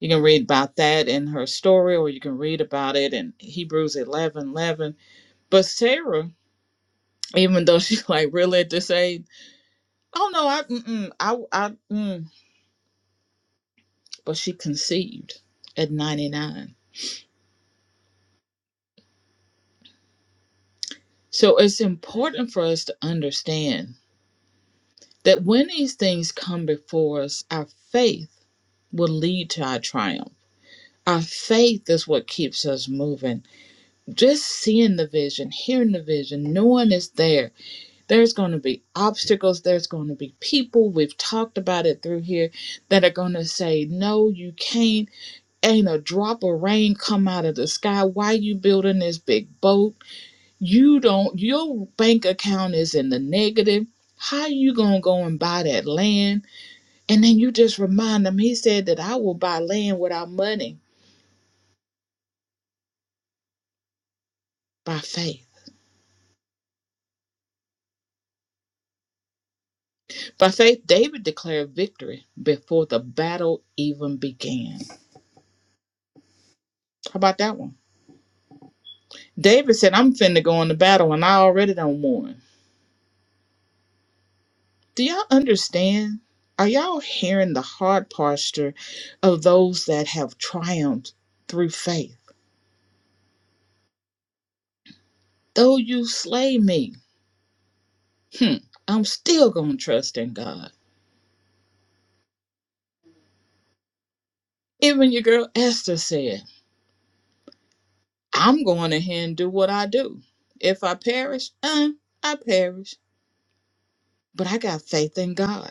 S3: You can read about that in her story, or you can read about it in Hebrews 11 11. But Sarah, even though she's like really at this age, oh no, I, mm-mm, I, I, mm. but she conceived at 99. So it's important for us to understand that when these things come before us, our faith will lead to our triumph Our faith is what keeps us moving. Just seeing the vision, hearing the vision, knowing it's there. There's going to be obstacles. There's going to be people. We've talked about it through here that are going to say, "No, you can't. Ain't a drop of rain come out of the sky. Why you building this big boat? You don't. Your bank account is in the negative." How you gonna go and buy that land? And then you just remind them, he said that I will buy land without money by faith. By faith, David declared victory before the battle even began. How about that one? David said, I'm finna go into battle and I already done won. Do y'all understand? Are y'all hearing the hard posture of those that have triumphed through faith? Though you slay me, hmm, I'm still gonna trust in God. Even your girl Esther said, I'm going ahead and do what I do. If I perish, eh, I perish. But I got faith in God.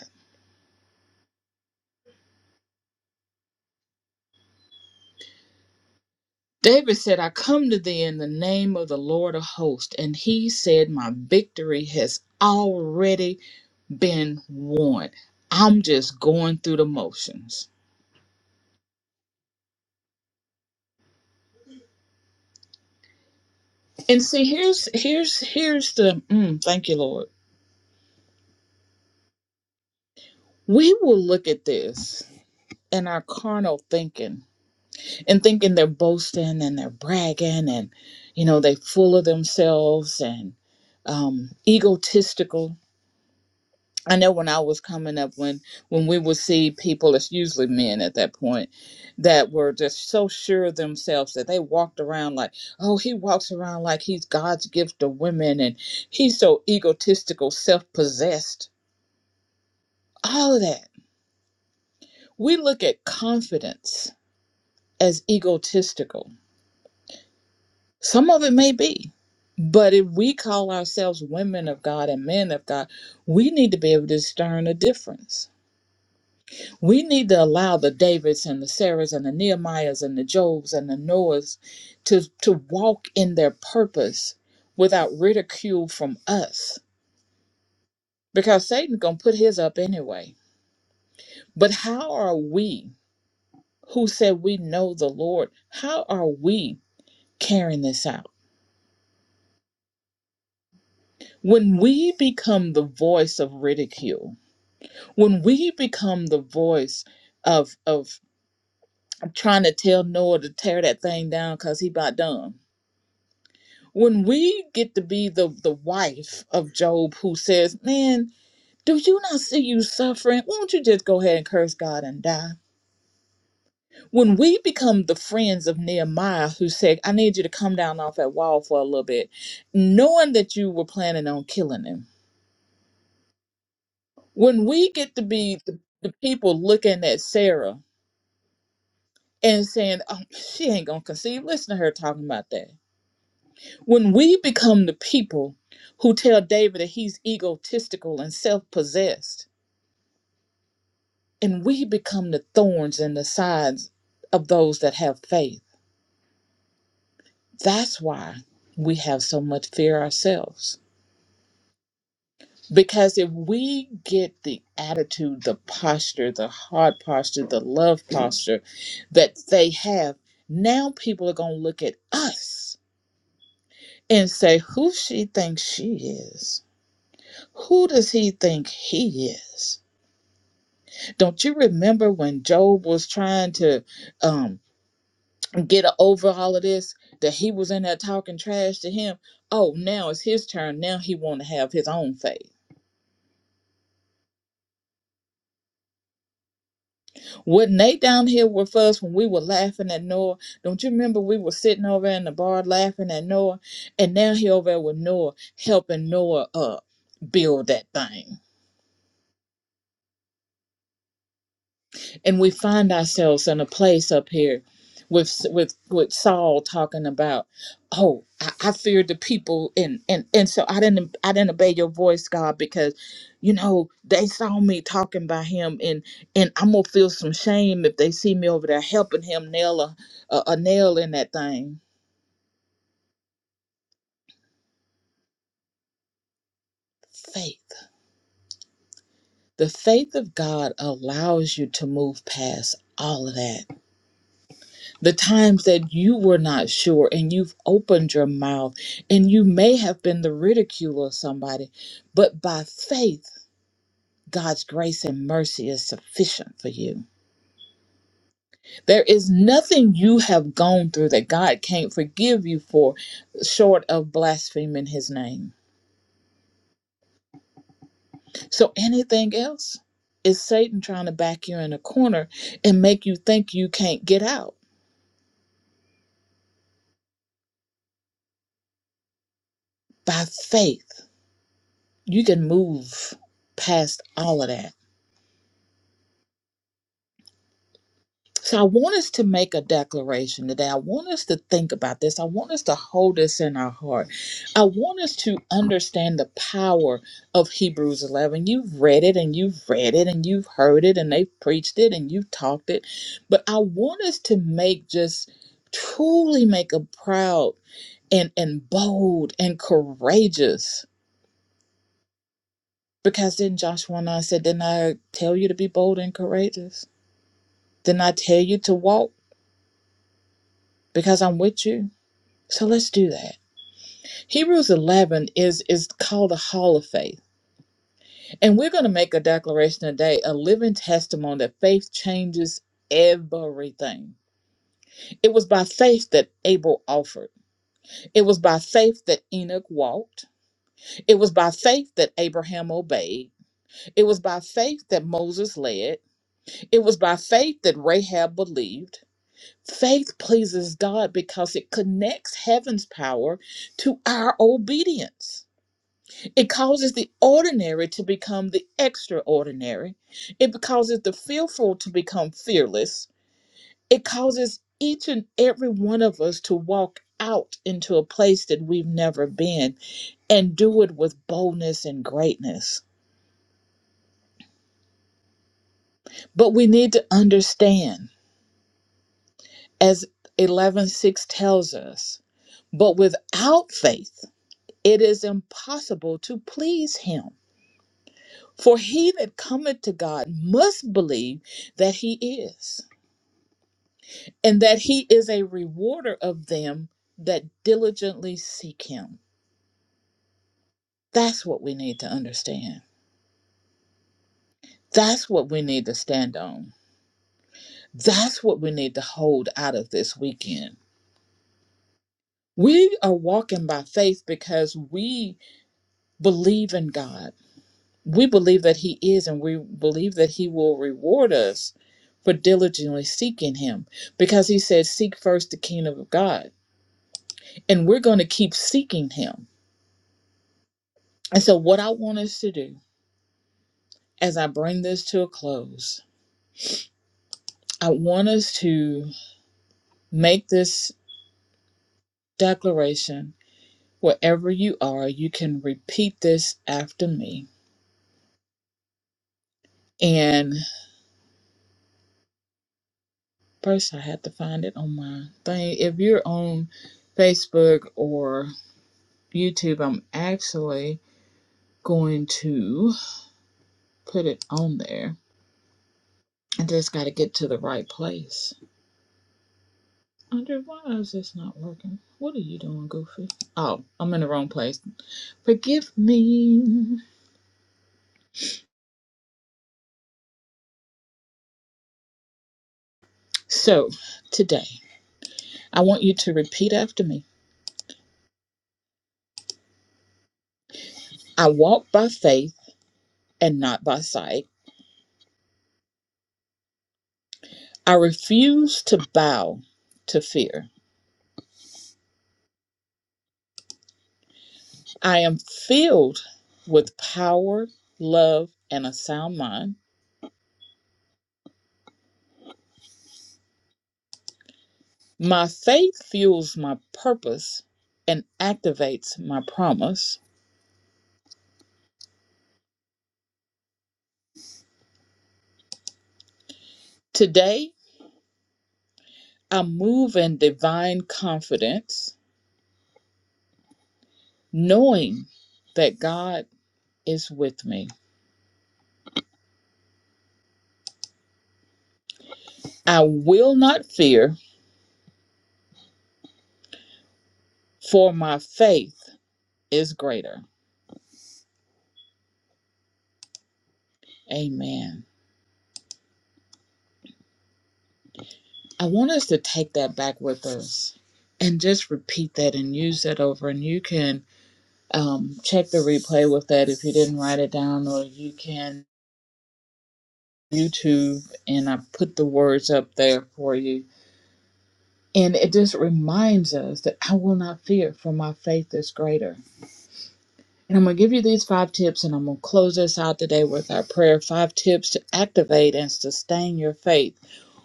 S3: David said, I come to thee in the name of the Lord of hosts. And he said, My victory has already been won. I'm just going through the motions. And see, here's here's here's the mm, thank you, Lord. We will look at this and our carnal thinking and thinking they're boasting and they're bragging and you know they full of themselves and um, egotistical I know when I was coming up, when when we would see people, it's usually men at that point, that were just so sure of themselves that they walked around like, oh, he walks around like he's God's gift to women, and he's so egotistical, self-possessed. All of that. We look at confidence as egotistical. Some of it may be, but if we call ourselves women of God and men of God, we need to be able to discern a difference We need to allow the Davids and the Sarahs and the Nehemiahs and the Jobs and the Noahs to, to walk in their purpose without ridicule from us because Satan's going to put his up anyway. But how are we, who said we know the Lord, how are we carrying this out? When we become the voice of ridicule, when we become the voice of, of trying to tell Noah to tear that thing down because he about done when we get to be the the wife of Job who says, "Man, do you not see you suffering? Won't you just go ahead and curse God and die?" When we become the friends of Nehemiah who said, "I need you to come down off that wall for a little bit," knowing that you were planning on killing him. When we get to be the, the people looking at Sarah and saying, "Oh, she ain't gonna conceive," listen to her talking about that. When we become the people who tell David that he's egotistical and self-possessed And we become the thorns in the sides of those that have faith. That's why we have so much fear ourselves. Because if we get the attitude, the posture, the heart posture, the love posture that they have, now people are going to look at us and say, Who she thinks she is? Who does he think he is? Don't you remember when Job was trying to? Um, get a- over all of this that he was in there talking trash to him oh now it's his turn now he want to have his own faith wasn't they down here with us when we were laughing at noah don't you remember we were sitting over in the bar laughing at noah and now he over there with noah helping noah uh build that thing and we find ourselves in a place up here with with with Saul talking about, oh, I, I feared the people, and and and so I didn't I didn't obey your voice, God, because you know they saw me talking by him, and and I'm gonna feel some shame if they see me over there helping him nail a a, a nail in that thing. Faith, the faith of God allows you to move past all of that the times that you were not sure and you've opened your mouth and you may have been the ridicule of somebody, but by faith, God's grace and mercy is sufficient for you. There is nothing you have gone through that God can't forgive you for short of blaspheming his name. So anything else is Satan trying to back you in a corner and make you think you can't get out. By faith, you can move past all of that So I want us to make a declaration today. I want us to think about this. I want us to hold this in our heart. I want us to understand the power of Hebrews 11. You've read it and you've read it and you've heard it and they've preached it and you've talked it. But I want us to make just truly make a proud and, and bold and courageous. Because then Joshua 9 said, Didn't I tell you to be bold and courageous? Didn't I tell you to walk? Because I'm with you. So let's do that. Hebrews 11 is is called the hall of faith. And we're going to make a declaration today, a living testimony that faith changes everything. It was by faith that Abel offered. It was by faith that Enoch walked. It was by faith that Abraham obeyed. It was by faith that Moses led. It was by faith that Rahab believed. Faith pleases God because it connects heaven's power to our obedience. It causes the ordinary to become the extraordinary. It causes the fearful to become fearless. It causes each and every one of us to walk out into a place that we've never been and do it with boldness and greatness. But we need to understand, as 11:6 tells us, but without faith it is impossible to please him. For he that cometh to God must believe that he is and that he is a rewarder of them that diligently seek him. That's what we need to understand. That's what we need to stand on. That's what we need to hold out of this weekend. We are walking by faith because we believe in God. We believe that He is, and we believe that He will reward us for diligently seeking Him because He said, Seek first the kingdom of God. And we're going to keep seeking Him. And so, what I want us to do as I bring this to a close, I want us to make this declaration. Wherever you are, you can repeat this after me. And first, I had to find it on my thing. If you're on Facebook or YouTube, I'm actually going to put it on there. I just got to get to the right place. Andre, why is this not working? What are you doing, Goofy? Oh, I'm in the wrong place. Forgive me. So today, I want you to repeat after me I walk by faith and not by sight. I refuse to bow to fear. I am filled with power, love, and a sound mind. My faith fuels my purpose and activates my promise. Today, I move in divine confidence, knowing that God is with me. I will not fear, for my faith is greater. Amen. I want us to take that back with us and just repeat that and use that over. And you can um, check the replay with that if you didn't write it down, or you can YouTube and I put the words up there for you. And it just reminds us that I will not fear, for my faith is greater. And I'm going to give you these five tips, and I'm going to close us out today with our prayer. Five tips to activate and sustain your faith.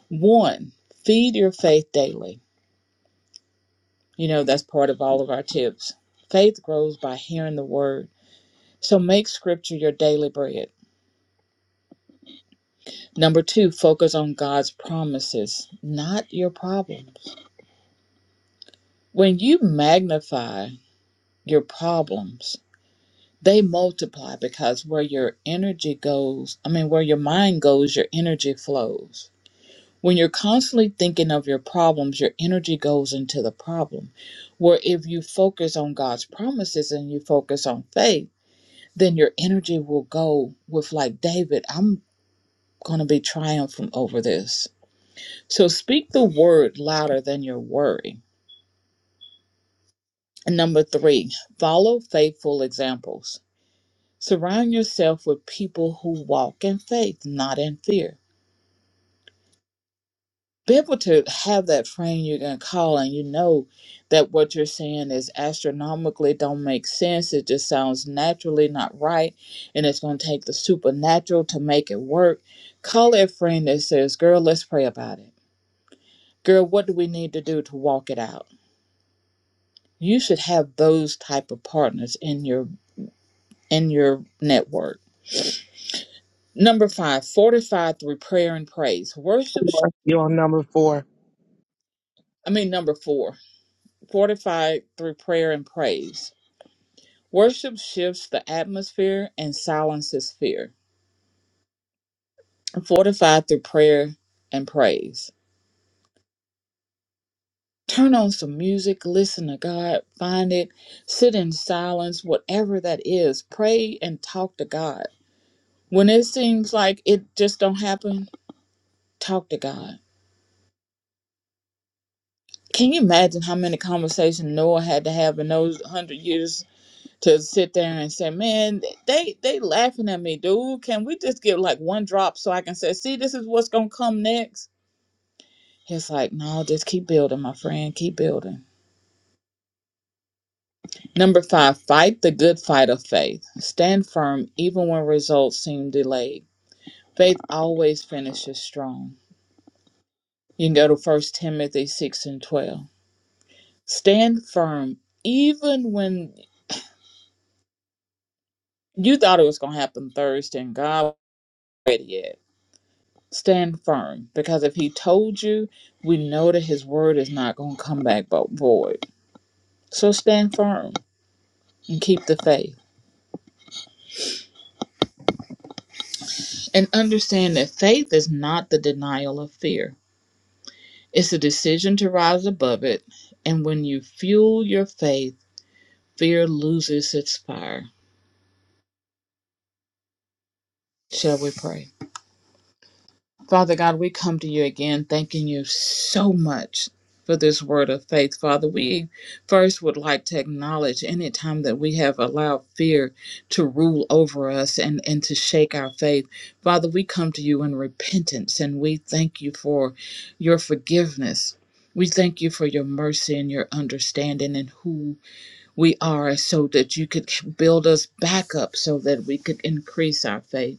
S3: One, feed your faith daily. You know, that's part of all of our tips. Faith grows by hearing the word. So make scripture your daily bread. Number two, focus on God's promises, not your problems. When you magnify your problems, they multiply because where your energy goes, I mean, where your mind goes, your energy flows. When you're constantly thinking of your problems, your energy goes into the problem. Where if you focus on God's promises and you focus on faith, then your energy will go with like David, I'm going to be triumphant over this. So speak the word louder than your worry. And number 3, follow faithful examples. Surround yourself with people who walk in faith, not in fear. be able to have that friend you are gonna call and you know that what you're saying is astronomically don't make sense it just sounds naturally not right and it's going to take the supernatural to make it work call that friend that says girl let's pray about it girl what do we need to do to walk it out you should have those type of partners in your in your network number five fortify through prayer and praise worship sh-
S4: Four. You're on number four.
S3: i mean number four fortify through prayer and praise Worship shifts the atmosphere and silences fear, fortified through prayer and praise. Turn on some music, listen to God, find it, sit in silence, whatever that is. Pray and talk to God. When it seems like it just don't happen, talk to God. Can you imagine how many conversations Noah had to have in those hundred years to sit there and say, "Man, they they laughing at me, dude. Can we just get like one drop so I can say, see, this is what's gonna come next." It's like, no, just keep building, my friend. Keep building. Number five, fight the good fight of faith. Stand firm even when results seem delayed. Faith always finishes strong. You can go to First Timothy 6 and 12. Stand firm even when you thought it was going to happen Thursday and God wasn't ready yet. Stand firm because if He told you, we know that His word is not going to come back but void. So stand firm and keep the faith. and understand that faith is not the denial of fear. It's a decision to rise above it. And when you fuel your faith, fear loses its fire. Shall we pray? Father God, we come to you again, thanking you so much for this word of faith. Father, we first would like to acknowledge any time that we have allowed fear to rule over us and, and to shake our faith. Father, we come to you in repentance and we thank you for your forgiveness. We thank you for your mercy and your understanding and who we are so that you could build us back up so that we could increase our faith.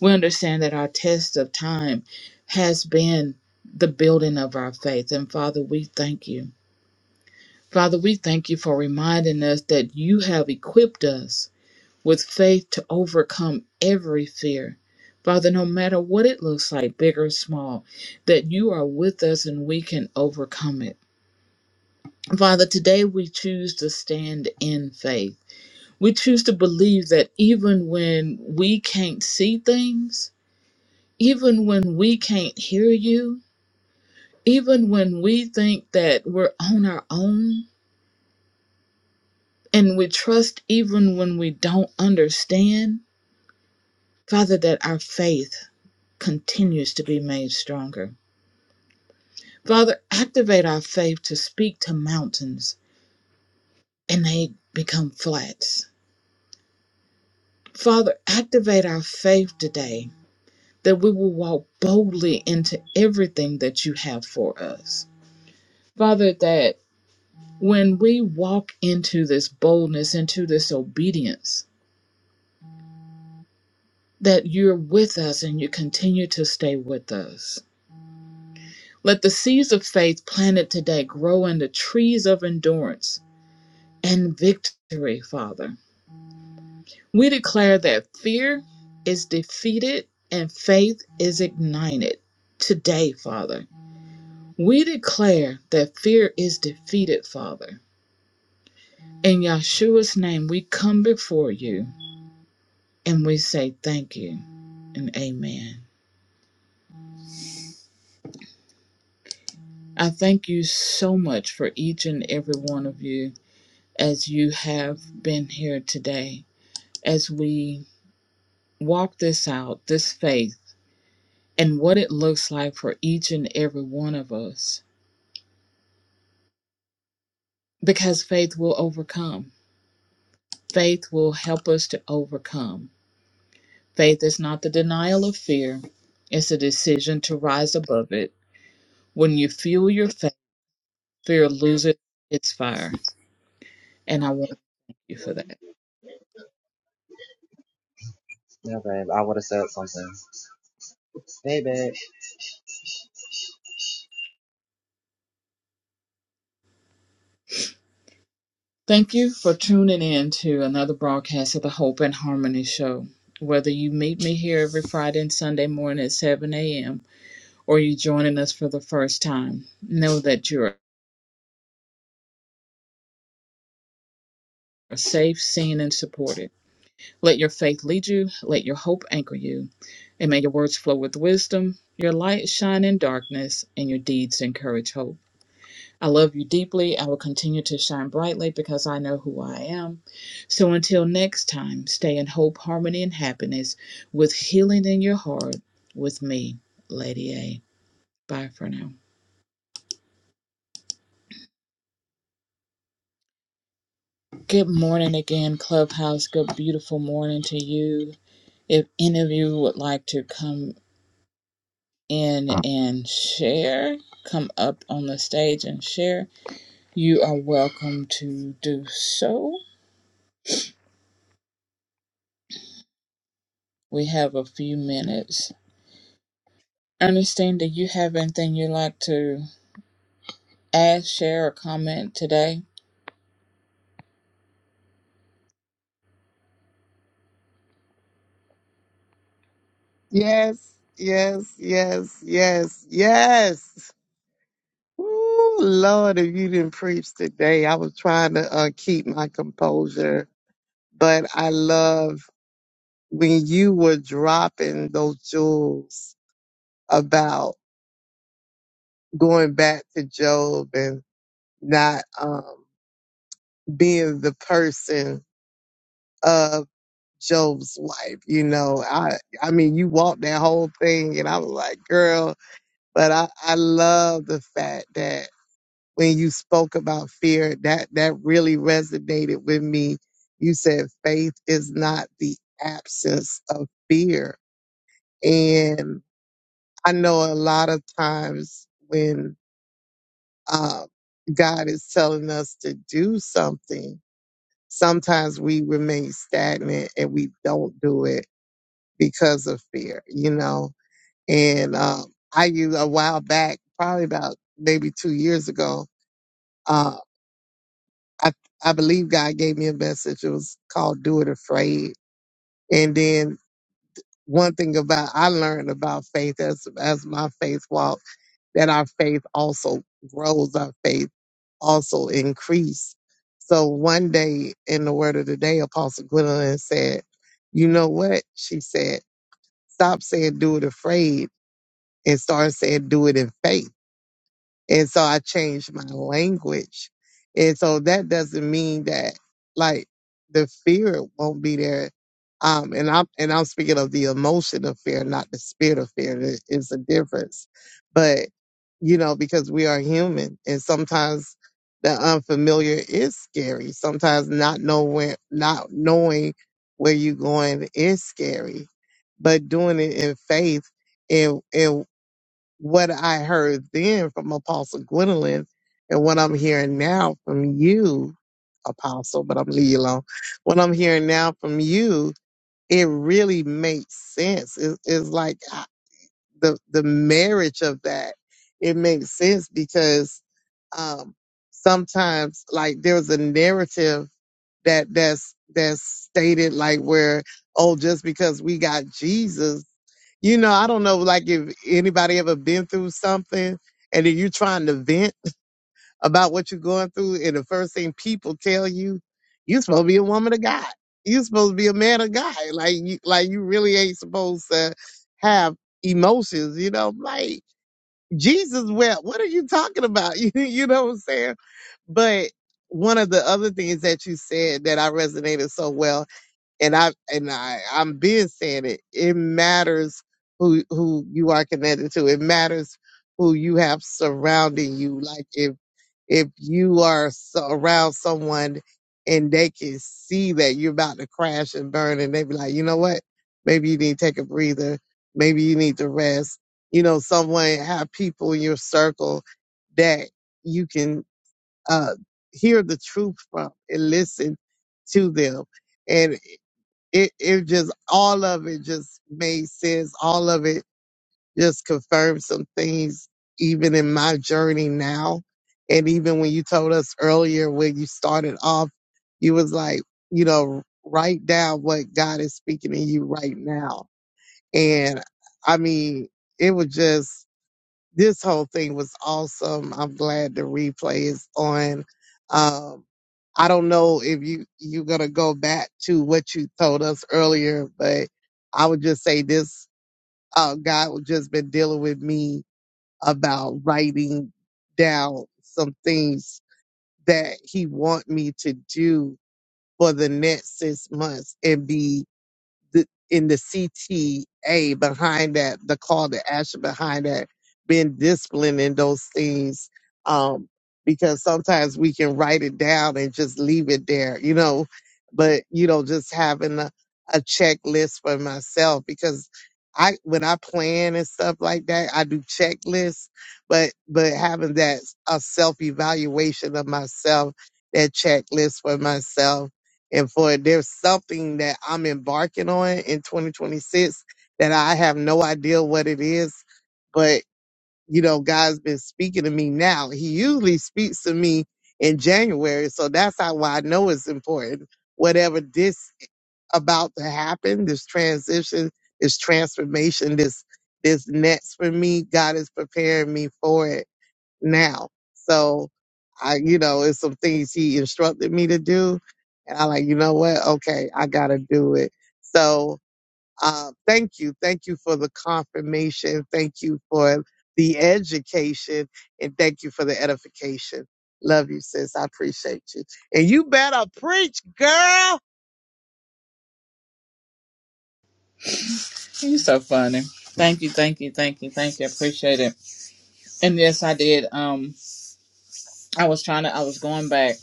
S3: We understand that our test of time has been the building of our faith. And Father, we thank you. Father, we thank you for reminding us that you have equipped us with faith to overcome every fear. Father, no matter what it looks like, big or small, that you are with us and we can overcome it. Father, today we choose to stand in faith. We choose to believe that even when we can't see things, even when we can't hear you, even when we think that we're on our own and we trust even when we don't understand, Father, that our faith continues to be made stronger. Father, activate our faith to speak to mountains and they become flats. Father, activate our faith today that we will walk boldly into everything that you have for us. Father, that when we walk into this boldness, into this obedience, that you're with us and you continue to stay with us. Let the seeds of faith planted today grow into trees of endurance and victory, Father. We declare that fear is defeated and faith is ignited today, Father. We declare that fear is defeated, Father. In Yeshua's name, we come before you And we say thank you and amen. I thank you so much for each and every one of you as you have been here today, as we walk this out, this faith, and what it looks like for each and every one of us. Because faith will overcome, faith will help us to overcome. Faith is not the denial of fear, it's a decision to rise above it. When you feel your faith, fear loses its fire. And I want you for that. Thank you for tuning in to another broadcast of the Hope and Harmony Show. Whether you meet me here every Friday and Sunday morning at 7 a.m. or you're joining us for the first time, know that you're safe, seen, and supported. Let your faith lead you, let your hope anchor you, and may your words flow with wisdom, your light shine in darkness, and your deeds encourage hope. I love you deeply. I will continue to shine brightly because I know who I am. So until next time, stay in hope, harmony, and happiness with healing in your heart with me, Lady A. Bye for now. Good morning again, Clubhouse. Good, beautiful morning to you. If any of you would like to come in and share, come up on the stage and share, you are welcome to do so. We have a few minutes. Ernestine, do you have anything you'd like to add, share, or comment today?
S4: Yes, yes, yes, yes, yes. Ooh, Lord, if you didn't preach today, I was trying to uh, keep my composure, but I love when you were dropping those jewels about going back to Job and not um, being the person of Job's wife. You know, I I mean, you walked that whole thing, and I was like, girl. But I, I love the fact that when you spoke about fear, that, that really resonated with me. You said faith is not the absence of fear. And I know a lot of times when uh, God is telling us to do something, sometimes we remain stagnant and we don't do it because of fear, you know? And um, I used a while back, probably about maybe two years ago, Uh, I I believe God gave me a message. It was called "Do It Afraid." And then one thing about I learned about faith as as my faith walk that our faith also grows, our faith also increase. So one day in the Word of the Day, Apostle Gwendolyn said, "You know what?" She said, "Stop saying do it afraid and start saying do it in faith." And so I changed my language. And so that doesn't mean that like the fear won't be there. Um, and I'm and I'm speaking of the emotion of fear, not the spirit of fear. There is a difference. But, you know, because we are human and sometimes the unfamiliar is scary. Sometimes not knowing not knowing where you're going is scary. But doing it in faith and and what I heard then from Apostle Gwendolyn and what I'm hearing now from you, Apostle, but I'm leaving you alone. What I'm hearing now from you, it really makes sense. It, it's like uh, the the marriage of that. It makes sense because um, sometimes like there's a narrative that that's that's stated like where oh just because we got Jesus you know, I don't know, like if anybody ever been through something and then you're trying to vent about what you're going through, and the first thing people tell you, you're supposed to be a woman of God. You're supposed to be a man of God. Like you, like you really ain't supposed to have emotions. You know, like Jesus wept. What are you talking about? You, you know what I'm saying? But one of the other things that you said that I resonated so well and I and I I'm been saying it. It matters who who you are connected to. It matters who you have surrounding you. Like if if you are so around someone and they can see that you're about to crash and burn, and they be like, you know what? Maybe you need to take a breather. Maybe you need to rest. You know, someone have people in your circle that you can uh, hear the truth from and listen to them it it just all of it just made sense. All of it just confirmed some things even in my journey now. And even when you told us earlier when you started off, you was like, you know, write down what God is speaking to you right now. And I mean, it was just this whole thing was awesome. I'm glad the replay is on. Um I don't know if you you're gonna go back to what you told us earlier, but I would just say this: uh, God has just been dealing with me about writing down some things that He want me to do for the next six months and be the, in the CTA behind that, the call to action behind that, being disciplined in those things. Um, because sometimes we can write it down and just leave it there, you know, but, you know, just having a, a checklist for myself because I, when I plan and stuff like that, I do checklists, but, but having that a self evaluation of myself, that checklist for myself and for there's something that I'm embarking on in 2026 that I have no idea what it is, but you know, God's been speaking to me now. He usually speaks to me in January, so that's how why I know it's important. Whatever this about to happen, this transition, this transformation, this this next for me, God is preparing me for it now. So I, you know, it's some things he instructed me to do. And I'm like, you know what? Okay, I gotta do it. So uh, thank you. Thank you for the confirmation. Thank you for the education and thank you for the edification. Love you, sis. I appreciate you. And you better preach, girl.
S3: You're so funny. Thank you, thank you, thank you, thank you. I appreciate it. And yes, I did. Um, I was trying to. I was going back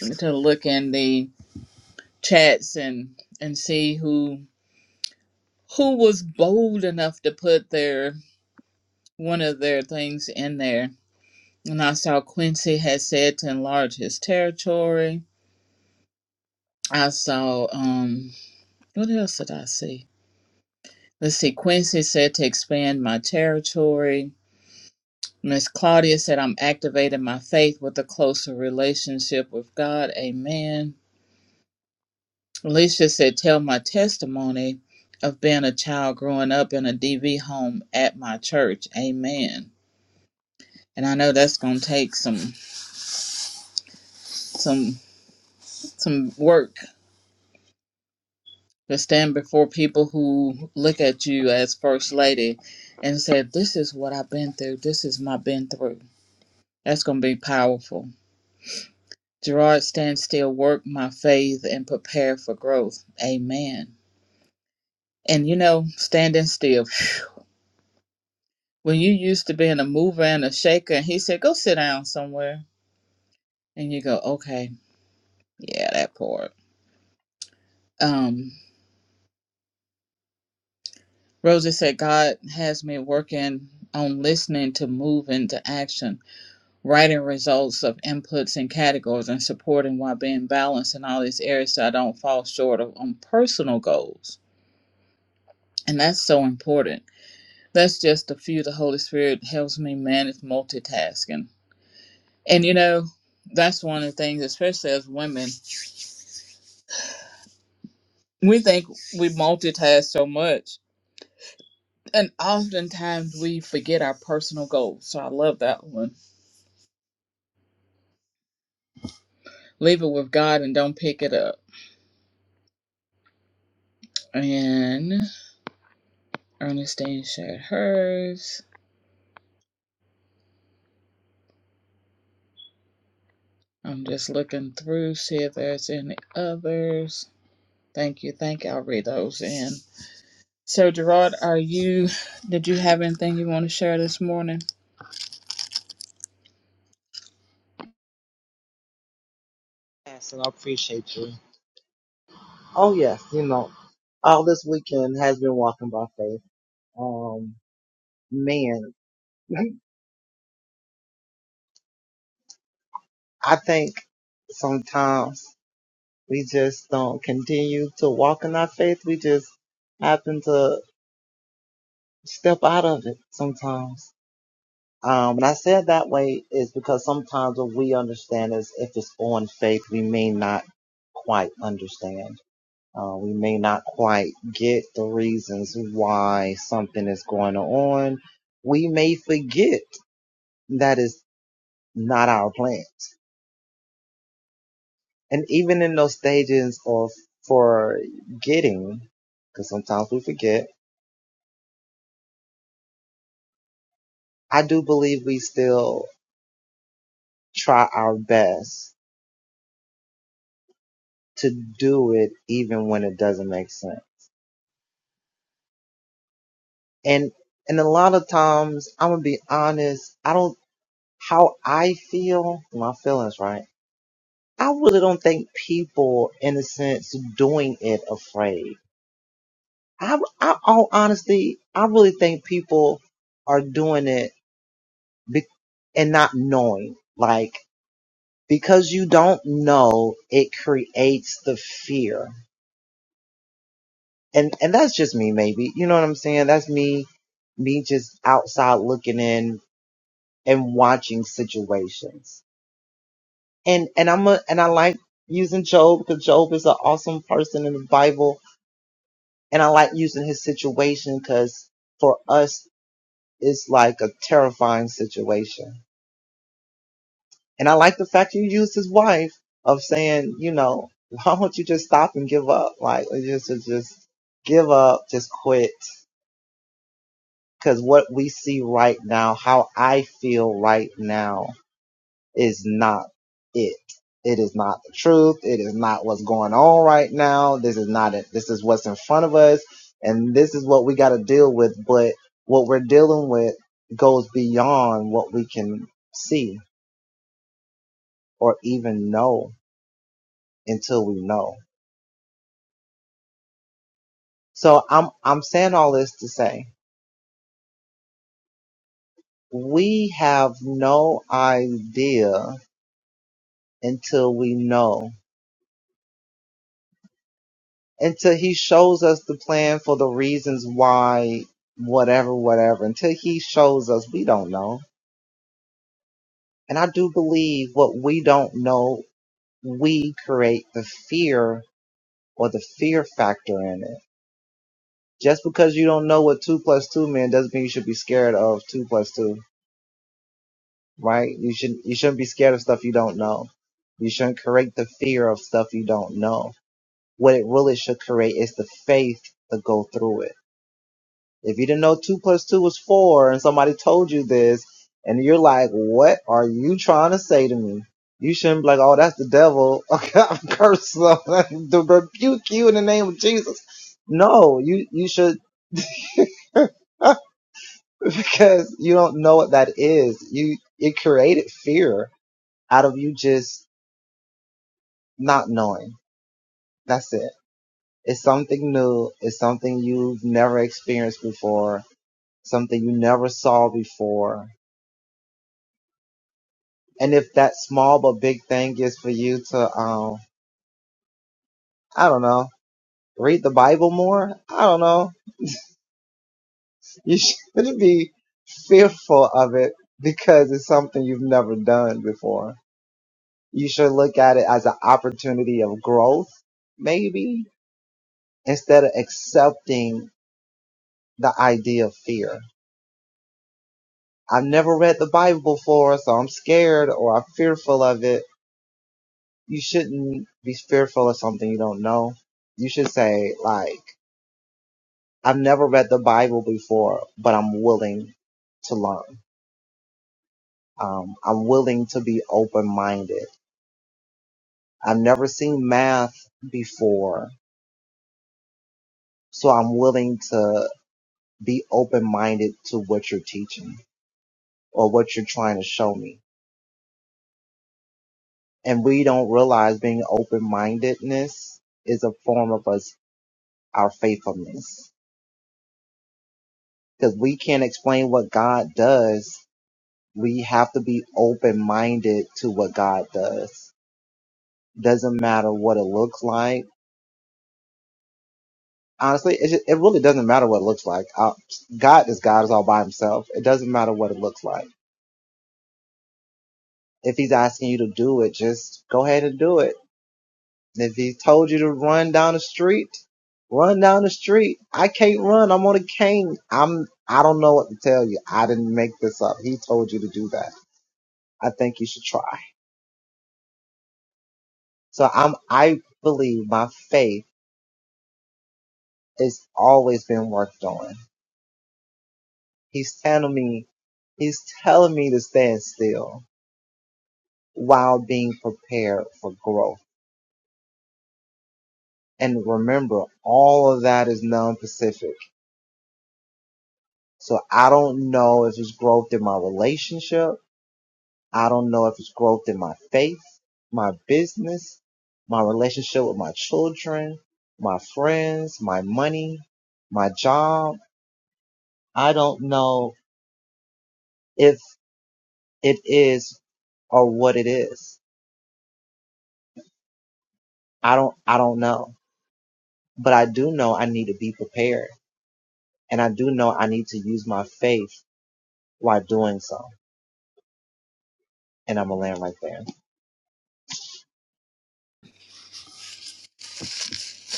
S3: to look in the chats and and see who who was bold enough to put their one of their things in there. And I saw Quincy had said to enlarge his territory. I saw um, what else did I see? Let's see. Quincy said to expand my territory. Miss Claudia said I'm activating my faith with a closer relationship with God. Amen. Alicia said, tell my testimony of being a child growing up in a DV home at my church. Amen. And I know that's going to take some some some work to stand before people who look at you as first lady and say, this is what I've been through. This is my been through. That's going to be powerful. Gerard stand still, work my faith, and prepare for growth. Amen. And you know, standing still. When you used to being a mover and a shaker, and he said, Go sit down somewhere. And you go, Okay, yeah, that part. Um, Rosa said, God has me working on listening to move into action, writing results of inputs and categories, and supporting while being balanced in all these areas so I don't fall short of on personal goals. And that's so important That's just a few the Holy Spirit helps me manage multitasking. And you know, that's one of the things, especially as women, we think we multitask so much. And oftentimes we forget our personal goals. So I love that one. Leave it with God and don't pick it up. And Ernestine shared hers. I'm just looking through, see if there's any others. Thank you. Thank you. I'll read those in. So Gerard, are you did you have anything you want to share this morning?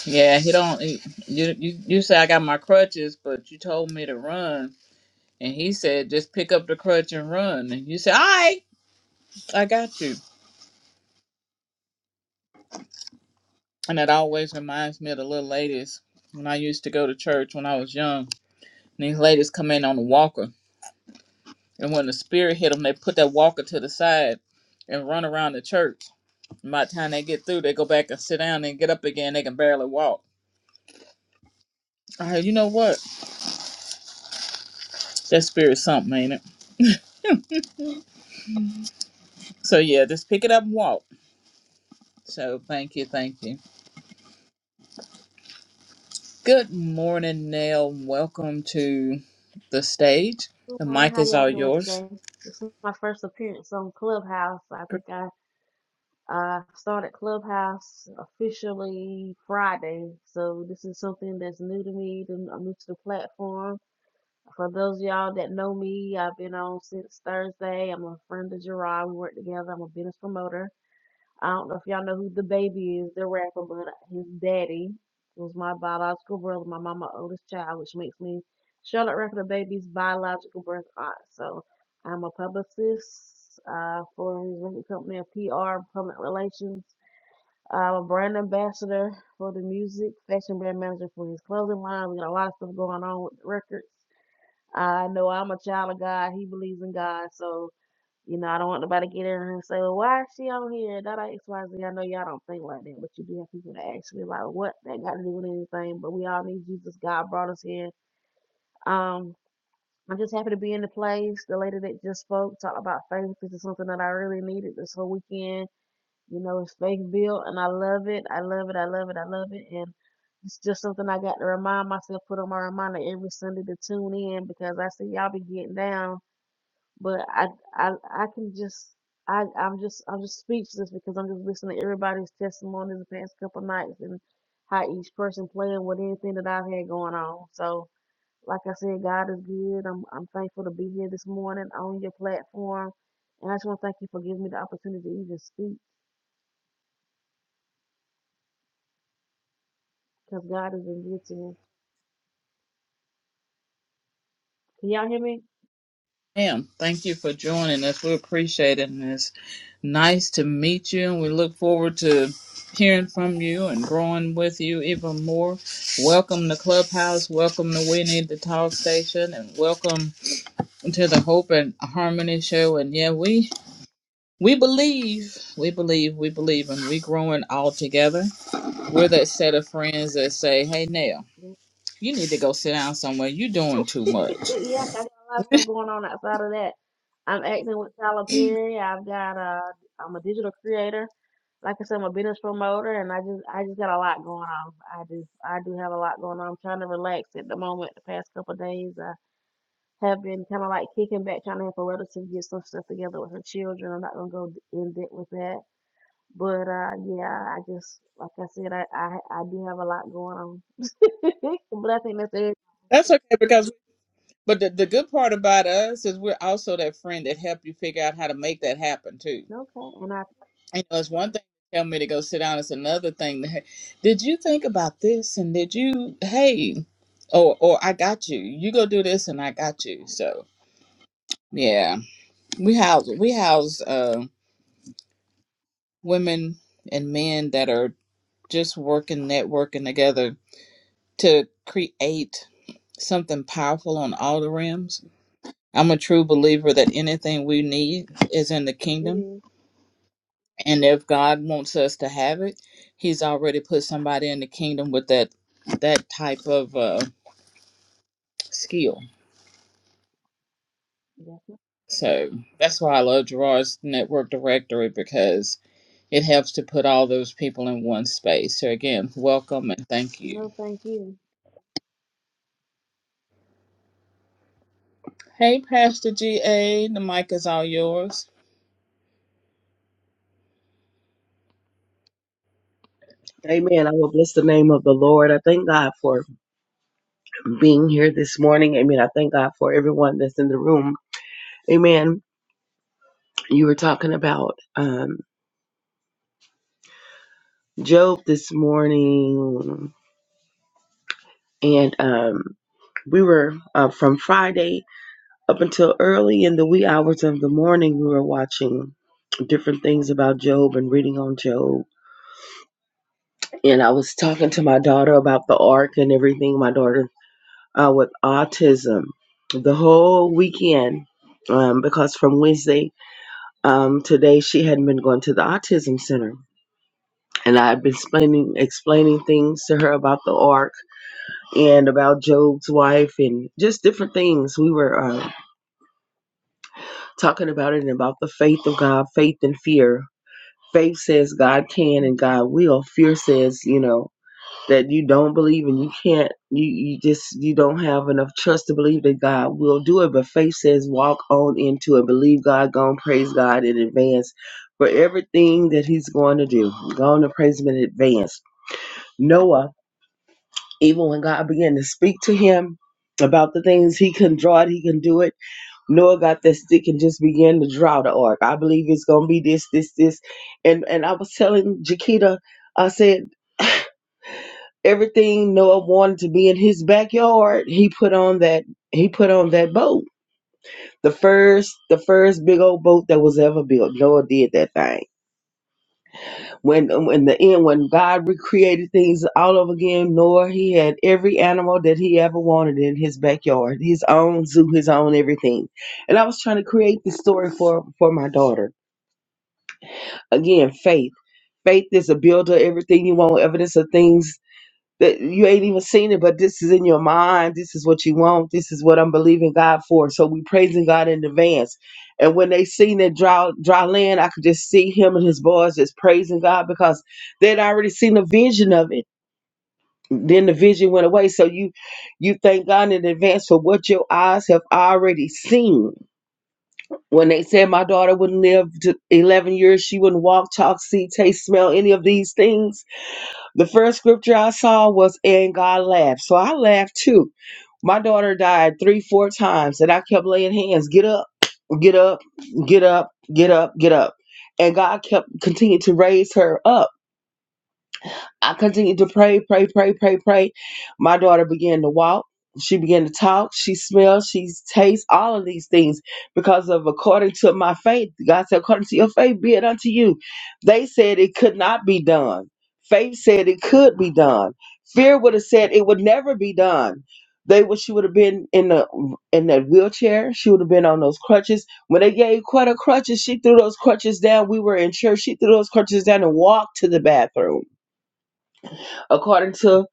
S3: Yeah, he don't. He, you you you say I got my crutches, but you told me to run, and he said just pick up the crutch and run. And you said, "All right, I got you." And it always reminds me of the little ladies when I used to go to church when I was young. And these ladies come in on the walker, and when the spirit hit them, they put that walker to the side and run around the church. And by the time they get through, they go back and sit down and get up again. They can barely walk. All right, you know what? That spirit's something, ain't it? So yeah, just pick it up and walk. So thank you, thank you. Good morning, Nell. Welcome to the stage.
S5: Good
S3: The
S5: morning.
S3: mic
S5: How
S3: is
S5: y'all
S3: all
S5: doing
S3: yours.
S5: today? This is my first appearance on Clubhouse. I think I uh, started Clubhouse officially Friday, so this is something that's new to me. and I'm new to the platform. For those of y'all that know me, I've been on since Thursday. I'm a friend of Gerard. We work together. I'm a business promoter. I don't know if y'all know who the baby is, the rapper, but his daddy was my biological brother, my mama's oldest child, which makes me Charlotte Rapper the baby's biological birth aunt. So I'm a publicist uh, for his record company of PR public relations. I'm a brand ambassador for the music, fashion brand manager for his clothing line. We got a lot of stuff going on with the records. I know I'm a child of God. He believes in God, so you know, I don't want nobody to get in here and say, well, why is she on here? That X, Y, Z. I know y'all don't think like that, but you do have people that actually like, what that got to do with anything? But we all need Jesus. God brought us here. Um, I'm just happy to be in the place. The lady that just spoke talked about faith. This is something that I really needed this whole weekend. You know, it's faith built, and I love it. I love it. I love it. I love it. And it's just something I got to remind myself, put on my reminder every Sunday to tune in because I see y'all be getting down. But I I I can just I I'm just I'm just speechless because I'm just listening to everybody's testimonies the past couple nights and how each person playing with anything that I've had going on. So like I said, God is good. I'm I'm thankful to be here this morning on your platform, and I just want to thank you for giving me the opportunity to even speak because God has been good to me. Can y'all hear me?
S3: Ma'am, thank you for joining us. We appreciate it. And it's nice to meet you, and we look forward to hearing from you and growing with you even more. Welcome to Clubhouse. Welcome to We Need to Talk Station, and welcome to the Hope and Harmony Show. And yeah, we we believe, we believe, we believe, and we growing all together. We're that set of friends that say, "Hey, Nell." You need to go sit down somewhere. You're doing too much.
S5: yeah, 'cause I got a lot of stuff going on outside of that. I'm acting with Tyler Perry. I've got uh, I'm a digital creator. Like I said, I'm a business promoter, and I just, I just got a lot going on. I do, I do have a lot going on. I'm trying to relax at the moment. The past couple of days, I have been kind of like kicking back, trying to help a relative get some stuff together with her children. I'm not gonna go in debt with that, but uh, yeah, I just, like I said, I, I, I do have a lot going on. but I think that's it.
S3: That's okay because but the, the good part about us is we're also that friend that help you figure out how to make that happen too.
S5: Okay, and I,
S3: You know, it's one thing to tell me to go sit down, it's another thing to hey, did you think about this and did you hey or or I got you. You go do this and I got you. So yeah. We house we house uh women and men that are just working, networking together to create something powerful on all the rims I'm a true believer that anything we need is in the
S5: it
S3: kingdom.
S5: is.
S3: And if God wants us to have it, He's already put somebody in the kingdom with that that type of uh, skill.
S5: Yeah.
S3: So that's why I love Gerard's network directory because it helps to put all those people in one space. So again, welcome and thank you.
S5: No, thank you.
S3: Hey, Pastor GA, the mic is all yours.
S6: Amen. I will bless the name of the Lord. I thank God for being here this morning. Amen. I thank God for everyone that's in the room. Amen. You were talking about um, Job this morning, and um, we were uh, from Friday up until early in the wee hours of the morning. We were watching different things about Job and reading on Job. And I was talking to my daughter about the ark and everything. My daughter's uh, with autism the whole weekend um, because from Wednesday um, today she hadn't been going to the autism center, and I've been explaining explaining things to her about the ark and about Job's wife and just different things. We were uh, talking about it and about the faith of God, faith and fear. Faith says God can and God will. Fear says, you know. that you don't believe and you can't you, you just you don't have enough trust to believe that god will do it but faith says walk on into it believe god go and praise god in advance for everything that he's going to do go on and praise him in advance noah even when god began to speak to him about the things he can draw it, he can do it. Noah got that stick and just began to draw the ark. I believe it's gonna be this, this, this, and and I was telling Jakita, I said. everything Noah wanted to be in his backyard, he put on that he put on that boat. The first the first big old boat that was ever built. Noah did that thing. When in the end when God recreated things all over again, Noah he had every animal that he ever wanted in his backyard. His own zoo, his own everything. And I was trying to create this story for for my daughter. Again, faith. Faith is a builder, everything you want, evidence of things that you ain't even seen it, but this is in your mind. This is what you want. This is what I'm believing God for. So we praising God in advance. And when they seen that dry, dry land, I could just see him and his boys just praising God because they'd already seen a vision of it. Then the vision went away. So you you thank God in advance for what your eyes have already seen. When they said my daughter wouldn't live to 11 years, she wouldn't walk, talk, see, taste, smell, any of these things the first scripture I saw was and God laughed. So I laughed too. My daughter died three, four times, and I kept laying hands, get up, get up, get up, get up, get up. And God kept continued to raise her up. I continued to pray, pray, pray, pray, pray. My daughter began to walk. She began to talk. She smells. She tastes all of these things because of according to my faith. God said, according to your faith, be it unto you. They said it could not be done. Faith said it could be done. Fear would have said it would never be done. They would. She would have been in the in that wheelchair. She would have been on those crutches. When they gave quite a crutches, she threw those crutches down. We were in church. She threw those crutches down and walked to the bathroom according to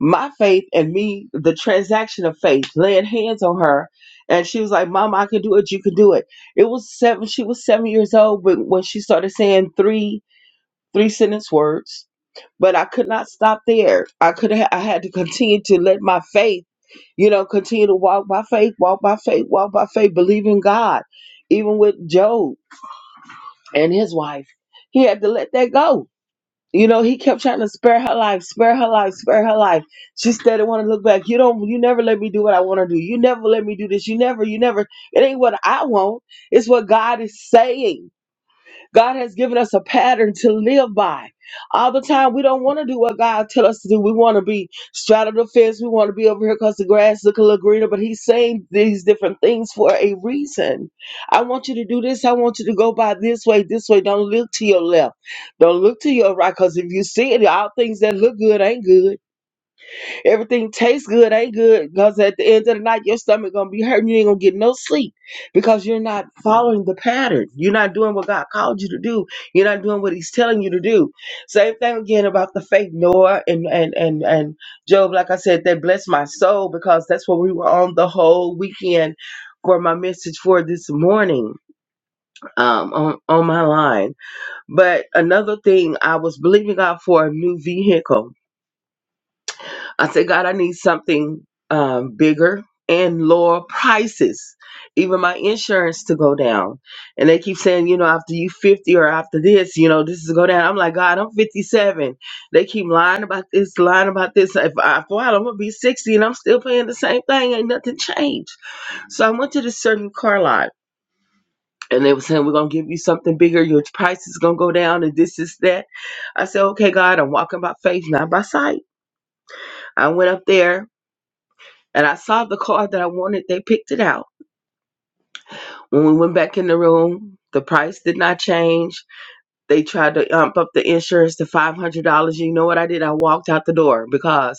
S6: my faith and me, the transaction of faith, laying hands on her. And she was like, Mom, I can do it. You can do it. It was seven. She was seven years old when, when she started saying three, three sentence words. But I could not stop there. I could ha- I had to continue to let my faith, you know, continue to walk by faith, walk by faith, walk by faith, believe in God, even with Job and his wife. He had to let that go you know, he kept trying to spare her life, spare her life, spare her life. She said, "I want to look back. You don't. You never let me do what I want to do. You never let me do this. You never. You never. It ain't what I want. It's what God is saying." God has given us a pattern to live by. All the time, we don't want to do what God tells us to do. We want to be straddle the fence. We want to be over here because the grass look a little greener. But He's saying these different things for a reason. I want you to do this. I want you to go by this way, this way. Don't look to your left. Don't look to your right. Because if you see it, all things that look good ain't good. Everything tastes good, ain't good, because at the end of the night, your stomach gonna be hurting. You ain't gonna get no sleep because you're not following the pattern. You're not doing what God called you to do. You're not doing what He's telling you to do. Same thing again about the faith Noah and and and and Job. Like I said, that blessed my soul because that's what we were on the whole weekend for my message for this morning um, on on my line. But another thing, I was believing God for a new vehicle I said, God, I need something um, bigger and lower prices. Even my insurance to go down. And they keep saying, you know, after you 50 or after this, you know, this is go down. I'm like, God, I'm 57. They keep lying about this, lying about this. If I fall, I'm going to be 60 and I'm still paying the same thing. Ain't nothing changed. So I went to this certain car lot and they were saying, we're going to give you something bigger. Your price is going to go down and this is that. I said, okay, God, I'm walking by faith, not by sight. I went up there And I saw the car that I wanted. They picked it out. When we went back in the room, the price did not change. They tried to ump up the insurance to $500. You know what I did? I walked out the door because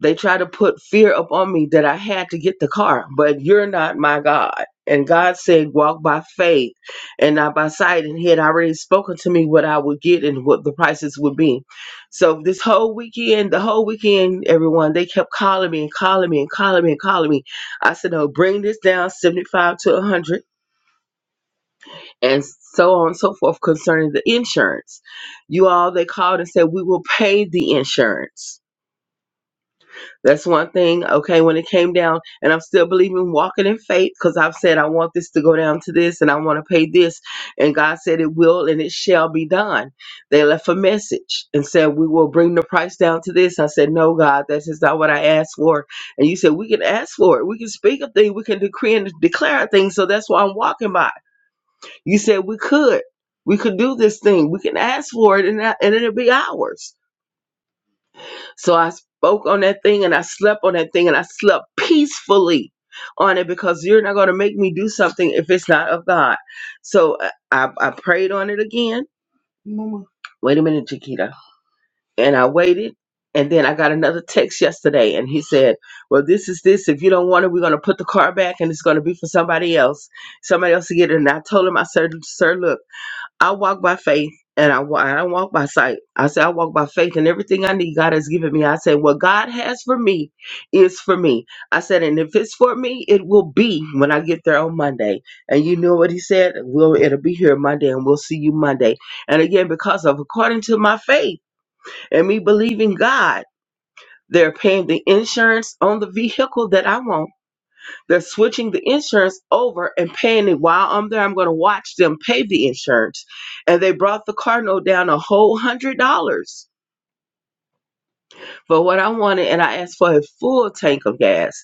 S6: they tried to put fear upon me that I had to get the car, but you're not my God. And God said, walk by faith and not by sight. And He had already spoken to me what I would get and what the prices would be. So this whole weekend, the whole weekend, everyone, they kept calling me and calling me and calling me and calling me. I said, no, bring this down 75 to 100 and so on and so forth concerning the insurance. You all, they called and said, we will pay the insurance That's one thing. Okay, when it came down, and I'm still believing, walking in faith, because I've said I want this to go down to this, and I want to pay this, and God said it will, and it shall be done. They left a message and said we will bring the price down to this. I said, No, God, that is not what I asked for. And you said we can ask for it, we can speak a thing, we can decree and declare a thing. So that's why I'm walking by. You said we could, we could do this thing, we can ask for it, and and it'll be ours. So I spoke on that thing and I slept on that thing and I slept peacefully on it because you're not going to make me do something if it's not of God. So I, I I prayed on it again. Mama. Wait a minute, Chiquita. And I waited. And then I got another text yesterday and he said, Well, this is this. If you don't want it, we're going to put the car back and it's going to be for somebody else. Somebody else to get it. And I told him, I said, Sir, look. I walk by faith and I, wa- I don't walk by sight. I say I walk by faith and everything I need God has given me. I say what God has for me is for me. I said, and if it's for me, it will be when I get there on Monday. And you know what he said? Well, it'll be here Monday and we'll see you Monday. And again, because of according to my faith and me believing God, they're paying the insurance on the vehicle that I want they're switching the insurance over and paying it while I'm there. I'm going to watch them pay the insurance. And they brought the car note down a whole hundred dollars for what I wanted. And I asked for a full tank of gas.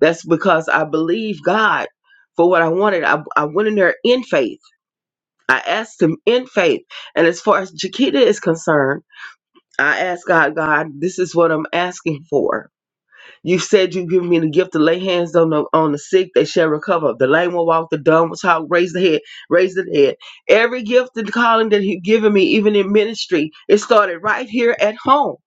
S6: That's because I believe God for what I wanted. I, I went in there in faith. I asked him in faith. And as far as Jaquita is concerned, I asked God, God, this is what I'm asking for You said you give me the gift to lay hands on the on the sick, they shall recover. The lame will walk, the dumb will talk, raise the head, raise the head. Every gift and calling that He's given me, even in ministry, it started right here at home.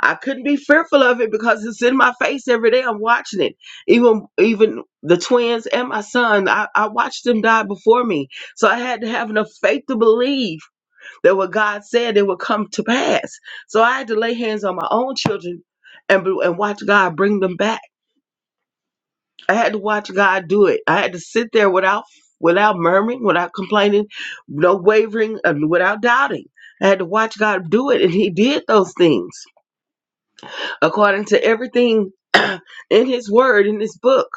S6: I couldn't be fearful of it because it's in my face every day. I'm watching it. Even even the twins and my son, I, I watched them die before me. So I had to have enough faith to believe that what God said it would come to pass. So I had to lay hands on my own children and, and watch God bring them back. I had to watch God do it. I had to sit there without without murmuring, without complaining, no wavering, and without doubting. I had to watch God do it, and He did those things according to everything in His Word, in His book.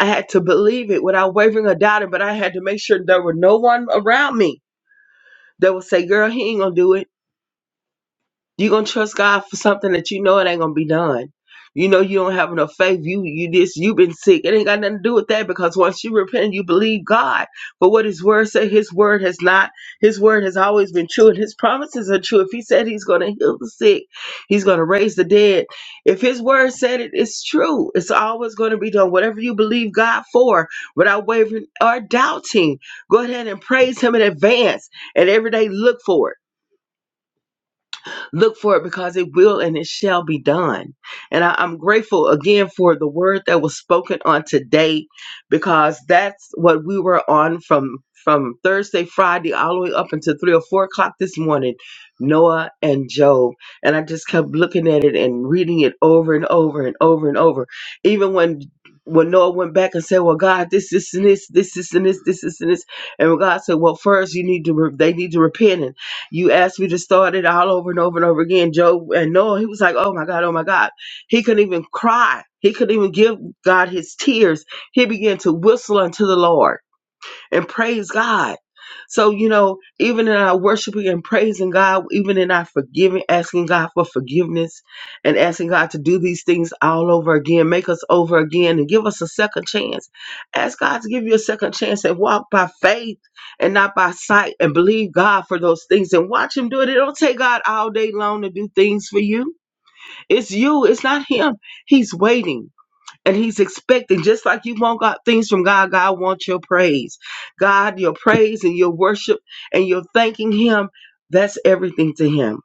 S6: I had to believe it without wavering or doubting, but I had to make sure there were no one around me that would say, "Girl, He ain't gonna do it." You gonna trust God for something that you know it ain't gonna be done. You know you don't have enough faith. You you this you been sick. It ain't got nothing to do with that because once you repent, you believe God for what His word said. His word has not. His word has always been true, and His promises are true. If He said He's gonna heal the sick, He's gonna raise the dead. If His word said it, it's true. It's always gonna be done. Whatever you believe God for, without wavering or doubting, go ahead and praise Him in advance, and every day look for it. Look for it because it will and it shall be done. And I, I'm grateful again for the word that was spoken on today because that's what we were on from from Thursday, Friday, all the way up until three or four o'clock this morning, Noah and Job. And I just kept looking at it and reading it over and over and over and over. Even when when Noah went back and said, Well, God, this, this, and this, this, this, and this, this, this, and this. And God said, Well, first you need to re- they need to repent. You asked me to start it all over and over and over again. Job and Noah, he was like, oh my God, oh my God. He couldn't even cry. He couldn't even give God his tears. He began to whistle unto the Lord and praise God. So, you know, even in our worshiping and praising God, even in our forgiving, asking God for forgiveness and asking God to do these things all over again, make us over again and give us a second chance. Ask God to give you a second chance and walk by faith and not by sight and believe God for those things and watch Him do it. It don't take God all day long to do things for you. It's you, it's not Him. He's waiting. And he's expecting, just like you want God, things from God, God wants your praise. God, your praise and your worship and your thanking him, that's everything to him.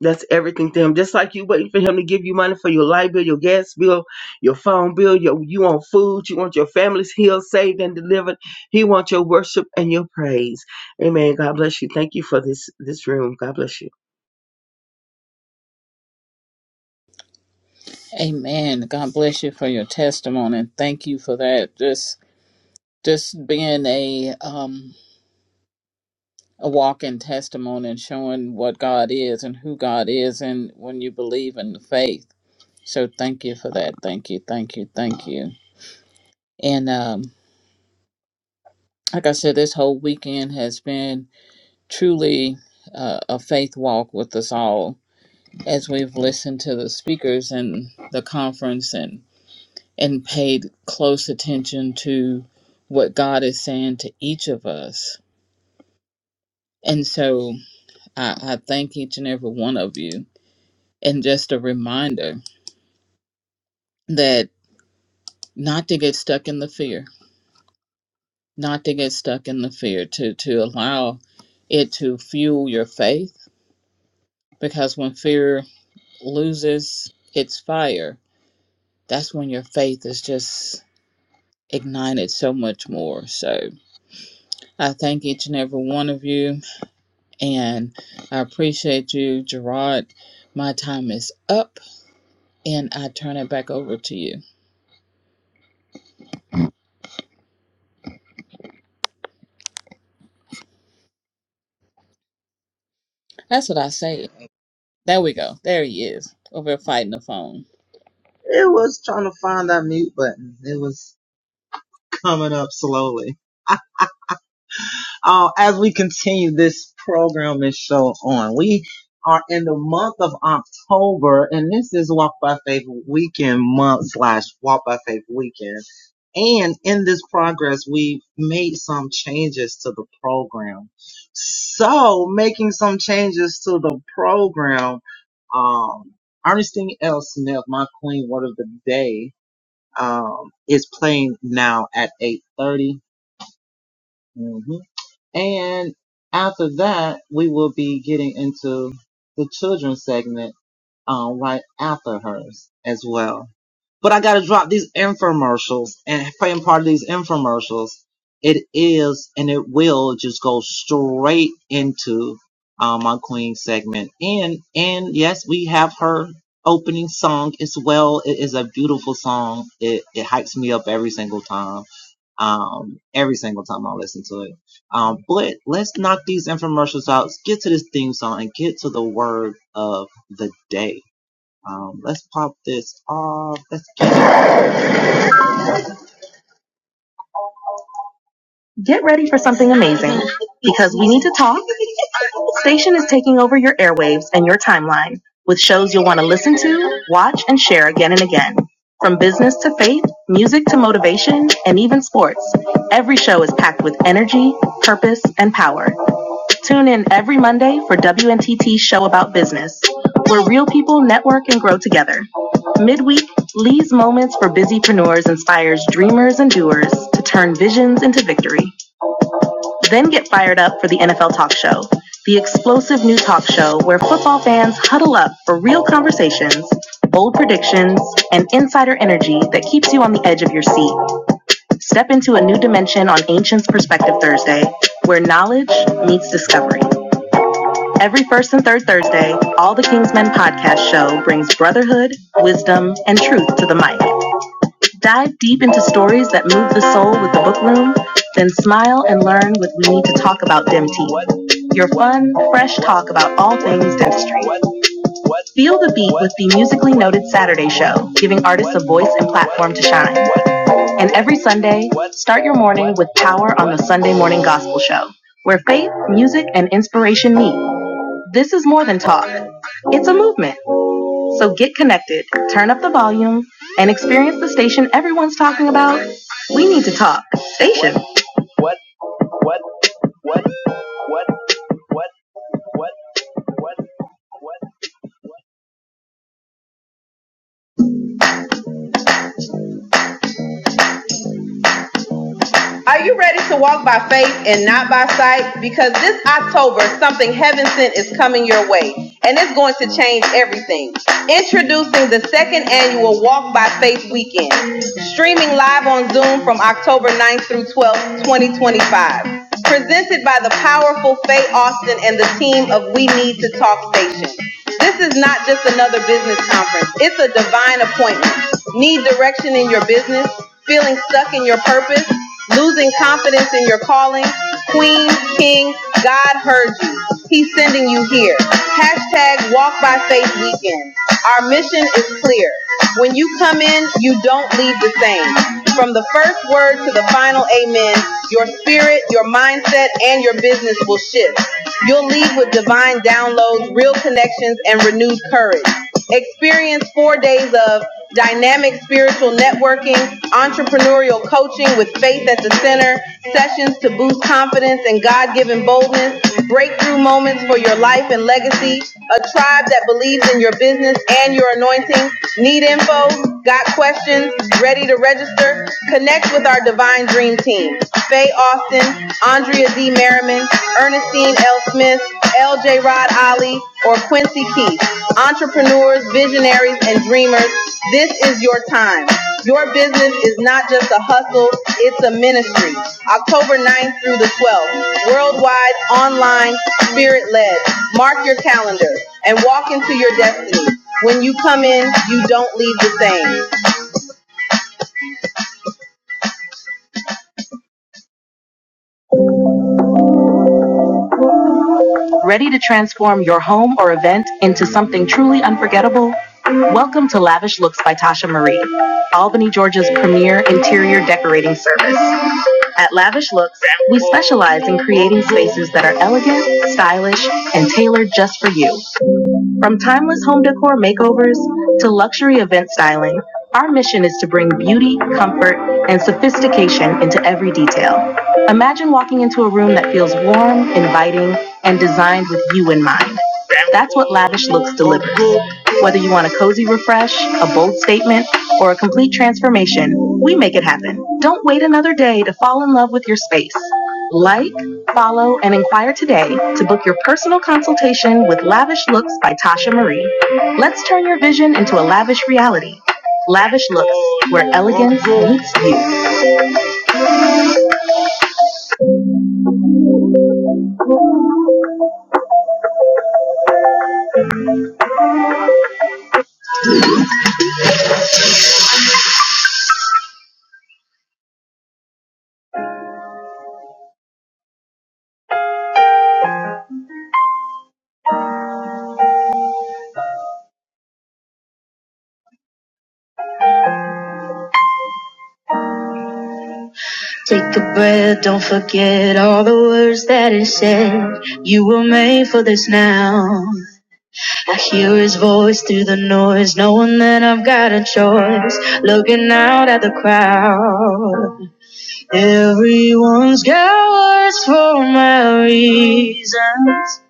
S6: That's everything to him. Just like you waiting for him to give you money for your light bill, your gas bill, your phone bill, your you want food, you want your families healed, saved, and delivered. He wants your worship and your praise. Amen. God bless you. Thank you for this this room. God bless you.
S3: Amen. God bless you for your testimony and thank you for that. Just just being a um a walking testimony and showing what God is and who God is and when you believe in the faith. So thank you for that. Thank you, thank you, thank you. And um, like I said, this whole weekend has been truly uh, a faith walk with us all as we've listened to the speakers and the conference and and paid close attention to what God is saying to each of us. And so I, I thank each and every one of you. And just a reminder that not to get stuck in the fear, not to get stuck in the fear, to, to allow it to fuel your faith. Because when fear loses its fire, that's when your faith is just ignited so much more. So I thank each and every one of you, and I appreciate you, Gerard. My time is up, and I turn it back over to you. That's what I say. There we go. There he is over there fighting the phone.
S7: Get ready for something amazing because we need to talk. Station is taking over your airwaves and your timeline with shows you'll want to listen to, watch, and share again and again. From business to faith, music to motivation, and even sports, every show is packed with energy, purpose, and power. Tune in every Monday for WNTT's show about business, where real people network and grow together. Midweek, Lee's Moments for Busypreneurs inspires dreamers and doers to turn visions into victory. Then get fired up for the NFL Talk Show, the explosive new talk show where football fans huddle up for real conversations, bold predictions, and insider energy that keeps you on the edge of your seat. Step into a new dimension on Ancients Perspective Thursday, where knowledge meets discovery. Every first and third Thursday, All the Kingsmen podcast show brings brotherhood, wisdom, and truth to the mic. Dive deep into stories that move the soul with the book room, then smile and learn with We Need to Talk About DEMT, your fun, fresh talk about all things dentistry. Feel the beat with the musically noted Saturday show, giving artists a voice and platform to shine. And every Sunday, start your morning with power on the Sunday Morning Gospel Show, where faith, music, and inspiration meet. This is more than talk. It's a movement. So get connected, turn up the volume, and experience the station everyone's talking about. We need to talk. Station. Are you ready to walk by faith and not by sight? Because this October, something heaven sent is coming your way, and it's going to change everything. Introducing the second annual Walk by Faith Weekend, streaming live on Zoom from October ninth through 12th, 2025. Presented by the powerful Faye Austin and the team of We Need to Talk Station. This is not just another business conference. It's a divine appointment. Need direction in your business? feeling stuck in your purpose, losing confidence in your calling. Queen, King, God heard you. He's sending you here. Hashtag Walk by Faith Weekend. Our mission is clear. When you come in, you don't leave the same. From the first word to the final amen, your spirit, your mindset, and your business will shift. You'll leave with divine downloads, real connections, and renewed courage. Experience four days of dynamic spiritual networking, entrepreneurial coaching with faith at the center, sessions to boost confidence and God given boldness, breakthrough moments for your life and legacy, a tribe that believes in your business and your anointing. Need info? Got questions? Ready to register? Connect with our Divine Dream Team. Faye Austin, Andrea D. Merriman, Ernestine L. Smith, L.J. Rod Ali, or Quincy Keith. Entrepreneurs, visionaries, and dreamers, this is your time. Your business is not just a hustle, it's a ministry. October 9th through the 12th, worldwide, online, spirit-led. Mark your calendar and walk into your destiny. When you come in, you don't leave the same. Ready to transform your home or event into something truly unforgettable? Welcome to Lavish Looks by Tasha Marie, Albany, Georgia's premier interior decorating service. At Lavish Looks, we specialize in creating spaces that are elegant, stylish, and tailored just for you. From timeless home decor makeovers to luxury event styling, our mission is to bring beauty, comfort, and sophistication into every detail. Imagine walking into a room that feels warm, inviting, and designed with you in mind. That's what Lavish Looks delivers. Whether you want a cozy refresh, a bold statement, or a complete transformation, we make it happen. Don't wait another day to fall in love with your space. Like, follow, and inquire today to book your personal consultation with Lavish Looks by Tasha Marie. Let's turn your vision into a lavish reality. Lavish Looks, where elegance meets you. Take a breath, don't forget all the words that it said. You were made for this now. I hear his voice through the noise, knowing that I've got a choice. Looking out at the crowd. Everyone's got words for my reasons.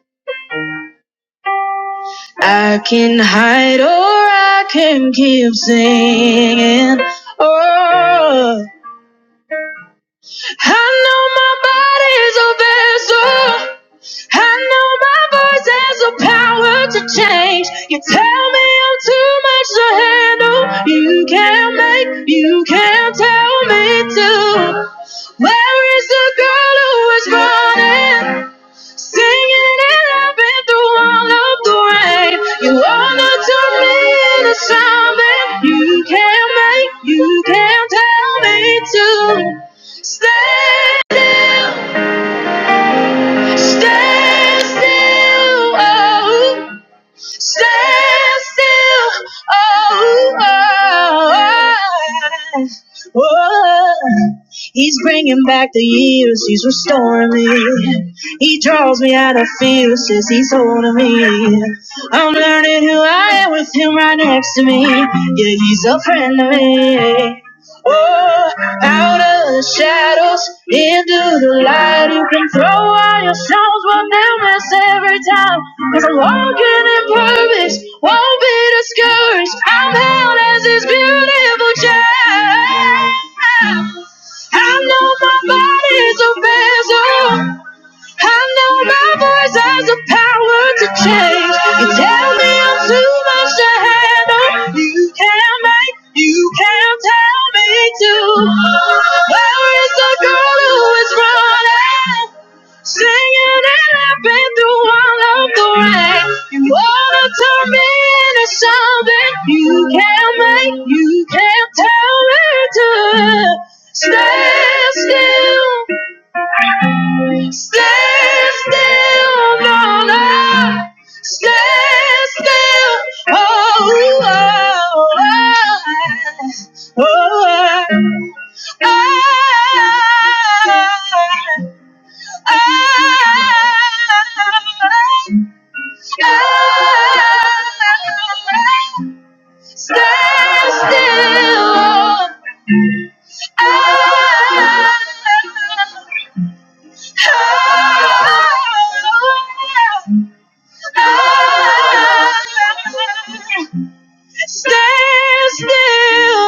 S7: I can hide or I can keep singing. Oh, I know my body's a vessel. I know my voice has the power to change. You tell me I'm too much to handle. You can't make, you can't tell me to. Where is the girl who is running? Singing it up and through all of the rain. You are not to me the sound that you can't make. You can't tell me to stand still, stand still, oh, stand still, oh, oh, oh, oh. He's bringing back the years, he's restoring me. He draws me out of fear, says he's holding me. I'm learning who I am with him right next to me. Yeah, he's a friend to me. Out of the shadows, into the light, you can throw all your stones, but they'll miss every time. Cause I'm walking in purpose, won't be discouraged. I'm held as his beautiful child. I know my body's a vessel. I know my voice has the power to change. You tell me I'm too much to handle. You can't make, you can't tell me to. Where is the girl who is running? Singing and I've been through all of the rain. You wanna turn me into something you can't make, you can't tell me to stand still, stand still, Mona. Stand still, oh, oh, oh, oh. oh, oh, oh, oh. Stand still. Oh, I- oh, I- Stand still.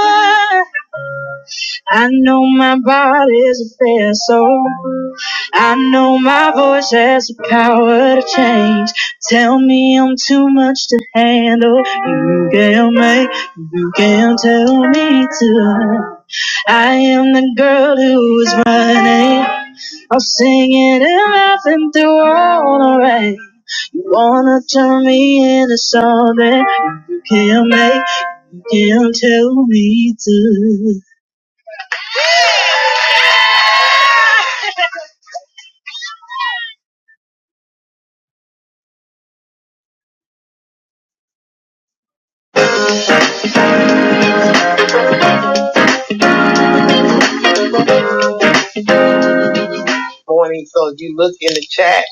S7: I know my body's a vessel. I know my voice has the power to change. Tell me I'm too much to handle. You can make, you can tell me to. I am the girl who is running. I'm singing and laughing through all the rain. You wanna turn me into something you can't make, you can't tell me to. Morning, so you look in the chat,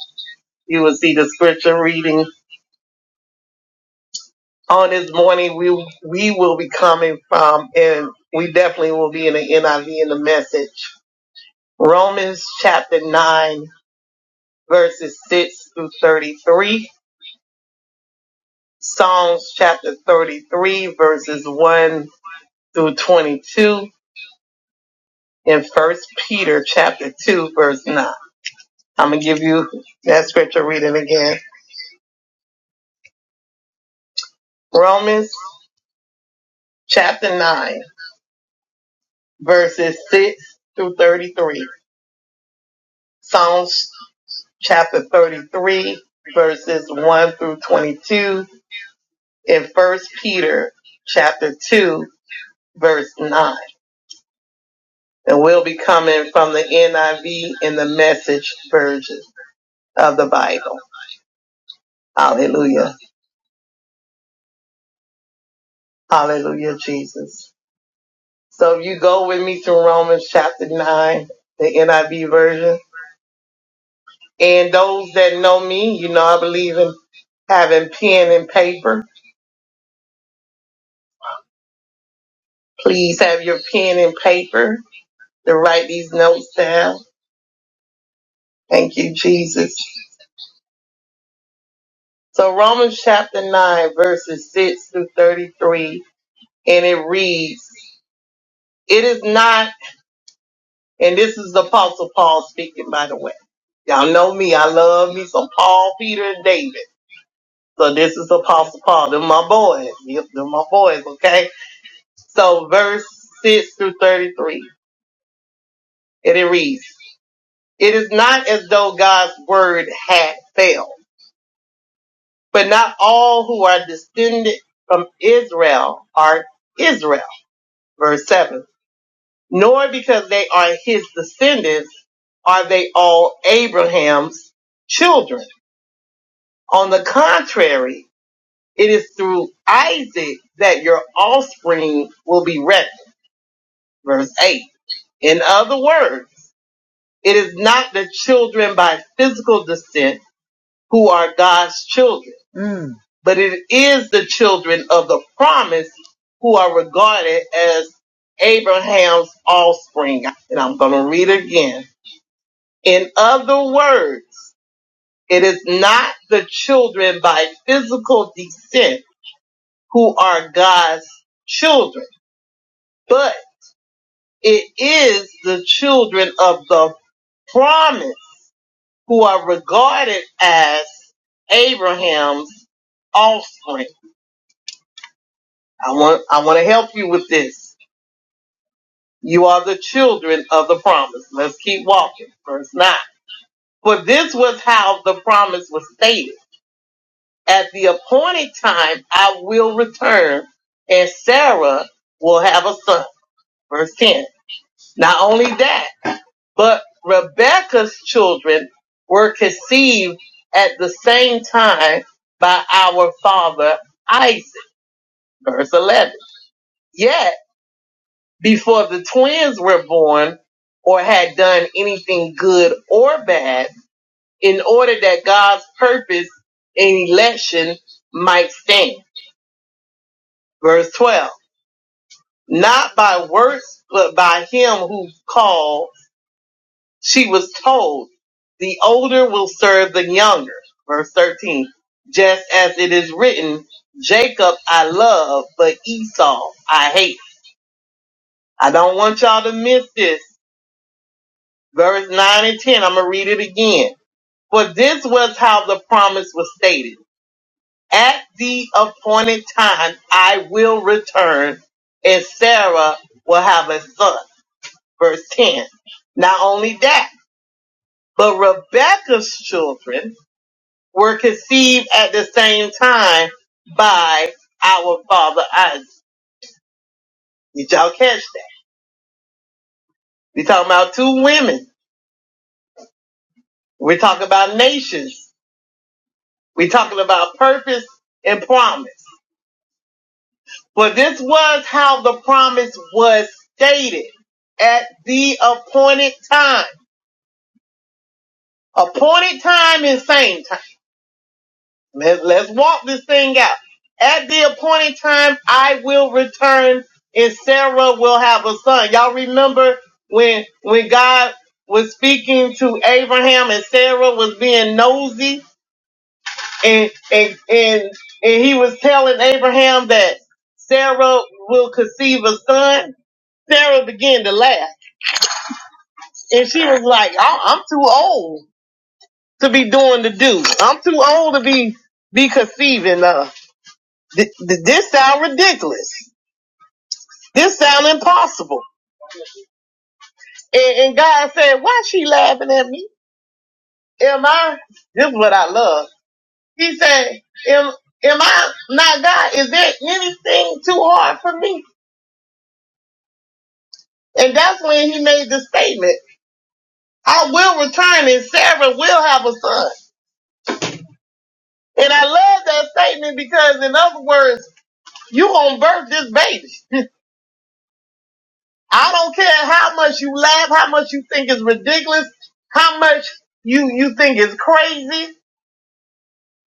S7: you will see the scripture reading. On this morning, we we will be coming from, and we definitely will be in the NIV in the message. Romans chapter 9, verses 6 through 33 Psalms chapter 33 verses 1 through 22 and first Peter chapter 2 verse 9. I'm going to give you that scripture reading again. Romans chapter 9 verses 6 through 33. Psalms chapter 33 verses 1 through 22 and first Peter chapter 2 verse 9. And we'll be coming from the NIV and the message version of the Bible. Hallelujah. Hallelujah, Jesus. So if you go with me to Romans chapter 9, the NIV version. And those that know me, you know I believe in having pen and paper. Please have your pen and paper to write these notes down. Thank you, Jesus. So Romans chapter 9, verses 6 through 33, and it reads, It is not And this is the Apostle Paul speaking, by the way. Y'all know me. I love me some Paul, Peter, and David. So this is Apostle Paul. They're my boys. Yep, they're my boys, okay? So verse 6 through 33. And it reads, It is not as though God's word had failed, but not all who are descended from Israel are Israel. Verse 7. Nor because they are his descendants are they all Abraham's children On the contrary, it is through Isaac that your offspring will be reckoned. Verse 8. In other words, it is not the children by physical descent who are God's children, but it is the children of the promise who are regarded as Abraham's offspring. And I'm going to read it again. In other words, it is not the children by physical descent who are God's children, but it is the children of the promise who are regarded as Abraham's offspring. I want, I want to help you with this. You are the children of the promise. Let's keep walking. Verse 9. For this was how the promise was stated. At the appointed time, I will return and Sarah will have a son. Verse 10. Not only that, But Rebekah's children were conceived at the same time by our father Isaac. Verse 11. Yet, before the twins were born or had done anything good or bad, in order that God's purpose in election might stand. Verse 12. Not by works, but by him who called She was told, the older will serve the younger. Verse 13. Just as it is written, Jacob I love, but Esau I hate. I don't want y'all to miss this. Verse 9 and 10. I'm going to read it again. For this was how the promise was stated. At the appointed time, I will return and Sarah will have a son. Verse 10. Not only that, but Rebekah's children were conceived at the same time by our father Isaac. Did y'all catch that? We talking about two women. We're talking about nations. We're talking about purpose and promise. For this was how the promise was stated at the appointed time. Appointed time is same time. Let, let's walk this thing out. At the appointed time, I will return and Sarah will have a son. Y'all remember when, when God was speaking to Abraham and Sarah was being nosy and, and, and, and he was telling Abraham that Sarah will conceive a son. Sarah began to laugh and she was like, I, I'm too old to be doing the do. I'm too old to be, be conceiving. Th- th- this sound ridiculous. This sound impossible. And, and God said, why she laughing at me? Am I, this is what I love. He said, am, am I not God? Is there anything too hard for me? And that's when he made the statement, I will return and Sarah will have a son. And I love that statement because in other words, you gonna birth this baby. I don't care how much you laugh, how much you think is ridiculous, how much you, you think is crazy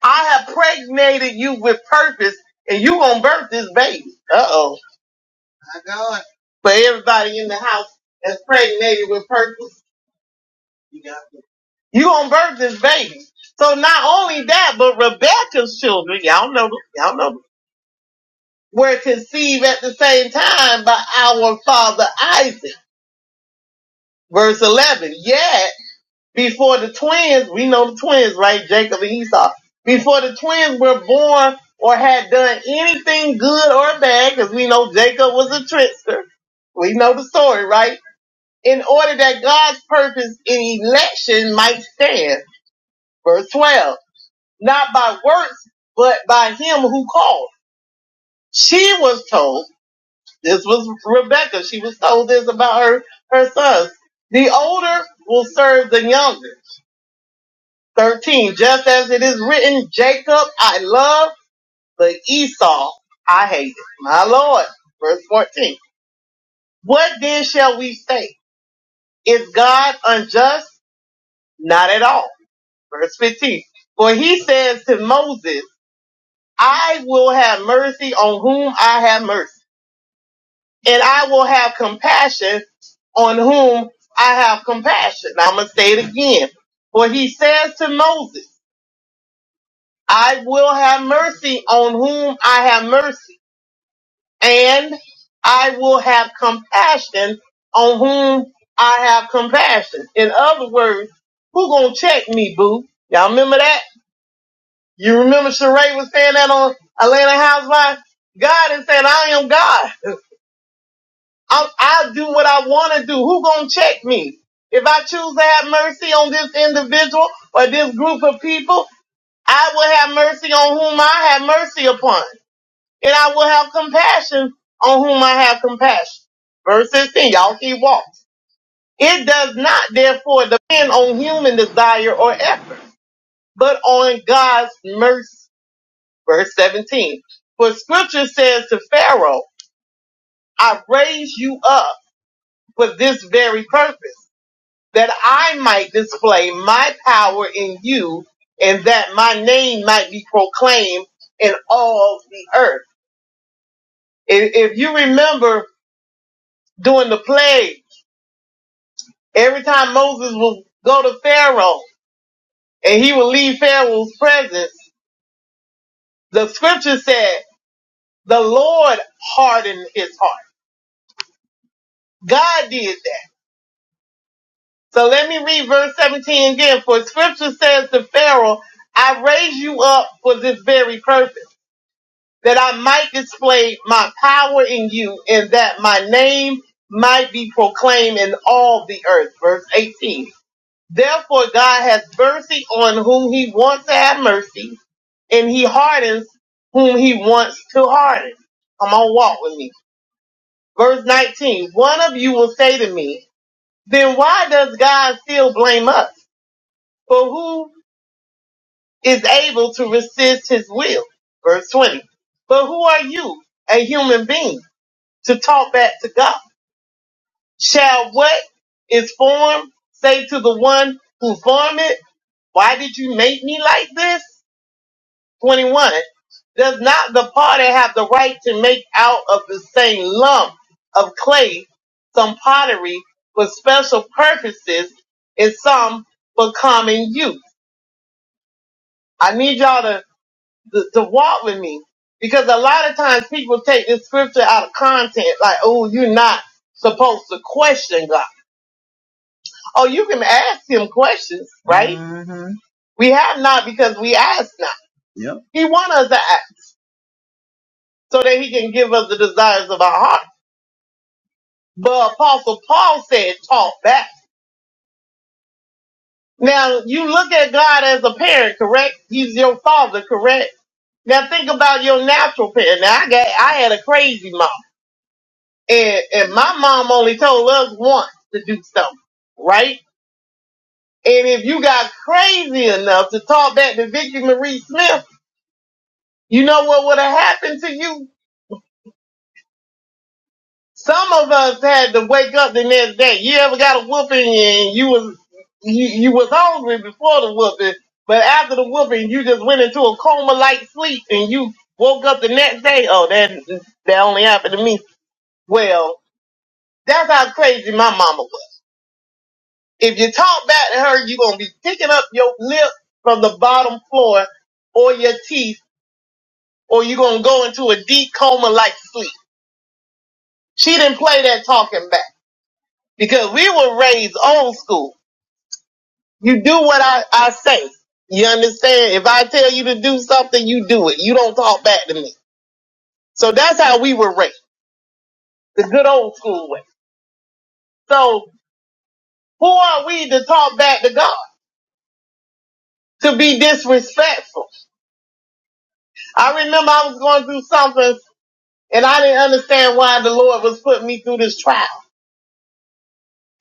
S7: I have pregnated you with purpose, and you gonna birth this baby. Uh oh. My God. But everybody in the house that's pregnated with purpose, you got it. You gonna birth this baby. So not only that, but Rebecca's children, y'all know, y'all know, were conceived at the same time by our father Isaac. Verse 11. Yet Before the twins, we know the twins, right? Jacob and Esau. Before the twins were born or had done anything good or bad, because we know Jacob was a trickster. We know the story, right? In order that God's purpose in election might stand. Verse 12. Not by works, but by him who called. She was told, this was Rebecca, she was told this about her, her sons. The older will serve the younger 13. Just as it is written, Jacob I love, but Esau I hated. My Lord. Verse 14. What then shall we say? Is God unjust? Not at all. Verse 15. For he says to Moses, I will have mercy on whom I have mercy, and I will have compassion on whom I have compassion. I'm going to say it again. For he says to Moses, I will have mercy on whom I have mercy and I will have compassion on whom I have compassion. In other words, who gonna check me, boo? Y'all remember that? You remember Sheree was saying that on Atlanta Housewives? God is saying, I am God. i i do what I want to do. Who gonna check me? If I choose to have mercy on this individual or this group of people, I will have mercy on whom I have mercy upon. and I will have compassion on whom I have compassion. Verse 16, y'all keep walking. It does not therefore depend on human desire or effort, but on God's mercy. Verse 17, for scripture says to Pharaoh, I raise you up for this very purpose, that I might display my power in you and that my name might be proclaimed in all the earth. If, if you remember during the plague, Every time Moses would go to Pharaoh and he would leave Pharaoh's presence, the scripture said the Lord hardened his heart. God did that. So let me read verse 17 again. For scripture says to Pharaoh, I raised you up for this very purpose, that I might display my power in you and that my name might be proclaimed in all the earth. Verse 18. Therefore, God has mercy on whom he wants to have mercy, and he hardens whom he wants to harden. Come on, walk with me. Verse nineteen: One of you will say to me, Then why does God still blame us? For who is able to resist his will? Verse 20 But who are you, a human being, to talk back to God? Shall what is formed say to the one who formed it, Why did you make me like this? 21, does not the party have the right to make out of the same lump of clay some pottery for special purposes and some for common use? I need y'all to, to, to walk with me because a lot of times people take this scripture out of context, like, oh, you're not supposed to question God. Oh, you can ask him questions, right? Mhm. We have not because we ask not. He wants us to ask so that he can give us the desires of our heart. But Apostle Paul said, taught back. Now you look at God as a parent, correct? He's your father, correct? Now think about your natural parent. Now I got, I had a crazy mom and, and my mom only told us once to do something, right? And if you got crazy enough to talk back to Vicky Marie Smith, you know what would have happened to you? Some of us had to wake up the next day. You ever got a whooping and you was you, you was hungry before the whooping, but after the whooping you just went into a coma like sleep and you woke up the next day. Oh, that that only happened to me. Well, that's how crazy my mama was. If you talk back to her, you gonna be picking up your lip from the bottom floor or your teeth, or you gonna go into a deep coma like sleep. She didn't play that talking back because we were raised old school. You do what I, I say. You understand? If I tell you to do something, you do it. You don't talk back to me. So that's how we were raised, the good old school way. So who are we to talk back to God? To be disrespectful. I remember I was going through something and I didn't understand why the Lord was putting me through this trial.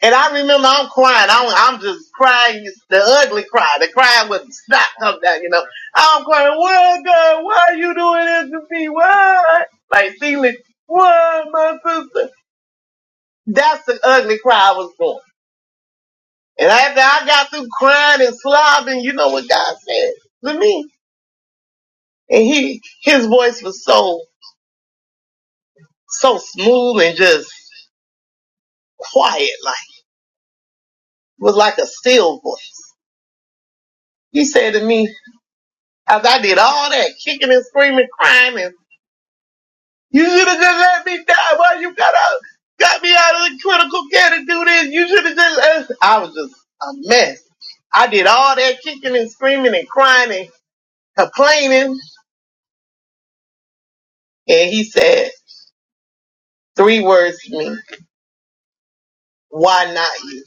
S7: And I remember I'm crying. I'm, I'm just crying, the ugly cry, the crying with the snot come down, you know. I'm crying, what God, why are you doing this to me? Why? Like Celia, why my sister? That's the ugly cry I was doing. And after I got through crying and slobbing, you know what God said to me? And he, his voice was so, so smooth and just quiet, like, it was like a still voice. He said to me, after I did all that kicking and screaming, crying and You should have just let me die. Why you got out, got me out of the critical care to do this? You should have just let. I was just a mess. I did all that kicking and screaming and crying and complaining, and he said three words to me: "Why not you?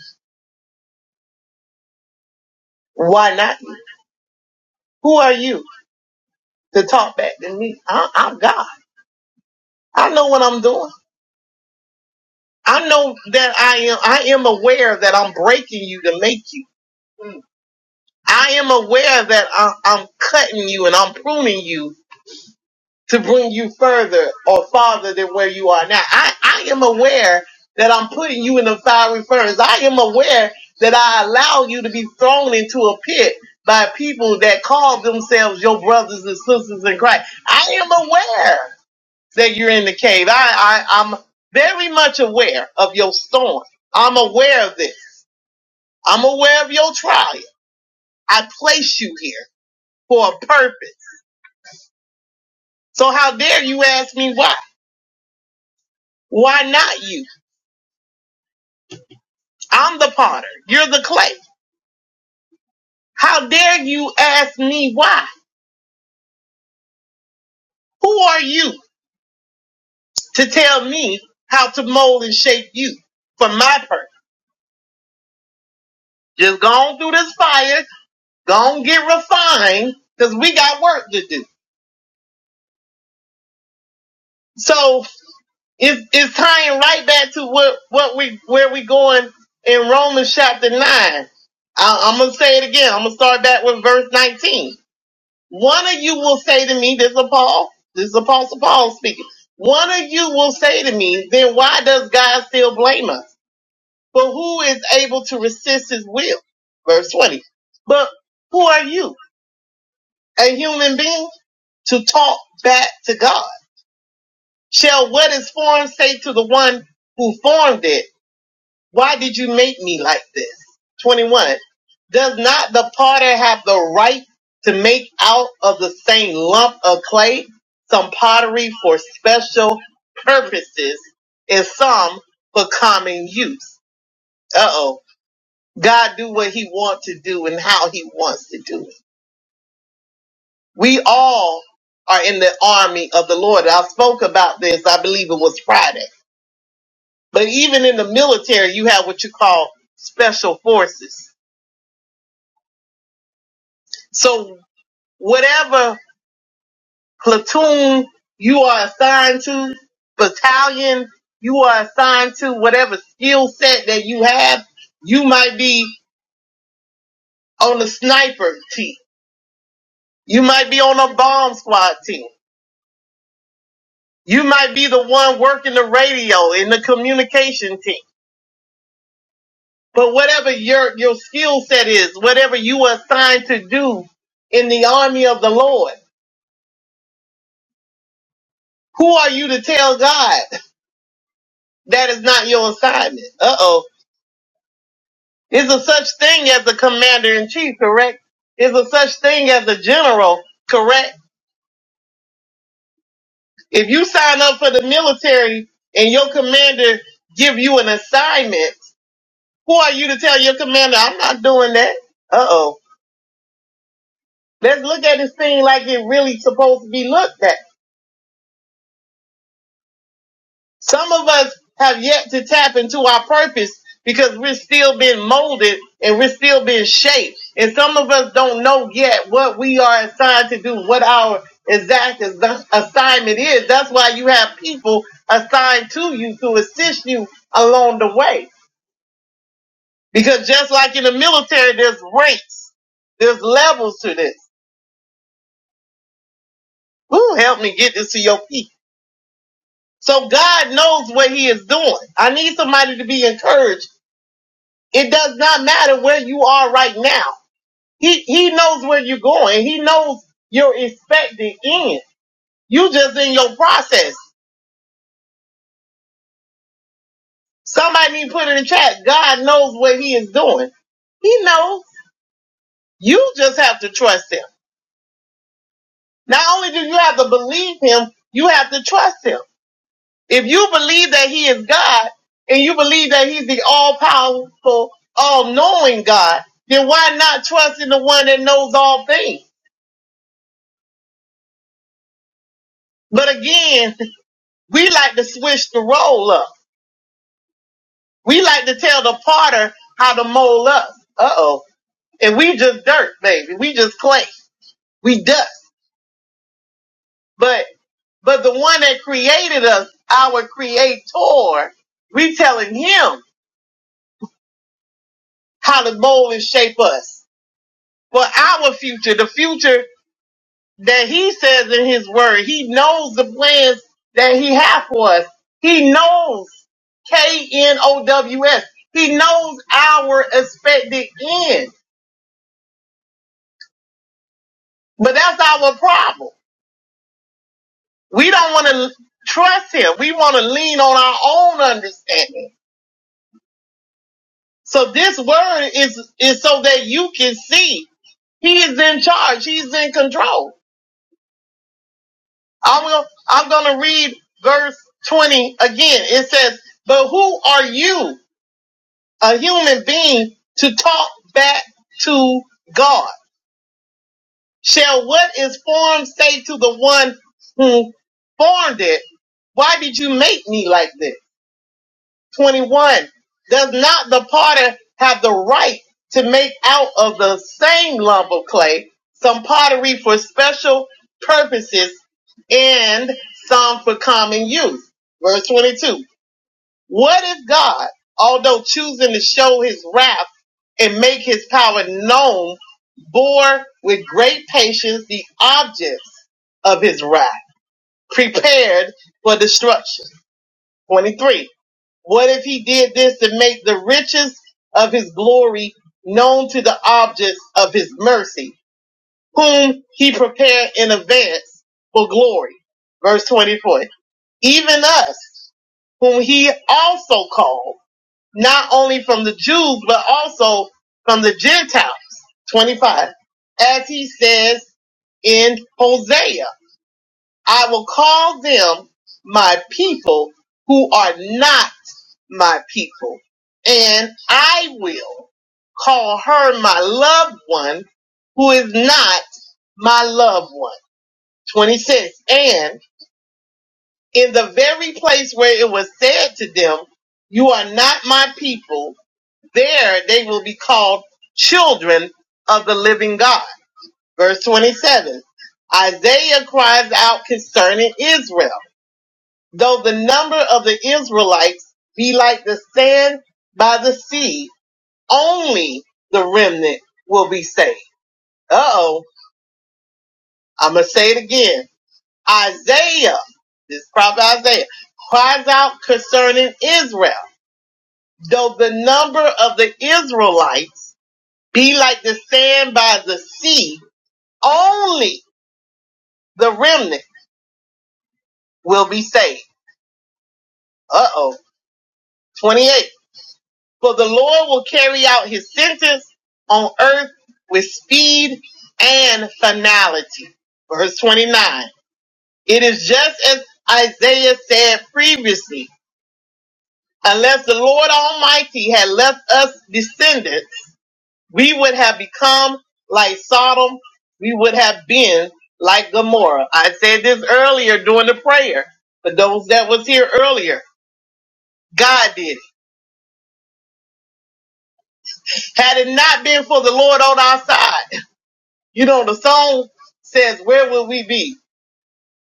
S7: Why not you? Who are you to talk back to me? I, I'm God. I know what I'm doing. I know that I am. I am aware that I'm breaking you to make you. I am aware that I, I'm cutting you and I'm pruning you to bring you further or farther than where you are now. I, I am aware that I'm putting you in the fiery furnace. I am aware that I allow you to be thrown into a pit by people that call themselves your brothers and sisters in Christ. I am aware that you're in the cave. I, I, I'm very much aware of your storm. I'm aware of this. I'm aware of your trial. I place you here for a purpose. So how dare you ask me why? Why not you? I'm the potter. You're the clay. How dare you ask me why? Who are you to tell me how to mold and shape you for my purpose? Just go on through this fire, go on get refined, cause we got work to do. So it's, it's tying right back to what, what we, where we going in Romans chapter nine. I, I'm gonna say it again. I'm gonna start back with verse 19. One of you will say to me, this is Paul, this is Apostle Paul speaking. One of you will say to me, then why does God still blame us? But who is able to resist his will? Verse 20. But who are you, a human being, to talk back to God? Shall what is formed say to the one who formed it? Why did you make me like this? 21. Does not the potter have the right to make out of the same lump of clay some pottery for special purposes and some for common use? Uh oh. God do what he wants to do and how he wants to do it. We all are in the army of the Lord. I spoke about this, I believe it was Friday. But even in the military, you have what you call special forces. So whatever platoon you are assigned to, battalion you are assigned to, whatever skill set that you have, you might be on the sniper team. You might be on a bomb squad team. You might be the one working the radio in the communication team. But whatever your, your skill set is, whatever you are assigned to do in the army of the Lord, who are you to tell God that is not your assignment? Uh oh Is a such thing as a commander in chief, correct? Is a such thing as a general, correct? If you sign up for the military and your commander give you an assignment, who are you to tell your commander, I'm not doing that? Uh oh. Let's look at this thing like it really supposed to be looked at. Some of us have yet to tap into our purpose because we're still being molded and we're still being shaped. And some of us don't know yet what we are assigned to do, what our exact as- assignment is. That's why you have people assigned to you to assist you along the way. Because just like in the military, there's ranks, there's levels to this. Who help me get this to your feet? So God knows what he is doing. I need somebody to be encouraged It does not matter where you are right now. He he knows where you're going. He knows your expected end. You just in your process. Somebody need to put in the chat. God knows what he is doing. He knows. You just have to trust him. Not only do you have to believe him, you have to trust him. If you believe that he is God and you believe that he's the all powerful, all knowing God, then why not trust in the one that knows all things? But again, We like to switch the roll up. We like to tell the potter how to mold us. Uh oh. And we just dirt, baby. We just clay. We dust. But but the one that created us, our creator, we telling him how to mold and shape us for our future, the future that he says in his word. He knows the plans that he has for us. He knows K-N-O-W-S. He knows our expected end. But that's our problem. We don't want to trust him. We want to lean on our own understanding. So this word is, is so that you can see he is in charge. He's in control. i will. I'm going to read verse 20 again. It says, but who are you? a human being to talk back to God? Shall what is formed say to the one who formed it, why did you make me like this? 21. Does not the potter have the right to make out of the same lump of clay some pottery for special purposes and some for common use? Verse 22. What if God, although choosing to show his wrath and make his power known, bore with great patience the objects of his wrath, prepared for destruction? 23. What if he did this to make the riches of his glory known to the objects of his mercy, whom he prepared in advance for glory? Verse 24. Even us, whom he also called not only from the Jews, but also from the Gentiles. 25. As he says in Hosea, I will call them my people who are not my people, and I will call her my loved one who is not my loved one. 26. And in the very place where it was said to them, you are not my people there they will be called children of the living God. Verse 27. Isaiah cries out concerning Israel. Though the number of the Israelites be like the sand by the sea, only the remnant will be saved. Uh oh. I'm going to say it again. Isaiah, this is prophet Isaiah, cries out concerning Israel. Though the number of the Israelites be like the sand by the sea, Only the remnant will be saved. Uh oh. 28. For the Lord will carry out his sentence on earth with speed and finality. Verse 29. It is just as Isaiah said previously. Unless the Lord Almighty had left us descendants, we would have become like Sodom. We would have been like Gomorrah. I said this earlier during the prayer for those that was here earlier. God did it. Had it not been for the Lord on our side, you know, the song says, Where would we be?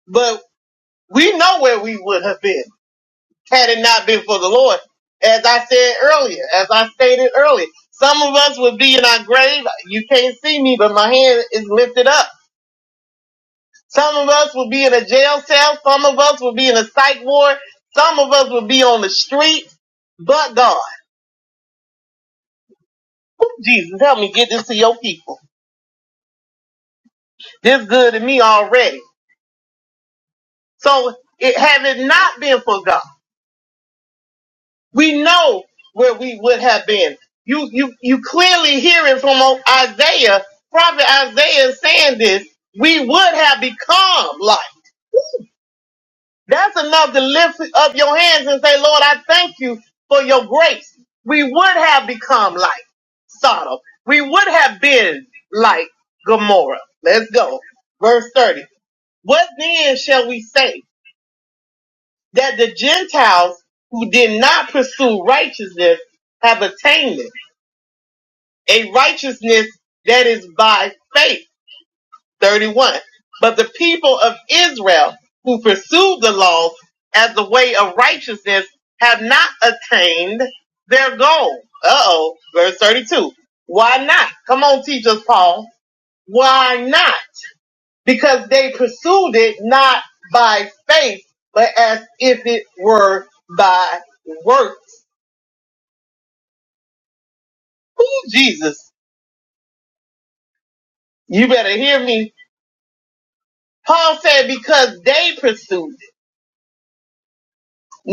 S7: But we know where we would have been had it not been for the Lord. As I said earlier, as I stated earlier, some of us would be in our grave. You can't see me, but my hand is lifted up. Some of us would be in a jail cell. Some of us would be in a psych ward. Some of us would be on the street. But God, Jesus, help me get this to your people. This good to me already. So it had it not been for God, we know where we would have been. You you you clearly hearing from Isaiah, prophet Isaiah is saying this, we would have become like. That's enough to lift up your hands and say, Lord, I thank you for your grace. We would have become like Sodom. We would have been like Gomorrah. Let's go. Verse 30. What then shall we say? that the Gentiles who did not pursue righteousness have attained it, a righteousness that is by faith. 31. But the people of Israel who pursued the laws as the way of righteousness have not attained their goal. Uh oh. Verse 32. Why not? Come on, teach us, Paul. Why not? Because they pursued it not by faith, but as if it were by works Jesus, you better hear me. Paul said, because they pursued it,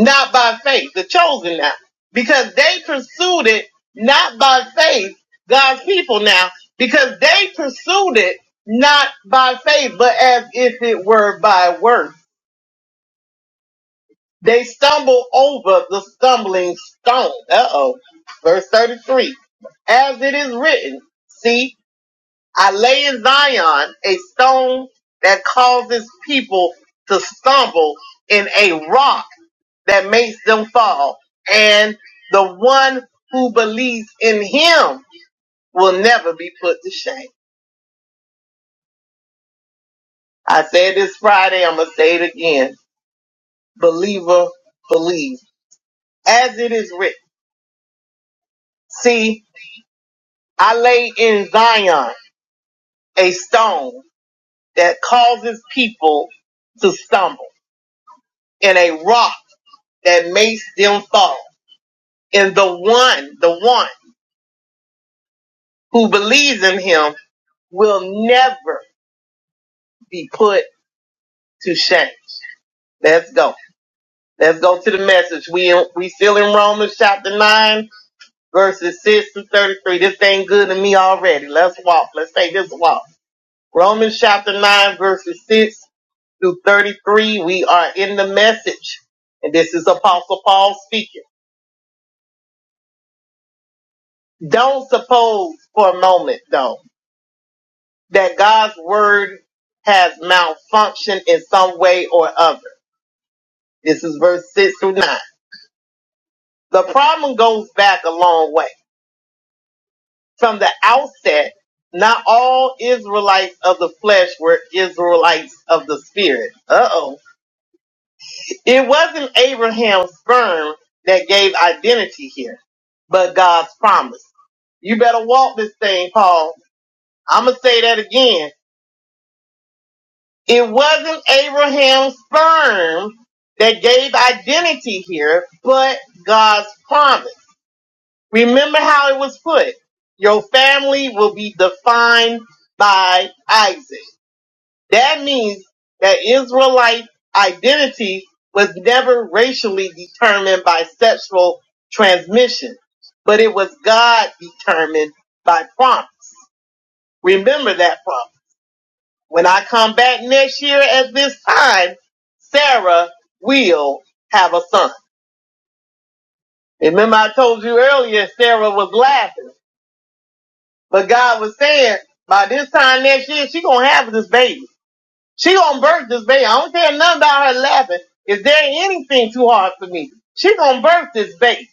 S7: not by faith, the chosen now. Because they pursued it, not by faith, God's people now. Because they pursued it, not by faith, but as if it were by works. They stumble over the stumbling stone. Uh oh. Verse 33. As it is written, see, I lay in Zion a stone that causes people to stumble in a rock that makes them fall. And the one who believes in him will never be put to shame. I said this Friday, I'm going to say it again. Believer, believe. As it is written. See, I lay in Zion a stone that causes people to stumble and a rock that makes them fall. And the one, the one who believes in him will never be put to shame. Let's go. Let's go to the message. We we still in Romans chapter nine, verses six to thirty-three. This ain't good to me already. Let's walk. Let's take this walk. Romans chapter nine, verses six through thirty-three. We are in the message, and this is Apostle Paul speaking. Don't suppose for a moment, though. that God's word has malfunctioned in some way or other. This is verse 6 through 9. The problem goes back a long way. From the outset, not all Israelites of the flesh were Israelites of the spirit. Uh oh. It wasn't Abraham's sperm that gave identity here, but God's promise. You better walk this thing, Paul. I'm going to say that again It wasn't Abraham's sperm that gave identity here, but God's promise. Remember how it was put. Your family will be defined by Isaac. That means that Israelite identity was never racially determined by sexual transmission, but it was God determined by promise. Remember that promise. When I come back next year at this time, Sarah will have a son. Remember I told you earlier Sarah was laughing, but God was saying by this time next year she gonna have this baby. She gonna birth this baby. I don't care nothing about her laughing. Is there anything too hard for me? She gonna birth this baby.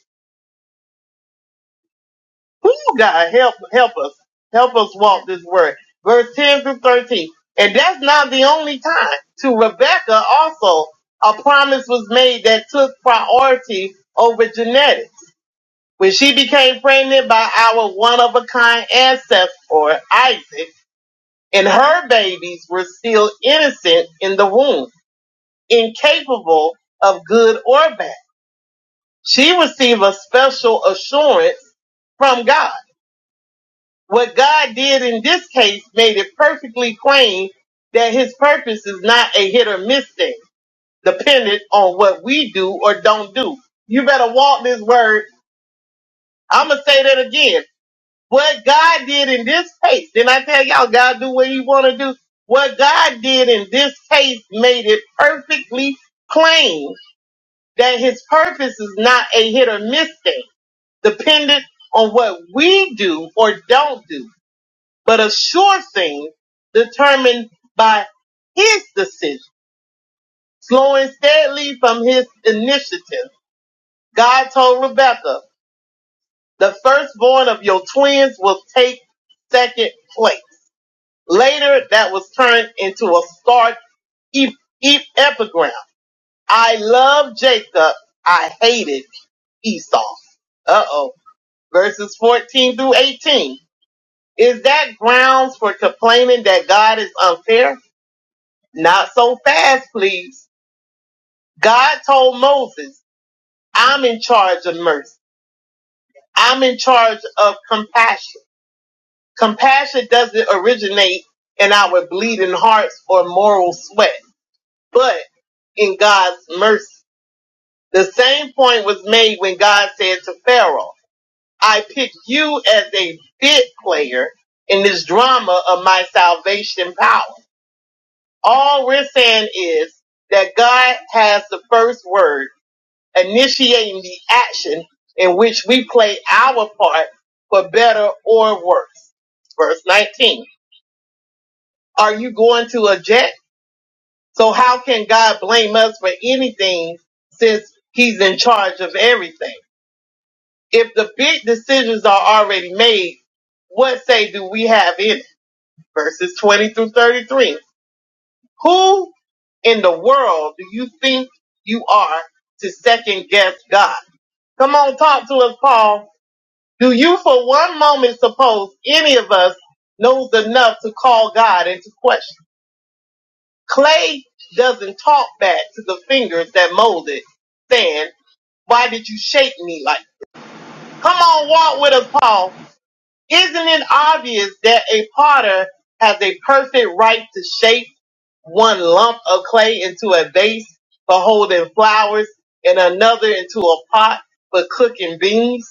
S7: Who God help help us. Help us walk this word. Verse 10 through 13. And that's not the only time. To Rebecca also, a promise was made that took priority over genetics. When she became pregnant by our one of a kind ancestor, Isaac, and her babies were still innocent in the womb, incapable of good or bad. She received a special assurance from God What God did in this case made it perfectly plain that his purpose is not a hit or miss thing, dependent on what we do or don't do. You better walk this word. I'm going to say that again. What God did in this case, didn't I tell y'all God do what he want to do? What God did in this case made it perfectly plain that his purpose is not a hit or miss thing, dependent on what we do or don't do. but a sure thing determined by his decision. Slowing steadily from his initiative, God told Rebecca, the firstborn of your twins will take second place. Later, that was turned into a stark ep- ep- epigram. I love Jacob, I hated Esau. Uh oh. Verses 14 through 18. Is that grounds for complaining that God is unfair? Not so fast, please. God told Moses, I'm in charge of mercy. I'm in charge of compassion. Compassion doesn't originate in our bleeding hearts or moral sweat, but in God's mercy. The same point was made when God said to Pharaoh, I pick you as a bit player in this drama of my salvation power. All we're saying is that God has the first word initiating the action in which we play our part for better or worse. Verse 19. Are you going to object? So how can God blame us for anything since he's in charge of everything? If the big decisions are already made, what say do we have in it? Verses 20 through 33. Who in the world do you think you are to second guess God? Come on, talk to us, Paul. Do you for one moment suppose any of us knows enough to call God into question? Clay doesn't talk back to the fingers that molded, saying, Why did you shape me like? that?" Come on, walk with us, Paul. Isn't it obvious that a potter has a perfect right to shape one lump of clay into a vase for holding flowers and another into a pot for cooking beans?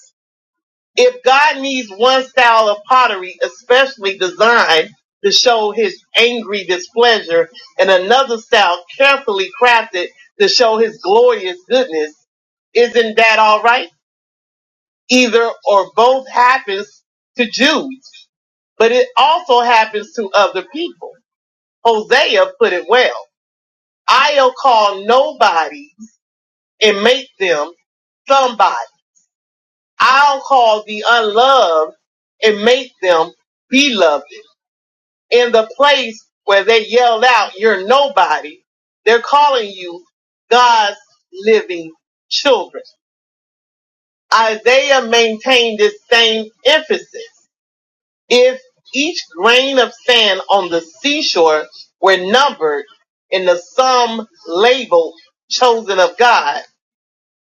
S7: If God needs one style of pottery especially designed to show his angry displeasure and another style carefully crafted to show his glorious goodness, isn't that all right? Either or both happens to Jews, but it also happens to other people. Hosea put it well. I'll call nobody and make them somebody. I'll call the unloved and make them beloved. in the place where they yelled out, You're nobody, they're calling you God's living children. Isaiah maintained this same emphasis. If each grain of sand on the seashore were numbered in the sum labeled chosen of God,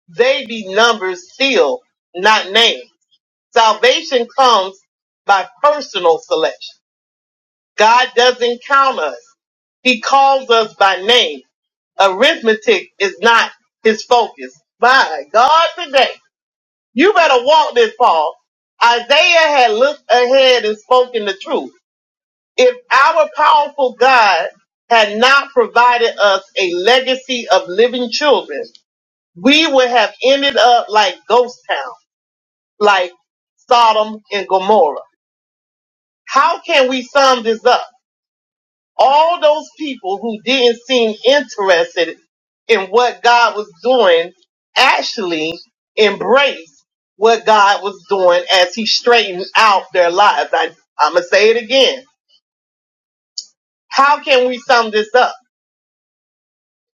S7: they be numbers still, not names. Salvation comes by personal selection. God doesn't count us. He calls us by name. Arithmetic is not his focus. My God, today, you better walk this, Paul. Isaiah had looked ahead and spoken the truth. If our powerful God had not provided us a legacy of living children, we would have ended up like ghost town, like Sodom and Gomorrah. How can we sum this up? all those people who didn't seem interested in what God was doing actually embraced what God was doing as he straightened out their lives. I, I'm going to say it again. How can we sum this up?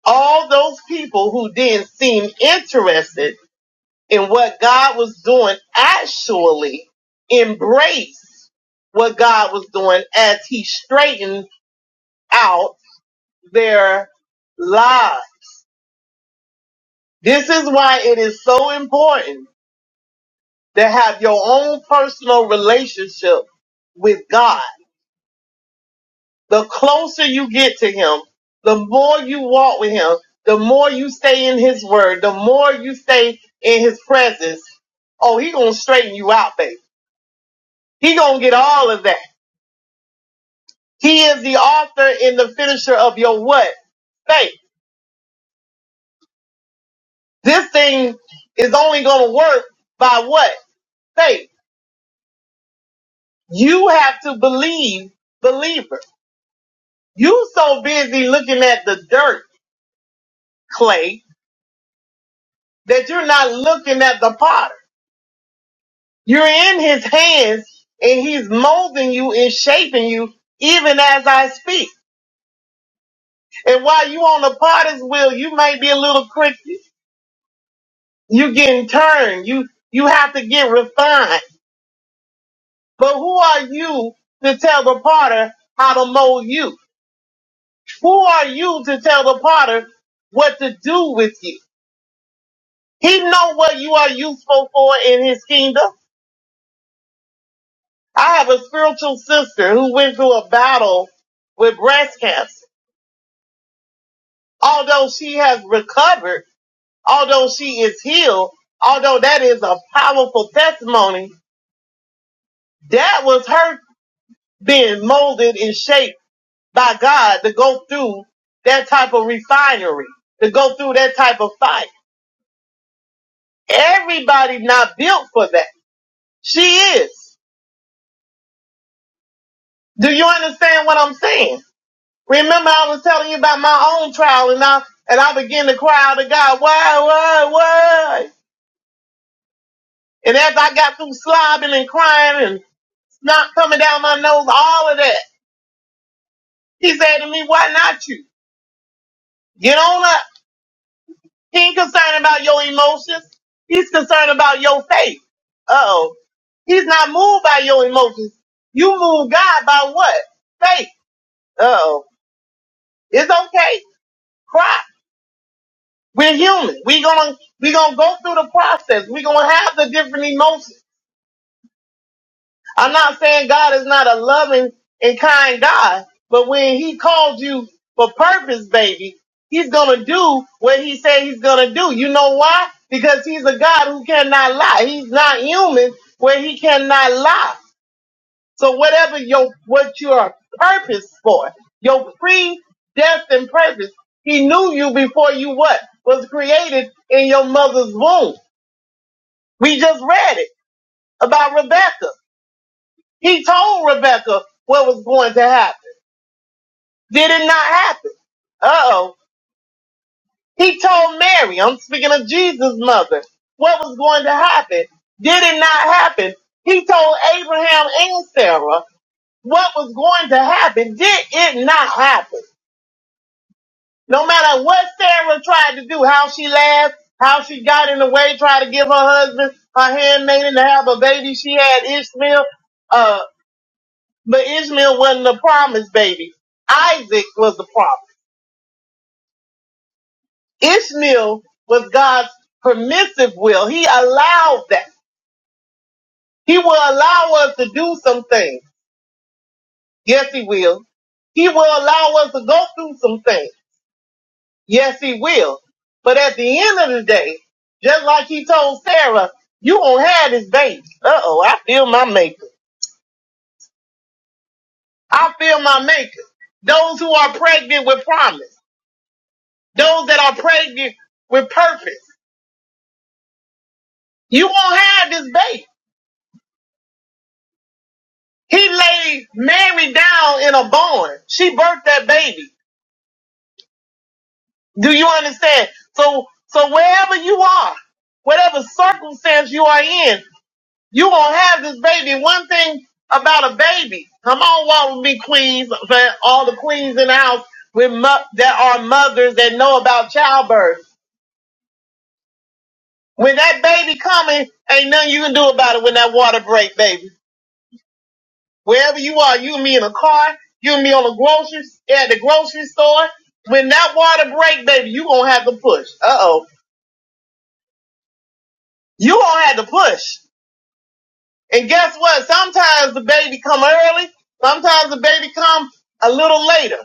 S7: All those people who didn't seem interested in what God was doing actually embraced what God was doing as he straightened out their lives. This is why it is so important to have your own personal relationship with God. The closer you get to Him, the more you walk with Him, the more you stay in His Word, the more you stay in His presence. Oh, He gonna straighten you out, babe. He gonna get all of that. He is the author and the finisher of your what? Faith. This thing is only gonna work by what? Faith. You have to believe believer. You so busy looking at the dirt, Clay, that you're not looking at the potter. You're in his hands and he's molding you and shaping you even as I speak. And while you on the potter's wheel, you may be a little crooked. You getting turned. You, you have to get refined. But who are you to tell the potter how to mold you? Who are you to tell the potter what to do with you? He know what you are useful for in his kingdom. I have a spiritual sister who went through a battle with breast cancer. Although she has recovered, although she is healed, although that is a powerful testimony, that was her being molded and shaped by God to go through that type of refinery, to go through that type of fight. Everybody not built for that. She is. Do you understand what I'm saying? Remember I was telling you about my own trial and I and I began to cry out to God, why, why, why? And as I got through slobbing and crying and snot coming down my nose, all of that, he said to me, Why not you? Get on up. He ain't concerned about your emotions. He's concerned about your faith. Uh oh. He's not moved by your emotions. You move God by what? Faith. Uh oh. It's okay. Cry. We're human. We're gonna we're gonna go through the process. We're gonna have the different emotions. I'm not saying God is not a loving and kind God, but when He called you for purpose, baby, He's gonna do what He said He's gonna do. You know why? Because He's a God who cannot lie. He's not human where He cannot lie. So whatever your what your purpose for, your predestined purpose, He knew you before you what was created in your mother's womb. We just read it about Rebecca. He told Rebecca what was going to happen. Did it not happen? Uh oh. He told Mary, I'm speaking of Jesus' mother, what was going to happen. Did it not happen? He told Abraham and Sarah what was going to happen. Did it not happen? No matter what Sarah tried to do, how she laughed, how she got in the way, tried to give her husband, her handmaiden to have a baby, she had Ishmael Uh. But Ishmael wasn't the promised baby. Isaac was the promise. Ishmael was God's permissive will. He allowed that. He will allow us to do some things. Yes, he will. He will allow us to go through some things. Yes, he will. But at the end of the day, just like he told Sarah, you gonna have this baby. Uh oh, I feel my maker. I feel my maker. Those who are pregnant with promise. Those that are pregnant with purpose You won't have this baby. He laid Mary down in a barn. She birthed that baby. Do you understand? So, so wherever you are, whatever circumstance you are in, you won't have this baby. One thing about a baby, come on, walk with me, queens, for all the queens in the house with mo- that are mothers that know about childbirth. When that baby coming, ain't nothing you can do about it when that water break, baby. wherever you are, you and me in a car, you and me on the grocery at the grocery store. When that water break, baby, you gonna have to push. Uh oh, you gonna have to push. And guess what? Sometimes the baby come early. Sometimes the baby come a little later.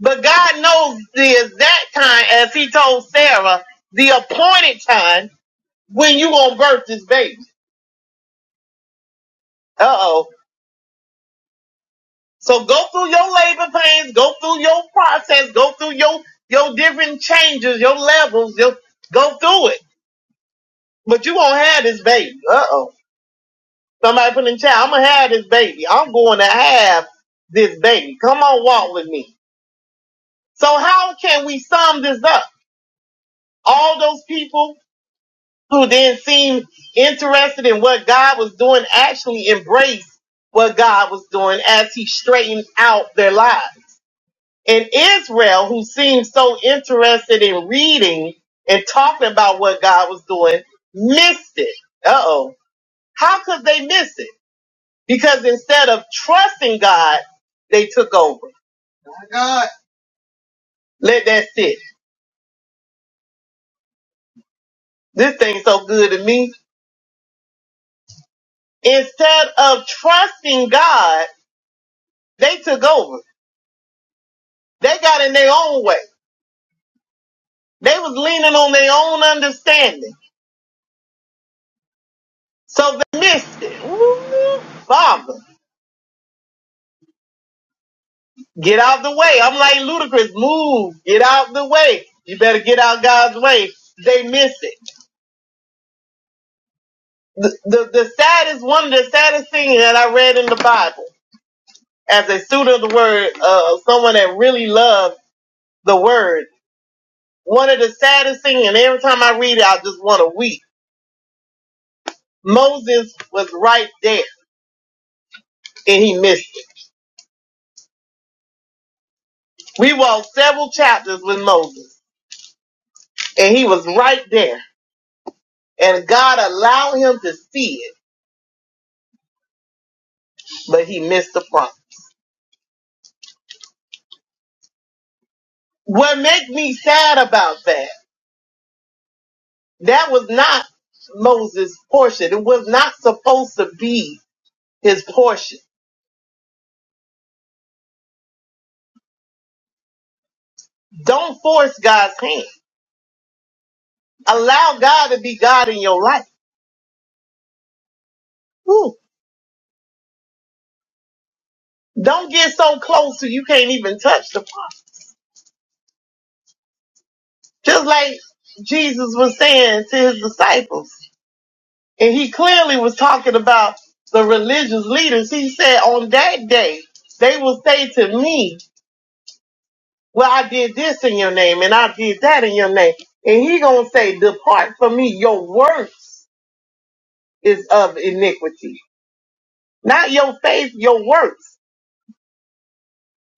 S7: But God knows the exact time, as He told Sarah, the appointed time when you gonna birth this baby. Uh oh. So go through your labor pains, go through your process, go through your your different changes, your levels, your go through it. But you gonna have this baby. Uh oh. Somebody put in the chat, I'm gonna have this baby. I'm going to have this baby. Come on, walk with me. So how can we sum this up? All those people who then seemed interested in what God was doing actually embraced what God was doing as he straightened out their lives. in Israel who seemed so interested in reading and talking about what God was doing missed it. Uh oh. How could they miss it? Because instead of trusting God, they took over. Let that sit. This thing's so good to me. Instead of trusting God, they took over. They got in their own way. They was leaning on their own understanding. So they missed it. Ooh, Father. Get out the way. I'm like ludicrous. Move. Get out the way. You better get out God's way. They miss it. The, the, the saddest, one of the saddest things that I read in the Bible as a student of the word, uh, someone that really loves the word, one of the saddest things, and every time I read it, I just want to weep. Moses was right there and he missed it. We walked several chapters with Moses and he was right there and God allowed him to see it, but he missed the promise. What make me sad about that? That was not Moses' portion. It was not supposed to be his portion. Don't force God's hand. Allow God to be God in your life. Woo. Don't get so close to you can't even touch the Father. Just like Jesus was saying to his disciples. And he clearly was talking about the religious leaders. He said, on that day, they will say to me, Well, I did this in your name and I did that in your name. And he gonna say, depart from me. Your works is of iniquity. Not your faith, your works.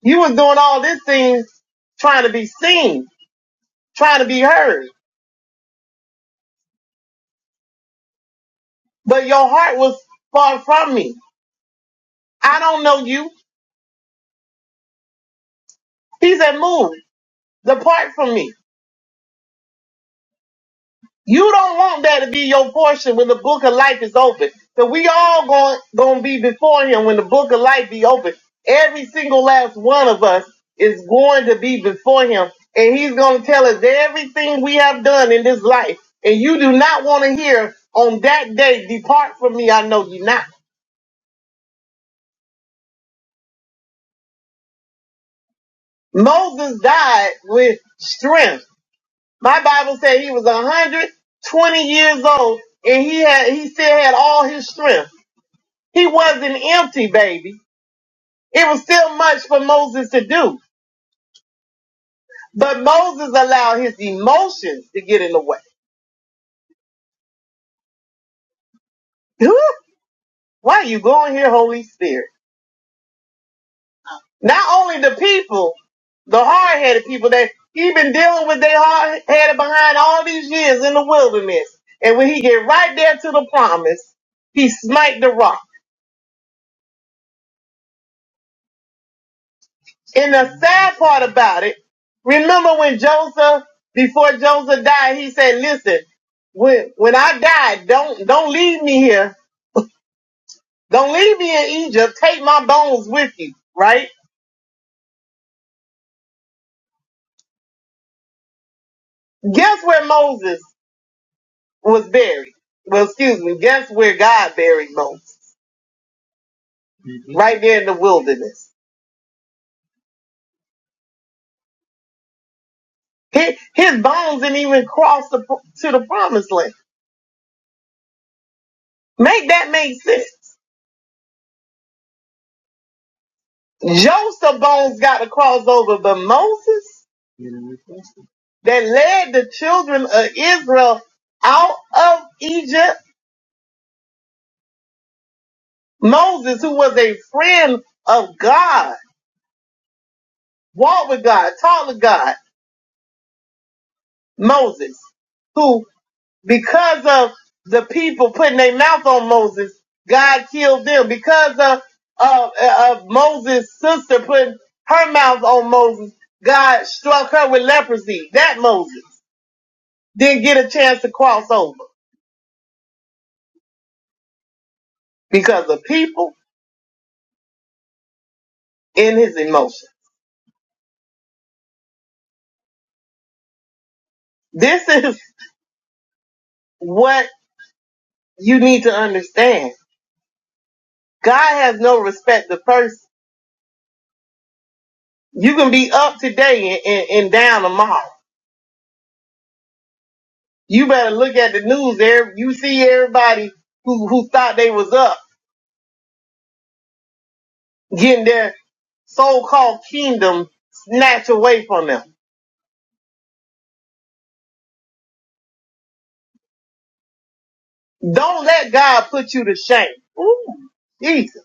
S7: You was doing all these things trying to be seen, trying to be heard, but your heart was far from me. I don't know you. He said, move, depart from me. You don't want that to be your portion when the book of life is open. So we all going going to be before him when the book of life be open. Every single last one of us is going to be before him and he's going to tell us everything we have done in this life. And you do not want to hear on that day, depart from me. I know you not. Moses died with strength. My Bible said he was 120 years old and he had, he still had all his strength. He wasn't empty, baby. It was still much for Moses to do. But Moses allowed his emotions to get in the way. Why are you going here, Holy Spirit? Not only the people, the hard headed people that he been dealing with they hard headed behind all these years in the wilderness. And when he get right there to the promise, he smite the rock. And the sad part about it, remember when Joseph, before Joseph died, he said, listen, when, when I die, don't, don't leave me here. Don't leave me in Egypt. Take my bones with you, right? Guess where Moses was buried? Well, excuse me. Guess where God buried Moses? Right there in the wilderness. His, his bones didn't even cross the, to the promised land. Make that make sense. Joseph's bones got to cross over, but Moses? that led the children of Israel out of Egypt. Moses, who was a friend of God, walked with God, talked with God. Moses, who, because of the people putting their mouth on Moses, God killed them. Because of, of, of Moses' sister putting her mouth on Moses, God struck her with leprosy. That Moses didn't get a chance to cross over because of people in his emotion. This is what you need to understand. God has no respect to person. You can be up today and, and, and down tomorrow. You better look at the news there. You see everybody who, who thought they was up getting their so-called kingdom snatched away from them. Don't let God put you to shame. Jesus.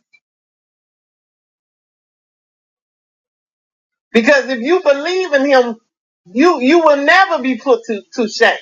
S7: Because if you believe in him, you, you will never be put to, to shame.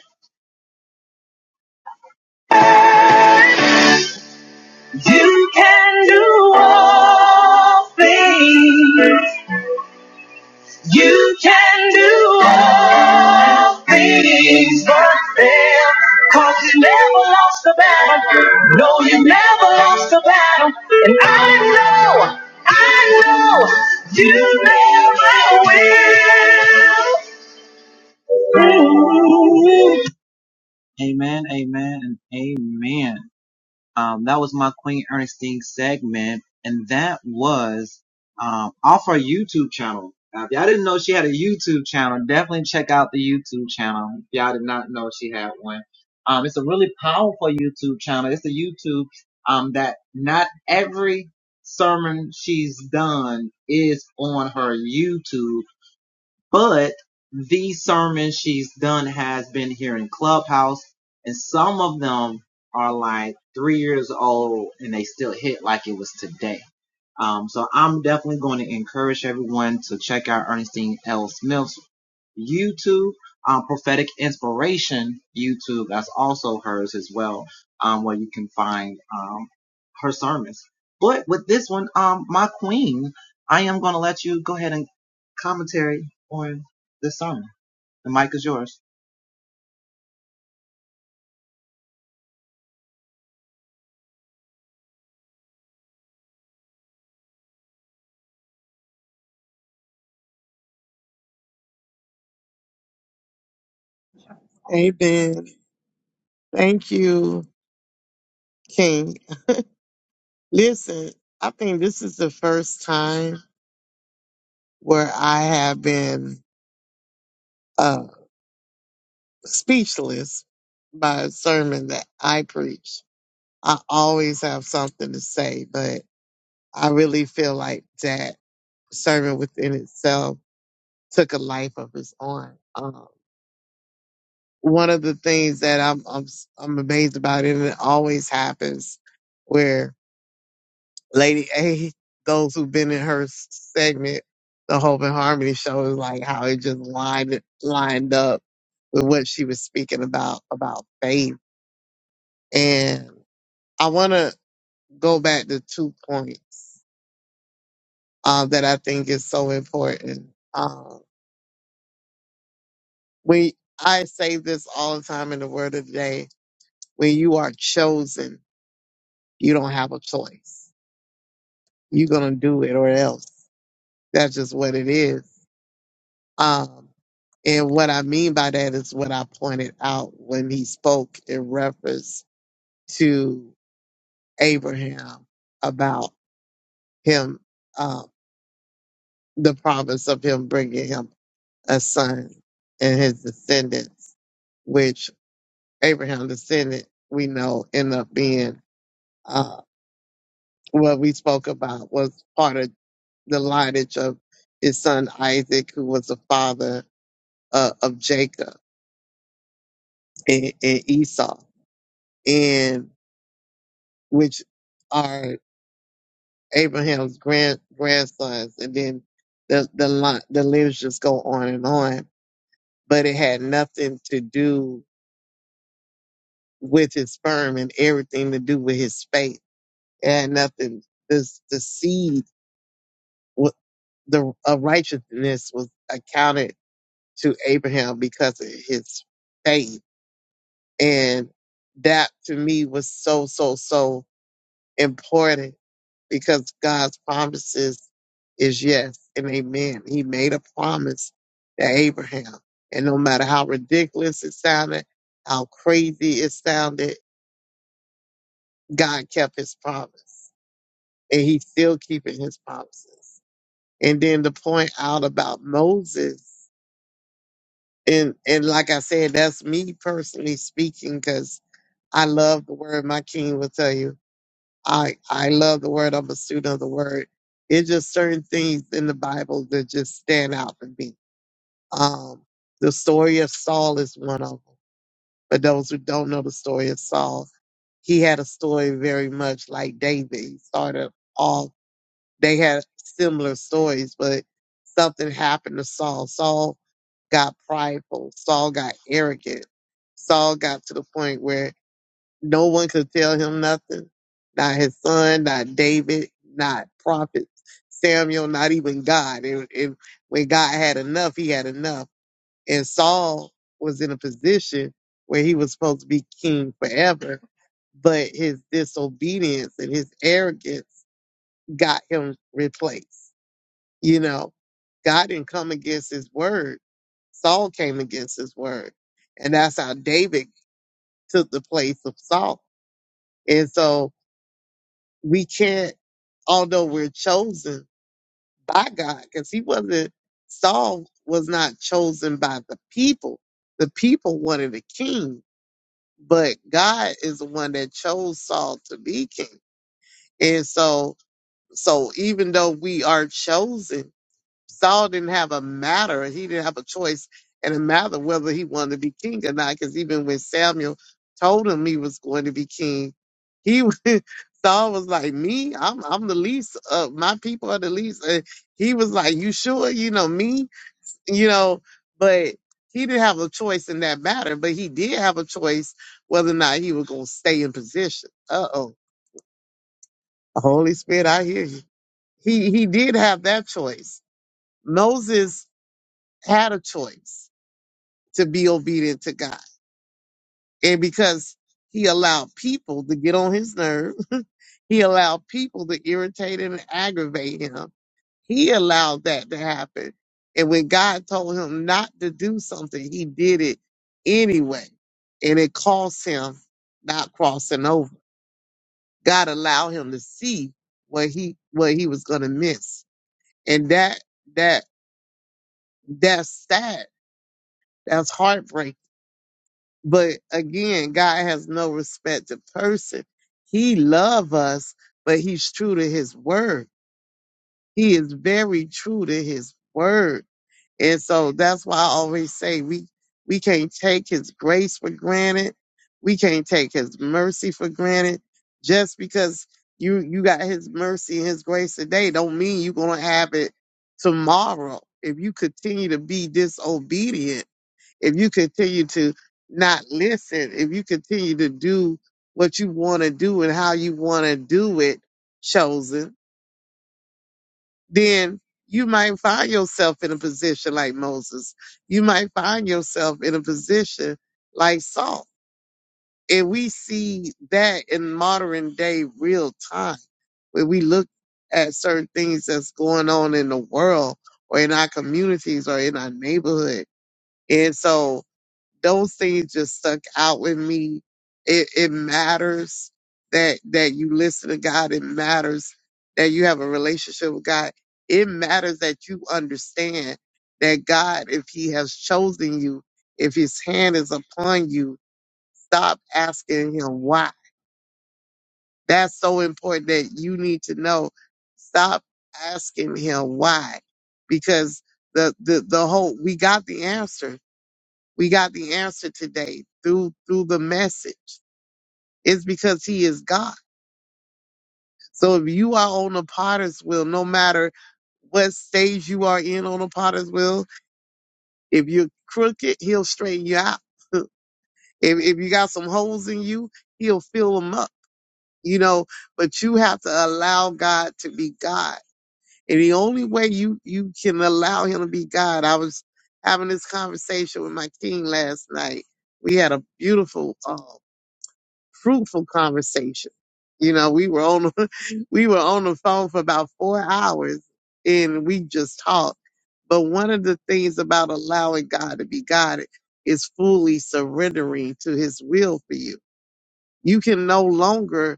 S4: Amen. Thank you, King. Listen, I think this is the first time where I have been speechless by a sermon that I preach. I always have something to say, but I really feel like that sermon within itself took a life of its own. Um, one of the things that I'm, I'm am i I'm amazed about, and it always happens, where Lady A, those who've been in her segment, the Hope and Harmony show, is like how it just lined lined up with what she was speaking about about faith. and. I want to go back to two points uh, that I think is so important. Um, we, I say this all the time in the Word of the Day: when you are chosen, you don't have a choice. You're gonna do it, or else. That's just what it is. Um, and what I mean by that is what I pointed out when he spoke in reference to Abraham about him, uh, the promise of him bringing him a son and his descendants, which Abraham descendant we know end up being uh, what we spoke about was part of the lineage of his son Isaac, who was the father uh, of Jacob and, and Esau, and which are Abraham's grand grandsons, and then the the line, the lineage just go on and on. But it had nothing to do with his sperm and everything to do with his faith and nothing. This the seed, wa- the of righteousness was accounted to Abraham because of his faith, and that to me was so so so important because God's promises is yes and amen. He made a promise to Abraham, and no matter how ridiculous it sounded, how crazy it sounded, God kept His promise, and He's still keeping His promises. And then to point out about Moses, and and like I said, that's me personally speaking because I love the word. My king will tell you, I I love the word. I'm a student of the word. It's just certain things in the Bible that just stand out to me. Um, the story of Saul is one of them. For those who don't know the story of Saul, he had a story very much like David. He started off, they had similar stories, but something happened to Saul. Saul got prideful. Saul got arrogant. Saul got to the point where no one could tell him nothing. Not his son, not David, not prophets, Samuel, not even God. It, it, when God had enough, he had enough. And Saul was in a position where he was supposed to be king forever, but his disobedience and his arrogance got him replaced. You know, God didn't come against his word. Saul came against his word. And that's how David took the place of Saul. And so we can't, although we're chosen by God, because he wasn't, Saul was not chosen by the people. The people wanted a king, but God is the one that chose Saul to be king. And so, so even though we are chosen, Saul didn't have a matter. He didn't have a choice in a matter whether he wanted to be king or not. Because even when Samuel told him he was going to be king, he was- Saul was like, "Me, I'm I'm the least of my people are the least." And he was like, "You sure? You know me? You know?" But he didn't have a choice in that matter. But he did have a choice whether or not he was going to stay in position. Uh oh, Holy Spirit, I hear you. He he did have that choice. Moses had a choice to be obedient to God. And because he allowed people to get on his nerve, he allowed people to irritate him and aggravate him. He allowed that to happen. And when God told him not to do something, he did it anyway. And it cost him not crossing over. God allowed him to see what he what he was gonna miss. And that that that's sad. That's heartbreaking But again, God has no respect of person. He love us, but he's true to his word. He is very true to his word. And so that's why I always say we we can't take his grace for granted. We can't take his mercy for granted. Just because you you got his mercy and his grace today don't mean you're gonna have it tomorrow. If you continue to be disobedient if you continue to not listen, if you continue to do what you want to do and how you want to do it, chosen, then you might find yourself in a position like Moses. You might find yourself in a position like Saul. And we see that in modern day real time when we look at certain things that's going on in the world or in our communities or in our neighborhood. And so those things just stuck out with me. It, it matters that, that you listen to God. It matters that you have a relationship with God. It matters that you understand that God, if he has chosen you, if his hand is upon you, stop asking him why. That's so important that you need to know. Stop asking him why because the, the, the whole, we got the answer we got the answer today through through the message. It's because he is God. So if you are on the potter's wheel, no matter what stage you are in on the potter's wheel, if you're crooked, he'll straighten you out. if, if you got some holes in you, he'll fill them up, you know, but you have to allow God to be God. And the only way you, you can allow him to be God, I was having this conversation with my king last night. We had a beautiful, um, fruitful conversation. You know, we were on we were on the phone for about four hours and we just talked. But one of the things about allowing God to be God is fully surrendering to his will for you. You can no longer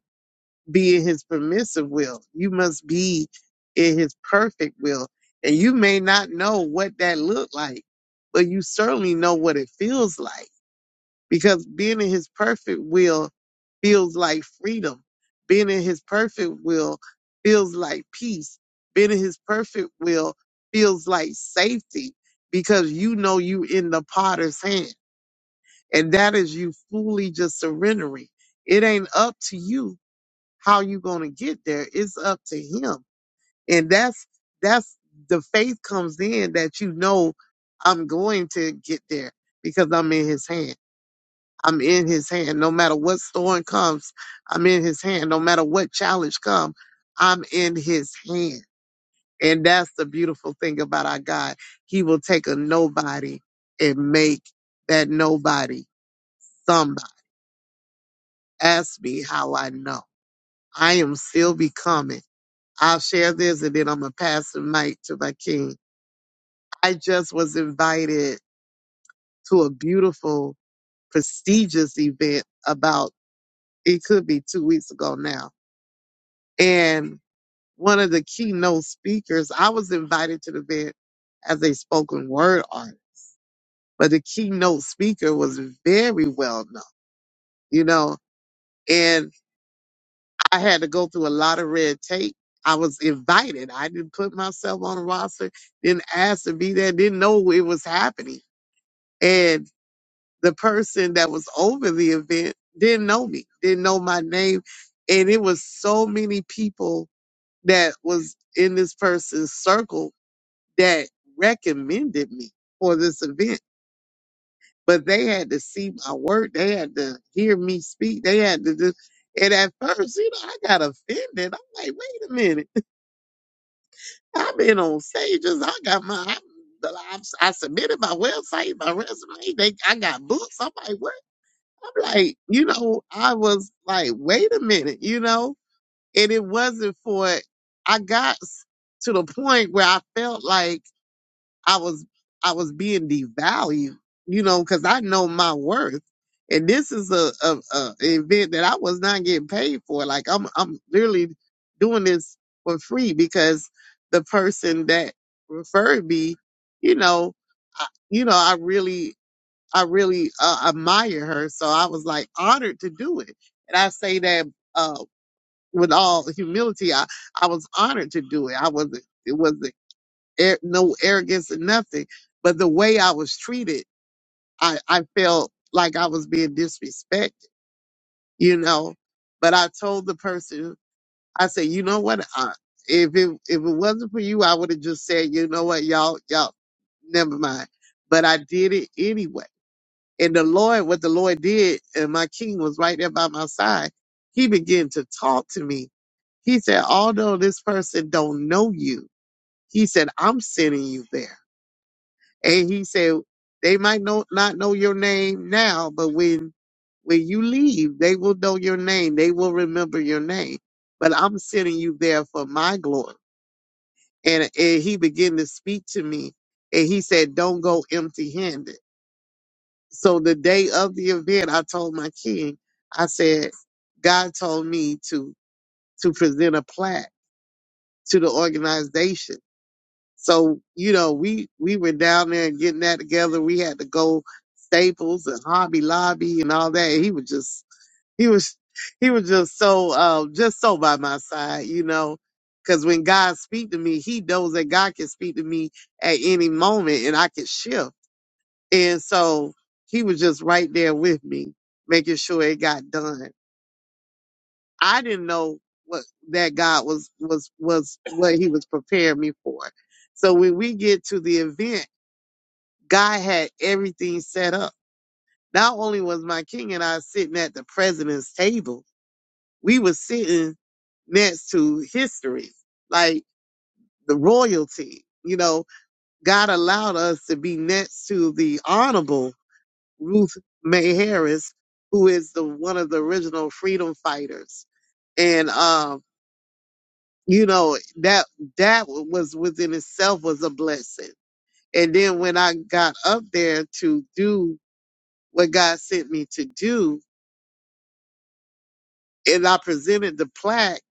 S4: be in his permissive will. You must be in his perfect will. And you may not know what that looked like, but you certainly know what it feels like because being in his perfect will feels like freedom. Being in his perfect will feels like peace. Being in his perfect will feels like safety because you know you in the potter's hand. And that is you fully just surrendering. It ain't up to you how you gonna get there. It's up to him. And that's that's the faith comes in that you know I'm going to get there because I'm in his hand. I'm in his hand. No matter what storm comes, I'm in his hand. No matter what challenge comes, I'm in his hand. And that's the beautiful thing about our God. He will take a nobody and make that nobody somebody. Ask me how I know. I am still becoming. I'll share this and then I'm going to pass the mic to my king. I just was invited to a beautiful, prestigious event about, it could be two weeks ago now. And one of the keynote speakers. I was invited to the event as a spoken word artist, but the keynote speaker was very well known, you know, and I had to go through a lot of red tape. I was invited. I didn't put myself on a roster, didn't ask to be there, didn't know it was happening. And the person that was over the event didn't know me, didn't know my name. And it was so many people that was in this person's circle that recommended me for this event. But they had to see my work. They had to hear me speak. They had to do. And at first, you know, I got offended. I'm like, wait a minute. I've been on stages. I got my, I, I, I submitted my website, my resume. They, I got books. I'm like, what? I'm like, you know, I was like, wait a minute, you know? And it wasn't for, I got s- to the point where I felt like, I was I was being devalued, you know, because I know my worth. And this is a, a, a event that I was not getting paid for. Like I'm I'm literally doing this for free because the person that referred me, you know, I, you know, I really I really uh, admire her. So I was like honored to do it. And I say that uh, with all humility, I, I was honored to do it. I was it was ar- no arrogance and nothing. But the way I was treated, I, I felt like I was being disrespected, you know. But I told the person, I said, you know what? I, if it if it wasn't for you, I would have just said, you know what, y'all, y'all, never mind. But I did it anyway. And the Lord, what the Lord did, and my King was right there by my side. He began to talk to me. He said, although this person don't know you, he said, I'm sending you there And he said, they might know, not know your name now, but when, when you leave, they will know your name. They will remember your name. But I'm sending you there for my glory. And, and he began to speak to me and he said, don't go empty handed. So the day of the event, I told my king, I said, God told me to, to present a plaque to the organization So, you know, we we were down there and getting that together. We had to go Staples and Hobby Lobby and all that. He was just he was he was just so uh, just so by my side, you know. Cause when God speak to me, He knows that God can speak to me at any moment, and I can shift. And so He was just right there with me, making sure it got done. I didn't know what that God was was was what He was preparing me for. So when we get to the event, God had everything set up. Not only was my king and I sitting at the president's table, we were sitting next to history, like the royalty. You know, God allowed us to be next to the honorable Ruth May Harris, who is the one of the original freedom fighters. And um. you know that that was within itself was a blessing and then when i got up there to do what god sent me to do and i presented the plaque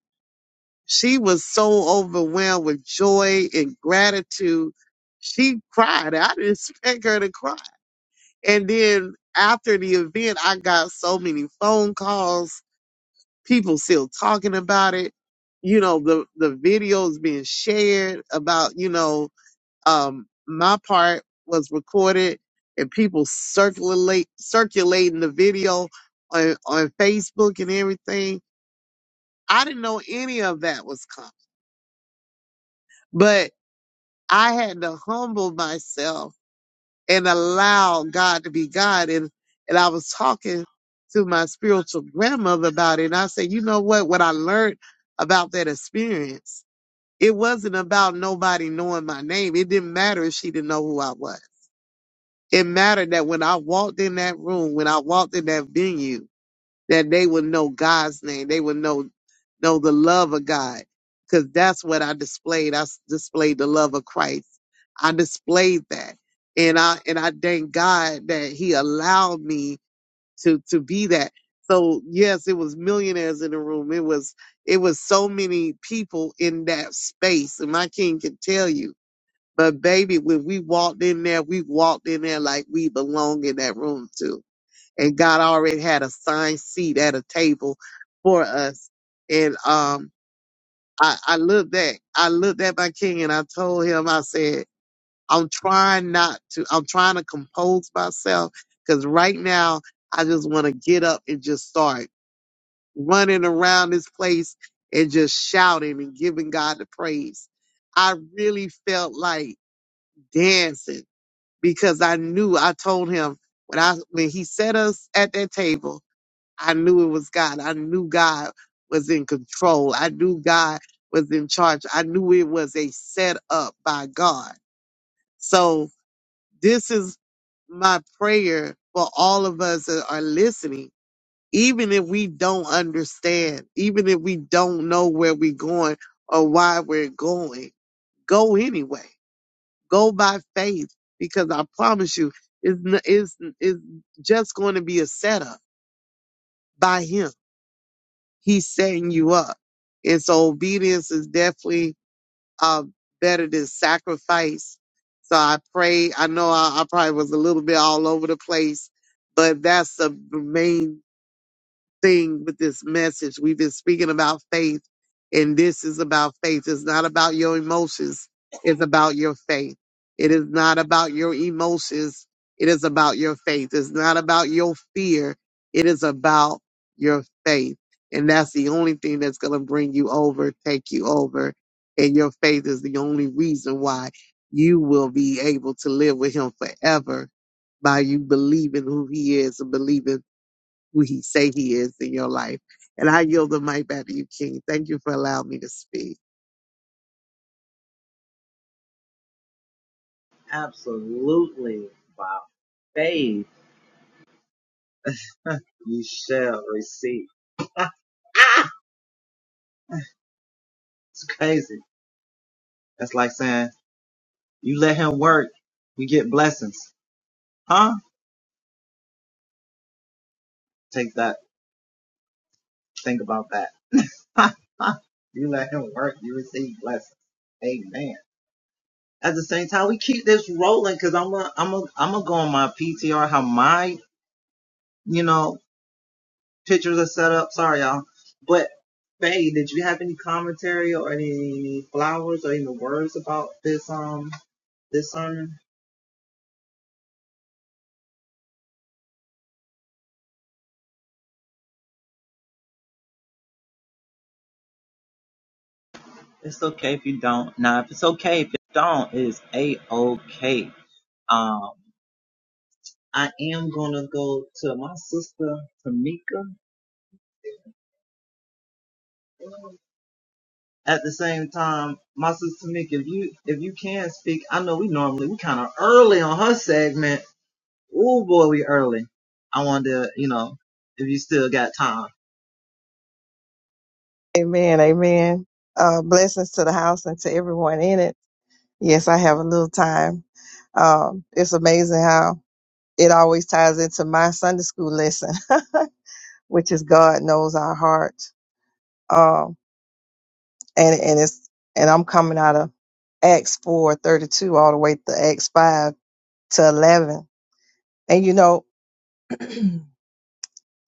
S4: she was so overwhelmed with joy and gratitude she cried i didn't expect her to cry and then after the event i got so many phone calls people still talking about it you know the the videos being shared about you know Um, my part was recorded and people circulate circulating the video on, on Facebook and everything. I didn't know any of that was coming, but I had to humble myself and allow God to be God. And and I was talking to my spiritual grandmother about it, and I said, you know what? What I learned about that experience, it wasn't about nobody knowing my name. It didn't matter if she didn't know who I was It mattered that when I walked in that room, when I walked in that venue, that they would know God's name. They would know know the love of God, because that's what I displayed. I s- displayed the love of Christ. I displayed that, and I and I thank God that He allowed me to to be that. So yes, it was millionaires in the room. It was it was so many people in that space, and my King can tell you. But baby, when we walked in there, we walked in there like we belong in that room too. And God already had a signed seat at a table for us. And um, I, I looked at I looked at my king and I told him, I said, I'm trying not to, I'm trying to compose myself because right now I just want to get up and just start running around this place and just shouting and giving God the praise. I really felt like dancing because I knew I told him when I when he set us at that table, I knew it was God. I knew God was in control. I knew God was in charge. I knew it was a set up by God. So this is my prayer for all of us that are listening. Even if we don't understand, even if we don't know where we're going or why we're going, go anyway Go by faith because I promise you, it's, n- it's, it's just going to be a setup by him. He's setting you up. And so obedience is definitely uh, better than sacrifice. So I pray, I know I, I probably was a little bit all over the place, but that's the main thing with this message. We've been speaking about faith, and this is about faith. It's not about your emotions, it's about your faith. It is not about your emotions, it is about your faith. It's not about your fear, it is about your faith. And that's the only thing that's going to bring you over, take you over. And your faith is the only reason why you will be able to live with Him forever by you believing who He is and believing who he say he is in your life. And I yield the mic back to you, King. Thank you for allowing me to speak.
S8: Amen. Amen. Uh, blessings to the house and to everyone in it. Yes, I have a little time. Um, it's amazing how it always ties into my Sunday school lesson, which is God knows our heart. Um, and, and it's, and I'm coming out of Acts four thirty two all the way to Acts 5 to 11. And you know, in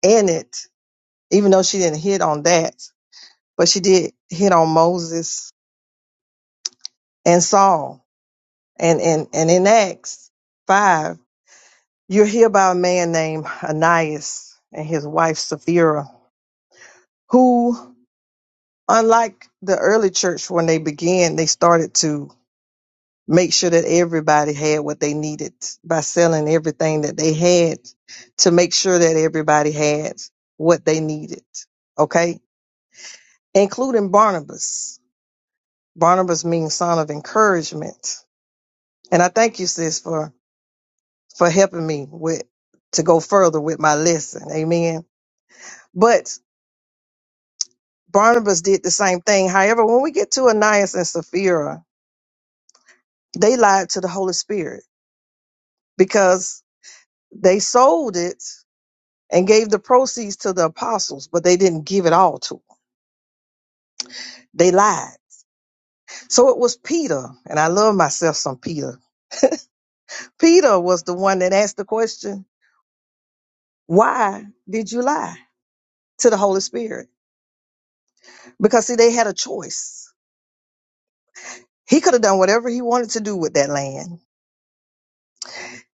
S8: it, even though she didn't hit on that, but she did hit on Moses and Saul And in and in Acts five, you hear about a man named Ananias and his wife Sapphira, who, unlike the early church when they began, they started to make sure that everybody had what they needed by selling everything that they had to make sure that everybody had what they needed. Okay? Including Barnabas. Barnabas means son of encouragement. And I thank you, sis, for for helping me with to go further with my lesson. Amen. But Barnabas did the same thing. However, when we get to Ananias and Sapphira, they lied to the Holy Spirit because they sold it and gave the proceeds to the apostles, but they didn't give it all to them. They lied. So it was Peter, and I love myself some Peter. Peter was the one that asked the question, Why did you lie to the Holy Spirit? Because see, they had a choice. He could have done whatever he wanted to do with that land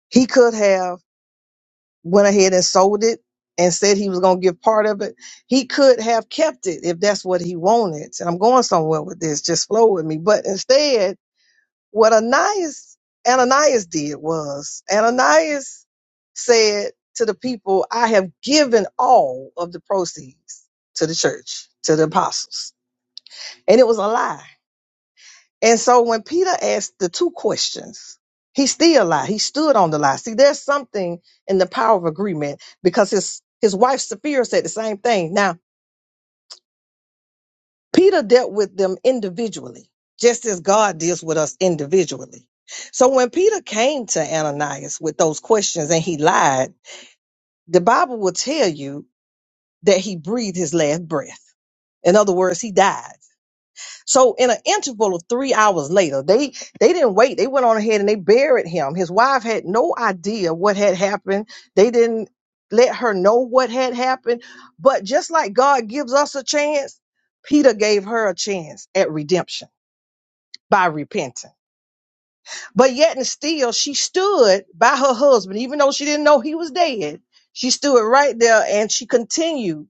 S8: He could have went ahead and sold it and said he was going to give part of it. He could have kept it if that's what he wanted. And I'm going somewhere with this. Just flow with me. But instead, what Ananias Ananias did was Ananias said to the people, "I have given all of the proceeds to the church, to the apostles." And it was a lie and so when Peter asked the two questions, he still lied. He stood on the lie. See, there's something in the power of agreement because his his wife Sapphira said the same thing. Now, Peter dealt with them individually, just as God deals with us individually. So when Peter came to Ananias with those questions and he lied, the Bible will tell you that he breathed his last breath. In other words, he died. So in an interval of three hours later, they they didn't wait. They went on ahead and they buried him. His wife had no idea what had happened. They didn't let her know what had happened. But just like God gives us a chance, Peter gave her a chance at redemption by repenting. But yet and still she stood by her husband, even though she didn't know he was dead. She stood right there and she continued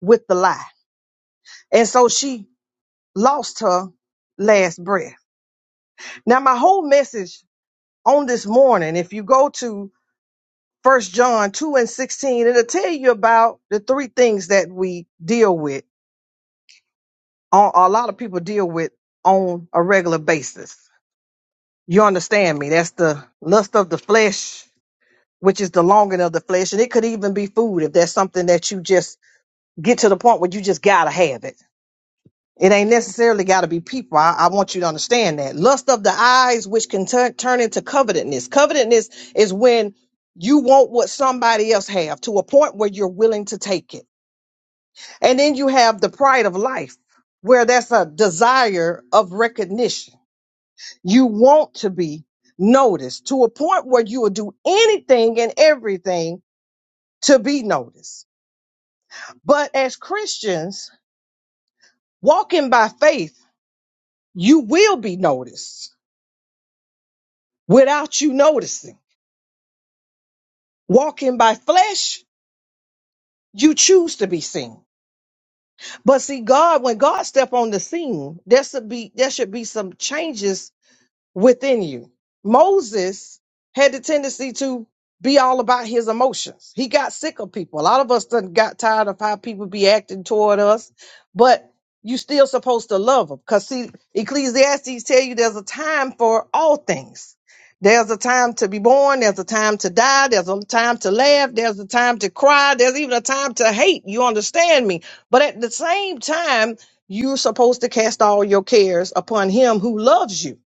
S8: with the lie. And so she lost her last breath. Now my whole message on this morning, if you go to First John 2 and 16, it'll tell you about the three things that we deal with, on, a lot of people deal with on a regular basis. You understand me? That's the lust of the flesh, which is the longing of the flesh. And it could even be food if that's something that you just get to the point where you just got to have it It ain't necessarily got to be people. I, I want you to understand that. Lust of the eyes, which can turn turn into covetousness. Covetousness is when you want what somebody else have to a point where you're willing to take it. And then you have the pride of life, where that's a desire of recognition. You want to be noticed to a point where you will do anything and everything to be noticed. But as Christians, walking by faith, you will be noticed without you noticing. Walking by flesh, you choose to be seen. But see, God, when God step on the scene, there should be there should be some changes within you. Moses had the tendency to be all about his emotions. He got sick of people. A lot of us done got tired of how people be acting toward us, but you still supposed to love them. Cause see, Ecclesiastes tell you there's a time for all things. There's a time to be born. There's a time to die. There's a time to laugh. There's a time to cry. There's even a time to hate. You understand me? But at the same time, you're supposed to cast all your cares upon him who loves you.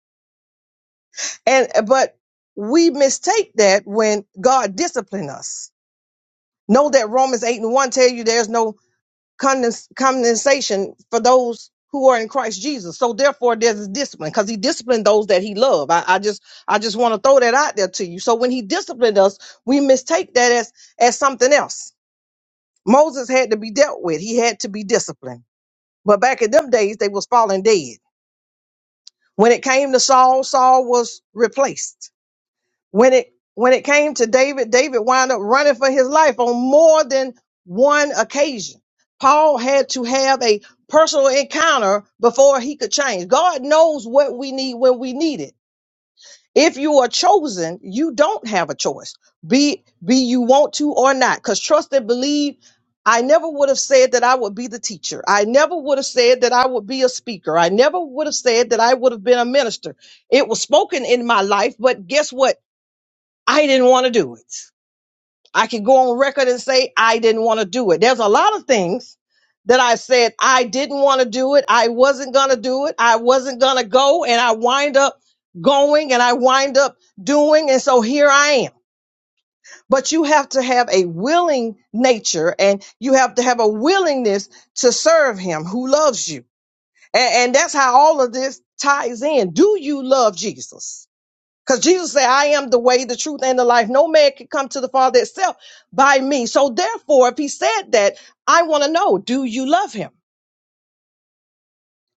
S8: And uh, but we mistake that when God discipline us. Know that Romans 8 and 1 tell you there's no condens- condensation for those who are in Christ Jesus. So therefore there's a discipline because he disciplined those that he loved. I, I just I just want to throw that out there to you. So when he disciplined us, we mistake that as as something else. Moses had to be dealt with. He had to be disciplined. But back in them days, they was falling dead. When it came to Saul, Saul was replaced. When it when it came to David, David wound up running for his life on more than one occasion. Paul had to have a personal encounter before he could change. God knows what we need when we need it. If you are chosen, you don't have a choice. Be be you want to or not. Cuz trust and believe I never would have said that I would be the teacher. I never would have said that I would be a speaker. I never would have said that I would have been a minister. It was spoken in my life, but guess what? I didn't want to do it. I can go on record and say I didn't want to do it. There's a lot of things that I said I didn't want to do it. I wasn't going to do it. I wasn't going to go. And I wind up going and I wind up doing. And so here I am. But you have to have a willing nature and you have to have a willingness to serve him who loves you. And, and that's how all of this ties in. Do you love Jesus? Because Jesus said, I am the way, the truth, and the life. No man can come to the Father itself by me. So therefore, if he said that, I want to know, do you love him?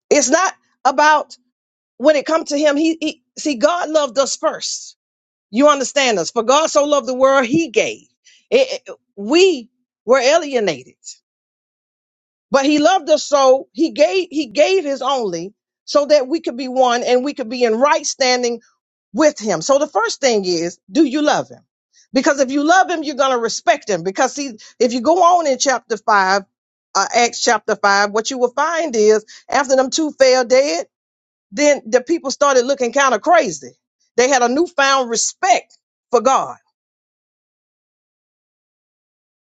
S8: It's not about when it comes to him, he, he see, God loved us first. You understand us. For God so loved the world, he gave. It- it- we were alienated. But he loved us so he gave he gave his only so that we could be one and we could be in right standing with him. So the first thing is, do you love him? Because if you love him, you're going to respect him. Because see, if you go on in chapter five, uh, Acts chapter five, what you will find is after them two fell dead, then the people started looking kind of crazy. They had a newfound respect for God.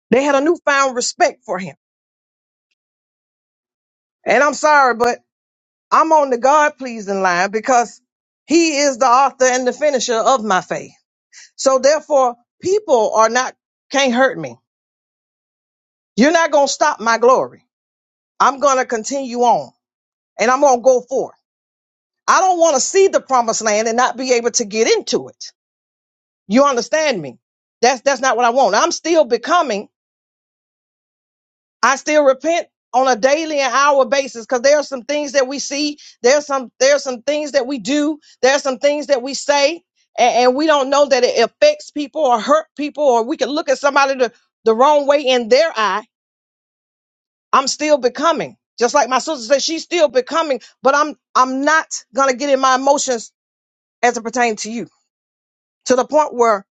S8: They had a newfound respect for him. And I'm sorry, but I'm on the God pleasing line because he is the author and the finisher of my faith. So therefore, people are not, can't hurt me You're not going to stop my glory. I'm going to continue on and I'm going to go forth. I don't want to see the promised land and not be able to get into it. You understand me? That's, that's not what I want. I'm still becoming. I still repent on a daily and hour basis because there are some things that we see. There's some, there's some things that we do. There's some things that we say and, and we don't know that it affects people or hurt people or we can look at somebody the, the wrong way in their eye I'm still becoming. Just like my sister said, she's still becoming, but I'm I'm not gonna get in my emotions as it pertains to you to the point where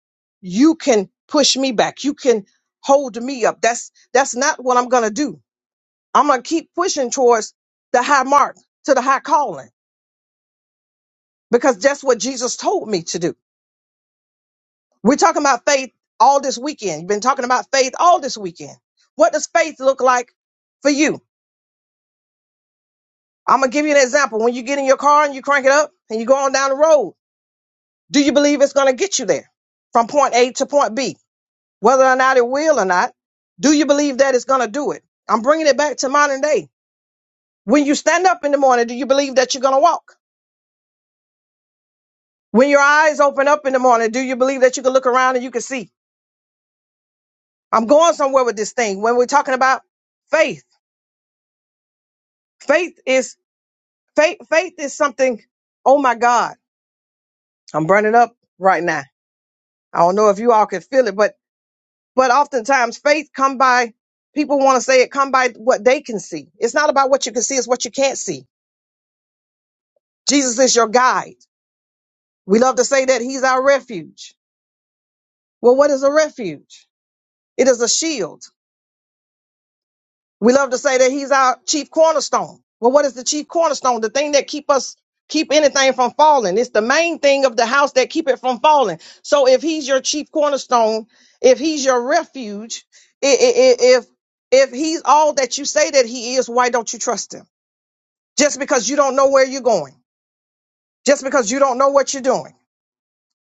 S8: you can push me back. You can hold me up. That's that's not what I'm gonna do. I'm gonna keep pushing towards the high mark, to the high calling, because that's what Jesus told me to do. We're talking about faith all this weekend. You've been talking about faith all this weekend. What does faith look like for you? I'm gonna give you an example. When you get in your car and you crank it up and you go on down the road, Do you believe it's going to get you there from point A to point B? Whether or not it will or not, do you believe that it's going to do it? I'm bringing it back to modern day. When you stand up in the morning, do you believe that you're going to walk? When your eyes open up in the morning, do you believe that you can look around and you can see? I'm going somewhere with this thing. When we're talking about faith, faith is faith. Faith is something. Oh my God, I'm burning up right now. I don't know if you all can feel it, but But oftentimes faith come by people want to say it come by what they can see. It's not about what you can see, it's what you can't see. Jesus is your guide. We love to say that he's our refuge. Well, what is a refuge? It is a shield. We love to say that he's our chief cornerstone. Well, what is the chief cornerstone? The thing that keep us keep anything from falling. It's the main thing of the house that keep it from falling. So if he's your chief cornerstone, if he's your refuge, i- i- i- if if he's all that you say that he is, why don't you trust him? Just because you don't know where you're going. Just because you don't know what you're doing.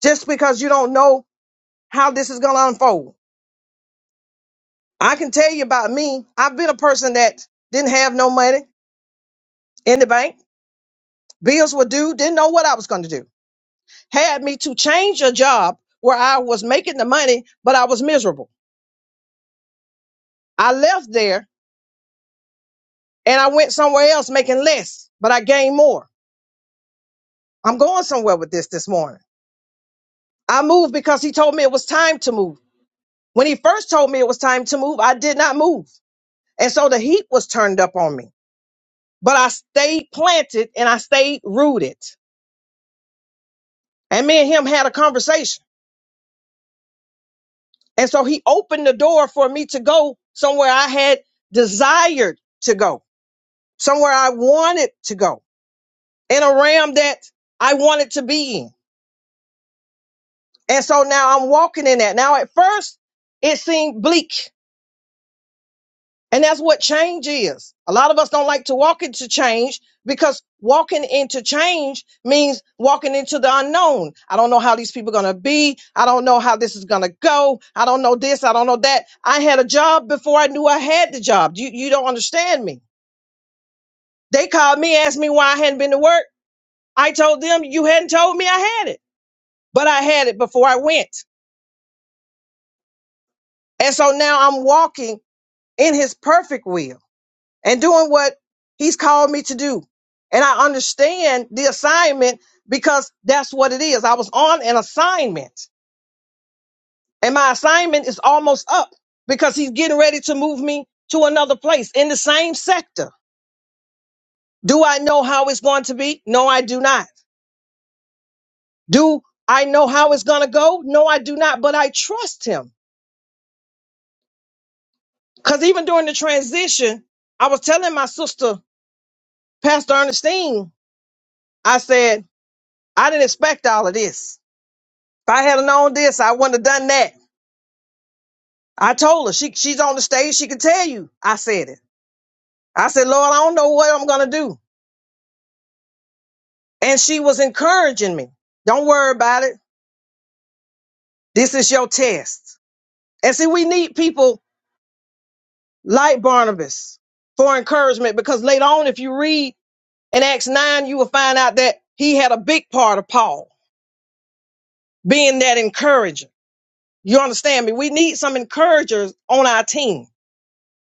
S8: Just because you don't know how this is going to unfold. I can tell you about me. I've been a person that didn't have no money in the bank. bills were due, didn't know what I was going to do. Had me to change a job where I was making the money, but I was miserable. I left there and I went somewhere else making less, but I gained more. I'm going somewhere with this this morning. I moved because he told me it was time to move. When he first told me it was time to move, I did not move. And so the heat was turned up on me, but I stayed planted and I stayed rooted. And me and him had a conversation. And so he opened the door for me to go somewhere I had desired to go, somewhere I wanted to go, in a realm that I wanted to be in. And so now I'm walking in that. Now, at first, it seemed bleak. And that's what change is. A lot of us don't like to walk into change because walking into change means walking into the unknown. I don't know how these people are going to be. I don't know how this is going to go. I don't know this. I don't know that. I had a job before I knew I had the job. You, you don't understand me. They called me, asked me why I hadn't been to work. I told them you hadn't told me I had it, but I had it before I went. And so now I'm walking in his perfect will. and doing what he's called me to do. And I understand the assignment because that's what it is. I was on an assignment and my assignment is almost up because he's getting ready to move me to another place in the same sector. Do I know how it's going to be? No, I do not. Do I know how it's going to go? No, I do not, but I trust him. Cause even during the transition, I was telling my sister, Pastor Ernestine, I said, I didn't expect all of this. If I had have known this, I wouldn't have done that. I told her she she's on the stage. She can tell you. I said it. I said, Lord, I don't know what I'm gonna do. And she was encouraging me. Don't worry about it. This is your test. And see, we need people like Barnabas for encouragement because later on, if you read in Acts 9, you will find out that he had a big part of Paul being that encourager. You understand me? We need some encouragers on our team.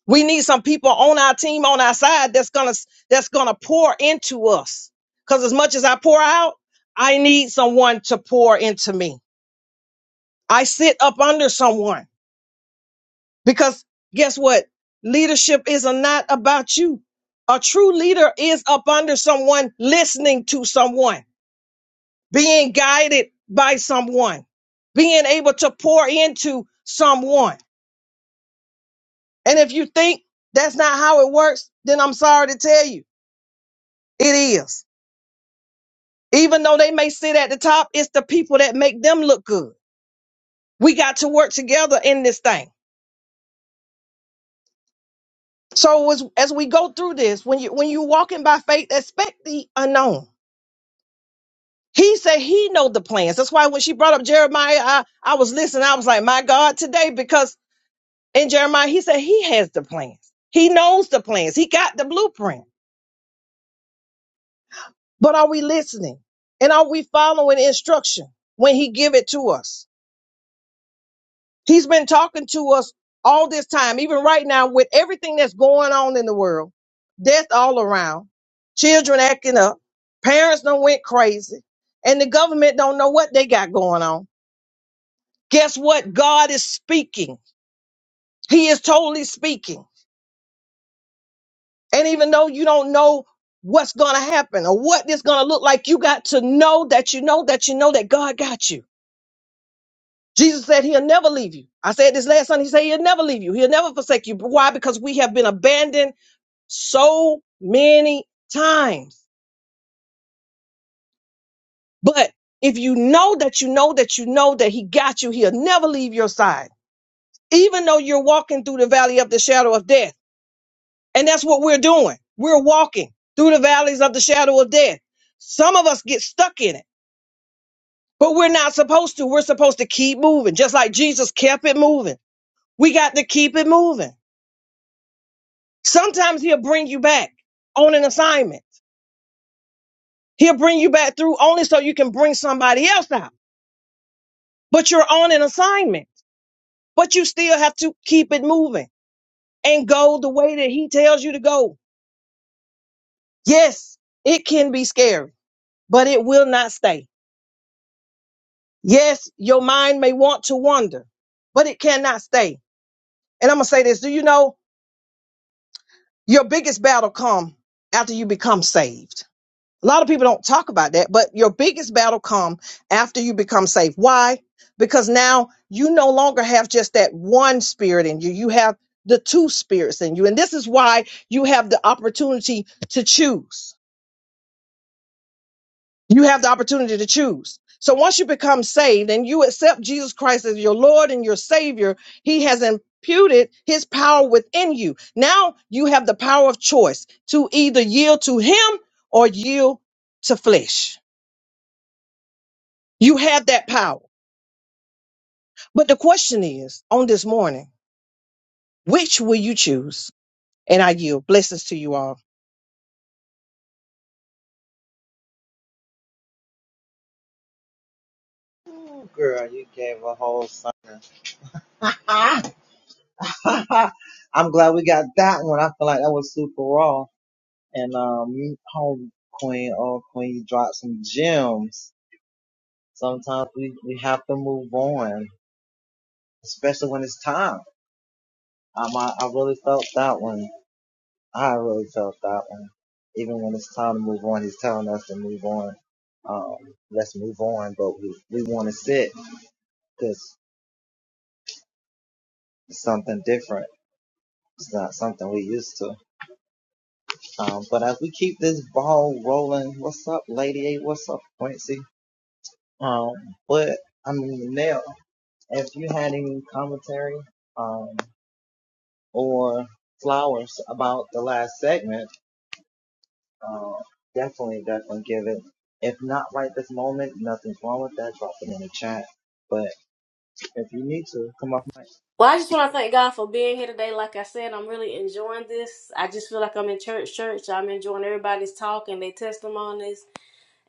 S8: We need some people on our team, on our side that's gonna that's gonna pour into us. Cause as much as I pour out, I need someone to pour into me. I sit up under someone because guess what? Leadership is not about you. A true leader is up under someone, listening to someone, being guided by someone, being able to pour into someone. And if you think that's not how it works, then I'm sorry to tell you, it is Even though they may sit at the top, it's the people that make them look good. We got to work together in this thing. So as, as we go through this, when you when you walking by faith, expect the unknown. He said he know the plans. That's why when she brought up Jeremiah, I, I was listening. I was like, my God, today, because in Jeremiah, he said he has the plans. He knows the plans. He got the blueprint. But are we listening? And are we following instruction when he give it to us? He's been talking to us all this time, even right now, with everything that's going on in the world, death all around, children acting up, parents done went crazy, and the government don't know what they got going on. Guess what? God is speaking. He is totally speaking. And even though you don't know what's going to happen or what it's going to look like, you got to know that you know that you know that God got you. Jesus said he'll never leave you. I said this last Sunday, he said he'll never leave you. He'll never forsake you. Why? Because we have been abandoned so many times. But if you know that you know that you know that he got you, he'll never leave your side, even though you're walking through the valley of the shadow of death. And that's what we're doing. We're walking through the valleys of the shadow of death. Some of us get stuck in it, but we're not supposed to. We're supposed to keep moving, just like Jesus kept it moving. We got to keep it moving. Sometimes he'll bring you back on an assignment. He'll bring you back through only so you can bring somebody else out. but you're on an assignment, but you still have to keep it moving and go the way that he tells you to go. Yes, it can be scary, but it will not stay. Yes, your mind may want to wander, but it cannot stay. And I'm going to say this. Do you know your biggest battle come after you become saved? A lot of people don't talk about that, but your biggest battle come after you become saved. Why? Because now you no longer have just that one spirit in you. You have the two spirits in you. And this is why you have the opportunity to choose. You have the opportunity to choose. So once you become saved and you accept Jesus Christ as your Lord and your Savior, He has imputed His power within you. Now you have the power of choice to either yield to Him or yield to flesh You have that power. But the question is on this morning, which will you choose? And I yield blessings to you all.
S5: Well, I just want to thank God for being here today. Like I said, I'm really enjoying this. I just feel like I'm in church. Church. I'm enjoying everybody's talk and their testimonies,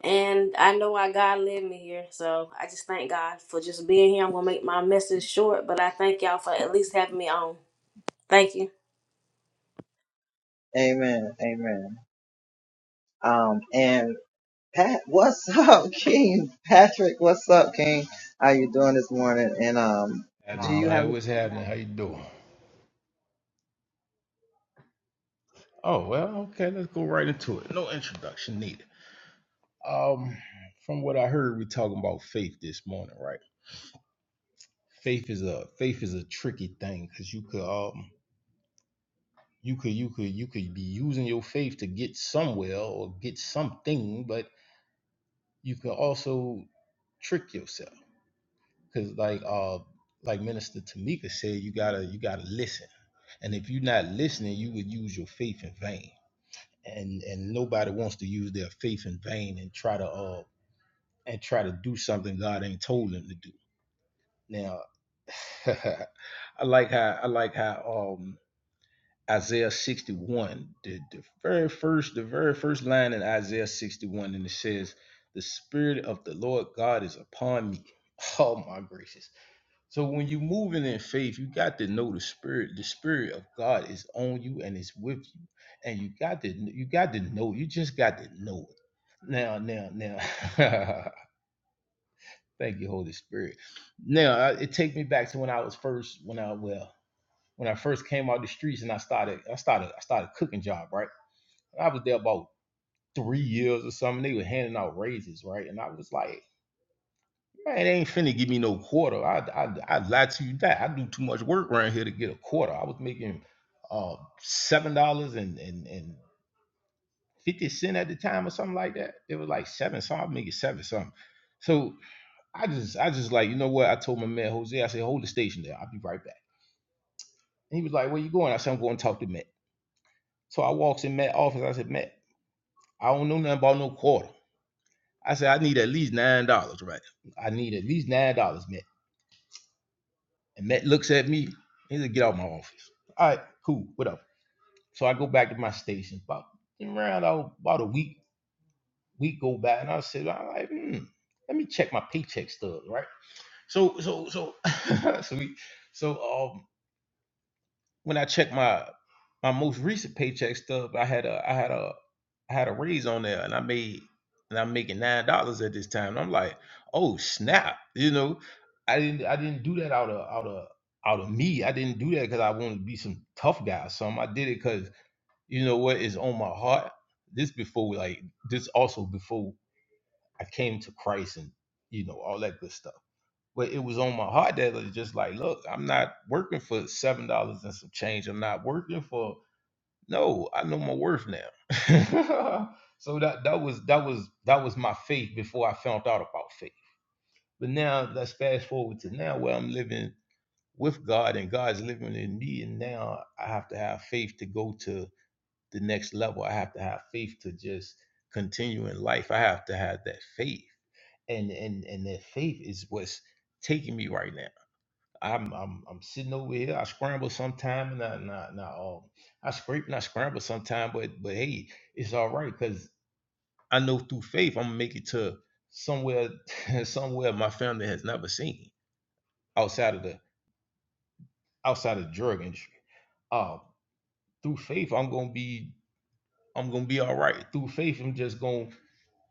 S5: and I know why God led me here. So I just thank God for just being here. I'm gonna make my message short, but I thank y'all for at least having me on. Thank you.
S9: And my what's happening? How you doing? Oh well, okay. Let's go right into it. No introduction needed. Um, from what I heard, we talking about faith this morning, right? Faith is a faith is a tricky thing because you could um you could you could you could be using your faith to get somewhere or get something, but you could also trick yourself because like uh like Minister Tamika said, you gotta you gotta listen, and if you're not listening, you would use your faith in vain and and nobody wants to use their faith in vain and try to uh and try to do something God ain't told them to do. Now, I like how I like how um Isaiah 61, the, the very first the very first line in Isaiah 61, and it says, "The Spirit of the Lord God is upon me." Oh my gracious! So when you're moving in faith, you got to know the spirit. The spirit of God is on you and it's with you, and you got to you got to know. You just got to know it. Now, now, now. Thank you, Holy Spirit. Now I- it takes me back to when I was first when I well when I first came out the streets and I started I started I started cooking job right. I was there about three years or something. They were handing out raises right, and I was like. Man, they ain't finna give me no quarter. I, I I lie to you that I do too much work around here to get a quarter. I was making uh seven dollars and and and fifty cent at the time or something like that. It was like seven, so I make it seven something. So I just I just like, you know what? I told my man Jose, I said, hold the station there, I'll be right back. And he was like, Where you going? I said, I'm going to talk to Matt. So I walks in Matt's office, I said, Matt, I don't know nothing about no quarter. I said, I need at least nine dollars, right? I need at least nine dollars, Matt. And Matt looks at me. He said, get out of my office. All right, cool, whatever. So I go back to my station. About around oh, about a week, week go by, and I said, all right, hmm, let me check my paycheck stubs, right? So, so, so, so we, so, um, when I checked my my most recent paycheck stub, I had a I had a I had a raise on there, and I made and I'm making nine dollars at this time. And I'm like, oh snap! You know, I didn't I didn't do that out of out of out of me. I didn't do that because I wanted to be some tough guy. or something. I did it because you know what is on my heart. This before like this also before I came to Christ and you know all that good stuff but it was on my heart that was just like, look, I'm not working for seven dollars and some change. I'm not working for no. I know my worth now. so that that was that was that was my faith before I found out about faith. But now let's fast forward to now where I'm living with God and God's living in me, and now I have to have faith to go to the next level. I have to have faith to just continue in life. I have to have that faith, and and and that faith is what's taking me right now. I'm I'm I'm sitting over here. I scramble sometime and I and I, and I, um, I scrape and I scramble sometime, but but hey, it's all right because I know through faith I'm gonna make it to somewhere somewhere my family has never seen outside of the outside of the drug industry. Uh through faith I'm gonna be I'm gonna be all right. Through faith I'm just gonna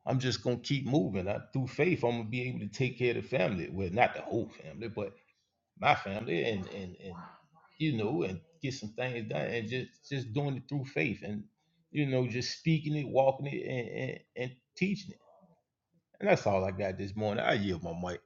S9: I'm just gonna keep moving. I, through faith I'm gonna be able to take care of the family. Well, not the whole family, but. my family and and and you know and get some things done and just just doing it through faith and you know just speaking it walking it and and, and teaching it and that's all i got this morning i yield my mic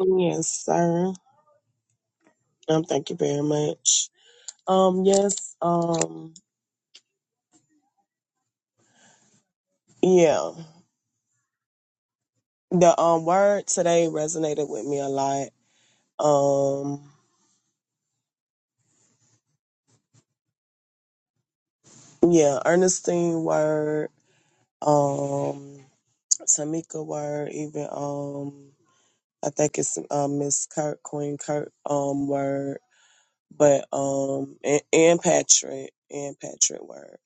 S10: Yes, sir. Um, thank you very much. Um, yes, um, yeah. The um word today resonated with me a lot. Um, yeah, Ernestine word, um, Tamika word, even um I think it's um Miss Kirk, Queen Kirk um word, but um and, and Patrick and Patrick word.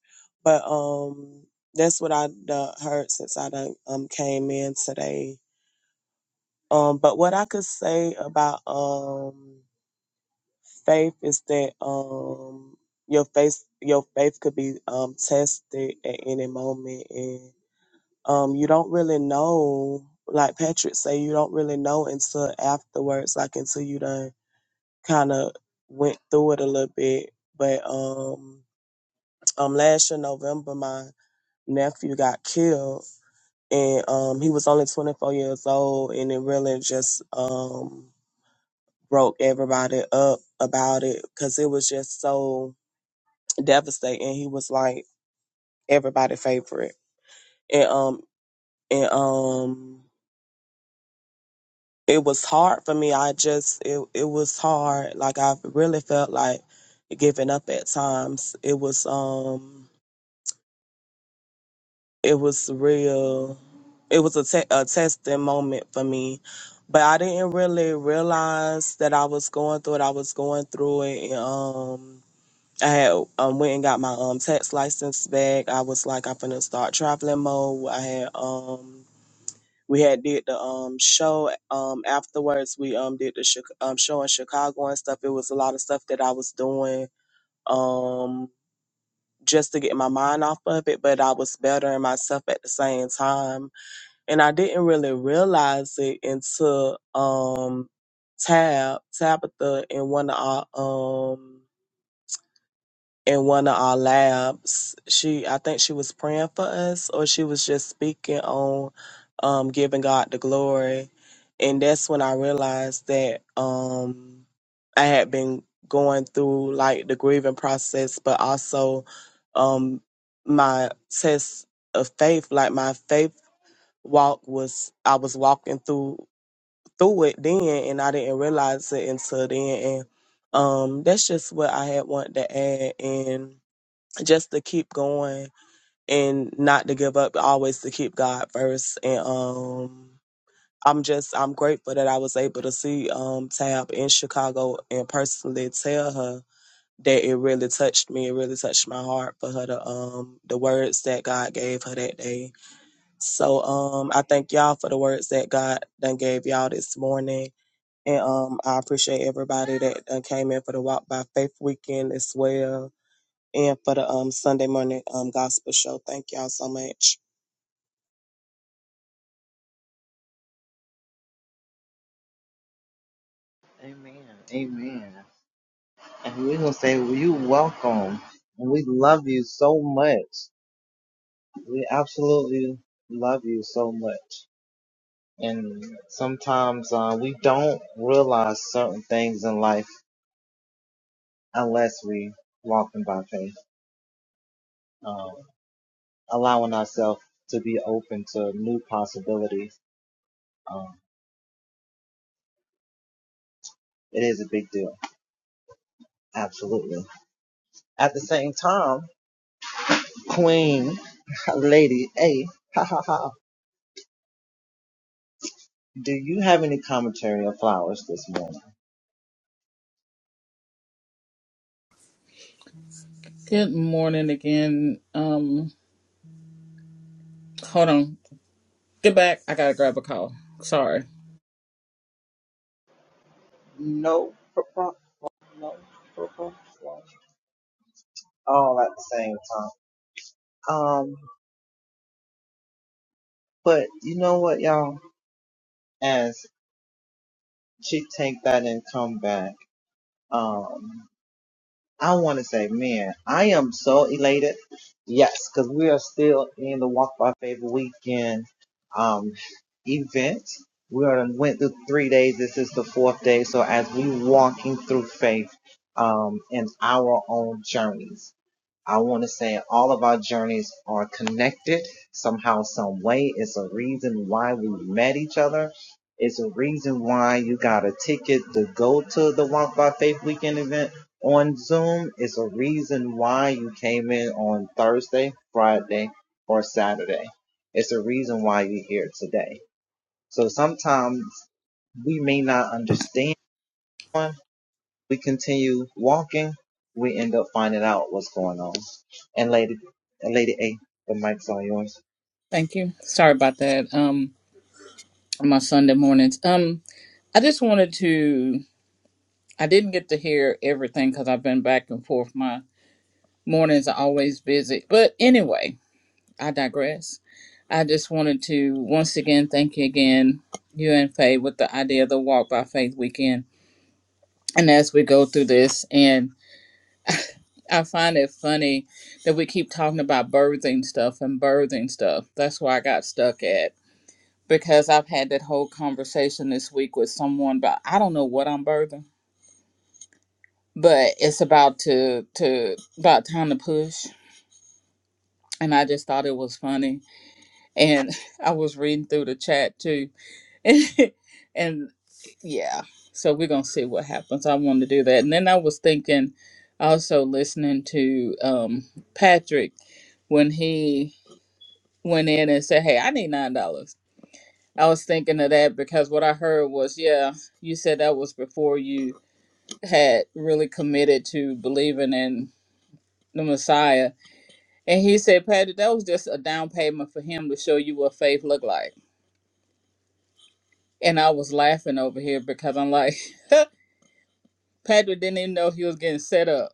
S10: But um that's what I done heard since I done um came in today Um, but what I could say about um faith is that um your faith your faith could be um tested at any moment and um you don't really know like Patrick say you don't really know until afterwards, like until you done kinda went through it a little bit. But um um last year November my nephew got killed and um he was only twenty four years old and it really just um broke everybody up about it because it was just so devastating. He was like everybody favorite, and um and um it was hard for me. I just it it was hard. Like I really felt like giving up at times. It was um it was real. It was a te- a testing moment for me. But I didn't really realize that I was going through it. I was going through it. And, um, I had um, went and got my um tax license back. I was like, I'm finna start traveling mode. I had um we had did the um show um afterwards. We um did the Chi- um show in Chicago and stuff. It was a lot of stuff that I was doing um just to get my mind off of it, but I was bettering myself at the same time, and I didn't really realize it until um Tab Tabitha in one of our um in one of our labs. She, I think she was praying for us, or she was just speaking on um, giving God the glory. And that's when I realized that um, I had been going through like the grieving process, but also um, my test of faith, like my faith walk was, I was walking through through it then, and I didn't realize it until then. And um, that's just what I had wanted to add. And just to keep going and not to give up, always to keep God first. And um I'm just I'm grateful that I was able to see um Tab in Chicago and personally tell her that it really touched me, it really touched my heart for her to um the words that God gave her that day. So um I thank y'all for the words that God done gave y'all this morning. And um I appreciate everybody that done came in for the Walk by Faith weekend as well and for the um Sunday morning um gospel show. Thank y'all so much.
S3: Good morning again. Um, hold on. Get back. I gotta grab a call. Sorry. Thank you. Sorry about that. Um, on my Sunday mornings. Um, I just wanted to. I didn't get to hear everything because I've been back and forth. My mornings are always busy. But anyway, I digress. I just wanted to once again thank you again, you and Faye, with the idea of the Walk by Faith weekend. And as we go through this, I find it funny that we keep talking about birthing stuff and birthing stuff. That's where I got stuck at because I've had that whole conversation this week with someone about I don't know what I'm birthing, but it's about to to about time to push. And I just thought it was funny, and I was reading through the chat too, and and yeah. So we're gonna see what happens. I want to do that, and then I was thinking, also listening to um, Patrick when he went in and said, Hey, I need nine dollars. I was thinking of that because what I heard was, yeah, you said that was before you had really committed to believing in the Messiah. And he said, Patty, that was just a down payment for him to show you what faith looked like. And I was laughing over here because I'm like, Patrick didn't even know he was getting set up.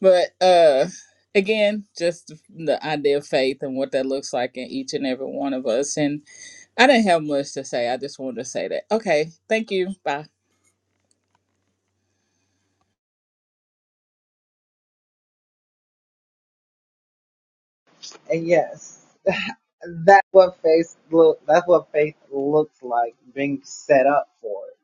S3: But uh again, just the idea of faith and what that looks like in each and every one of us. And I didn't have much to say. I just wanted to say that. Okay, thank you. Bye.
S7: And yes. that's what faith look. That's what faith looks like being set up for it.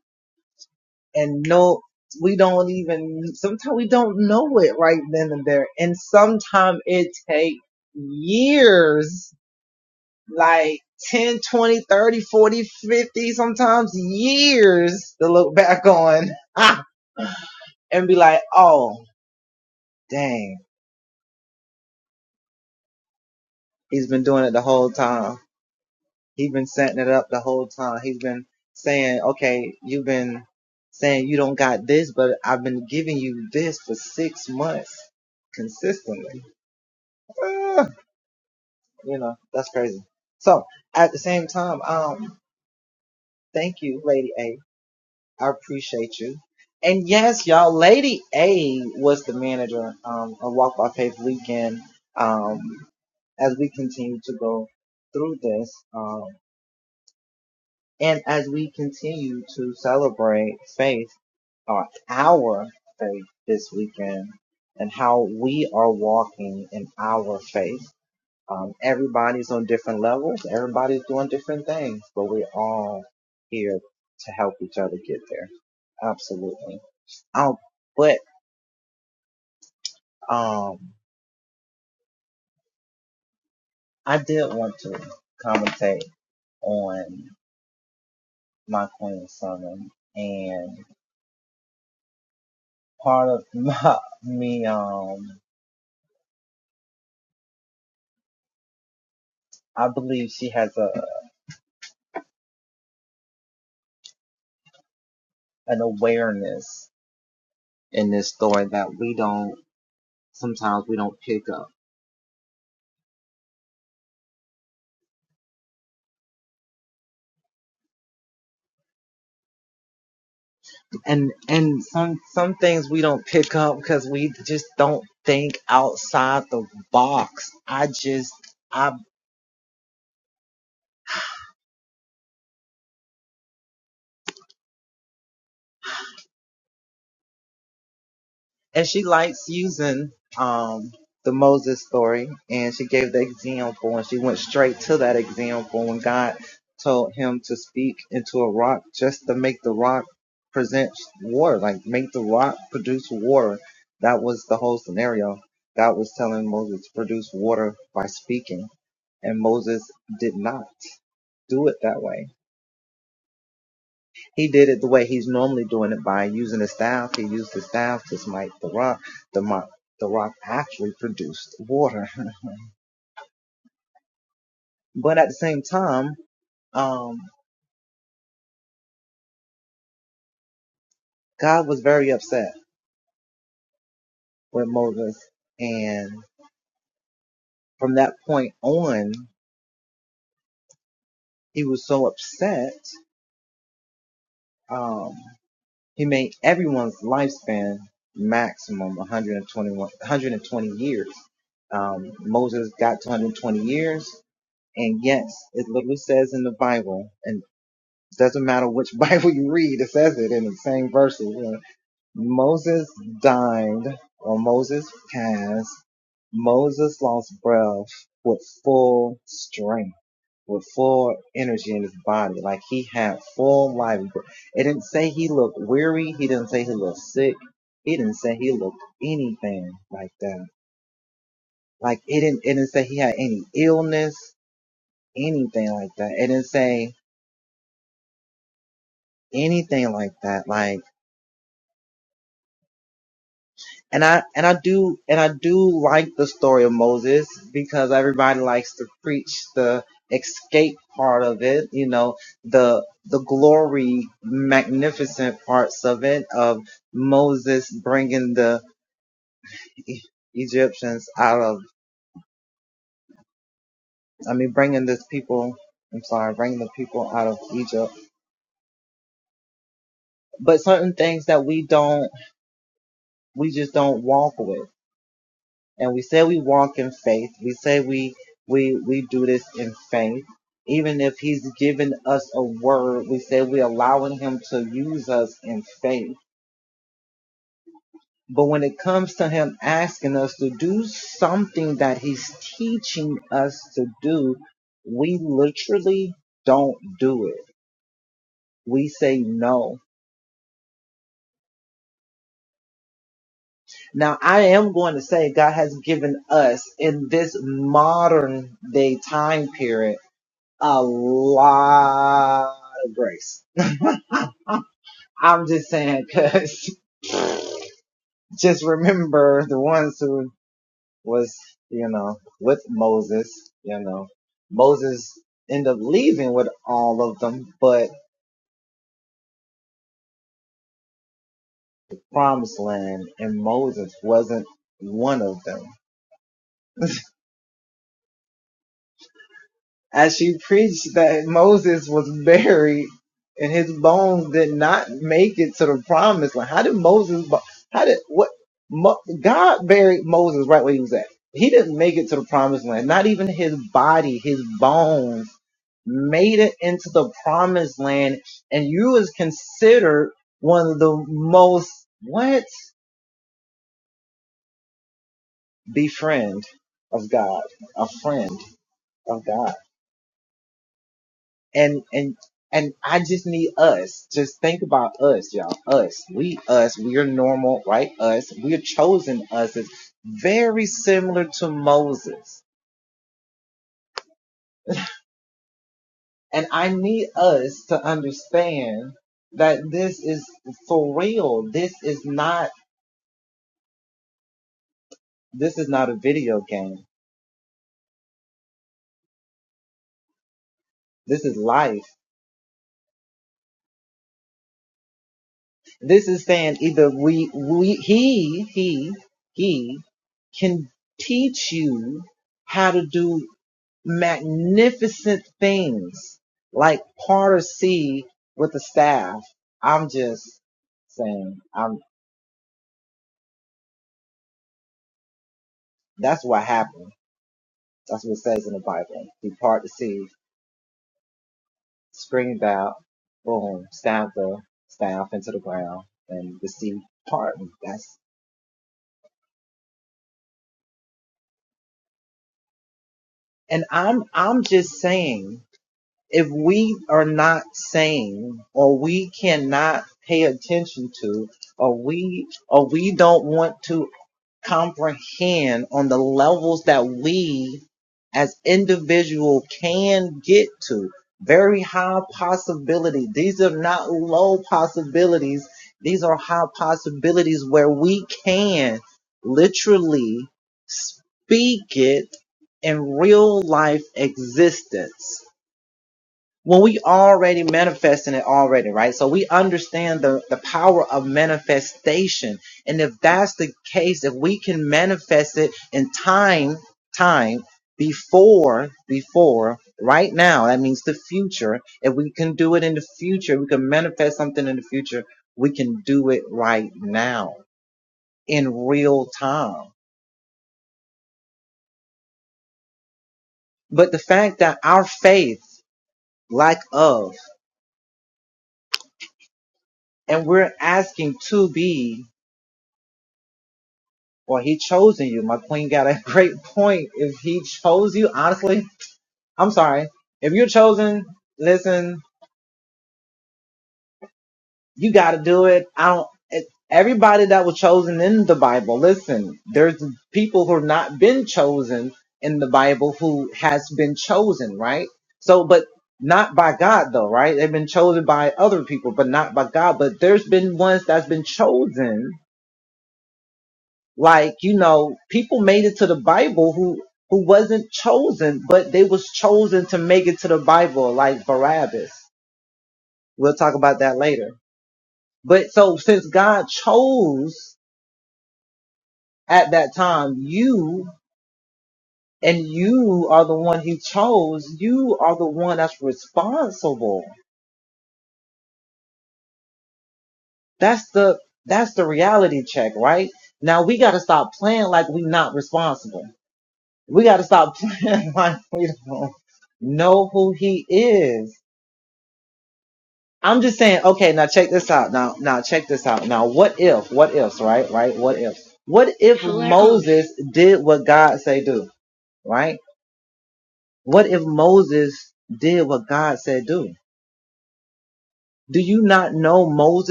S7: But we and his, bo- how did what mo- God he even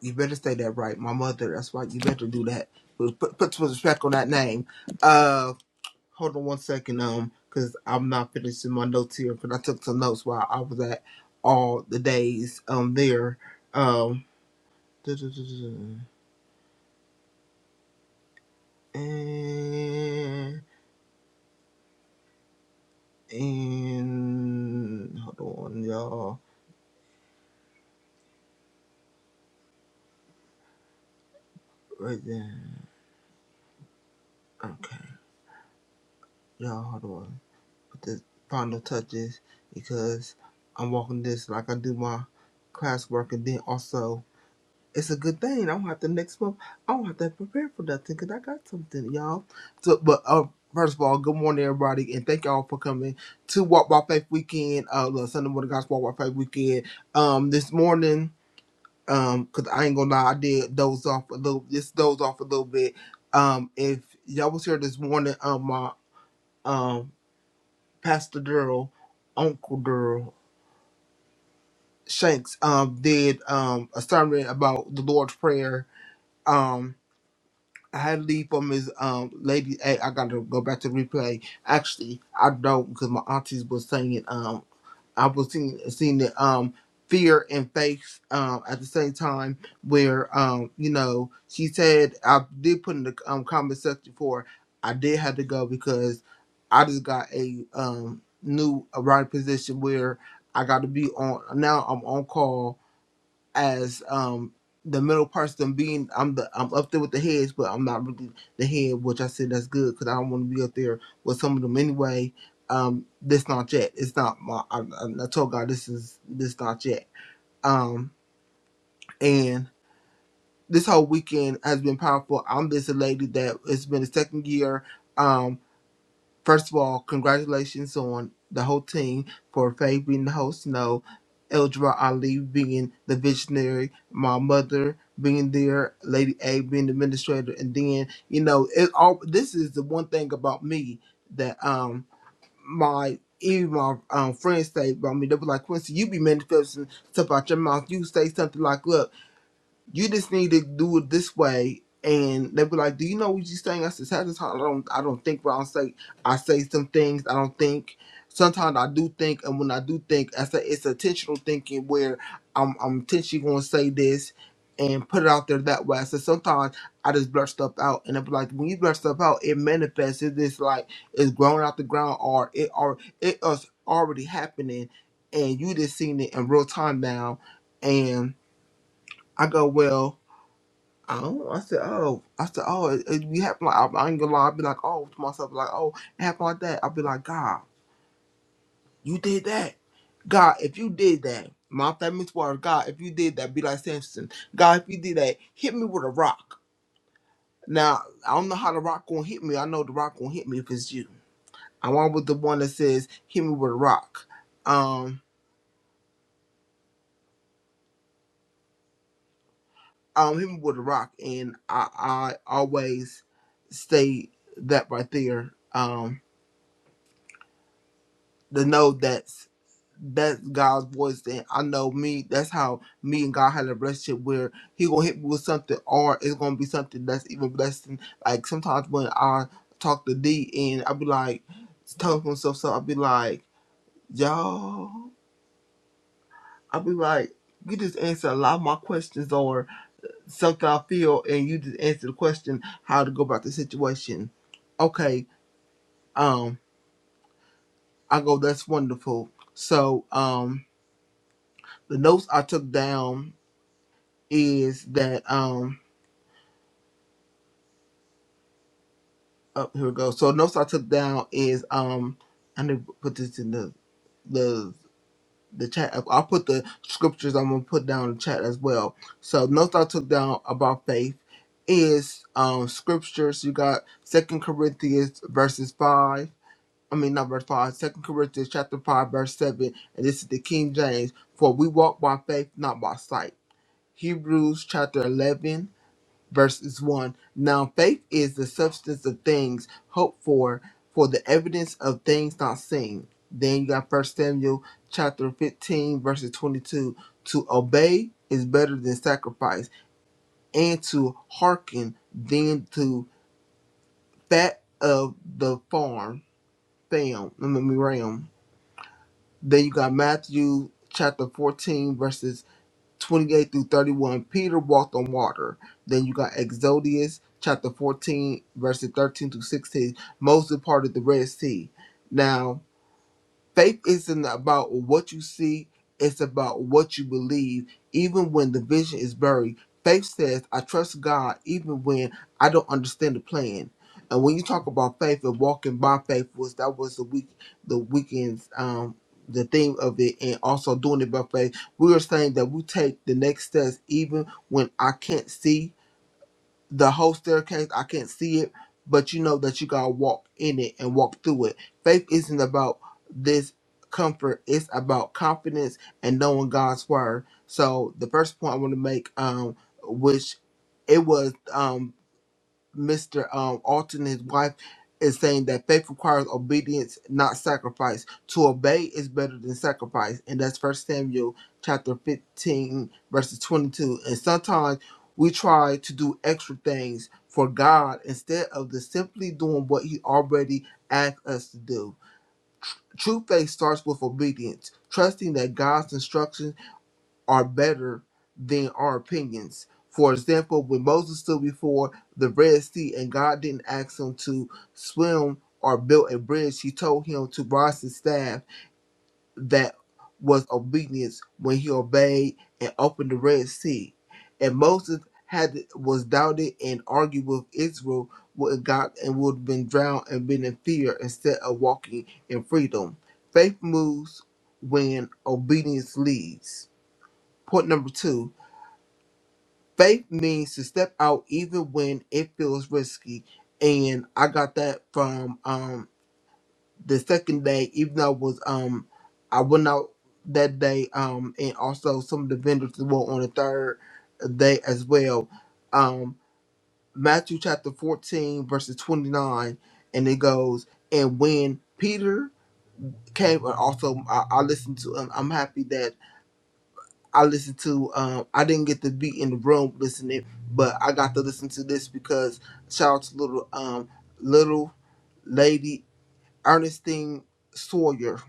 S1: You better say that right. My mother, that's right. You better do that. Put, put some respect on that name. Uh, hold on one second, um, because I'm not finishing my notes here, cause I took some notes while I was at all the days um there. Um, and and hold on, y'all. Right there. Okay, y'all, hold on. Put the final touches because I'm walking this like I do my classwork, and then also it's a good thing. I don't have to next month. I don't have to prepare for nothing because I got something, y'all. So, but uh, first of all, good morning, everybody, and thank y'all for coming to Walk by Faith Weekend, uh, the Sunday morning Gospel Walk by Faith Weekend. Um, this morning, um, cause I ain't gonna lie, I did doze off a little. Just doze off a little bit. Um, if y'all was here this morning, um, my um, Pastor Durrell, Uncle Durrell Shanks, um, did um a sermon about the Lord's Prayer. um. I had to leave from his um lady. Hey, I gotta go back to replay. Actually, I don't because my aunties was singing. Um, I was seeing seeing the um fear and faith um at the same time where um you know she said I did put in the um comment section for I did have to go because I just got a um new writing position where I got to be on now I'm on call as um the middle person being I'm the I'm up there with the heads, but I'm not really the head, which I said that's good because I don't want to be up there with some of them anyway. Um, this not yet. It's not my. I, I told God this is this not yet. Um, and this whole weekend has been powerful. I'm this lady that it's been the second year. Um. First of all, congratulations on the whole team for Faye being the host. You know, Eldra Ali being the visionary, my mother being there, Lady A being the administrator, and then you know, it all. This is the one thing about me that um my even my um, friends say about me. They were like, Quincy, you be manifesting stuff out your mouth. You say something like, "Look." you just need to do it this way. And they'll be like, Do you know what you're saying? I said, Sometimes I don't I don't think what I say I say some things I don't think. Sometimes I do think and when I do think I say it's intentional thinking where I'm I'm intentionally gonna say this and put it out there that way. I said sometimes I just blurt stuff out and it be like when you blurt stuff out it manifests it's just like it's growing out the ground or it or it is already happening and you just seen it in real time now and I go well Oh, I said, oh, I said, oh, it, it be happening. Like, I, I ain't gonna lie. I'd be like, oh, to myself, like, oh, it happened like that. I'd be like, God, you did that. God, if you did that, my family's word, God, if you did that, be like Samson. God, if you did that, hit me with a rock. Now, I don't know how the rock gonna hit me. I know the rock gonna hit me if it's you. I want with the one that says, hit me with a rock. Um, um, hit me with a rock, and I, I always say that right there. Um, the know that. that's God's voice. And I know me, that's how me and God had a relationship where He gonna hit me with something, or it's gonna be something that's even blessing. Like sometimes when I talk to D and I be like, telling myself so I be like, y'all, I be like, you just answer a lot of my questions or something I feel, and you just answer the question how to go about the situation. Okay, um, I go, that's wonderful. So, um, the notes I took down is that um oh, here we go. So notes I took down is um I need to put this in the the the chat. I'll put the scriptures I'm gonna put down in the chat as well. So notes I took down about faith is um scriptures. You got Second Corinthians verses five. I mean not verse five. Second Corinthians chapter five verse seven, and this is the King James. For we walk by faith, not by sight. Hebrews chapter eleven verses 1. Now faith is the substance of things hoped for, for the evidence of things not seen. Then you got First Samuel chapter 15, verses 22. To obey is better than sacrifice, and to hearken than to fat of the farm. Fam, I mean, ram. Then you got Matthew chapter 14, verses 28 through 31, Peter walked on water. Then you got Exodus chapter 14, verses 13 through 16, Moses parted the Red Sea. Now, faith isn't about what you see, it's about what you believe, even when the vision is buried. Faith says, I trust God even when I don't understand the plan. And when you talk about faith and walking by faith was that was the week the weekend's um the theme of it and also doing it by faith. We are saying that we take the next steps even when I can't see the whole staircase. I can't see it, but you know that you gotta walk in it and walk through it. Faith isn't about this comfort; it's about confidence and knowing God's word. So the first point I want to make, um, which it was, um, Mr. Um, Alton, and his wife, is saying that faith requires obedience, not sacrifice. To obey is better than sacrifice, and that's First Samuel chapter 15, verses 22. And sometimes we try to do extra things for God instead of the simply doing what He already asked us to do. True faith starts with obedience, trusting that God's instructions are better than our opinions. For example, when Moses stood before the Red Sea and God didn't ask him to swim or build a bridge, he told him to rise his staff. That was obedience when he obeyed and opened the Red Sea. And Moses had was doubted and argued with Israel with God and would have been drowned and been in fear instead of walking in freedom. Faith moves when obedience leads. Point number two Faith means to step out even when it feels risky. And I got that from um the second day, even though I was um I went out that day, um, and also some of the vendors were on the third day as well. Um Matthew chapter 14, verses 29, and it goes, And when Peter came, and also I, I listened to, um, I'm happy that I listened to. Um, I didn't get to be in the room listening, but I got to listen to this because shout out to little um little lady Ernestine Sawyer.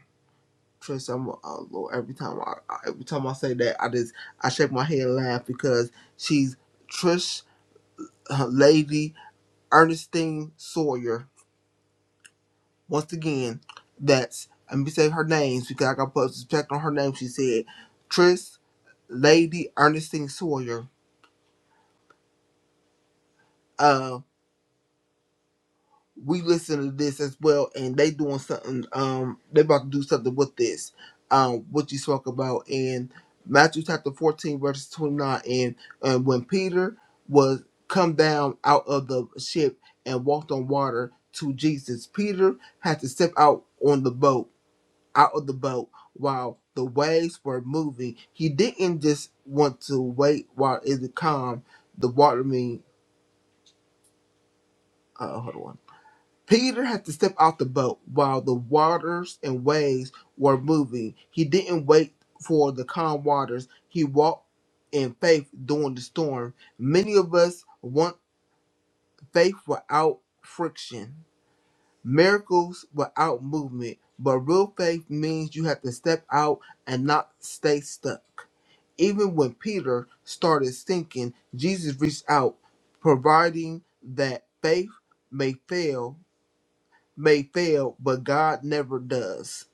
S1: Trust I'm uh, Lord. Every time I I- every time I say that, I just I shake my head and laugh because she's Trish uh, Lady Ernestine Sawyer. Once again, that's let me say her names because I got to put respect on her name. She said Trish Lady Ernestine Sawyer Um, we listen to this as well, and they doing something. Um, they about to do something with this. Um, what you talk about in Matthew chapter fourteen, verse twenty nine, and and when Peter was come down out of the ship and walked on water to Jesus, Peter had to step out on the boat, out of the boat while the waves were moving. He didn't just want to wait while it was calm. The water, I mean, uh, hold on. Peter had to step out the boat while the waters and waves were moving. He didn't wait for the calm waters. He walked in faith during the storm. Many of us want faith without friction, miracles without movement, but real faith means you have to step out and not stay stuck. Even when Peter started sinking, Jesus reached out, providing that faith may fail may fail, but God never does.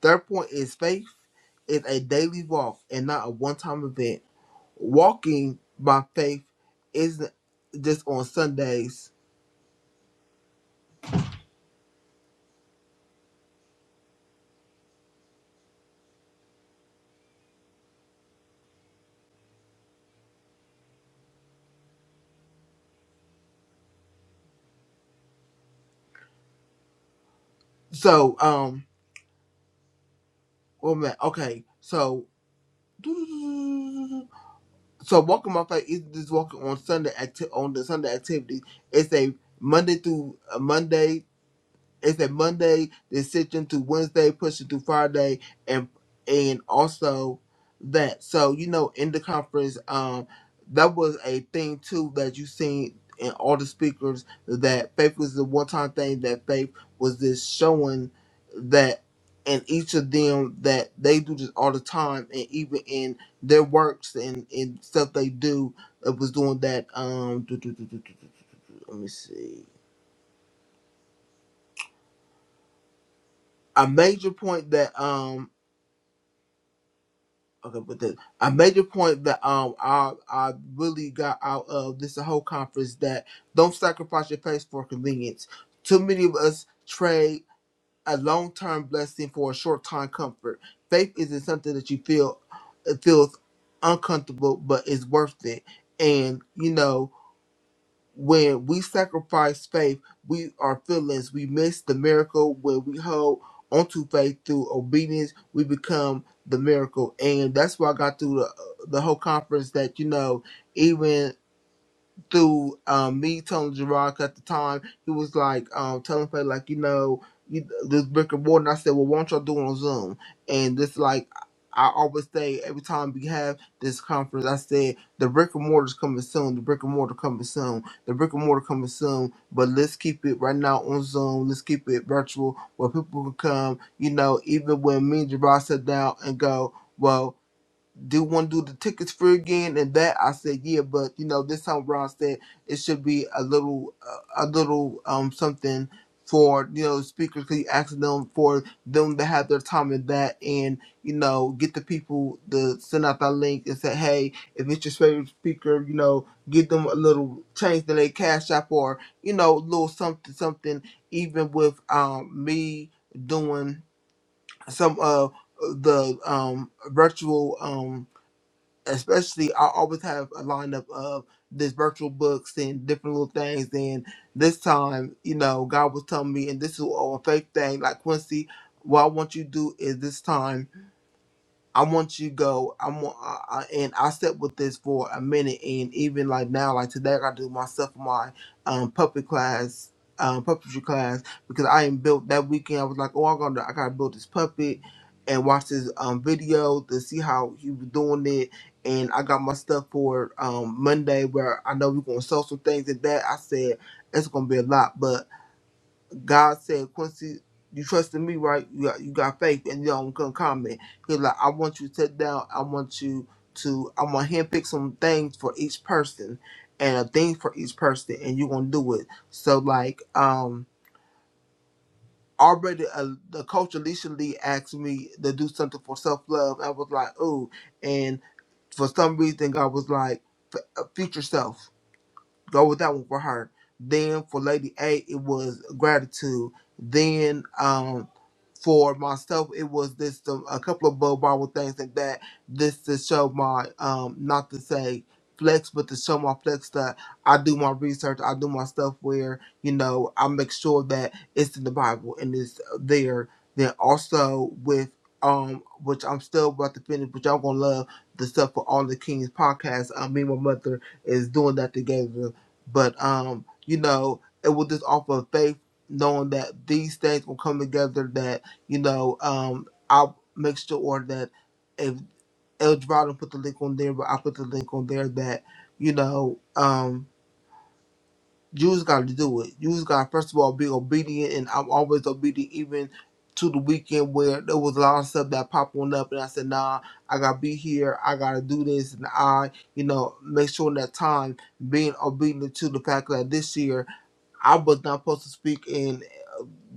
S1: Third point is faith is a daily walk and not a one time event. Walking by faith isn't just on Sundays. So, um, well, man, okay, so. So walking by faith isn't just walking on Sunday acti- on the Sunday activity. It's a Monday through a Monday It's a Monday decision to Wednesday, pushing to Friday, and and also that. So you know, in the conference, um, that was a thing too that you seen in all the speakers that faith was the one time thing that faith was just showing that in each of them that they do this all the time and even in their works and, and stuff they do it was doing that um do, do, do, do, do, do, do, let me see a major point that um Okay, but the, I made the point that um I I really got out of this whole conference that don't sacrifice your pace for convenience. Too many of us trade a long term blessing for a short time comfort. Faith isn't something that you feel it feels uncomfortable, but it's worth it. And you know, when we sacrifice faith, we our feelings, we miss the miracle. When we hold onto faith through obedience, we become the miracle. And that's why I got through the uh, the whole conference that you know, even through um, me telling Gerard, at the time he was like um, telling me, like you know you, this brick and mortar. And I said, well, why don't y'all do it on Zoom? And this like I always say every time we have this conference, I said the brick and mortar's coming soon. The brick and mortar coming soon. The brick and mortar coming soon. But let's keep it right now on Zoom. Let's keep it virtual where people can come. You know, even when me and Gerard sit down and go, well do want to do the tickets free again and that i said yeah but you know this time ron said it should be a little uh, a little um something for you know speakers because you asked them for them to have their time in that and you know get the people to send out that link and say hey if it's your favorite speaker you know give them a little change in their cash app or you know a little something something even with um me doing some of the um virtual um especially I always have a lineup of this virtual books and different little things. And this time, you know, God was telling me, and this is all a faith thing. Like Quincy, what I want you to do is this time. I want you to go. I want, I, I, and I sat with this for a minute, and even like now, like today, I got to do myself my um puppet class, um puppetry class because I ain't built that weekend. I was like, oh, I'm gonna, I gotta build this puppet and watch this um video to see how he was doing it. And I got my stuff for um Monday where I know we're gonna sell some things and that. I said it's gonna be a lot, but God said, Quincy, you trusted me, right? You got, you got faith, and you don't come comment. He's like, I want you to sit down. I want you to, I'm going to handpick some things for each person and a thing for each person, and you're going to do it. So, like, um, already uh, the coach Alicia Lee asked me to do something for self love. I was like, ooh. And for some reason, God was like, "F- uh, future self. Go with that one for her. Then for Lady A, it was gratitude. Then, um, for myself, it was this um, a couple of Bo Marvel things like that. This to show my um not to say flex, but to show my flex that I do my research, I do my stuff where you know I make sure that it's in the Bible and it's there. Then also with um, which I'm still about to finish, but y'all gonna love the stuff for all the Kings podcast. Um, me and my mother is doing that together, but um, you know, it was just off of faith knowing that these things will come together that. You know, um, I'll make sure or that if El Dorado put the link on there, but I put the link on there that, you know, um, you just got to do it. You just got to, first of all, be obedient, and I'm always obedient, even to the weekend where there was a lot of stuff that popped on up, and I said, nah, I got to be here. I got to do this. And I, you know, make sure in that time, being obedient to the fact that this year, I was not supposed to speak in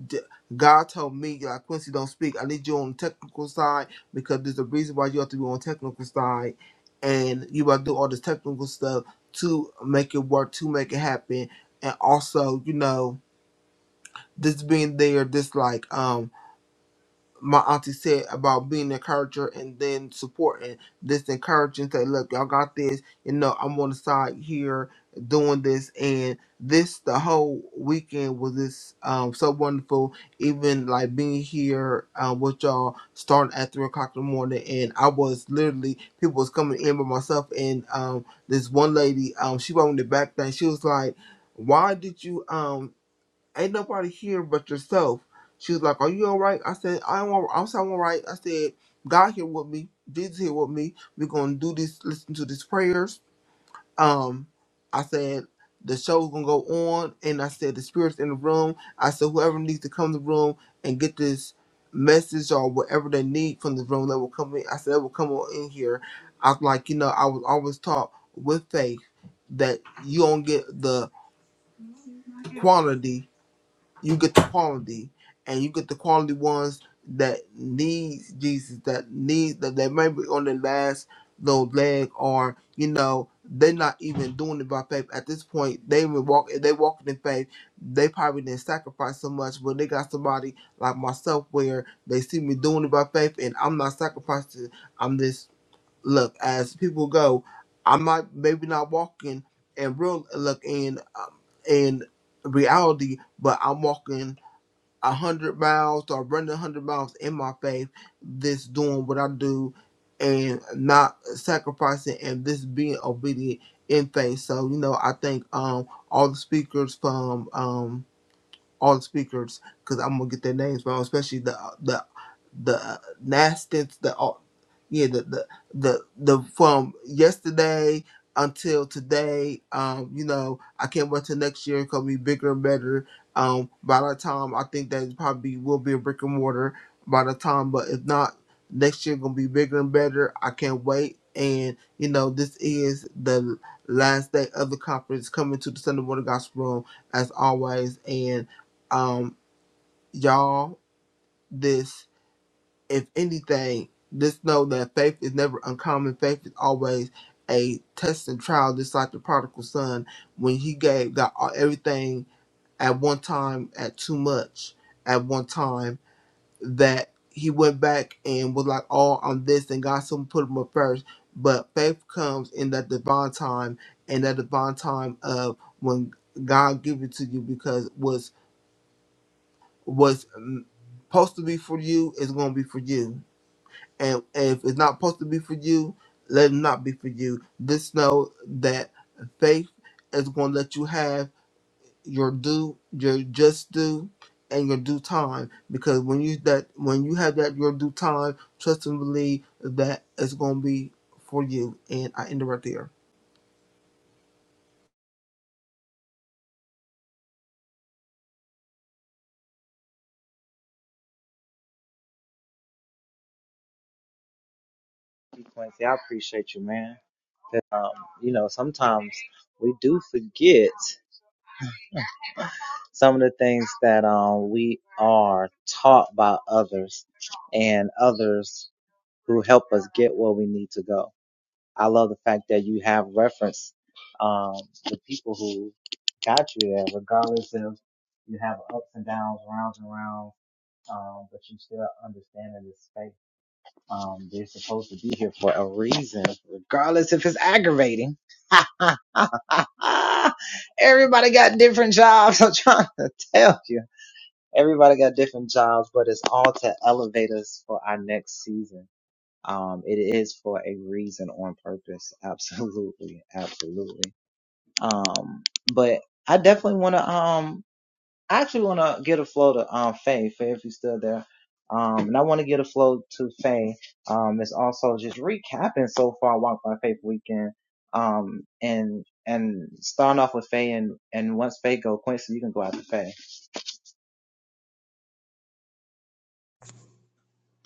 S1: d- God told me, like Quincy, don't speak. I need you on the technical side because there's a reason why you have to be on the technical side, and you got to do all this technical stuff to make it work, to make it happen, and also, you know, this being there, this like um, my auntie said about being an encourager and then supporting this encouraging say look y'all got this you know i'm on the side here doing this and this the whole weekend was this um so wonderful even like being here um with y'all starting at three o'clock in the morning and i was literally people was coming in by myself and um this one lady um she wanted the back thing she was like why did you um ain't nobody here but yourself. She was like, Are you all right? I said, I'm all, I'm so all right. I said, God here with me, Jesus here with me. We're gonna do this, listen to these prayers. Um, I said, the show's gonna go on, and I said the spirits in the room. I said whoever needs to come to the room and get this message or whatever they need from the room that will come in. I said that will come on in here. I was like, you know, I was always taught with faith that you don't get the quantity you get the quality and you get the quality ones that need Jesus, that need that they may be on their last little leg or, you know, they're not even doing it by faith. At this point, they even walk if they walking in faith, they probably didn't sacrifice so much, but they got somebody like myself where they see me doing it by faith and I'm not sacrificing. I'm just look as people go i might maybe not walking in real look in um, in reality but i'm walking a hundred miles or running a hundred miles in my faith this doing what i do and not sacrificing and this being obedient in faith so you know i think um all the speakers from um all the speakers because I'm gonna get their names wrong, especially the the the Nastins, the au- yeah, the the the the from yesterday until today. Um, you know, I can't wait till next year. It's gonna be bigger and better. Um, by that time, I think that it probably will be a brick and mortar by the time, but if not, next year gonna be bigger and better. I can't wait. And you know, this is the last day of the conference coming to the Sunday Morning Gospel Room as always um y'all this if anything just know that faith is never uncommon faith is always a test and trial just like the prodigal son when he gave got all, everything at one time at too much at one time that he went back and was like all on this and god soon put him up first but faith comes in that divine time and that divine time of when god give it to you because was what's mm, supposed to be for you is going to be for you. And if it's not supposed to be for you, let it not be for you. Just know that faith is going to let you have your due, your just due, and your due time. Because when you that when you have that your due time, trust and believe that it's going to be for you. And I end it right there.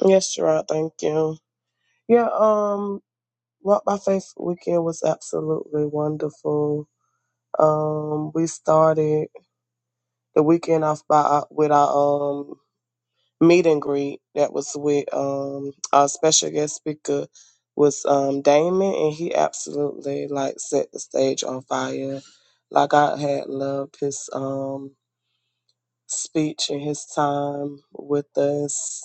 S10: Yes, Gerard, thank you. Yeah, um Walk by Faith weekend was absolutely wonderful. Um we started the weekend off by our- with our um meet and greet that was with um our special guest speaker was um Damon and he absolutely like set the stage on fire. Like I had loved his um speech and his time with us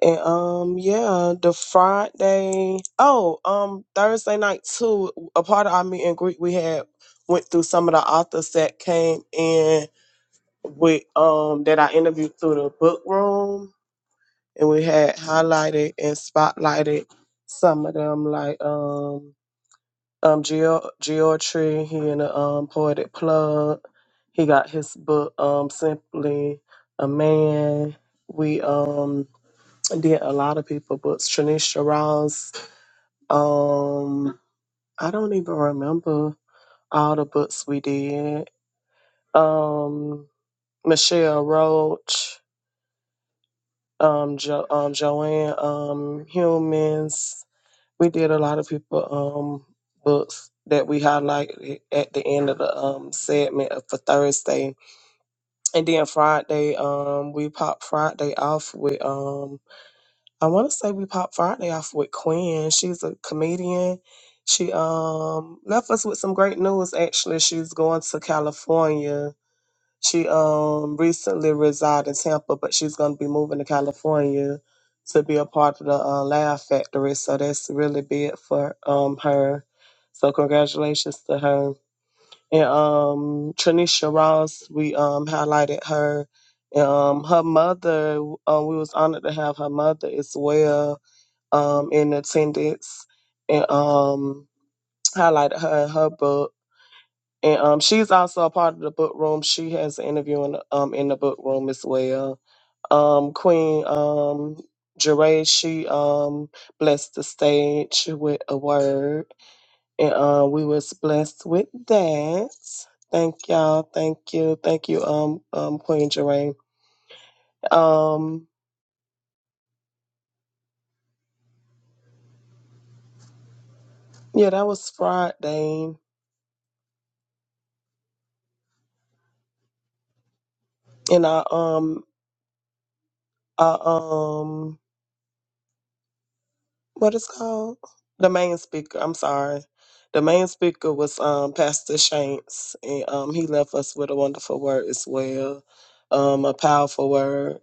S10: And um, yeah, the Friday. Oh, um, Thursday night too. A part of our meet and greet we had went through some of the authors that came in with um that I interviewed through the book room, and we had highlighted and spotlighted some of them, like um um Geo Geotree. He in the um poetic plug. He got his book um simply a man. We um did a lot of people books. Tranisha Ross. Um, I don't even remember all the books we did. Um, Michelle Roach, um, jo- um, Joanne, um, Humans. We did a lot of people um books that we highlighted at the end of the um segment of- for Thursday, and then Friday um we popped Friday off with um. I want to say we popped Friday off with Quinn. She's a comedian. She um left us with some great news. Actually, she's going to California. She um recently resided in Tampa, but she's going to be moving to California to be a part of the uh, Laugh Factory. So that's really big for um her. So congratulations to her. And um Tranisha Ross, we um highlighted her. Um, her mother, uh, we was honored to have her mother as well um, in attendance and um, highlighted her in her book. And um, she's also a part of the book room. She has an interview in, um, in the book room as well. Um, Queen um, Jeray, she um, blessed the stage with a word. And uh, we was blessed with that. Thank y'all. Thank you. Thank you, um, um, Queen Jeray. Um, yeah, that was Friday. And I um I um what it's called? The main speaker. I'm sorry. The main speaker was um, Pastor Shanks, and um, he left us with a wonderful word as well, um, a powerful word.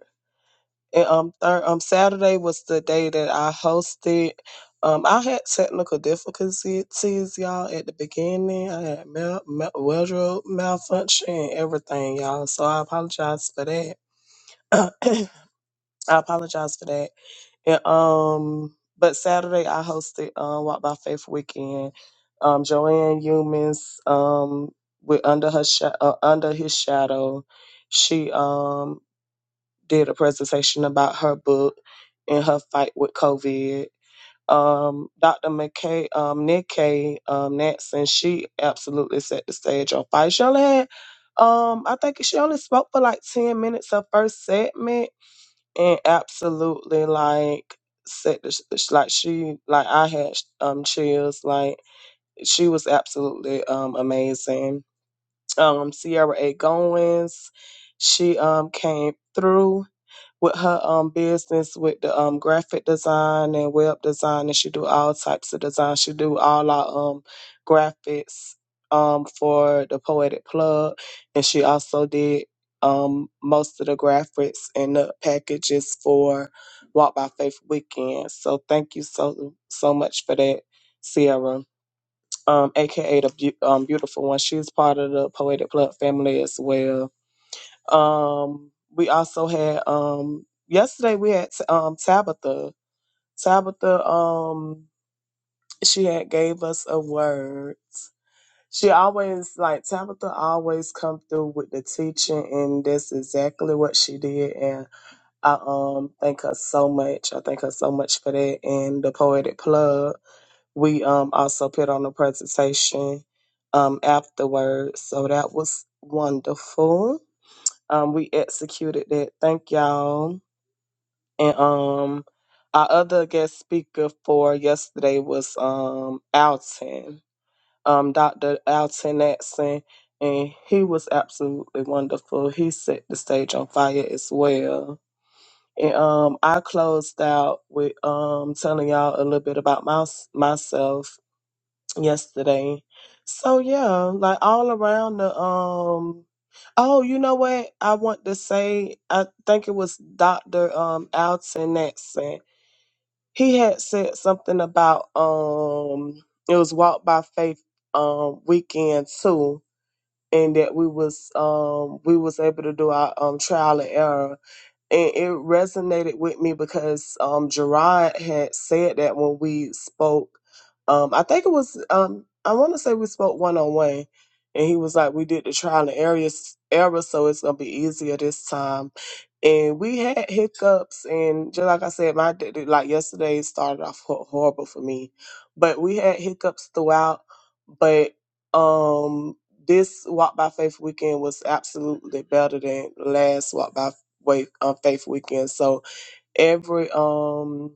S10: And um, third, um, Saturday was the day that I hosted. Um, I had technical difficulties, y'all, at the beginning. I had mal- mal- wardrobe malfunction and everything, y'all. So I apologize for that. I apologize for that. And, um, but Saturday I hosted um, Walk by Faith weekend. Um, Joanne Humans um, with under her sh- uh, under his shadow, she um, did a presentation about her book and her fight with COVID. Um, Dr. McKay, um, Nick K. um, Nansen, she absolutely set the stage on fire. She only had, um, I think she only spoke for like 10 minutes her first segment and absolutely like said this- this- like she like I had um chills like she was absolutely um amazing um Sierra A Goins she um came through with her um business with the um graphic design and web design and she do all types of design. She do all our um graphics um for the poetic plug and she also did um most of the graphics and the packages for Walk by Faith weekend. So thank you so so much for that, Sierra. Um, aka the beau- um, beautiful one. She's part of the Poetic Plug family as well um, we also had um, yesterday we had um, Tabitha. Tabitha, um, she had gave us a word. She always like Tabitha always come through with the teaching, and that's exactly what she did. And I um thank her so much. I thank her so much for that. And the poetic plug, we um also put on a presentation um afterwards, so that was wonderful um, we executed that. Thank y'all. And um, our other guest speaker for yesterday was um Alton, um Dr. Alton Natson, and he was absolutely wonderful. He set the stage on fire as well. And um, I closed out with um telling y'all a little bit about my, myself yesterday. So yeah, like all around the um oh, you know what? I want to say I think it was Dr. um Alton that said he had said something about um it was Walk by Faith um weekend too and that we was um we was able to do our um trial and error and it resonated with me because um, Gerard had said that when we spoke. Um, I think it was um, I want to say we spoke one on one, and he was like, "We did the trial and error, error, so it's gonna be easier this time." And we had hiccups, and just like I said, my day- like yesterday started off hor- horrible for me, but we had hiccups throughout. But um, this Walk by Faith weekend was absolutely better than last Walk by wake uh, faith weekend. So every um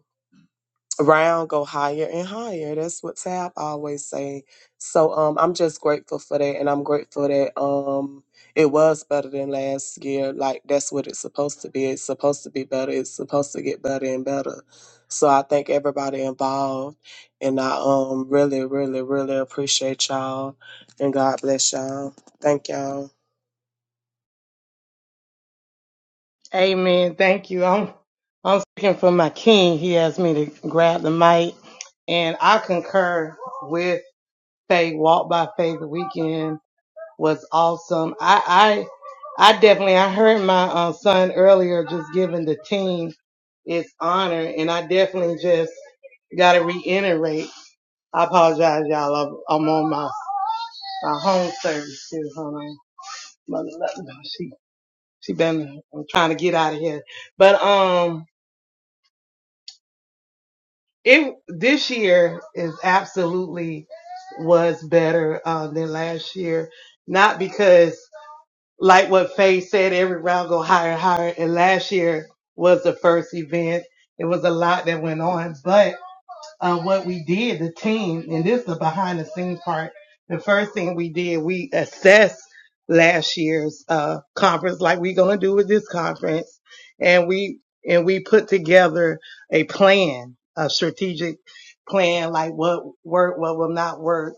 S10: round go higher and higher. That's what Tab always say. So um I'm just grateful for that and I'm grateful that um it was better than last year. Like that's what it's supposed to be. It's supposed to be better. It's supposed to get better and better. So I thank everybody involved and I um really, really, really appreciate y'all and God bless y'all. Thank y'all.
S7: Amen. Thank you. I'm I'm speaking for my king. He asked me to grab the mic, and I concur with Faith. Walk by Faith weekend was awesome. I I I definitely I heard my uh, son earlier just giving the team its honor, and I definitely just got to reiterate. I apologize, y'all. I'm I'm on my, my home service too, honey. Mother love me. She she been I'm trying to get out of here. But um it this year is absolutely was better uh, than last year. Not because like what Faye said, every round go higher and higher and last year was the first event. It was a lot that went on, but. uh, what we did, the team, and this is the behind the scenes part. The first thing we did, we assessed last year's uh, conference, like we're gonna do with this conference, and we and we put together a plan, a strategic plan, like what worked, what will not work.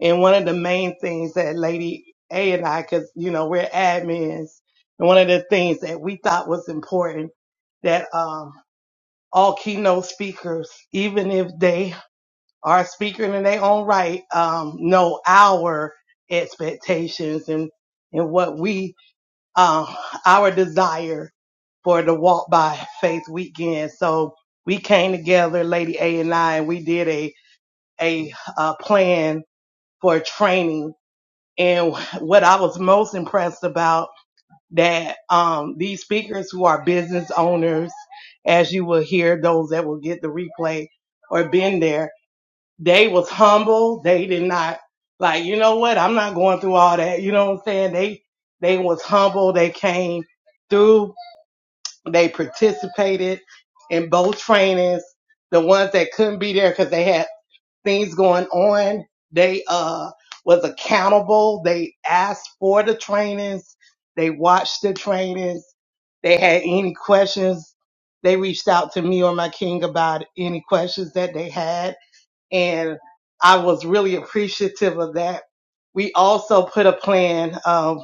S7: And one of the main things that Lady A and I, because you know we're admins, and one of the things that we thought was important that um, all keynote speakers, even if they are a speaker in their own right um, know our expectations and and what we uh, our desire for the walk by faith weekend. So we came together, Lady A and I, and we did a a, uh plan for training. And what I was most impressed about that um, these speakers who are business owners, as you will hear, those that will get the replay or been there, they was humble. They did not like, you know what? I'm not going through all that. You know what I'm saying? They, they was humble. They came through. They participated in both trainings. The ones that couldn't be there because they had things going on, they, uh, was accountable. They asked for the trainings. They watched the trainings. They had any questions. They reached out to me or my king about any questions that they had and I was really appreciative of that. We also put a plan um,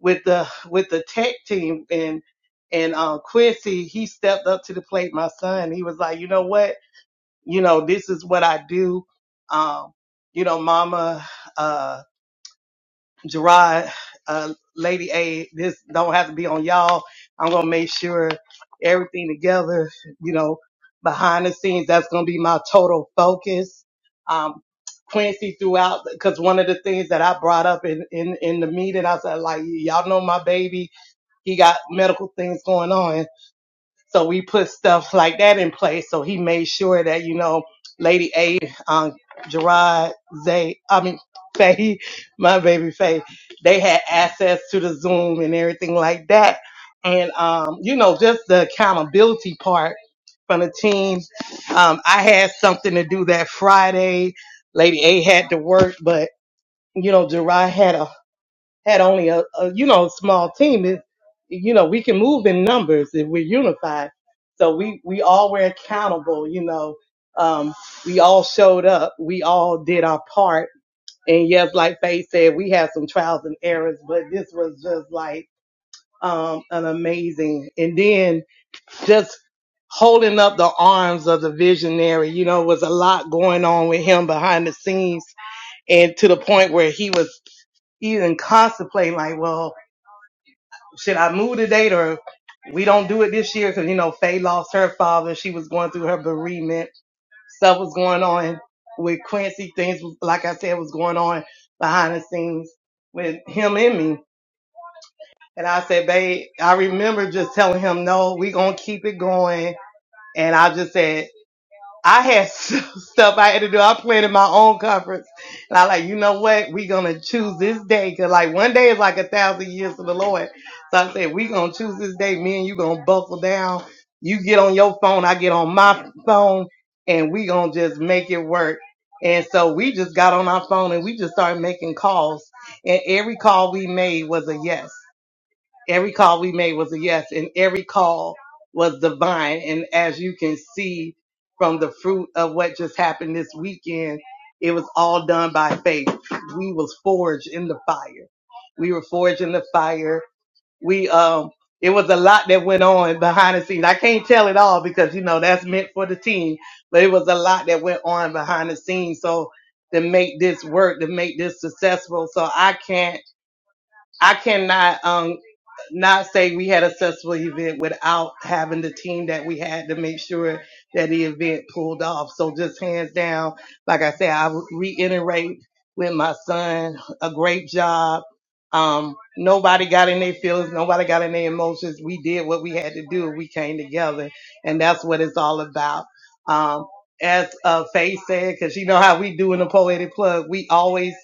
S7: with the with the tech team and and um, Quincy he stepped up to the plate. My son, he was like, you know what, you know this is what I do. Um, you know, Mama. uh, Gerard, uh, Lady A, this don't have to be on y'all. I'm gonna make sure everything together, you know, behind the scenes, that's gonna be my total focus. Um, Quincy throughout, cause one of the things that I brought up in, in, in the meeting, I said like, y'all know my baby, he got medical things going on. So we put stuff like that in place. So he made sure that, you know, Lady A, um, Gerard, Zay, I mean, Faye, my baby Faye, they had access to the Zoom and everything like that. And, um, you know, just the accountability part from the team. Um, I had something to do that Friday. Lady A had to work, but, you know, Gerard had a had only a, a you know small team, it, you know we can move in numbers if we're unified. So we we all were accountable. You know, um, we all showed up. We all did our part. And yes, like Faith said, we had some trials and errors, but this was just like um, an amazing. And then just holding up the arms of the visionary, you know, was a lot going on with him behind the scenes, and to the point where he was even contemplating, like, well should I move the date or we don't do it this year? Because you know, Faye lost her father. She was going through her bereavement. Stuff was going on with Quincy. Things, was- like I said, was going on behind the scenes with him and me. And I said, babe, I remember just telling him, no, we gonna keep it going. And I just said. I had stuff I had to do. I planned my own conference, and I like, you know what? We gonna choose this day because like one day is like a thousand years to the Lord. So I said, we gonna choose this day. Me and you gonna buckle down. You get on your phone, I get on my phone, and we gonna just make it work. And so we just got on our phone and we just started making calls. And every call we made was a yes. Every call we made was a yes, and every call was divine. And as you can see from the fruit of what just happened this weekend, it was all done by faith. We was forged in the fire. We were forged in the fire. We um it was a lot that went on behind the scenes. I can't tell it all because you know that's meant for the team, but it was a lot that went on behind the scenes. So to make this work, to make this successful, so I can't I cannot um not say we had a successful event without having the team that we had to make sure that the event pulled off. So just hands down, like I said, I reiterate with my son, a great job. Um, nobody got in their feelings. Nobody got in their emotions. We did what we had to do. We came together and that's what it's all about. Um, as uh, Faye said, cause you know how we do in the poetic plug, we always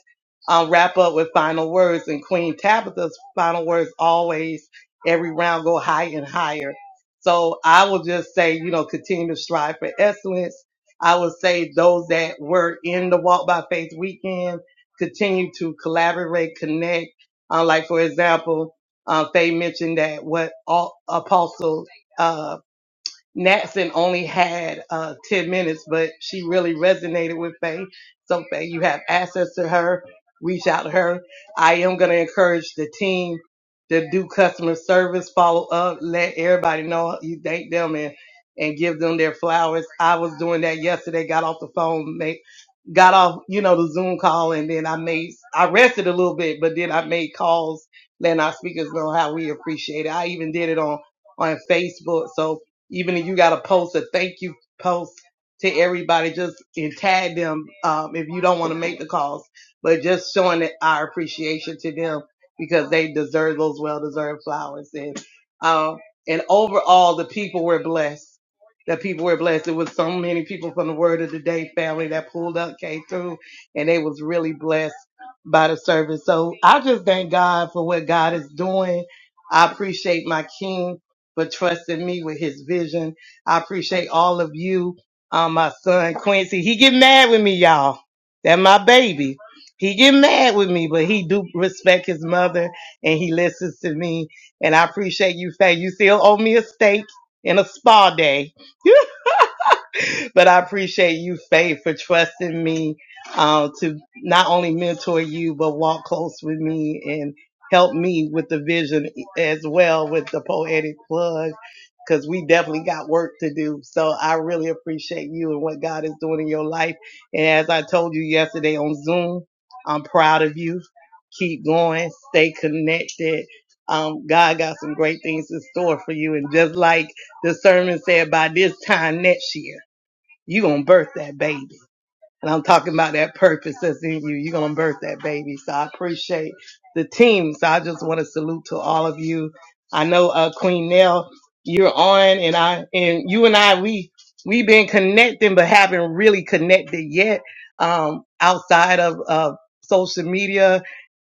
S7: um, wrap up with final words. And Queen Tabitha's final words always, every round, go higher and higher. So I will just say, you know, continue to strive for excellence. I would say those that were in the Walk by Faith weekend continue to collaborate, connect. Uh, like for example, uh, Faye mentioned that what all, Apostle uh, Natson only had uh, 10 minutes, but she really resonated with Faye. So, Faye, you have access to her. Reach out to her. I am going to encourage the team to do customer service, follow up, let everybody know you thank them and, and give them their flowers. I was doing that yesterday, got off the phone, made, got off, you know, the Zoom call, and then I made, I rested a little bit, but then I made calls letting our speakers know how we appreciate it. I even did it on on Facebook. So even if you got to post a thank you post to everybody, just and tag them um, if you don't want to make the calls, but just showing that our appreciation to them because they deserve those well-deserved flowers. And um, and overall, the people were blessed. The people were blessed. It was so many people from the Word of the Day family that pulled up, came through, and they was really blessed by the service. So I just thank God for what God is doing. I appreciate my King for trusting me with his vision. I appreciate all of you. Um, my son Quincy, he get mad with me, y'all. That my baby. He get mad with me, but he do respect his mother and he listens to me. And I appreciate you, Faye. You still owe me a steak and a spa day. but I appreciate you, Faith, for trusting me um, to not only mentor you, but walk close with me and help me with the vision as well with the poetic plug, because we definitely got work to do. So I really appreciate you and what God is doing in your life. And as I told you yesterday on Zoom, I'm proud of you. Keep going, stay connected. Um, God got some great things in store for you. And just like the sermon said, by this time next year, you gonna birth that baby. And I'm talking about that purpose that's in you. You're gonna birth that baby. So I appreciate the team. So I just want to salute to all of you. I know uh Queen Nell, you're on and I and you and I we we've been connecting but haven't really connected yet um outside of uh social media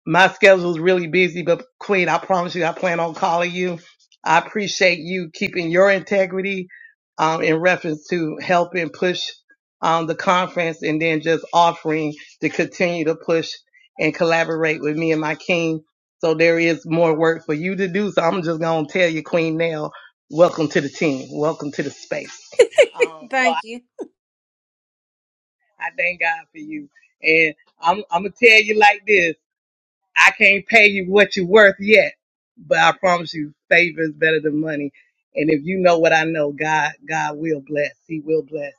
S7: my schedule's really busy, but Queen, I promise you, I plan on calling you. I appreciate you keeping your integrity um, in reference to helping push um, the conference and then just offering to continue to push and collaborate with me and my king. So there is more work for you to do. So I'm just going to tell you, Queen Nell, welcome to the team. Welcome to the space. Um, so I,
S5: Thank you.
S7: I thank God for you. And I'm, I'm going to tell you like this. I can't pay you what you're worth yet, but I promise you favor is better than money. And if you know what I know, God, God will bless. He will bless.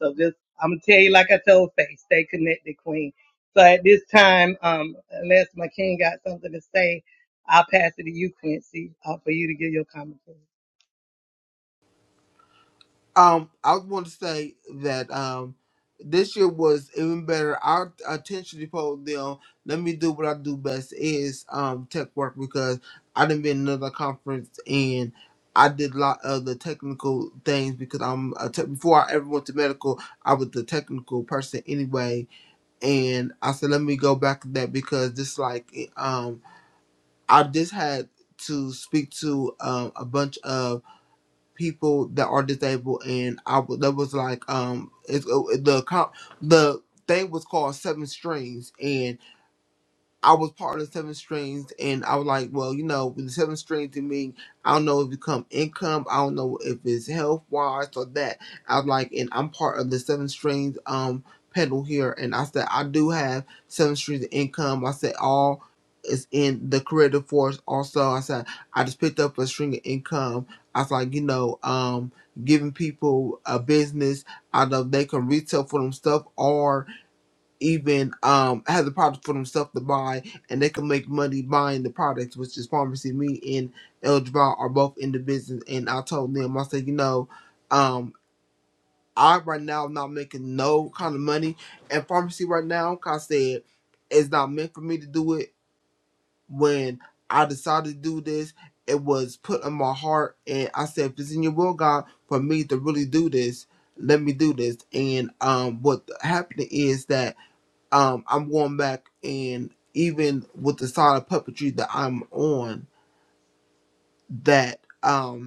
S7: So just, I'm gonna tell you, like I told Faith, stay connected, Queen. So at this time, um, unless my king got something to say, I'll pass it to you, Quincy, uh, for you to give your commentary.
S1: Um, I want to say that um, this year was even better. Our attention to told them, "Let me do what I do best is um tech work because I didn't been in another conference and I did a lot of the technical things because I'm a tech before I ever went to medical, I was the technical person anyway. And I said, let me go back to that because this like um I just had to speak to um a bunch of people that are disabled, and I w- that was like um it's, uh, the co- the thing was called Seven Strings, and. I was part of the Seven Strings, and I was like, well, you know, with the Seven Strings to me, I don't know if it come income, I don't know if it's health wise or that. I was like, and I'm part of the Seven Strings um pedal here, and I said I do have Seven Strings of income. I said all is in the creative force. Also, I said I just picked up a string of income. I was like, you know, um, giving people a business out of they can retail for them stuff or even um have the product for themselves to buy and they can make money buying the products which is pharmacy me and el Jabbar are both in the business and i told them i said you know um i right now am not making no kind of money and pharmacy right now 'cause i said it's not meant for me to do it when i decided to do this it was put on my heart and i said if it's in your will god for me to really do this let me do this and um what happened is that um, I'm going back and even with the style of puppetry that I'm on, that um,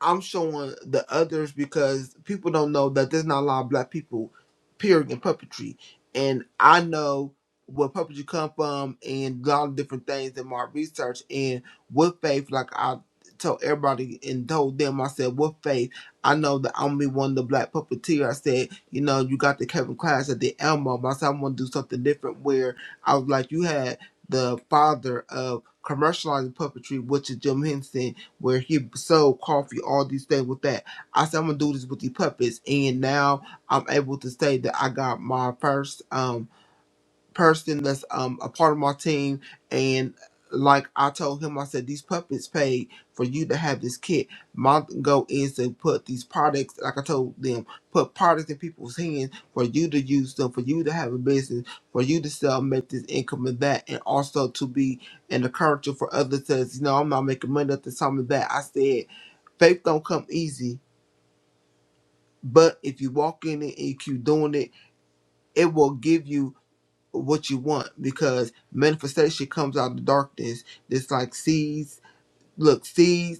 S1: I'm showing the others because people don't know that there's not a lot of black people, period, in puppetry. And I know where puppetry come from and a lot of different things in my research. And with faith, like I told everybody and told them, I said, with faith, I know that I'm gonna be one of the black puppeteer. I said, you know, you got the Kevin Clash at the Elmo. I said, I'm gonna do something different where I was like, you had the father of commercializing puppetry, which is Jim Henson where he sold coffee, all these things with that. I said I'm gonna do this with the puppets, and now I'm able to say that I got my first. Um, person that's um a part of my team and like I told him, I said these puppets paid for you to have this kit. My goal is to put these products, like I told them, put products in people's hands for you to use them, for you to have a business, for you to sell, make this income and that, and also to be an encourager for others. Says, you know, I'm not making money at the time of that. I said faith don't come easy, but if you walk in it and you keep doing it, it will give you what you want because manifestation comes out of the darkness. It's like seeds. Look, seeds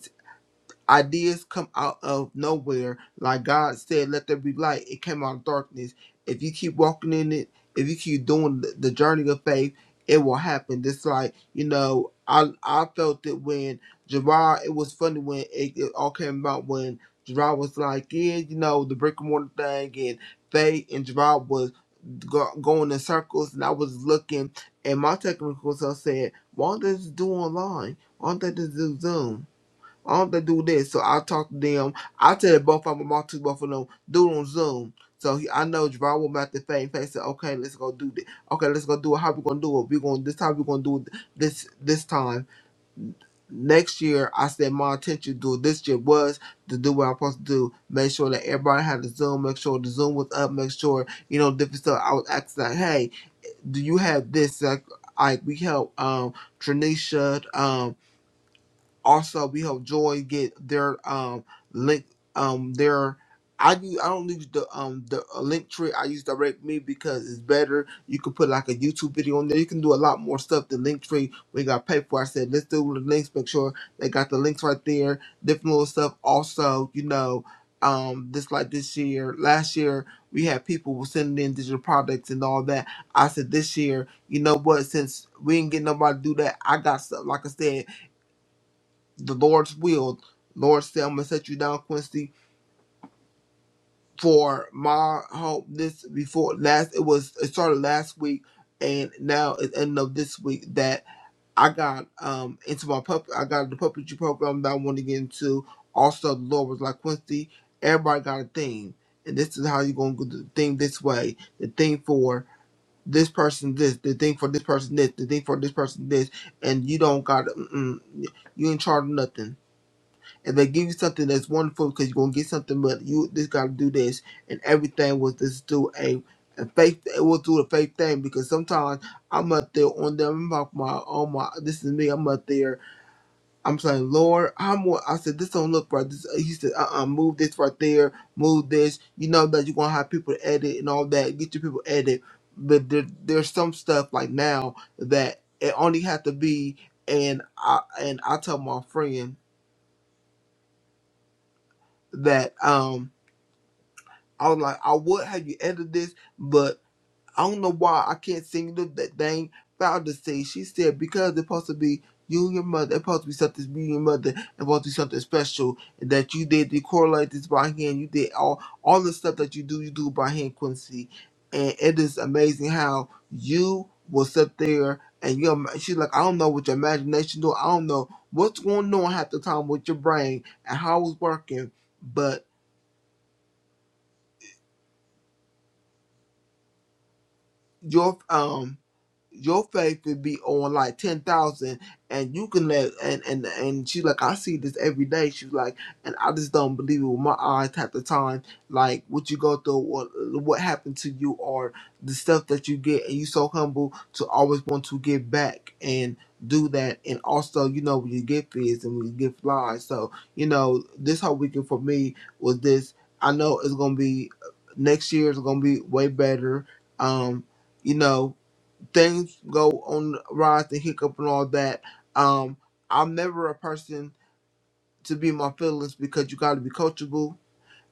S1: Ideas come out of nowhere. Like God said, let there be light. It came out of darkness. If you keep walking in it, if you keep doing the the journey of faith, it will happen. Just like, you know, I I felt it when Gerard, it was funny when it, it all came about when Gerard was like, yeah, you know, the brick and mortar thing and Faye and Gerard was go, going in circles and I was looking and my technical self said, why don't they just do online? Why don't they just do Zoom? Why don't they do this? So I talk to them. I tell both of them, I talk to both of them, do it on Zoom. So he, I know Javon will make the face and say, okay, let's go do this. Okay, let's go do it. How we gonna do it? We gonna this time we gonna do it this this time. Next year, I said my intention to do it this year was to do what I'm supposed to do. Make sure that everybody had the Zoom. Make sure the Zoom was up. Make sure you know different stuff. I was asking like, hey, do you have this? Like, I we help um Tranisha. um also, we help Joy get their um link um their I do I don't use the um the uh, link tree. I use direct me because it's better. You can put like a YouTube video on there. You can do a lot more stuff than link tree. We got paid for. I said let's do the links. Make sure they got the links right there. Different little stuff. Also, you know, um, this like this year, last year we had people sending in digital products and all that. I said this year, you know what? Since we didn't get nobody to do that, I got stuff. Like I said the Lord's will. Lord said, I'm gonna set you down, Quincy, for my hope this before last it was it started last week and now it's end of this week that I got um into my pup I got the puppetry program that I want to get into. Also the Lord was like Quincy, everybody got a theme. And this is how you're gonna do the thing this way, the thing for this person this, the thing for this person this, the thing for this person this, and you don't got mm, you ain't charged nothing If they give you something that's wonderful because you're gonna get something, but you just gotta do this, and everything was just do a, a faith. It was through a faith thing because sometimes I'm up there on them. I'm like my oh my, this is me. I'm up there. I'm saying, Lord, I'm. what I said this don't look right. This, he said, uh, uh move this right there, move this. You know that you're gonna have people to edit and all that. Get your people edit, but there, there's some stuff like now that it only had to be. And I and I tell my friend that um I was like, I would have you edit this, but I don't know why I can't sing the, that dang foul to say. She said because it's supposed to be you and your mother, it's supposed to be something you and your mother, it's supposed to be something special, and that you did the correlate this by hand, you did all all the stuff that you do, you do by hand, Quincy, and it is amazing how you will sit there and you. She's like, I don't know what your imagination do, I don't know what's going on half the time with your brain and how it's working, but your um your faith would be on like ten thousand, and you can let and and and she like I see this every day. She's like, and I just don't believe it with my eyes at the time. Like what you go through, what what happened to you, or the stuff that you get, and you so humble to always want to give back and do that. And also, you know, when you get fizz and when you get flies, so you know, this whole weekend for me was this. I know it's gonna be next year. It's gonna be way better. Um, you know things go on the rise and hiccup and all that. Um, I'm never a person to be in my feelings because you got to be coachable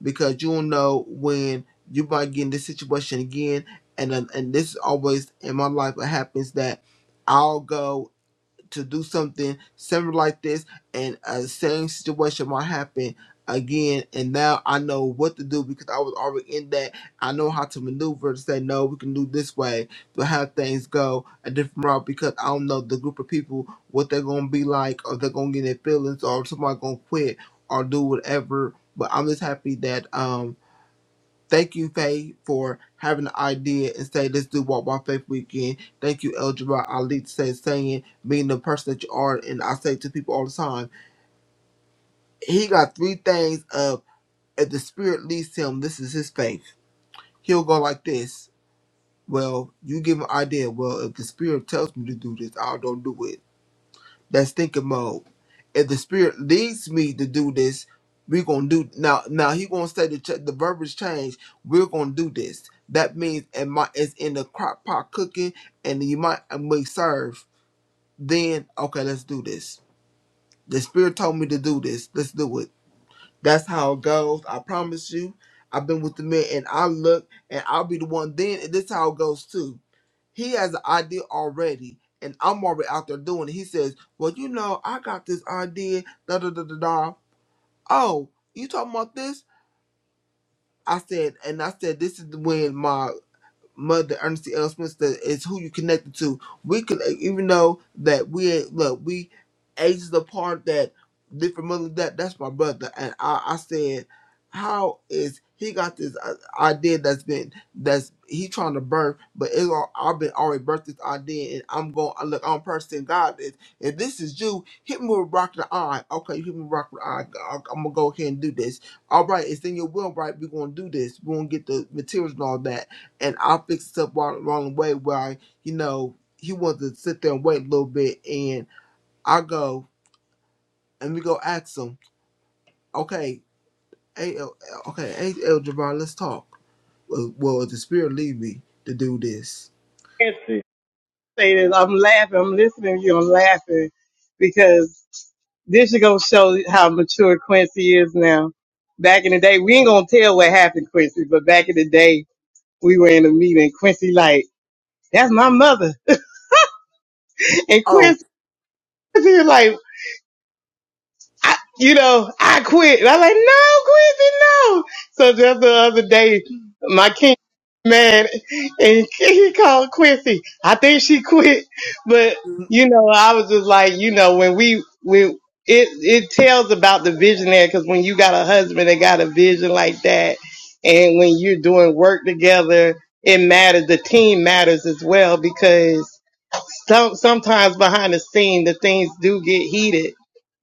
S1: because you'll know when you might get in this situation again. And and this is always in my life. It happens that I'll go to do something similar like this, and a same situation might happen again. And now I know what to do because I was already in that. I know how to maneuver to say no, we can do this way to have things go a different route because I don't know the group of people what they're gonna be like, or they're gonna get their feelings, or somebody gonna quit or do whatever. But I'm just happy that um Thank you, Faye, for having the idea and say let's do Walk by Faith weekend. Thank you, El Jabbar Ali, to say saying being the person that you are. And I say to people all the time, he got three things of if the spirit leads him, this is his faith. He'll go like this. Well, you give him an idea. Well, if the spirit tells me to do this, I don't do it. That's thinking mode. If the spirit leads me to do this, we're gonna do now. Now he gonna say the ch- the verbiage change. We're gonna do this. That means it might it's in the crock pot cooking, and you might and we serve. Then okay, let's do this. The spirit told me to do this. Let's do it. That's how it goes. I promise you. I've been with the men, and I look, and I'll be the one. Then and this how it goes too he has an idea already, and I'm already out there doing it. He says, Well, you know, I got this idea, da da da da da. Oh, you talking about this? I said, and I said, This is when my Mother Ernestine L. Smith that is who you connected to. We could even though that we look we ages apart that different mother that that's my brother and I, I said how is he got this uh, idea that's been that's he trying to birth but it's all I've been already birthed this idea and I'm going I look I'm person God is if this is you hit me with a rock in the eye okay you hit me with a rock in the eye I'm gonna go ahead and do this all right it's in your will right we're gonna do this we're gonna get the materials and all that and I fixed up wrong, wrong way where I, you know, he wanted to sit there and wait a little bit, and I go and we go ask him, okay, hey, okay, hey, El Javon, let's talk. Will, will the spirit lead me to do this?
S7: say this. I'm laughing. I'm listening to you. I'm laughing because this is gonna show how mature Quincy is now. Back in the day, we ain't gonna tell what happened, Quincy, but back in the day, we were in a meeting. Quincy like, that's my mother, and
S1: Oh,
S7: Quincy. Quincy is like, I, you know, I quit. And I'm like, no, Quincy, no. So just the other day, my king man and he called Quincy. I think she quit, but
S1: mm,
S7: you know, I was just like, you know, when we when it it tells about the visionary because when you got a husband that got a vision like that, and when you're doing work together, it matters. The team matters as well because some sometimes behind the scene the things do get heated,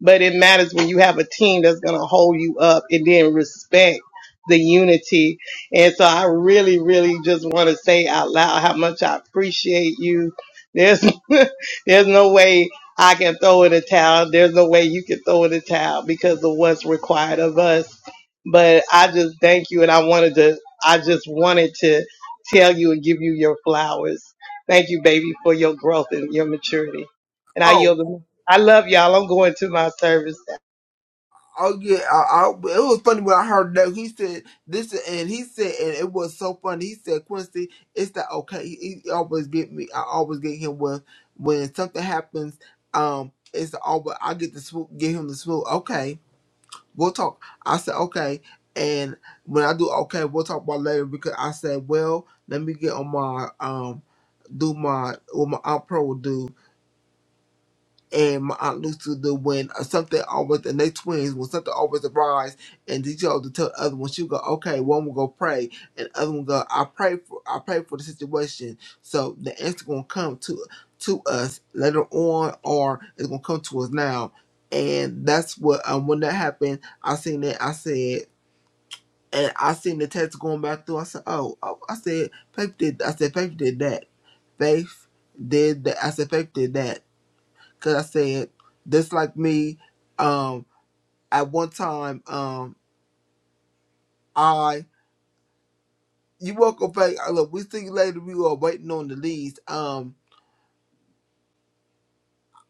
S7: but it matters when you have a team that's gonna hold you up and then respect the unity. And so I really, really just wanna say out loud how much I appreciate you. There's there's no way I can throw in a towel. There's no way you can throw in a towel because of what's required of us. But I just thank you and I wanted to I just wanted to tell you and give you your flowers Thank you, baby, for your growth and your maturity. And I
S1: oh,
S7: yield them. I love y'all. I'm going to my service.
S1: Oh yeah, I, I, it was funny when I heard that he said this, and he said, and it was so funny. He said, "Quincy, it's that okay? He, he always get me. I always get him when when something happens. Um, it's always I get the swoop, get him the swoop. Okay, we'll talk. I said okay, and when I do okay, we'll talk about it later because I said, well, let me get on my um, do my what my aunt pro will do and my aunt Lucy do when something always and they twins when something always arise and each other tell the other one she go okay one will go pray and the other one go I pray for I pray for the situation so the answer gonna come to to us later on or it's gonna come to us now and that's what um when that happened I seen it I said and I seen the text going back through I said oh, oh I said faith did I said faith did that faith did that I said faith did that because I said just like me. Um, at one time, um, I you woke up like uh, look, we see you later. We were waiting on the leads. Um,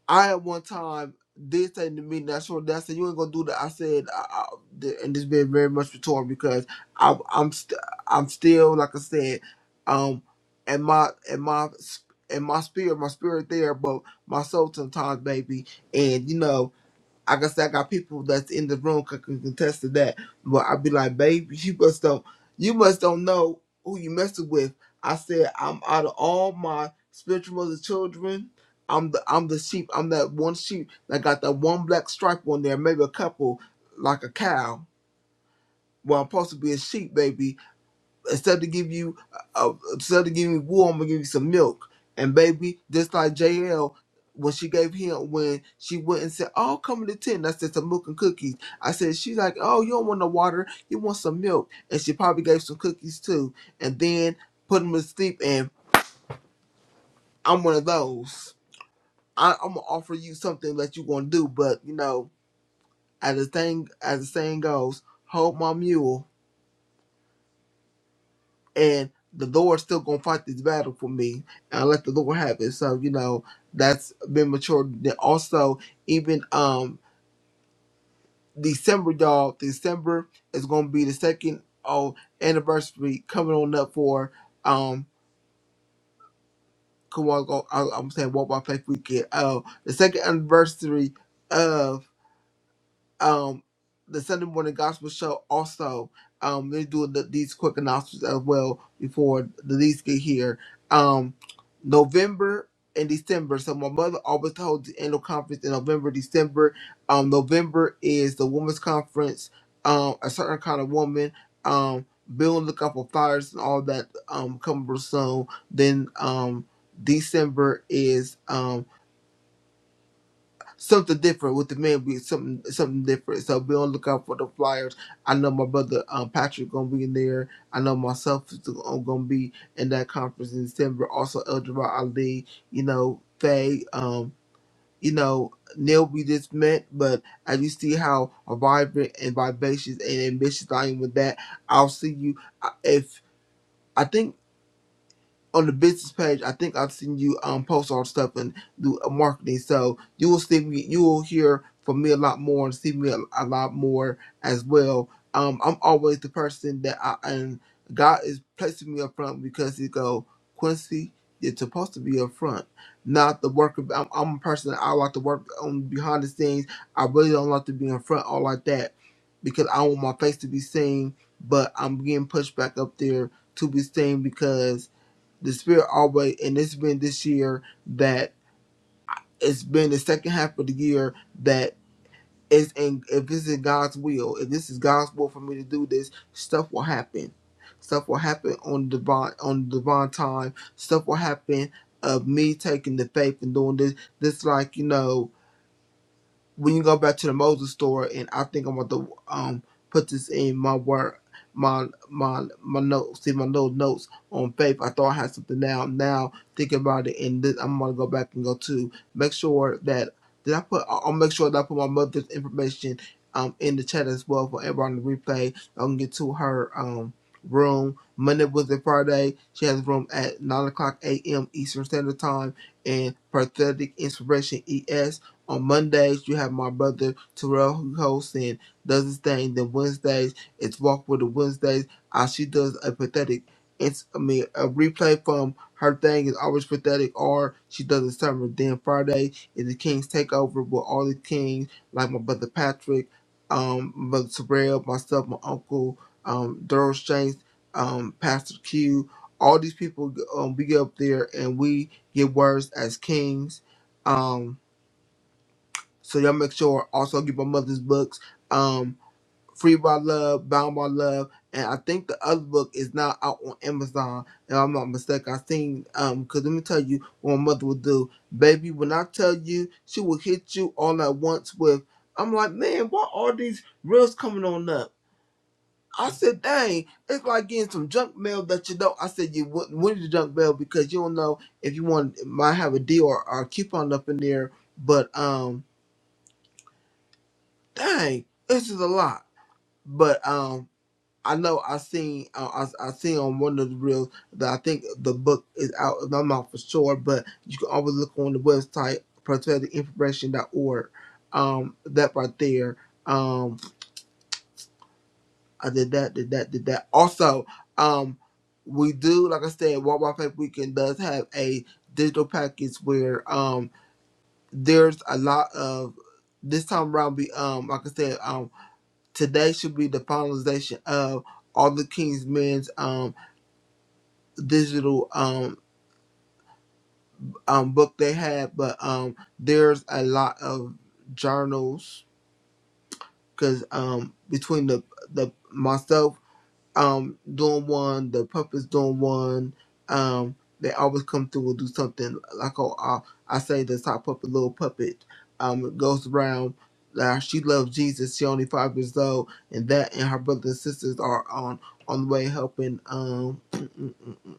S1: I at one time did say to me that sure that I said you ain't gonna do that. I said, I, I, the- and this been very much retort because I, I'm st- I'm still like I said, um, in my in my sp- in my spirit, my spirit there, but my soul sometimes, baby, and you know. I guess I got people that's in the room that can contest to that. But i be like, baby, you must don't you must don't know who you messing with. I said, I'm out of all my spiritual mother children, I'm the I'm the sheep. I'm that one sheep that got that one black stripe on there, maybe a couple, like a cow. Well, I'm supposed to be a sheep, baby instead of give you uh, uh, instead of giving you wool, I'm gonna give you some milk. And baby, just like JL, when she gave him when she went and said, "Oh, come in the tent," I said some milk and cookies. I said she's like, "Oh, you don't want no water, you want some milk," and she probably gave some cookies too. And then put him to sleep. And I'm one of those. I, I'm gonna offer you something that you gonna do, but you know, as the thing as the saying goes, hold my mule. and the Lord's still gonna fight this battle for me. And I let the Lord have it. So you know that's been matured. Then also even um December, y'all. December is gonna be the second oh anniversary coming on up for um. Come on, go. I, I'm saying Walk by Faith Weekend. Oh, the second anniversary of. um the Sunday morning gospel show also um they do the, these quick announcements as well before the leads get here. Um November and December. So my mother always holds the annual conference in November, December. Um November is the women's conference, um a certain kind of woman. Um Bill look up for flyers and all that um coming real soon. Then um December is um something different with the men be something something different. So be on the lookout for the flyers. I know my brother um, Patrick gonna be in there. I know myself is go- gonna be in that conference in December. Also El Jabbar Ali, you know, Faye, um, you know, Neil we just met, but as you see how vibrant and vivacious and ambitious I am with that, I'll see you I- if I think on the business page, I think I've seen you um post all the stuff and do uh, marketing. So you will see me, you will hear from me a lot more and see me a, a lot more as well. Um, I'm always the person that I and God is placing me up front because He go Quincy, you're supposed to be up front, not the worker. I'm, I'm a person that I like to work on behind the scenes. I really don't like to be in front all like that because I want my face to be seen, but I'm getting pushed back up there to be seen because the spirit always and it's been this year that it's been the second half of the year that it's in if it's in God's will, if this is God's will for me to do this, stuff will happen. Stuff will happen on the divine on the divine time. Stuff will happen of me taking the faith and doing this. This like, you know, when you go back to the Moses story, and I think I'm going to um put this in my word, my my my notes, see my little notes on faith. I thought I had something now. Now thinking about it, and then I'm gonna go back and go to make sure that did I put? I'll make sure that I put my mother's information um in the chat as well for everyone to replay. I can get to her um room Monday, Wednesday, Friday. She has a room at nine o'clock a.m. Eastern Standard Time and Prophetic Inspiration ES. On Mondays, you have my brother Terrell who hosts and does his thing. Then Wednesdays, it's Walk with the Wednesdays. As she does a pathetic, it's I mean a replay from her thing is always pathetic, or she does a summer. Then Friday is the Kings Takeover with all the Kings, like my brother Patrick, um, my brother Terrell, myself, my uncle, um, Daryl Shanks, um, Pastor Q. All these people, um, we get up there and we get words as kings. Um, so y'all make sure also get my mother's books, um, Free by Love, Bound by Love, and I think the other book is now out on Amazon. If I'm not mistaken, I seen um, cause let me tell you what my mother would do, baby. When I tell you, she will hit you all at once with. I'm like, man, why are these reels coming on up? I said, dang, it's like getting some junk mail that you don't. I said, you wouldn't win the junk mail because you don't know if you want might have a deal or, or a coupon up in there. But um, dang, this is a lot. But um, I know I seen uh, I I seen on one of the reels that I think the book is out. I'm not for sure, but you can always look on the website propheticinformation.org. Um, that right there. Um, I did that, did that, did that. Also, um, we do like I said, World Wide Faith Weekend does have a digital package where um there's a lot of this time around. We um like I said um. today should be the finalization of all the King's Men's um digital um um book they had, but um there's a lot of journals because um between the the myself um doing one, the puppets doing one. Um, they always come through and do something like oh I, I say the top puppet, little puppet. Um, it goes around. Now she loves Jesus. She only five years old, and that and her brothers and sisters are on on the way helping. Um,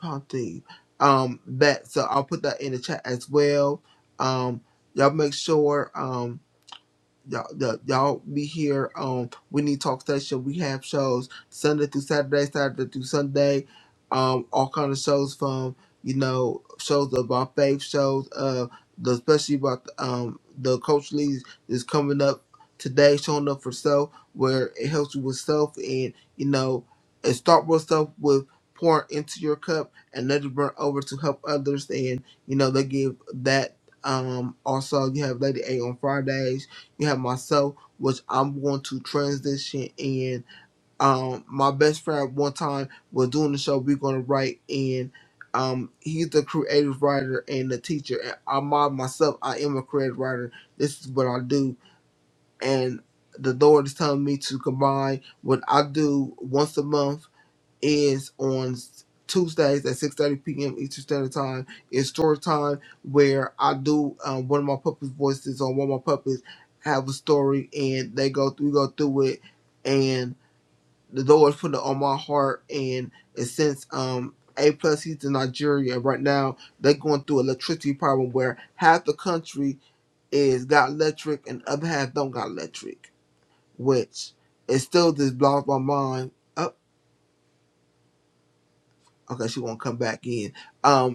S1: Ponty. Um, that so I'll put that in the chat as well. Um, y'all make sure. Um y'all, y'all y'all be here on We Need Talk Station. We have shows Sunday through Saturday, Saturday through Sunday. Um, all kind of shows from you know shows about faith, shows uh, the, especially about the, um the coach leads is coming up today, showing up for self, where it helps you with self and you know, and start with self with pouring into your cup and let it burn over to help others and you know they give that um also you have Lady A on Fridays you have myself, which I'm going to transition in. Um, my best friend one time was doing the show. We're going to write in. Um, he's the creative writer and the teacher. And I'm I myself. I am a creative writer. This is what I do. And the Lord is telling me to combine what I do once a month is on Tuesdays at 6:30 p.m. Eastern Standard Time. It's story time where I do um, one of my puppets' voices on one of my puppets have a story and they go through, we go through it and the Lord's put it on my heart and it's since um A plus he's in Nigeria and right now they're going through electricity problem where half the country is got electric and other half don't got electric, which it still just blows my mind. Oh, okay, she won't come back in um.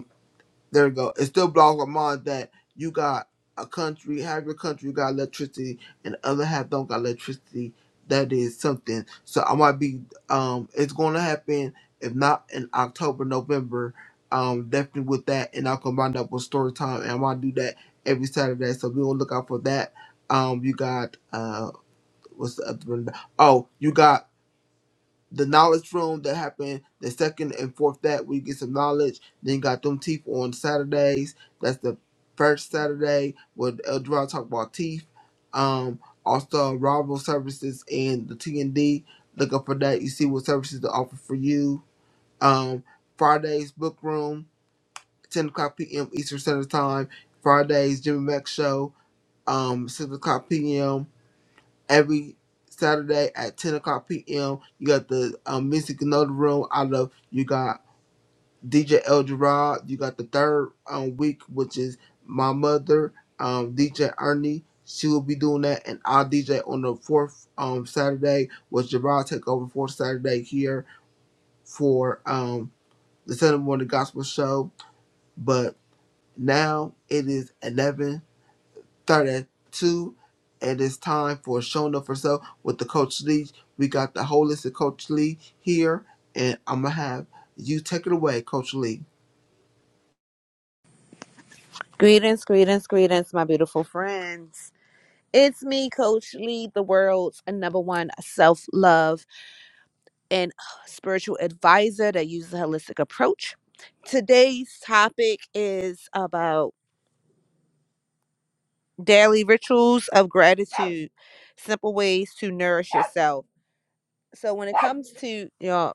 S1: There we go. It still blows my mind that you got a country, half your country got electricity, and the other half don't got electricity. That is something. So I might be. Um, it's going to happen. If not in October, November, um, definitely with that, and I'll combine that with story time, and I might do that every Saturday. So be on the lookout for that. Um, you got uh, what's the other one? Oh, you got the knowledge room that happened the second and fourth that we get some knowledge. Then you got them teeth on Saturdays. That's the first Saturday with Eldra talk about teeth. Um, also rival services and the T and D. Look up for that. You see what services they offer for you. Um, Fridays book room, ten o'clock p.m. Eastern Standard Time. Fridays Jimmy Mack show, um, six o'clock p.m every Saturday at 10 o'clock p.m. You got the um, Mystic Another Room. I love you got DJ El Gerard. You got the third um, week, which is my mother, um, DJ Ernie. She will be doing that, and I'll DJ on the fourth um, Saturday. Was Gerard take over fourth Saturday here for um, the Sunday morning gospel show? But now it is is eleven. 32. It is time for Showing Up for Self with the Coach Lee. We got the holistic Coach Lee here, and I'm going to have you take it away, Coach Lee.
S11: Greetings, greetings, greetings, my beautiful friends. It's me, Coach Lee, the world's number one self love and spiritual advisor that uses a holistic approach. Today's topic is about daily rituals of gratitude, simple ways to nourish yourself. So, when it comes to, y'all,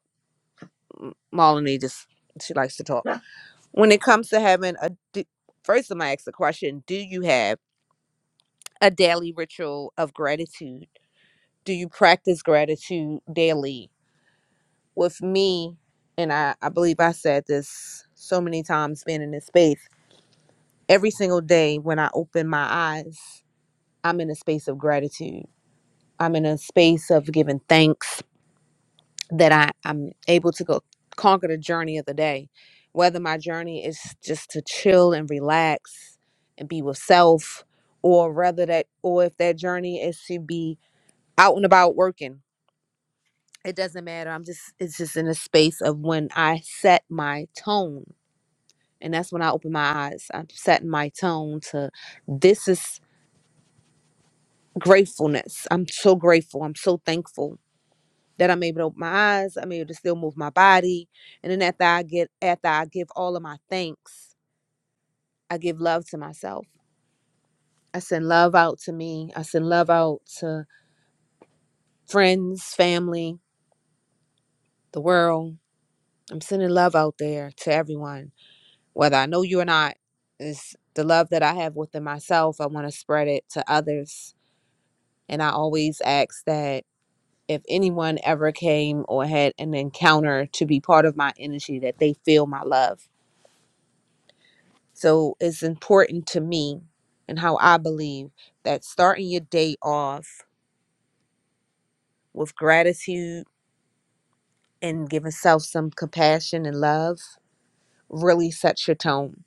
S11: M- Melanie just, she likes to talk. When it comes to having a, d- first, I'm going to ask the question Do you have a daily ritual of gratitude? do you practice gratitude daily? With me, and I, I believe I said this so many times being in this space, every single day when I open my eyes, I'm in a space of gratitude. I'm in a space of giving thanks that I, I'm able to go conquer the journey of the day. Whether my journey is just to chill and relax and be with self, or rather that, or if that journey is to be out and about working it doesn't matter. I'm just it's just in a space of when I set my tone. And that's when I open my eyes. I'm setting my tone to this is gratefulness. I'm so grateful. I'm so thankful that I'm able to open my eyes. I'm able to still move my body. And then after I get after I give all of my thanks, I give love to myself. I send love out to me. I send love out to friends, family, the world. I'm sending love out there to everyone whether I know you or not, is the love that I have within myself. I want to spread it to others. And I always ask that if anyone ever came or had an encounter to be part of my energy, that they feel my love. So it's important to me and how I believe that starting your day off with gratitude and giving self some compassion and love really sets your tone.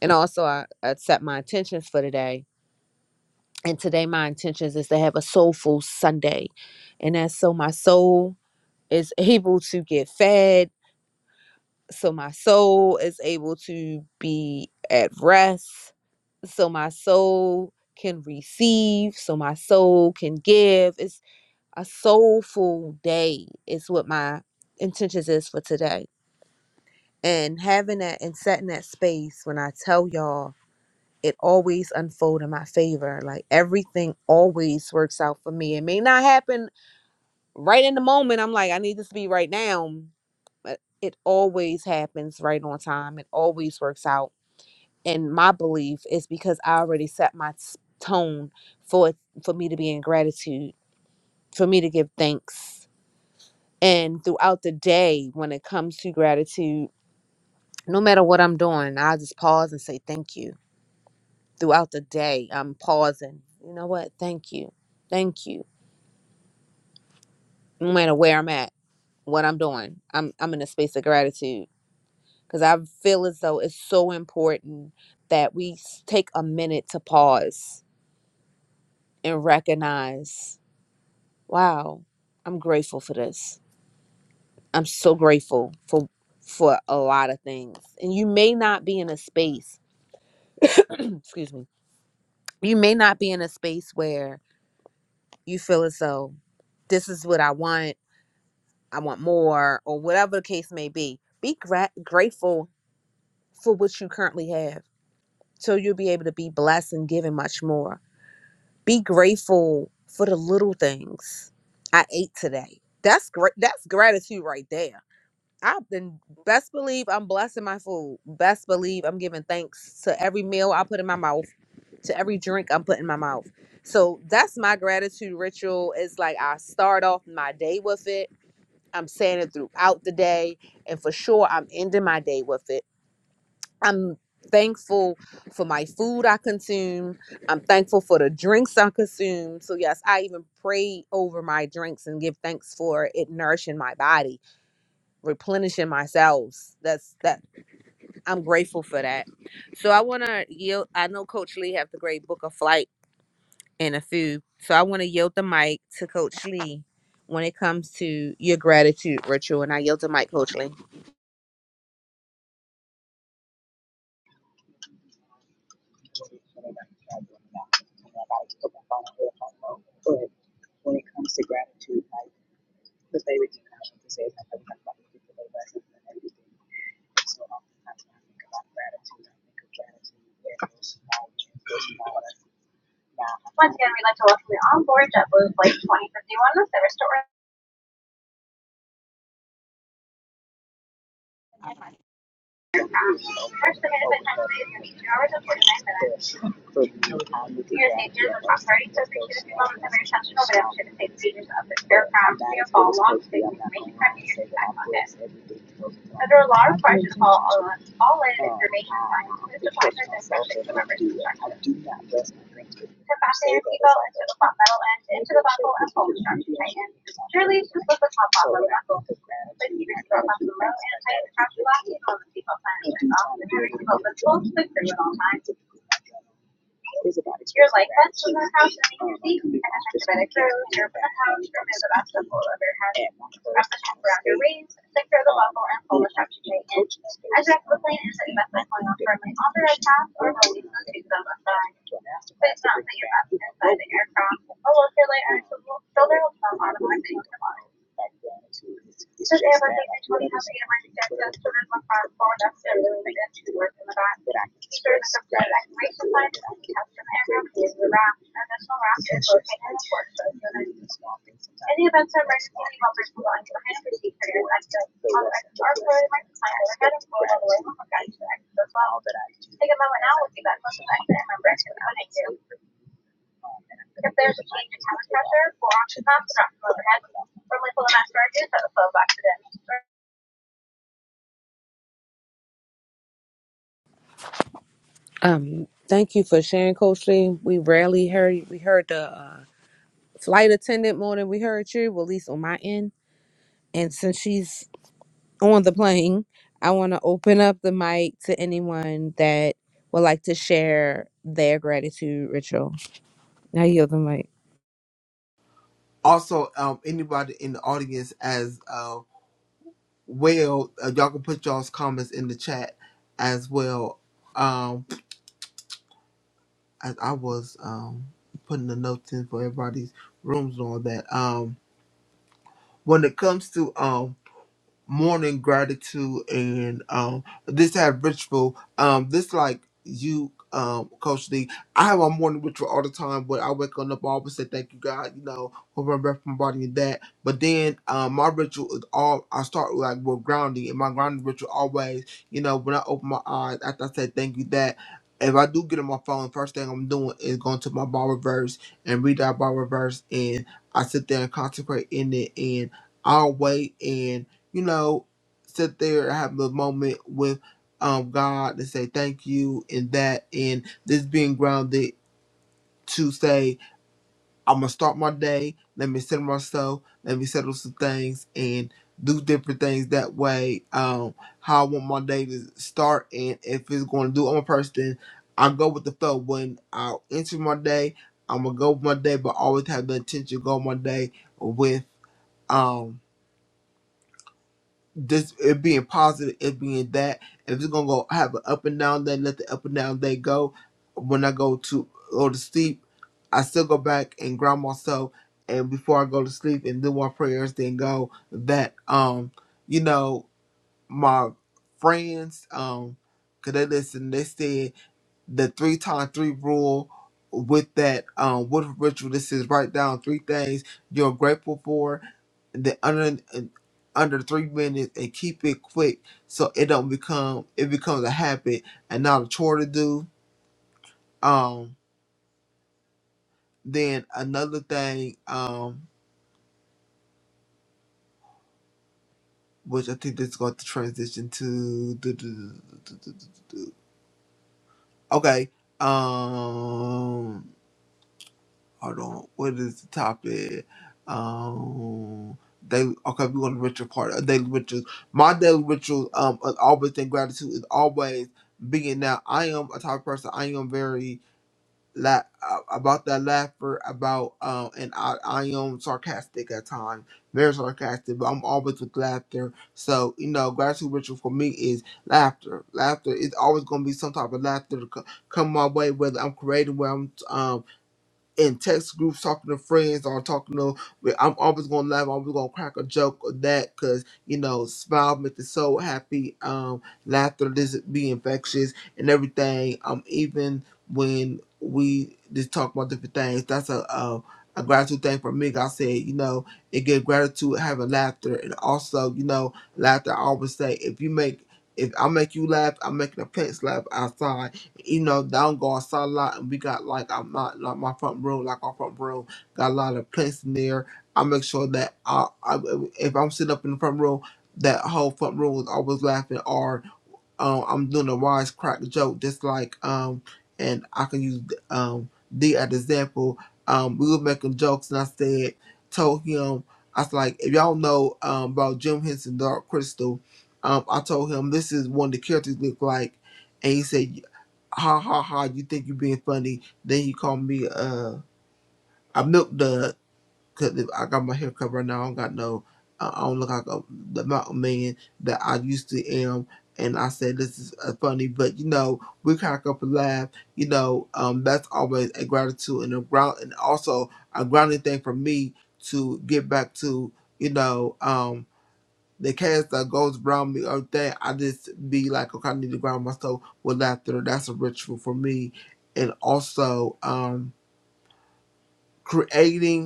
S11: And also, I, I set my intentions for today And today, my intentions is to have a soulful Sunday. And that's so my soul is able to get fed. So my soul is able to be at rest. So my soul can receive. So my soul can give. It's a soulful day, is what my intentions is for today. And having that and setting that space when I tell y'all it always unfold in my favor. Like everything always works out for me. It may not happen right in the moment. I'm like, I need this to be right now, but it always happens right on time. It always works out. And my belief is because I already set my s- tone for it- for me to be in gratitude, for me to give thanks. And throughout the day, when it comes to gratitude, no matter what I'm doing, I just pause and say thank you throughout the day. I'm pausing. You know what? Thank you. Thank you. No matter where I'm at, what I'm doing, I'm I'm in a space of gratitude because I feel as though it's so important that we s- take a minute to pause and recognize, wow, I'm grateful for this. I'm so grateful for for a lot of things. And you may not be in a space, excuse me. You may not be in a space where you feel as though this is what I want I want more, or whatever the case may be. Be gra- grateful for what you currently have so you'll be able to be blessed and given much more. Be grateful for the little things. I ate today. That's great. That's gratitude right there. I've been best believe I'm blessing my food. Best believe I'm giving thanks to every meal I put in my mouth, to every drink I'm putting in my mouth. So that's my gratitude ritual. It's like I start off my day with it I'm saying it throughout the day. And for sure, I'm ending my day with it. I'm thankful for my food I consume. I'm thankful for the drinks I consume. So, yes, I even pray over my drinks and give thanks for it nourishing my body, replenishing my cells. That's that. I'm grateful for that. So, I want to yield. I know Coach Lee have the great book of flight and a food. So, I want to yield the mic to Coach Lee when it comes to your gratitude ritual. And I yield the mic, Coach Lee.
S12: Yeah. Once again, we'd like to welcome the on-board JetBlue Flight 2051 service to Orlando. Under law requires you to call all all in information findings in this department and subject to members' instructions. To fasten your seatbelt into the top metal end into the buckle and pull the strap to Tighten. Surely just let the top off of the buckle. Is about it. You're like best in the house. I have to make sure that I have the best couple of your hands. Wrap the strap around your waist, secure the buckle, and pull the strap straight in. As you exit the plane, insert your belt buckle firmly onto a strap or a belt loop. Do not put your belt inside the aircraft. A locator light and a shoulder holster automatically come automatically on. the bottom. Does everyone think that Tony has a mind that does sort of like our phone up there really big and two words in the back? Sure, it's a great like right to find it and the wrap and this wrap is located in the porch so event of emergency, any bumpers will line behind the speaker and like the on the our floor my client or heading for all the way home guys to exit as well. Take a moment now, we'll be back close to that and remember it's gonna if there's a change in test pressure, will oxygen pumps drop from overhead, firmly pull the mass charges that will flow back to disk.
S11: Um, thank you for sharing, Coach Lee. We rarely heard we heard the uh, flight attendant more than we heard you, well, at least on my end. And since she's on the plane, I want to open up the mic to anyone that would like to share their gratitude ritual. I yield the mic.
S1: Also, um, anybody in the audience as uh, well, uh, y'all can put y'all's comments in the chat as well. Um, as I was um, putting the notes in for everybody's rooms and all that. Um, when it comes to um, morning gratitude and um this had ritual um this like you um coach d i have a morning ritual all the time but i wake on up I always say thank you god you know for my breath my body and that but then um my ritual is all i start with, like with grounding and my grounding ritual always you know when i open my eyes after i say thank you that if I do get on my phone, first thing I'm doing is going to my Bible verse and read that Bible verse, and I sit there and concentrate in it, and I'll wait you know, sit there and have a moment with um God and say thank you and that and this being grounded to say, I'm gonna start my day, let me settle myself, let me settle some things and do different things that way. Um, how I want my day to start and if it's gonna do I'm a person I go with the flow when I enter my day, I'm gonna go with my day but always have the intention to go my day with um this it being positive, it being that. If it's gonna go have an up and down day, let the up and down day go. When I go to go to sleep, I still go back and ground myself and before I go to sleep and do my prayers, then go that um, you know, my friends, um, 'cause they listen, they said the three times three rule with that um with ritual this is write down three things you're grateful for the under under three minutes and keep it quick so it don't become it becomes a habit and not a chore to do um then another thing um which i think this is going to transition to do- do- do- do- do- do- do- do- do. okay um hold on, what is the topic? Um, daily. Okay, we want to ritual part. A daily ritual. My daily ritual. Um, of always in gratitude is always being Now I am a type of person. I am very la- uh, about that laughter about um, and I I am sarcastic at times, very sarcastic. But I'm always with laughter. So you know, gratitude ritual for me is laughter. Laughter is always going to be some type of laughter to co- come my way, whether I'm creating, where I'm um in text groups, talking to friends, or talking to, well, I'm always gonna laugh, I'm always gonna crack a joke or that, cause you know, smile makes the soul happy. Um, laughter doesn't be infectious and everything. Um, even when we just talk about different things, that's a a, a gratitude thing for me. 'cause I said, you know, it gives gratitude having laughter, and also, you know, laughter. I always say, if you make if I make you laugh, I'm making the plants laugh outside you know, down go outside a lot, and we got like I'm not like my front room, like our front room got a lot of plants in there. I make sure that I, I if I'm sitting up in the front room, that whole front room is always laughing, or um, I'm doing a wisecrack joke, just like um, and I can use um D as example. Um, we were making jokes, and I said, told him, I was like, if y'all know um about Jim Henson Dark Crystal, um, I told him this is one of the characters look like. And he said, ha ha ha, you think you being funny. Then you call me uh a milk dud because I got my hair cut right now. I don't got no, uh, I don't look like a, the mountain man that I used to am. And I said this is uh, funny, but you know we crack up and laugh. You know um, that's always a gratitude and a ground, and also a grounding thing for me to get back to. You know, um, the cast that goes around me or that I just be like, okay, I need to ground myself with laughter. That's a ritual for me. And also, um, creating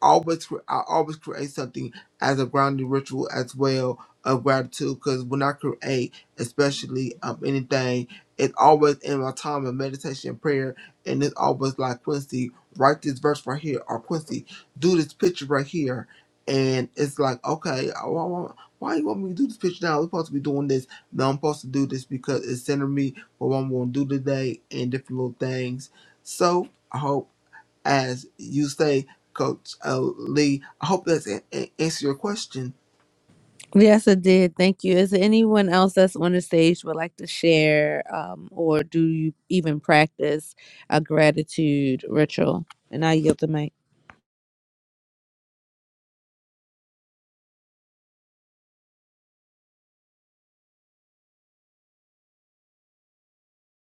S1: always cre- I always create something as a grounding ritual as well of gratitude because when I create, especially um anything, it's always in my time of meditation and prayer, and it's always like Quincy, write this verse right here, or Quincy, do this picture right here, and it's like okay, I- why, why, why you want me to do this picture now? We're supposed to be doing this. No, I'm supposed to do this because it's centering me for what I'm going to do today and different little things. So I hope as you say, Coach uh, Lee. I hope that's a- a- answer your question.
S11: Yes, it did. Thank you. Is there anyone else that's on the stage would like to share, um, or do you even practice a gratitude ritual? And I yield the mic.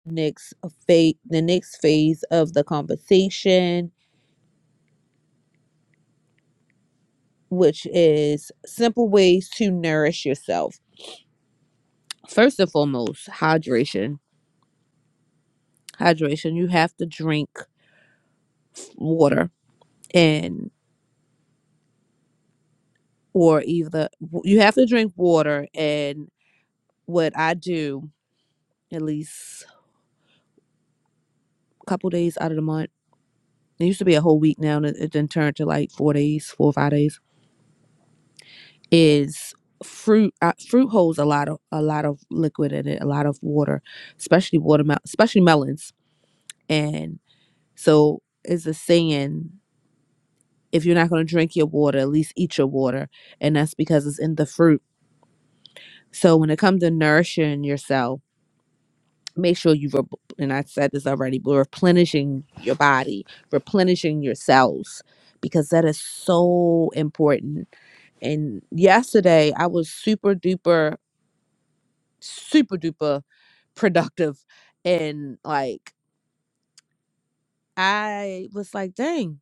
S11: next phase the next phase of the conversation which is simple ways to nourish yourself first and foremost hydration hydration you have to drink water and or either you have to drink water and what i do at least a couple days out of the month it used to be a whole week now and it, it then turned to like four days four or five days is fruit uh, fruit holds a lot of a lot of liquid in it a lot of water especially watermelon especially melons and so it's a saying if you're not going to drink your water at least eat your water and that's because it's in the fruit so when it comes to nourishing yourself make sure you rep- and i said this already but replenishing your body replenishing your cells because that is so important and yesterday i was super duper super duper productive and like I was like, dang,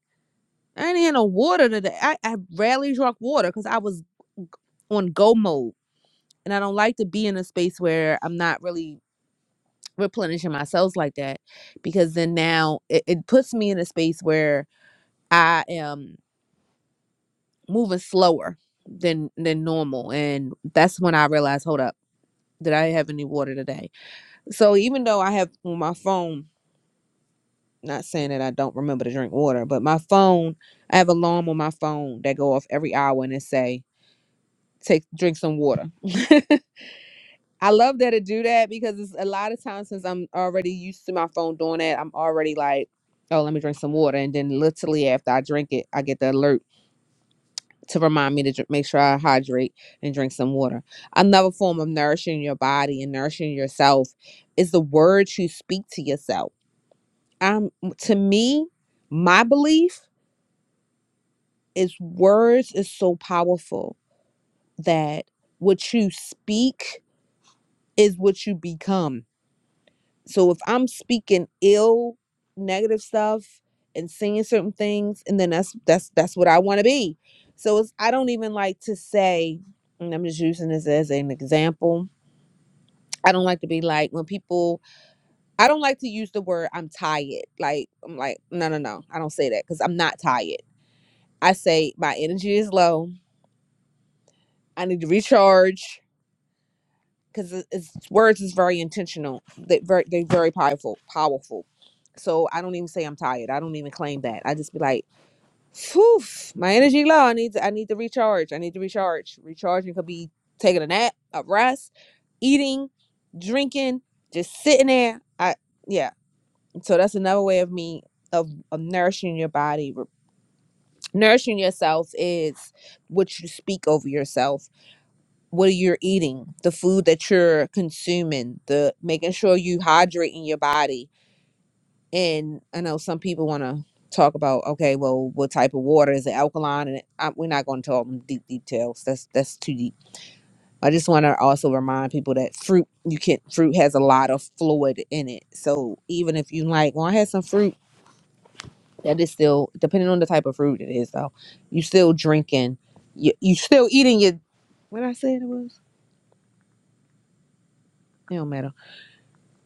S11: I ain't had no water today. I, I rarely drunk water because I was on go mode and I don't like to be in a space where I'm not really replenishing my cells like that because then now it, it puts me in a space where I am moving slower than than normal and that's when I realized, hold up, did I have any water today? So even though I have on my phone Not saying that I don't remember to drink water, but my phone, I have an alarm on my phone that go off every hour and it say, take drink some water. I love that it do that because it's a lot of times since I'm already used to my phone doing that, I'm already like, oh, let me drink some water. And then literally after I drink it, I get the alert to remind me to dr- make sure I hydrate and drink some water. Another form of nourishing your body and nourishing yourself is the words you speak to yourself. Um, to me, my belief is words is so powerful that what you speak is what you become. So if I'm speaking ill, negative stuff and saying certain things, and then that's that's that's what I want to be. So it's I don't even like to say, and I'm just using this as an example. I don't like to be like when people I don't like to use the word I'm tired. Like I'm like, no no no, I don't say that because I'm not tired. I say my energy is low. I need to recharge. because it's words is very intentional. They very they very powerful, powerful. So I don't even say I'm tired. I don't even claim that. I just be like, phew, my energy low. I need to I need to recharge. I need to recharge. Recharging could be taking a nap, a rest, eating, drinking, just sitting there. I yeah. So that's another way of me of, of nourishing your body. Nourishing yourself is what you speak over yourself what you're eating, the food that you're consuming, the making sure you hydrating your body. And I know some people want to talk about, okay, well, what type of water is it alkaline? And I, we're not going to talk in deep details. That's that's too deep. I just want to also remind people that fruit you can fruit has a lot of fluid in it. So even if you like, well, I had some fruit that is still depending on the type of fruit it is though. You still drinking, you you still eating your what I said it was. It don't matter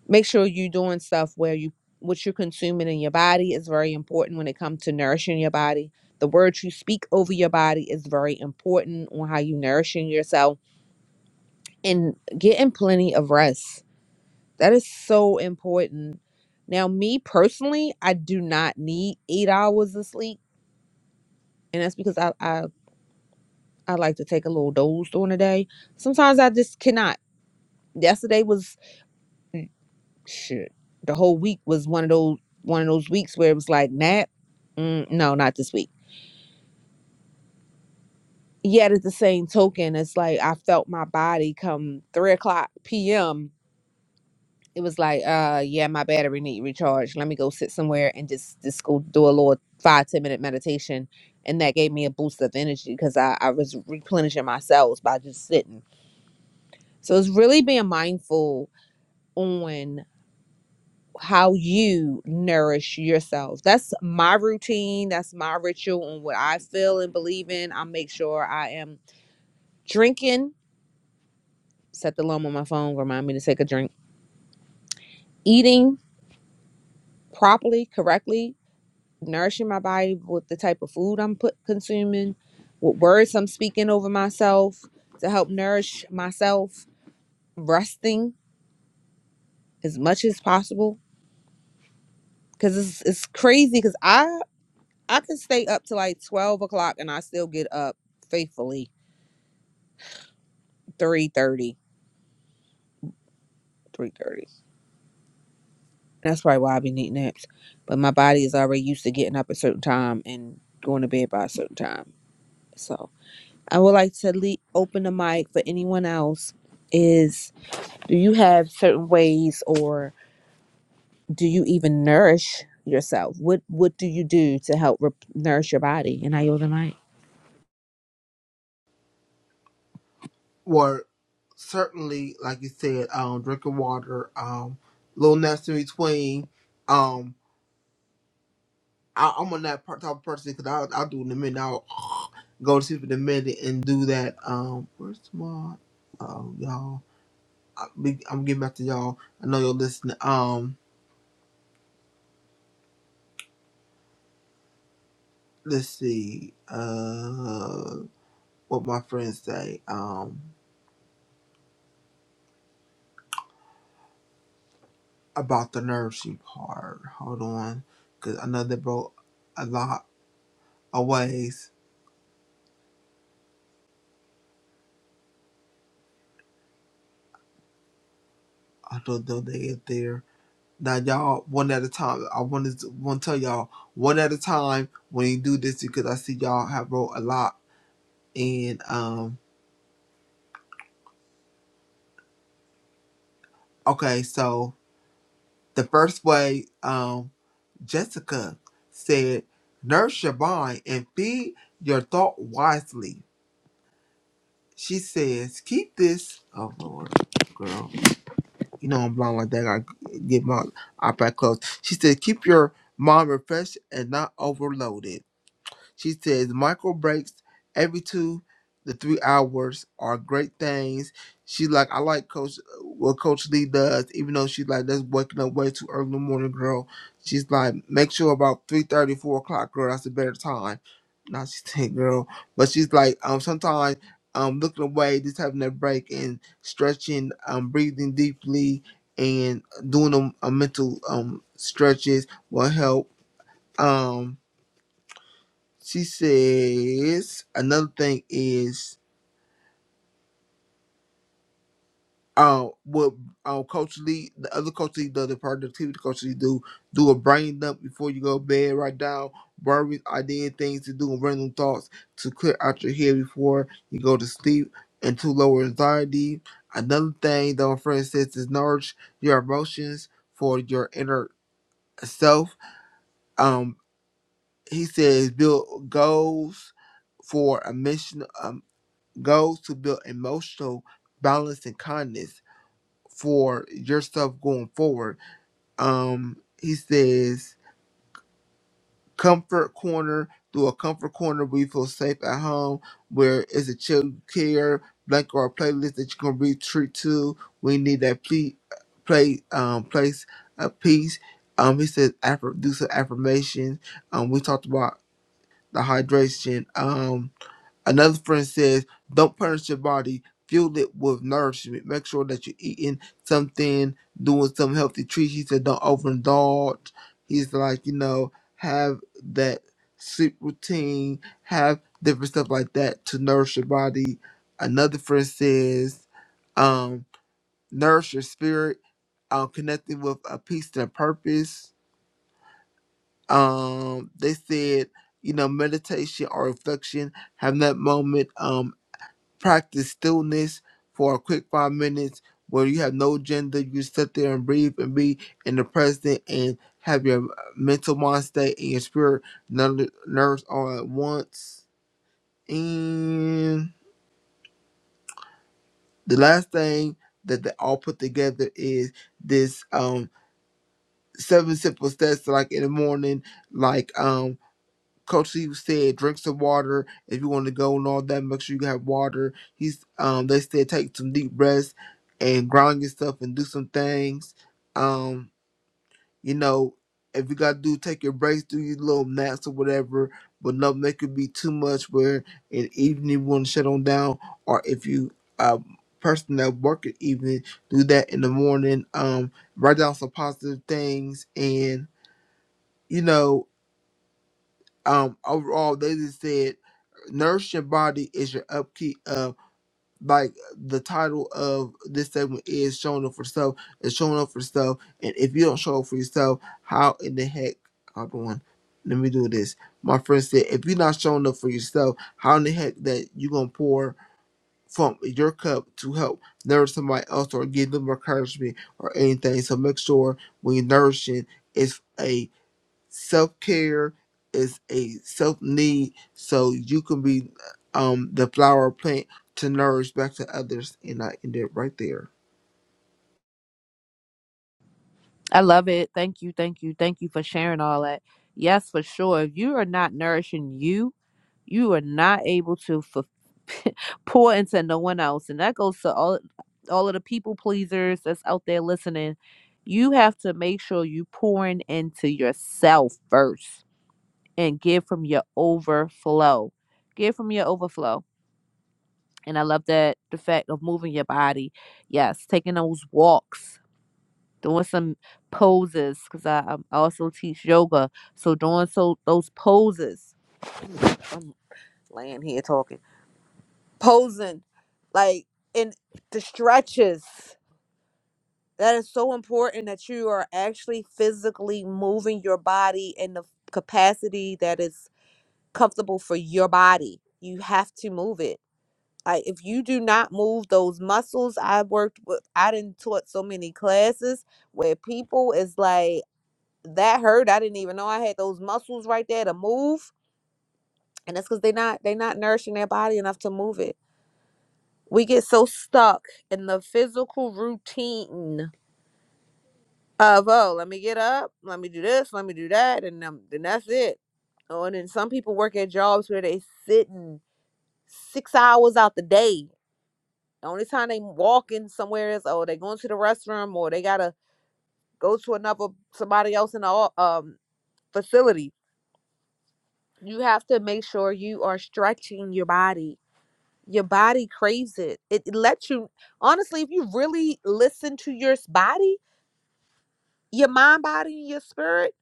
S11: make sure you're doing stuff where you what you're consuming in your body is very important when it comes to nourishing your body the words you speak over your body is very important on how you nourishing yourself and getting plenty of rest that is so important now me personally i do not need eight hours of sleep and that's because i i, I like to take a little doze during the day sometimes i just cannot yesterday was shit, the whole week was one of those one of those weeks where it was like nap. Mm, no, not this week. Yet at the same token, it's like I felt my body come three o'clock p.m. It was like, uh, yeah, my battery need recharge. Let me go sit somewhere and just just go do a little five ten minute meditation, and that gave me a boost of energy because I I was replenishing my cells by just sitting. So it's really being mindful on. how you nourish yourself. That's my routine, that's my ritual and what I feel and believe in. I make sure I am drinking, set the alarm on my phone, remind me to take a drink, eating properly, correctly, nourishing my body with the type of food I'm put consuming, what words I'm speaking over myself to help nourish myself, resting as much as possible. Cause it's it's crazy because I I can stay up to like twelve o'clock and I still get up faithfully three thirty, three thirty. That's probably why I be needing naps. But my body is already used to getting up a certain time and going to bed by a certain time. So I would like to le- open the mic for anyone else. Is do you have certain ways, or do you even nourish yourself? What What do you do to help rep nourish your body? And I yield the mic.
S1: Were certainly, like you said, um, drinking water, um, little naps in between. Um, I, I'm on that part, type of person because I'll, I'll do it in a minute. I'll go to sleep in a minute and do that. Um, where's my oh y'all? I, be- I'm getting back to y'all. I know you're listening. Um, let's see. Uh, what my friends say. Um. about the nursery part. Hold on, because I know they broke a lot of ways until they get there. Now y'all, one at a time. I want to want to tell y'all one at a time when you do this because I see y'all have wrote a lot. And um, okay, so the first way, um, Jessica said, nurse your mind and feed your thought wisely. She says, keep this. Oh Lord, girl. like, you know I'm blonde like that. I gotta get my iPad closed. She said, keep your mind refreshed and not overloaded. She says micro breaks every two to three hours are great things. She like I like Coach what Coach Lee does, even though she's like that's waking up way too early in the morning, girl. She's like, make sure about three thirty, four o'clock, girl, that's a better time. Not she's saying girl. But she's like, um sometimes um looking away, just having that break and stretching, um breathing deeply and doing a, a mental um stretches will help. um. She says another thing is um what um Coach Lee, the other Coach Lee, the, the productivity Coach Lee do do a brain dump before you go to bed. Write down worries, ideas, things to do, and random thoughts to clear out your head before you go to sleep and to lower anxiety. Another thing that my friend says is nourish your emotions for your inner self. Um, he says build goals for a mission. Um. goals to build emotional balance and kindness for yourself going forward. Um, he says, comfort corner do a comfort corner where you feel safe at home, where it's a child care blanket or a playlist that you can retreat to. We need that ple- play um place a piece. Um, he says affir- do some affirmations. Um, we talked about the hydration. Um, Another friend says, Don't punish your body, fuel it with nourishment. Make sure that you're eating something, doing some healthy treats. He said, Don't overindulge. He's like, You know, have that sleep routine, have different stuff like that to nourish your body. Another friend says, um, Nourish your spirit, um, connecting with a peace and a purpose. Um, they said, you know, meditation or reflection, having that moment. Um, practice stillness for a quick five minutes where you have no agenda. You sit there and breathe and be in the present and have your mental mind state and your spirit ner- nerves all at once. And the last thing that they all put together is this um seven simple steps like in the morning, like um Coach Steve said, drink some water if you want to go and all that. Make sure you have water. He's um they said take some deep breaths and ground yourself and do some things. Um, you know, if you gotta do take your breaks, do your little naps or whatever, but not make it be too much where in evening you want to shut on down or if you uh person that work at evening, do that in the morning. Um, write down some positive things and you know um overall they just said nourish your body is your upkeep of like the title of this segment is showing up for self and showing up for self and if you don't show up for yourself how in the heck hold on let me do this my friend said if you're not showing up for yourself how in the heck that you gonna pour from your cup to help nourish somebody else or give them encouragement or anything so make sure when you're nourishing it's a Self care is a self need, so you can be um the flower plant to nourish back to others. And I end it right there.
S11: I love it. Thank you, thank you, thank you for sharing all that. Yes, for sure. If you are not nourishing you You are not able to fulfill pour into no one else and that goes to all all of the people pleasers that's out there listening you have to make sure you pouring into yourself first and give from your overflow give from your overflow and i love that the fact of moving your body yes taking those walks doing some poses because I, um, I also teach yoga so doing so those poses i'm laying here talking posing, like in the stretches. That is so important that you are actually physically moving your body in the capacity that is comfortable for your body. You have to move it. Like if you do not move those muscles, I worked with I didn't taught so many classes where people is like that hurt. I didn't even know I had those muscles right there to move. And that's because they're not they're not nourishing their body enough to move it we get so stuck in the physical routine of oh let me get up let me do this let me do that and then, then that's it oh, and then some people work at jobs where they sitting six hours out the day the only time they walking somewhere is oh they going to the restroom or they gotta go to another somebody else in the o- um, facility you have to make sure you are stretching your body your body craves it it it lets you honestly if you really listen to your s- body your mind, body, and your spirit,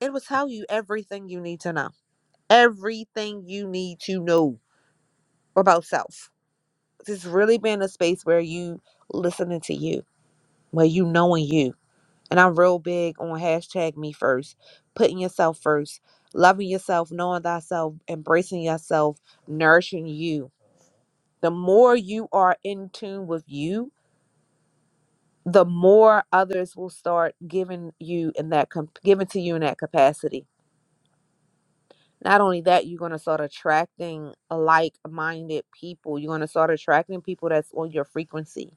S11: it will tell you everything you need to know. Everything you need to know about self. This really been a space where you listening to you, where you knowing you. And I'm real big on hashtag me first, putting yourself first, loving yourself, knowing thyself, embracing yourself, nourishing you. The more you are in tune with you, the more others will start giving you in that comp- giving to you in that capacity not only that, you're going to start attracting like minded people. You're going to start attracting people that's on your frequency.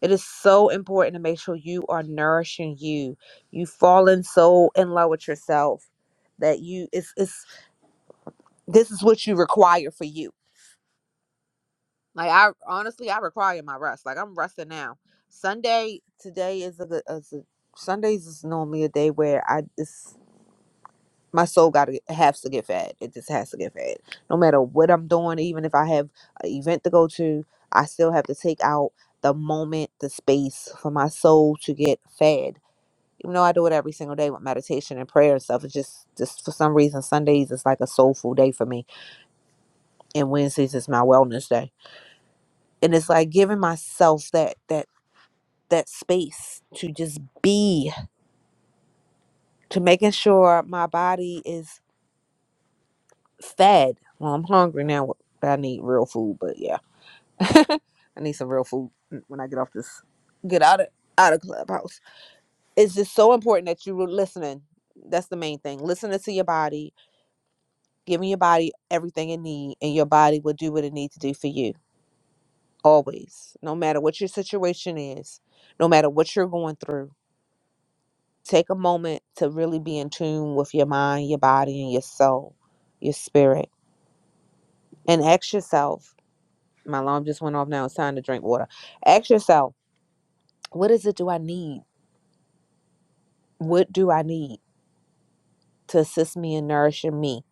S11: It is so important to make sure you are nourishing you. You've fallen so in love with yourself that you, it's, it's, this is what you require for you. Like, I honestly, I require my rest. Like, I'm resting now. Sunday, today is a good, is a, Sundays is normally a day where I, it's my soul got to has to get fed. It just has to get fed. No matter what I'm doing, even if I have an event to go to, I still have to take out the moment, the space for my soul to get fed. Even though I do it every single day with meditation and prayer and stuff, it's just just for some reason Sundays is like a soulful day for me, and Wednesdays is my wellness day. And it's like giving myself that that that space to just be, to making sure my body is fed. Well, I'm hungry now. but I need real food, but yeah I need some real food when I get off this, get out of out of clubhouse. It's just so important that you were listening. That's the main thing. Listening to your body, giving your body everything it needs, and your body will do what it needs to do for you. Always, no matter what your situation is, no matter what you're going through, take a moment to really be in tune with your mind, your body, and your soul, your spirit, and ask yourself. My alarm just went off. Now it's time to drink water. Ask yourself, what is it do I need? What do I need? to assist me in nourishing me,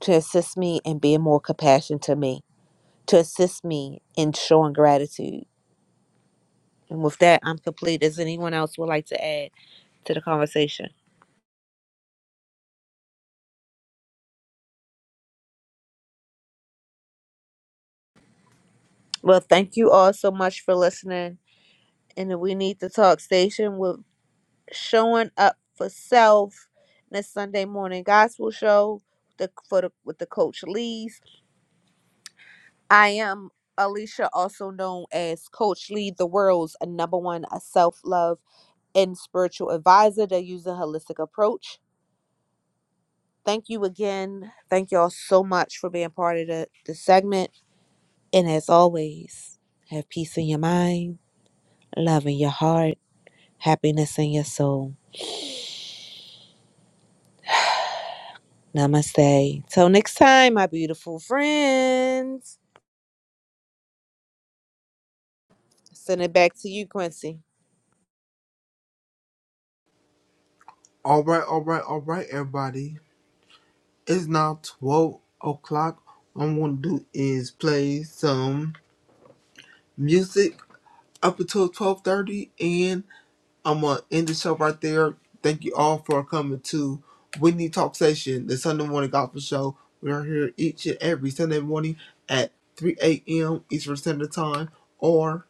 S11: to assist me in being more compassionate to me, to assist me in showing gratitude. And with that, I'm complete. Does anyone else would like to add to the conversation? Well, thank you all so much for listening. And the we need to talk station with showing up for self this Sunday morning gospel show the, for the, with the coach Lee's. I am Alicia, also known as Coach Lee, the world's number one self love and spiritual advisor they use a holistic approach. Thank you again. Thank y'all so much for being part of the, the segment. And as always, have peace in your mind, love in your heart, happiness in your soul. Namaste. Till next time, my beautiful friends. Send it back to you, Quincy.
S1: All right, all right, all right, everybody. It's now twelve o'clock. What I'm gonna do is play some music up until twelve thirty, and. I'm gonna end the show right there. Thank you all for coming to Whitney Talk Session, the Sunday morning gospel show. We are here each and every Sunday morning at 3 a.m. Eastern Standard Time or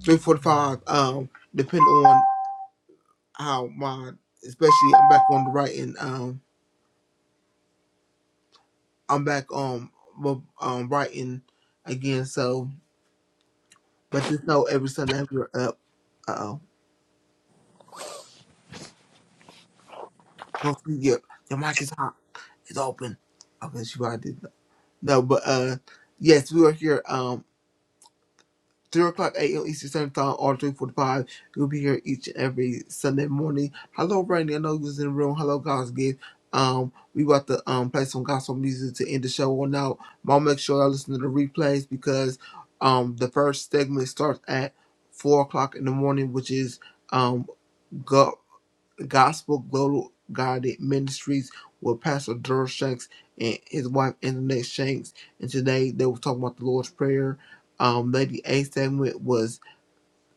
S1: 3:45, um, depending on how my, especially I'm back on the writing. Um, I'm back on um, um, writing again. So, but just know every Sunday we're up. Uh oh, go for it. Your mic is hot. It's open. Okay, she probably did. No, but uh, yes, we are here. Um, three o'clock a.m. Eastern Standard Time, or three forty-five. We'll be here each and every Sunday morning. Hello, Randy. I know you was in the room. Hello, God's gift. Um, we about to um play some gospel music to end the show on out. But I'll make sure I listen to the replays because um the first segment starts at four o'clock in the morning, which is um God the Gospel Global Guided Ministries with Pastor Durr Shanks and his wife Internet Shanks. And today they were talking about the Lord's Prayer. Um, Lady A segment was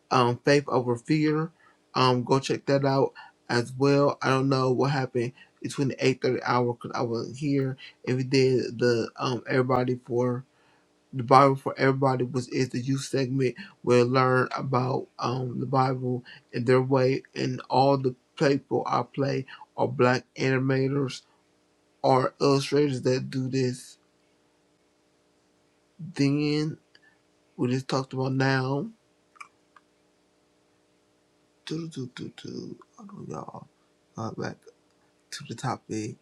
S1: um, Faith Over Fear. Um, go check that out as well. I don't know what happened between the 8.30 hour because I wasn't here. If you did the um, everybody for the Bible for Everybody was is the youth segment where learn about um the Bible and their way and all the people I play are black animators or illustrators that do this. Then we just talked about now. Do do do do. Hold on, y'all. Got back to the topic.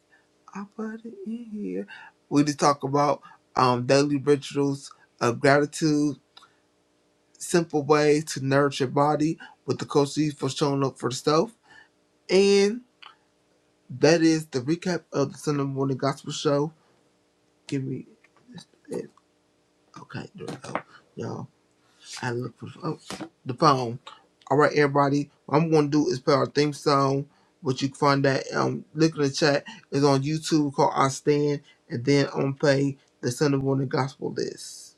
S1: I put it in here. We just talk about um daily rituals of gratitude, simple ways to nourish your body with the coach for showing up for the stuff And that is the recap of the Sunday morning gospel show. Give me it. Okay, there we go. Y'all, I look for oh, the phone. All right, everybody. What I'm going to do is play our theme song, which you can find that. Um, look in the chat. It's on YouTube called I Stand. And then I'm going to play the Sunday morning gospel list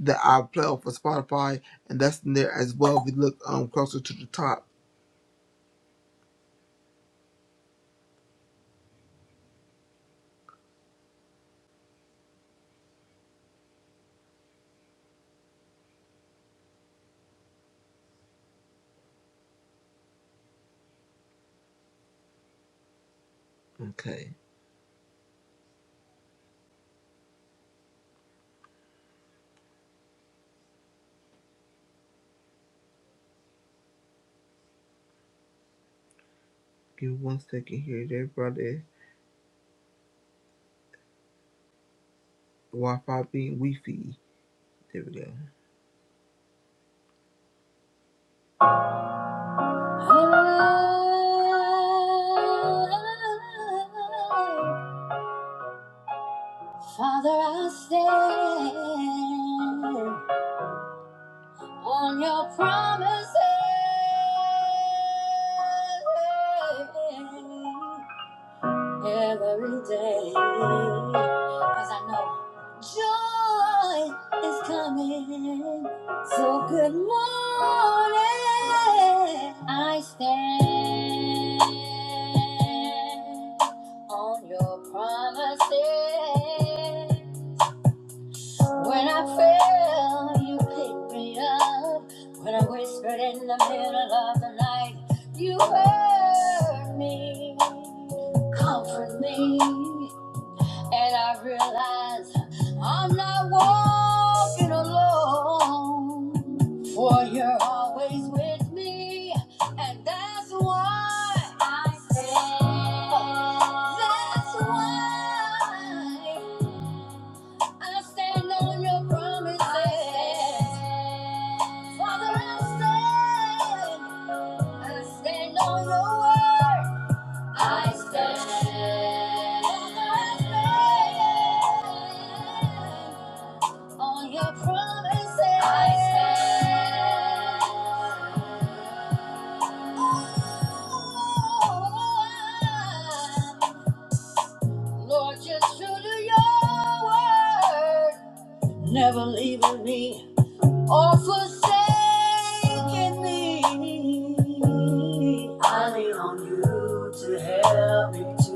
S1: that I play off of Spotify. And that's in there as well if you look um closer to the top. Okay. Give me one second here, everybody. Wi Fi being Wi Fi. There we go. Father, I stand on your promises. every day. Cause I know joy is coming. So good morning. I stand on your promises. When I fell, you picked me up. When I whispered in the middle of the night, you heard me, comfort me. And I realized I'm not walking alone, for you're always with me. And that's why I say, that's why. I stand on your promises. Father, I stand. I stand on your word. I stand. Father, I stand on your promises. I stand. Lord, just true to your word, never leaving me. or forsaken me. I lean on you to help me to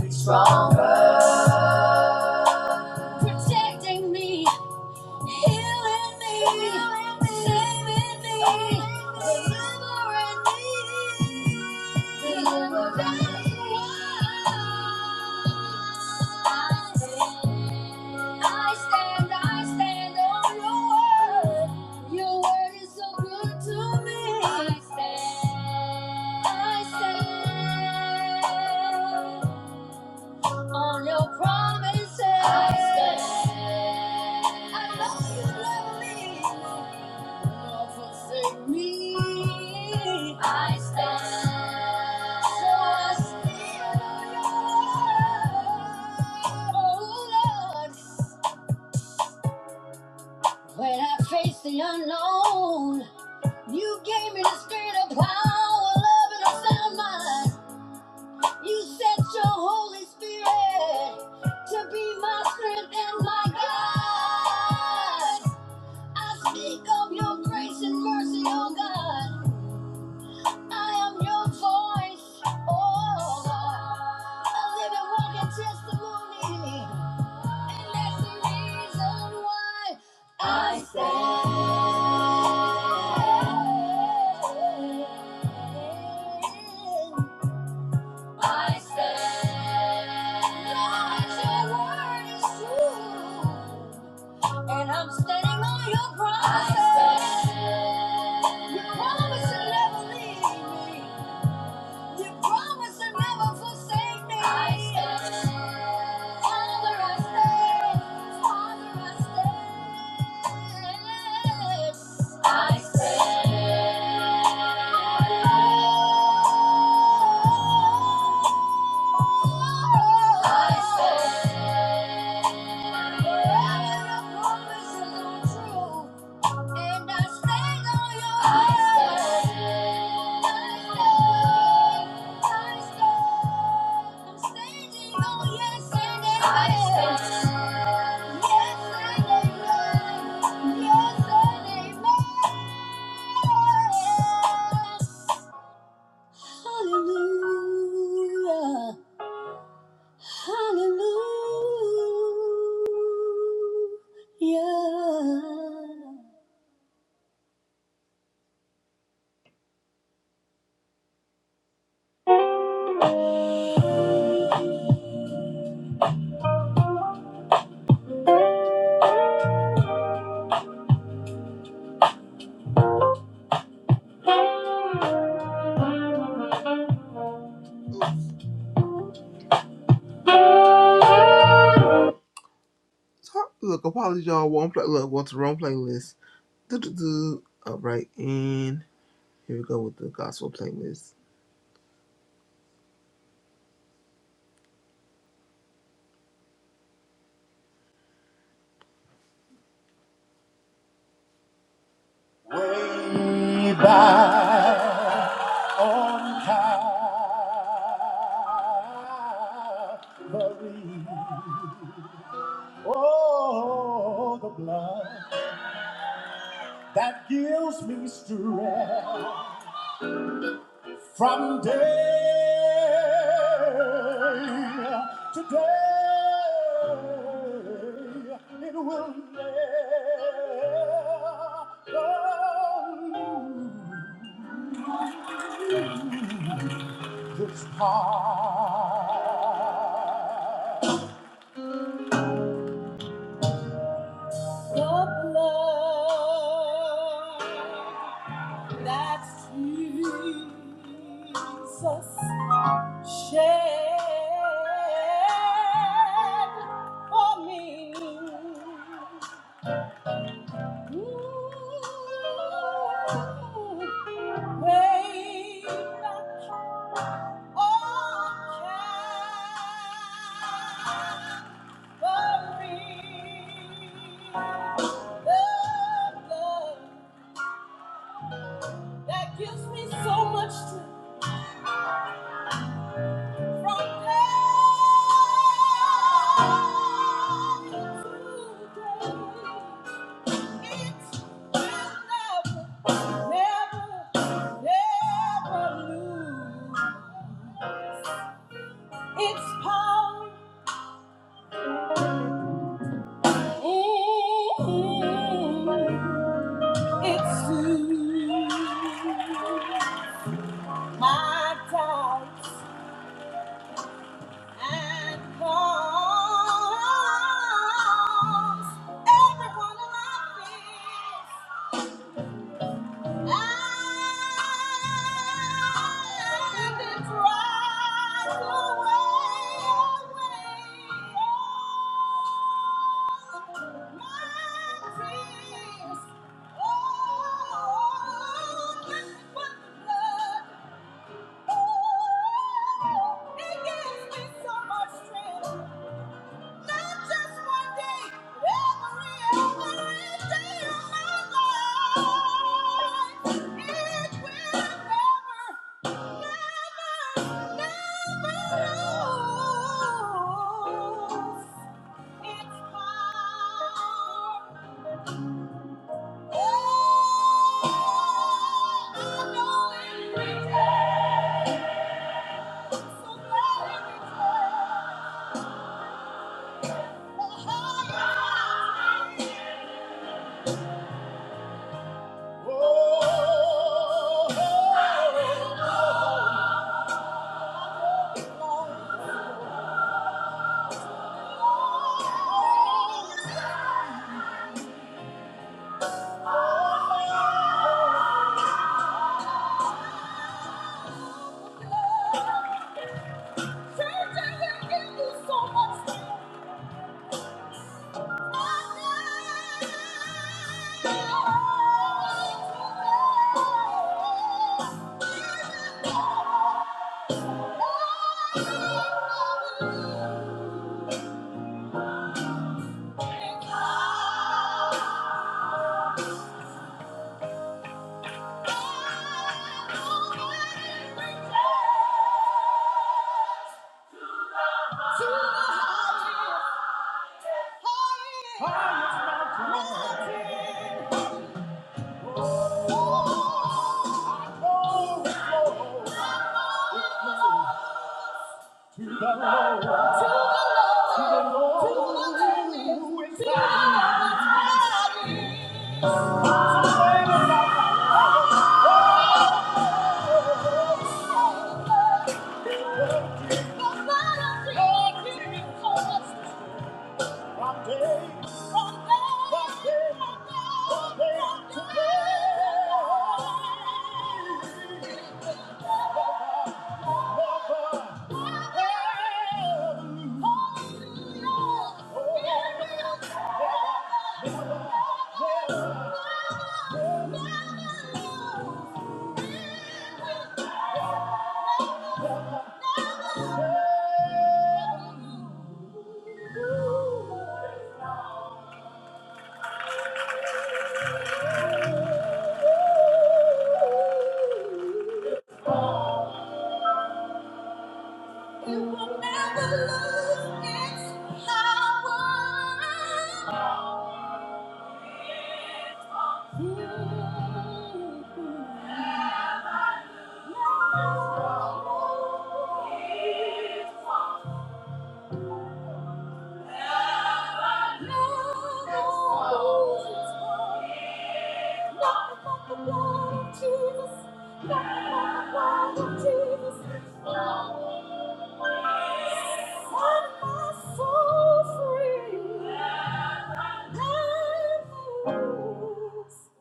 S1: be stronger, protecting me. I stand, I stand on your word. Your word is so good to me. I stand, I stand on your promises. I stand. I know you love me. do not forsake me. I stand. So I stand on your word. Oh, Lord. When I face the unknown, you gave me the spirit of power, love, and a sound mind. You sent your Holy Spirit to be my strength and my guide. I speak of your grace and mercy, oh God. I am your voice, oh God. A living, walking testimony. And that's the reason why I stand. I said, stand, your word is true, and I'm standing on your promise. I stand. You promise to never leave me. You promise to never forsake me. I stand. Father, I stand. Father, I stand. I stand. Hallelujah. Hallelujah. Sorry, look, apologies, y'all. One play, look, what's the wrong playlist? Do do do. All right, and here we go with the gospel playlist. From day to day, it will never lose. It's hard that Jesus shed for me. Mm, pain on Calvary, the blood that gives me so much strength from day to day. Every one of my fears. Oh, it gives me so much strength. Not just one day, every, every day of my life. It will never, never, never lose its power. Oh, I I know it returns. So glad it returns. The higher I take, Thank you. You will never lose its power.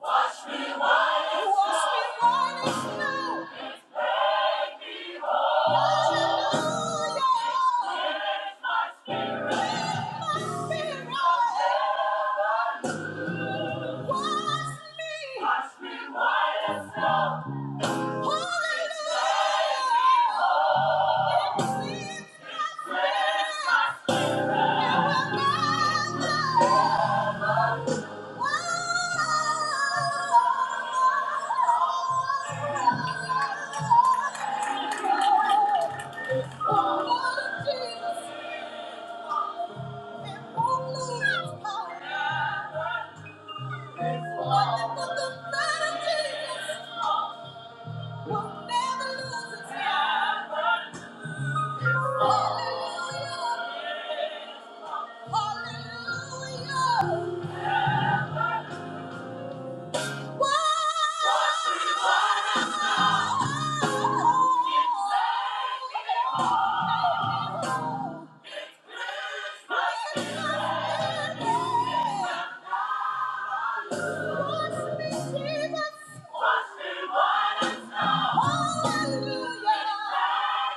S1: Wash me white as snow. Wash me white as snow. Wonderful, the blood of Jesus. We'll never lose a time. Hallelujah. Hallelujah. Whoa. Jesus. Hallelujah.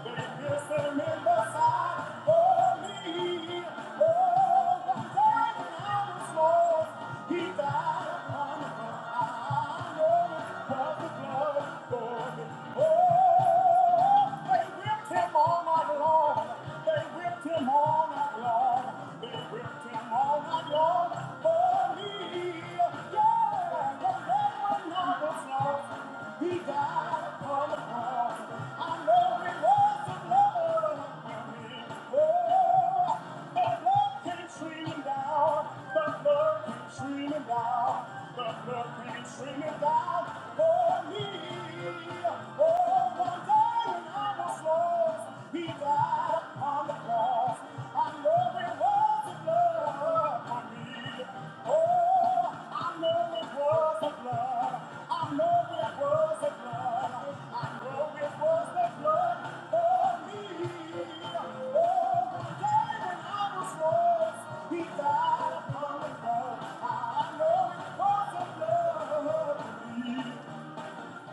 S1: Hallelujah. Oh, him all night long. They whipped him all night long. They whipped him all night long. For me, yeah. The Lord not was lost. He died upon the cross. I know it was the Lord. of me. Oh, he died upon the cross. I know there was a blood I Oh, I know it was a blood for me.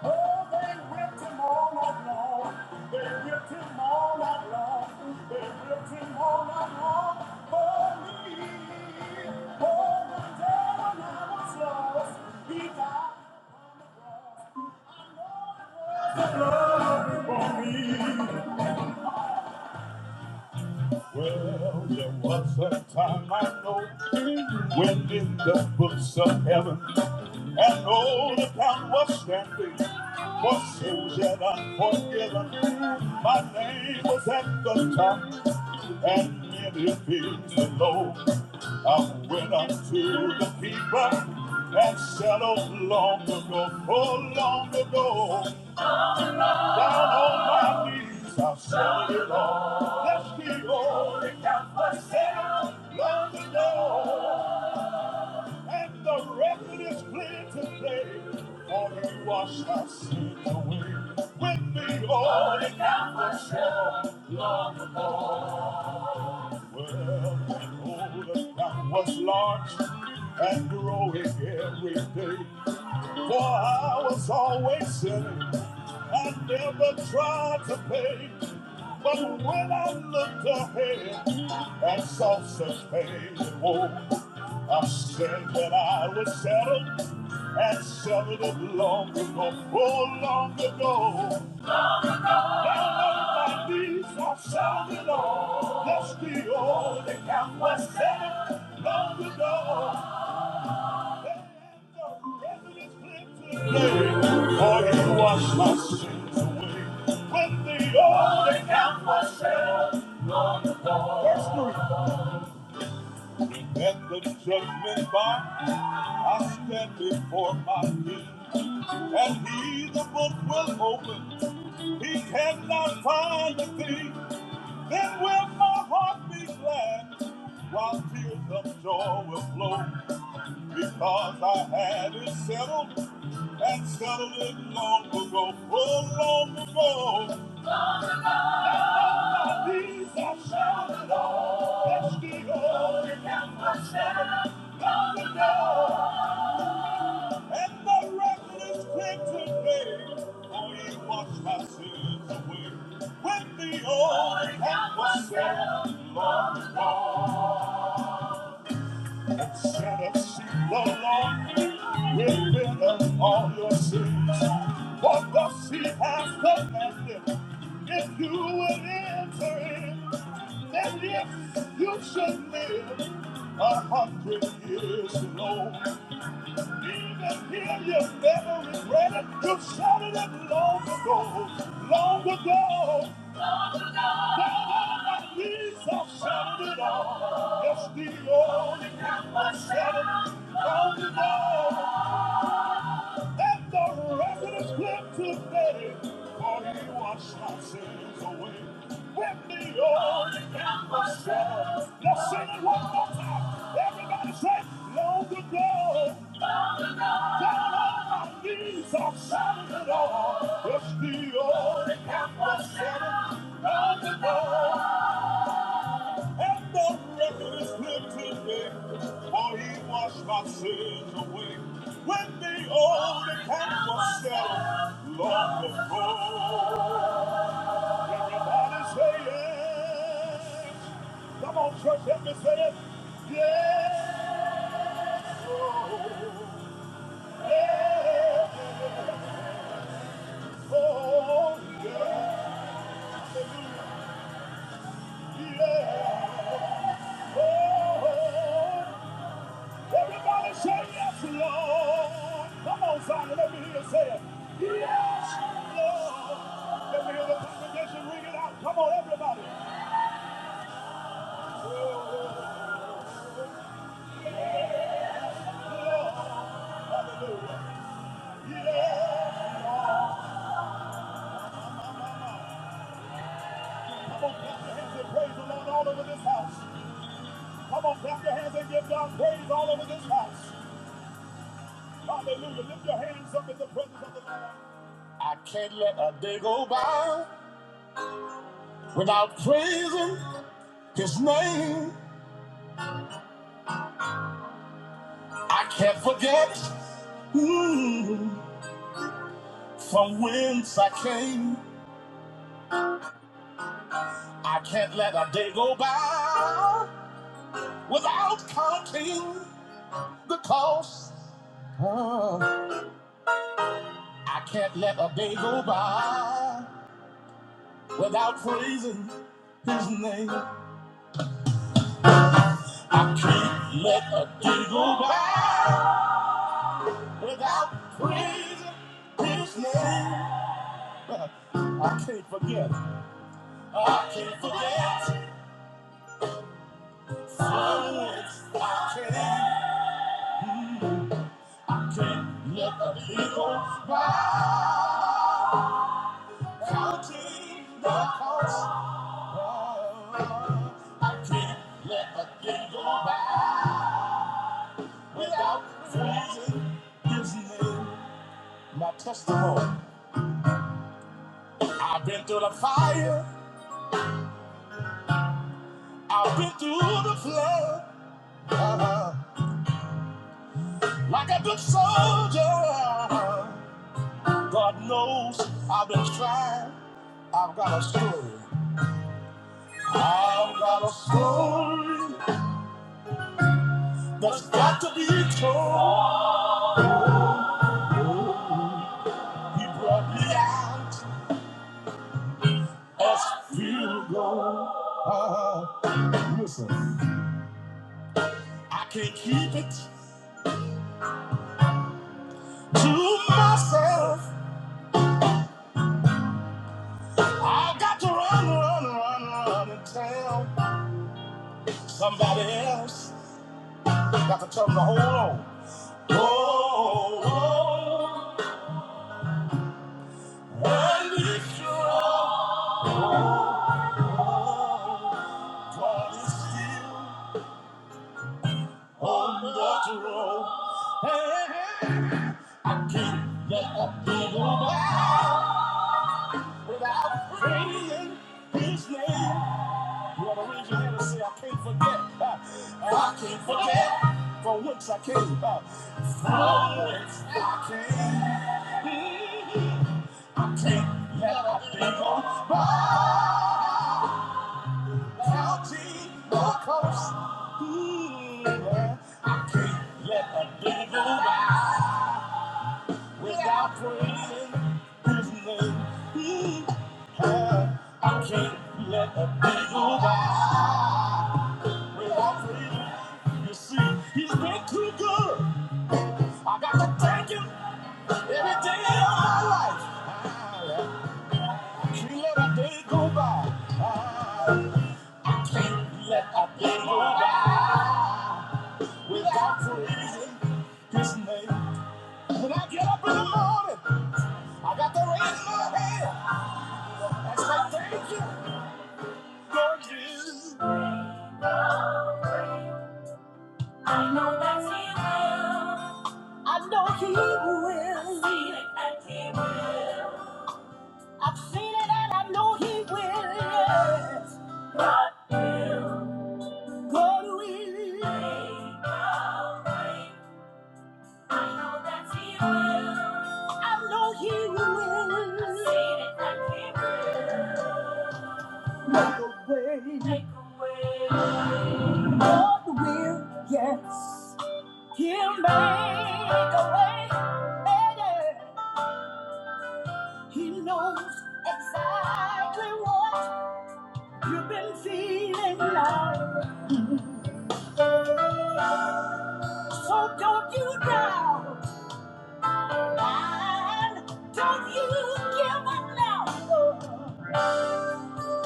S1: Oh, they whipped him all night long. They whipped him all night long. They whipped him all night long for me. Oh, the day when I was lost, he died upon the cross. Well, there was a time I know when in the books of heaven And all the town was standing, for sins yet unforgiven. My name was at the top, and many things below. I went up to the people and settled long ago, oh, long ago. Down on my knees, I settled it all. That's the only count was settled long ago and the record is clear today. For you wash our sin away with the old and down the shore long ago. Well, the old account was large and growing every day. For I was always sinning. I never tried to pay. But when I looked ahead and saw such pain and woe, I said that I was settled and settled it long ago, oh, long ago. Down on my knees, I settled it all. That's the only count was settled long ago. For you wash my sins away when the old account was settled long ago. Verse three. At the judgment bar, I stand before my king, and he the book will open. He cannot find a thing. Then will my heart be glad, while tears of joy will flow, because I had it settled. And started it long ago, oh long ago. By these I shall know, that she holding down my shadow long ago. And the record is clear today, for He washed my sins away. When the old and was long ago. and said unto the Lord, will pardon all your sins. For thus he has commanded, if you would enter in, then if you should live a hundred years alone. Even here you never regret it, you shouted it long ago, long ago. Everybody say, long ago, down on my knees, I'm shouting it all. It's the only camp I set it long ago. And the record is lifted today, for he washed my sins away. When the old account was settled, long ago. Everybody say yes. Come on, church, let me say it. Yes. Oh, yes. Oh, yes. Hallelujah. Yes. oh, yes. Everybody say yes, Lord. Come on, Zion, let me hear you say it. Yes, Lord. Let me hear the congregation ring it out. Come on, everybody. Oh, Lord. Hallelujah. Yes, Lord. Come on, clap your hands and praise the Lord all over this house. Come on, clap your hands and give God praise all over this house. Hallelujah. Lift your hands up in the presence of the Lord. I can't let a day go by without praising. His name I can't forget. Ooh, from whence I came, I can't let a day go by without counting the cost. I can't let a day go by without praising His name. I can't let a day go by without praising His name. I can't forget. I can't forget. My testimony. I've been through the fire, I've been through the flood, uh-huh. like a good soldier. uh-huh. God knows I've been trying. I've got a story. I've got a story that's got to be told. Oh, He brought me out as field gold. Uh-huh. Listen, I can't keep it to myself. I've got to run, run, run, run and tell somebody else. Got to tell them to hold on. Oh, on and be strong. God is still on the throne. Hey, I can't let a devil without praying his name. You want to raise your hand and say, I can't forget. Uh, I can't forget from whence I came. Uh, from whence I came. Mm, I can't let a devil down. Counting the cost. Mm, yeah. Let a devil go by without praising his name. Mm, uh, I can't let a devil go by without praising. You see, he's been too good. I got to thank him every day of my life. Ah, yeah. I can't let a day go by. Ah, I can't let a day go by. Yeah. I know that he will. I know he will. I've seen it and he will. I've seen it and I know he will. Yes. God will. God will. Make a way. I know that he will. I know he will. I've seen it and he will. Make a way. He'll make a way. He knows. exactly what I've been feeling like. So don't you doubt, and don't you give up now.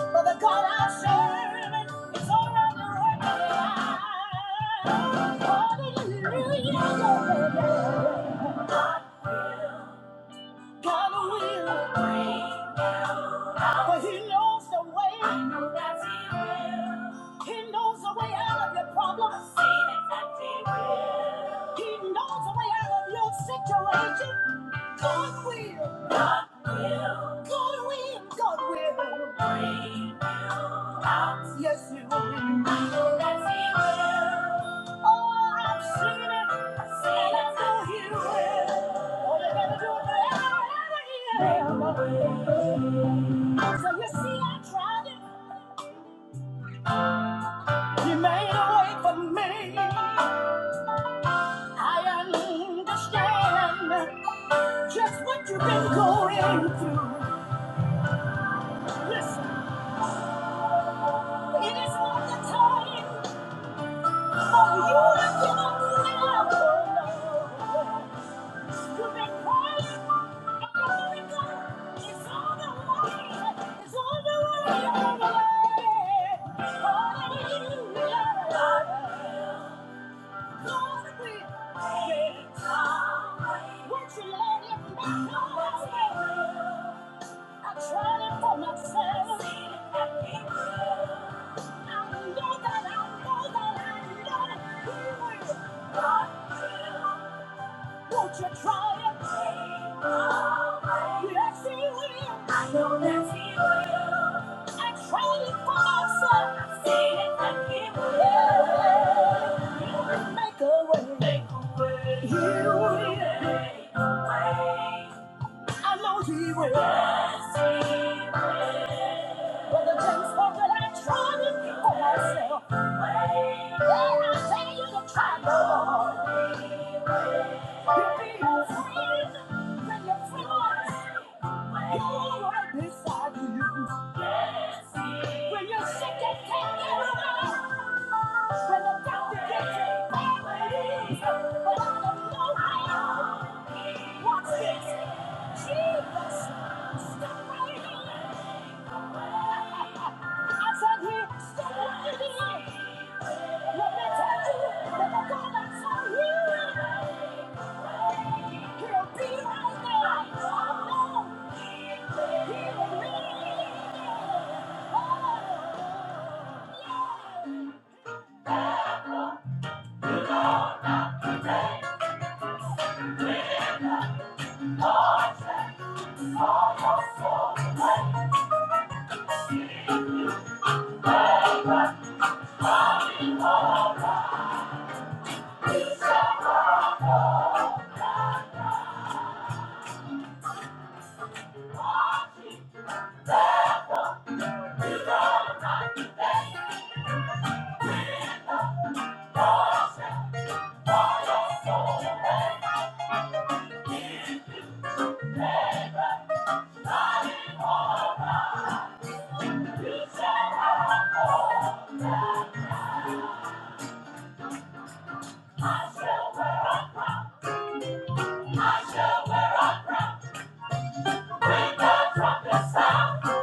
S1: For the God I serve is already working. Hallelujah. For he knows the way. I know that he will. He knows the way out of your problems. I've seen it that he will. He knows the way out of your situation. God will. God will, God will. Yes, He will. Yes, He will. Oh, I've seen it. Oh, they're gonna do it forever, ever, yeah. So you see, I tried it. You made a way for me. I understand just what you've been going through. Listen, it is not the time. Won't you let it flow? I'm trying for myself. I know that I know that I know that He will. God will. Won't you try it? Yes, He will. I know that He will. I'm trying for myself. I See that He will. Yeah. He will make a way. Make a way. He will. Make a way. I know he will. Brother things Paul, that I tried it for myself. Yeah, I tell you to try, Lord. You'll be a friend. Stop right here! Let me tell you that the God I saw you He'll be right there. I know. He'll lead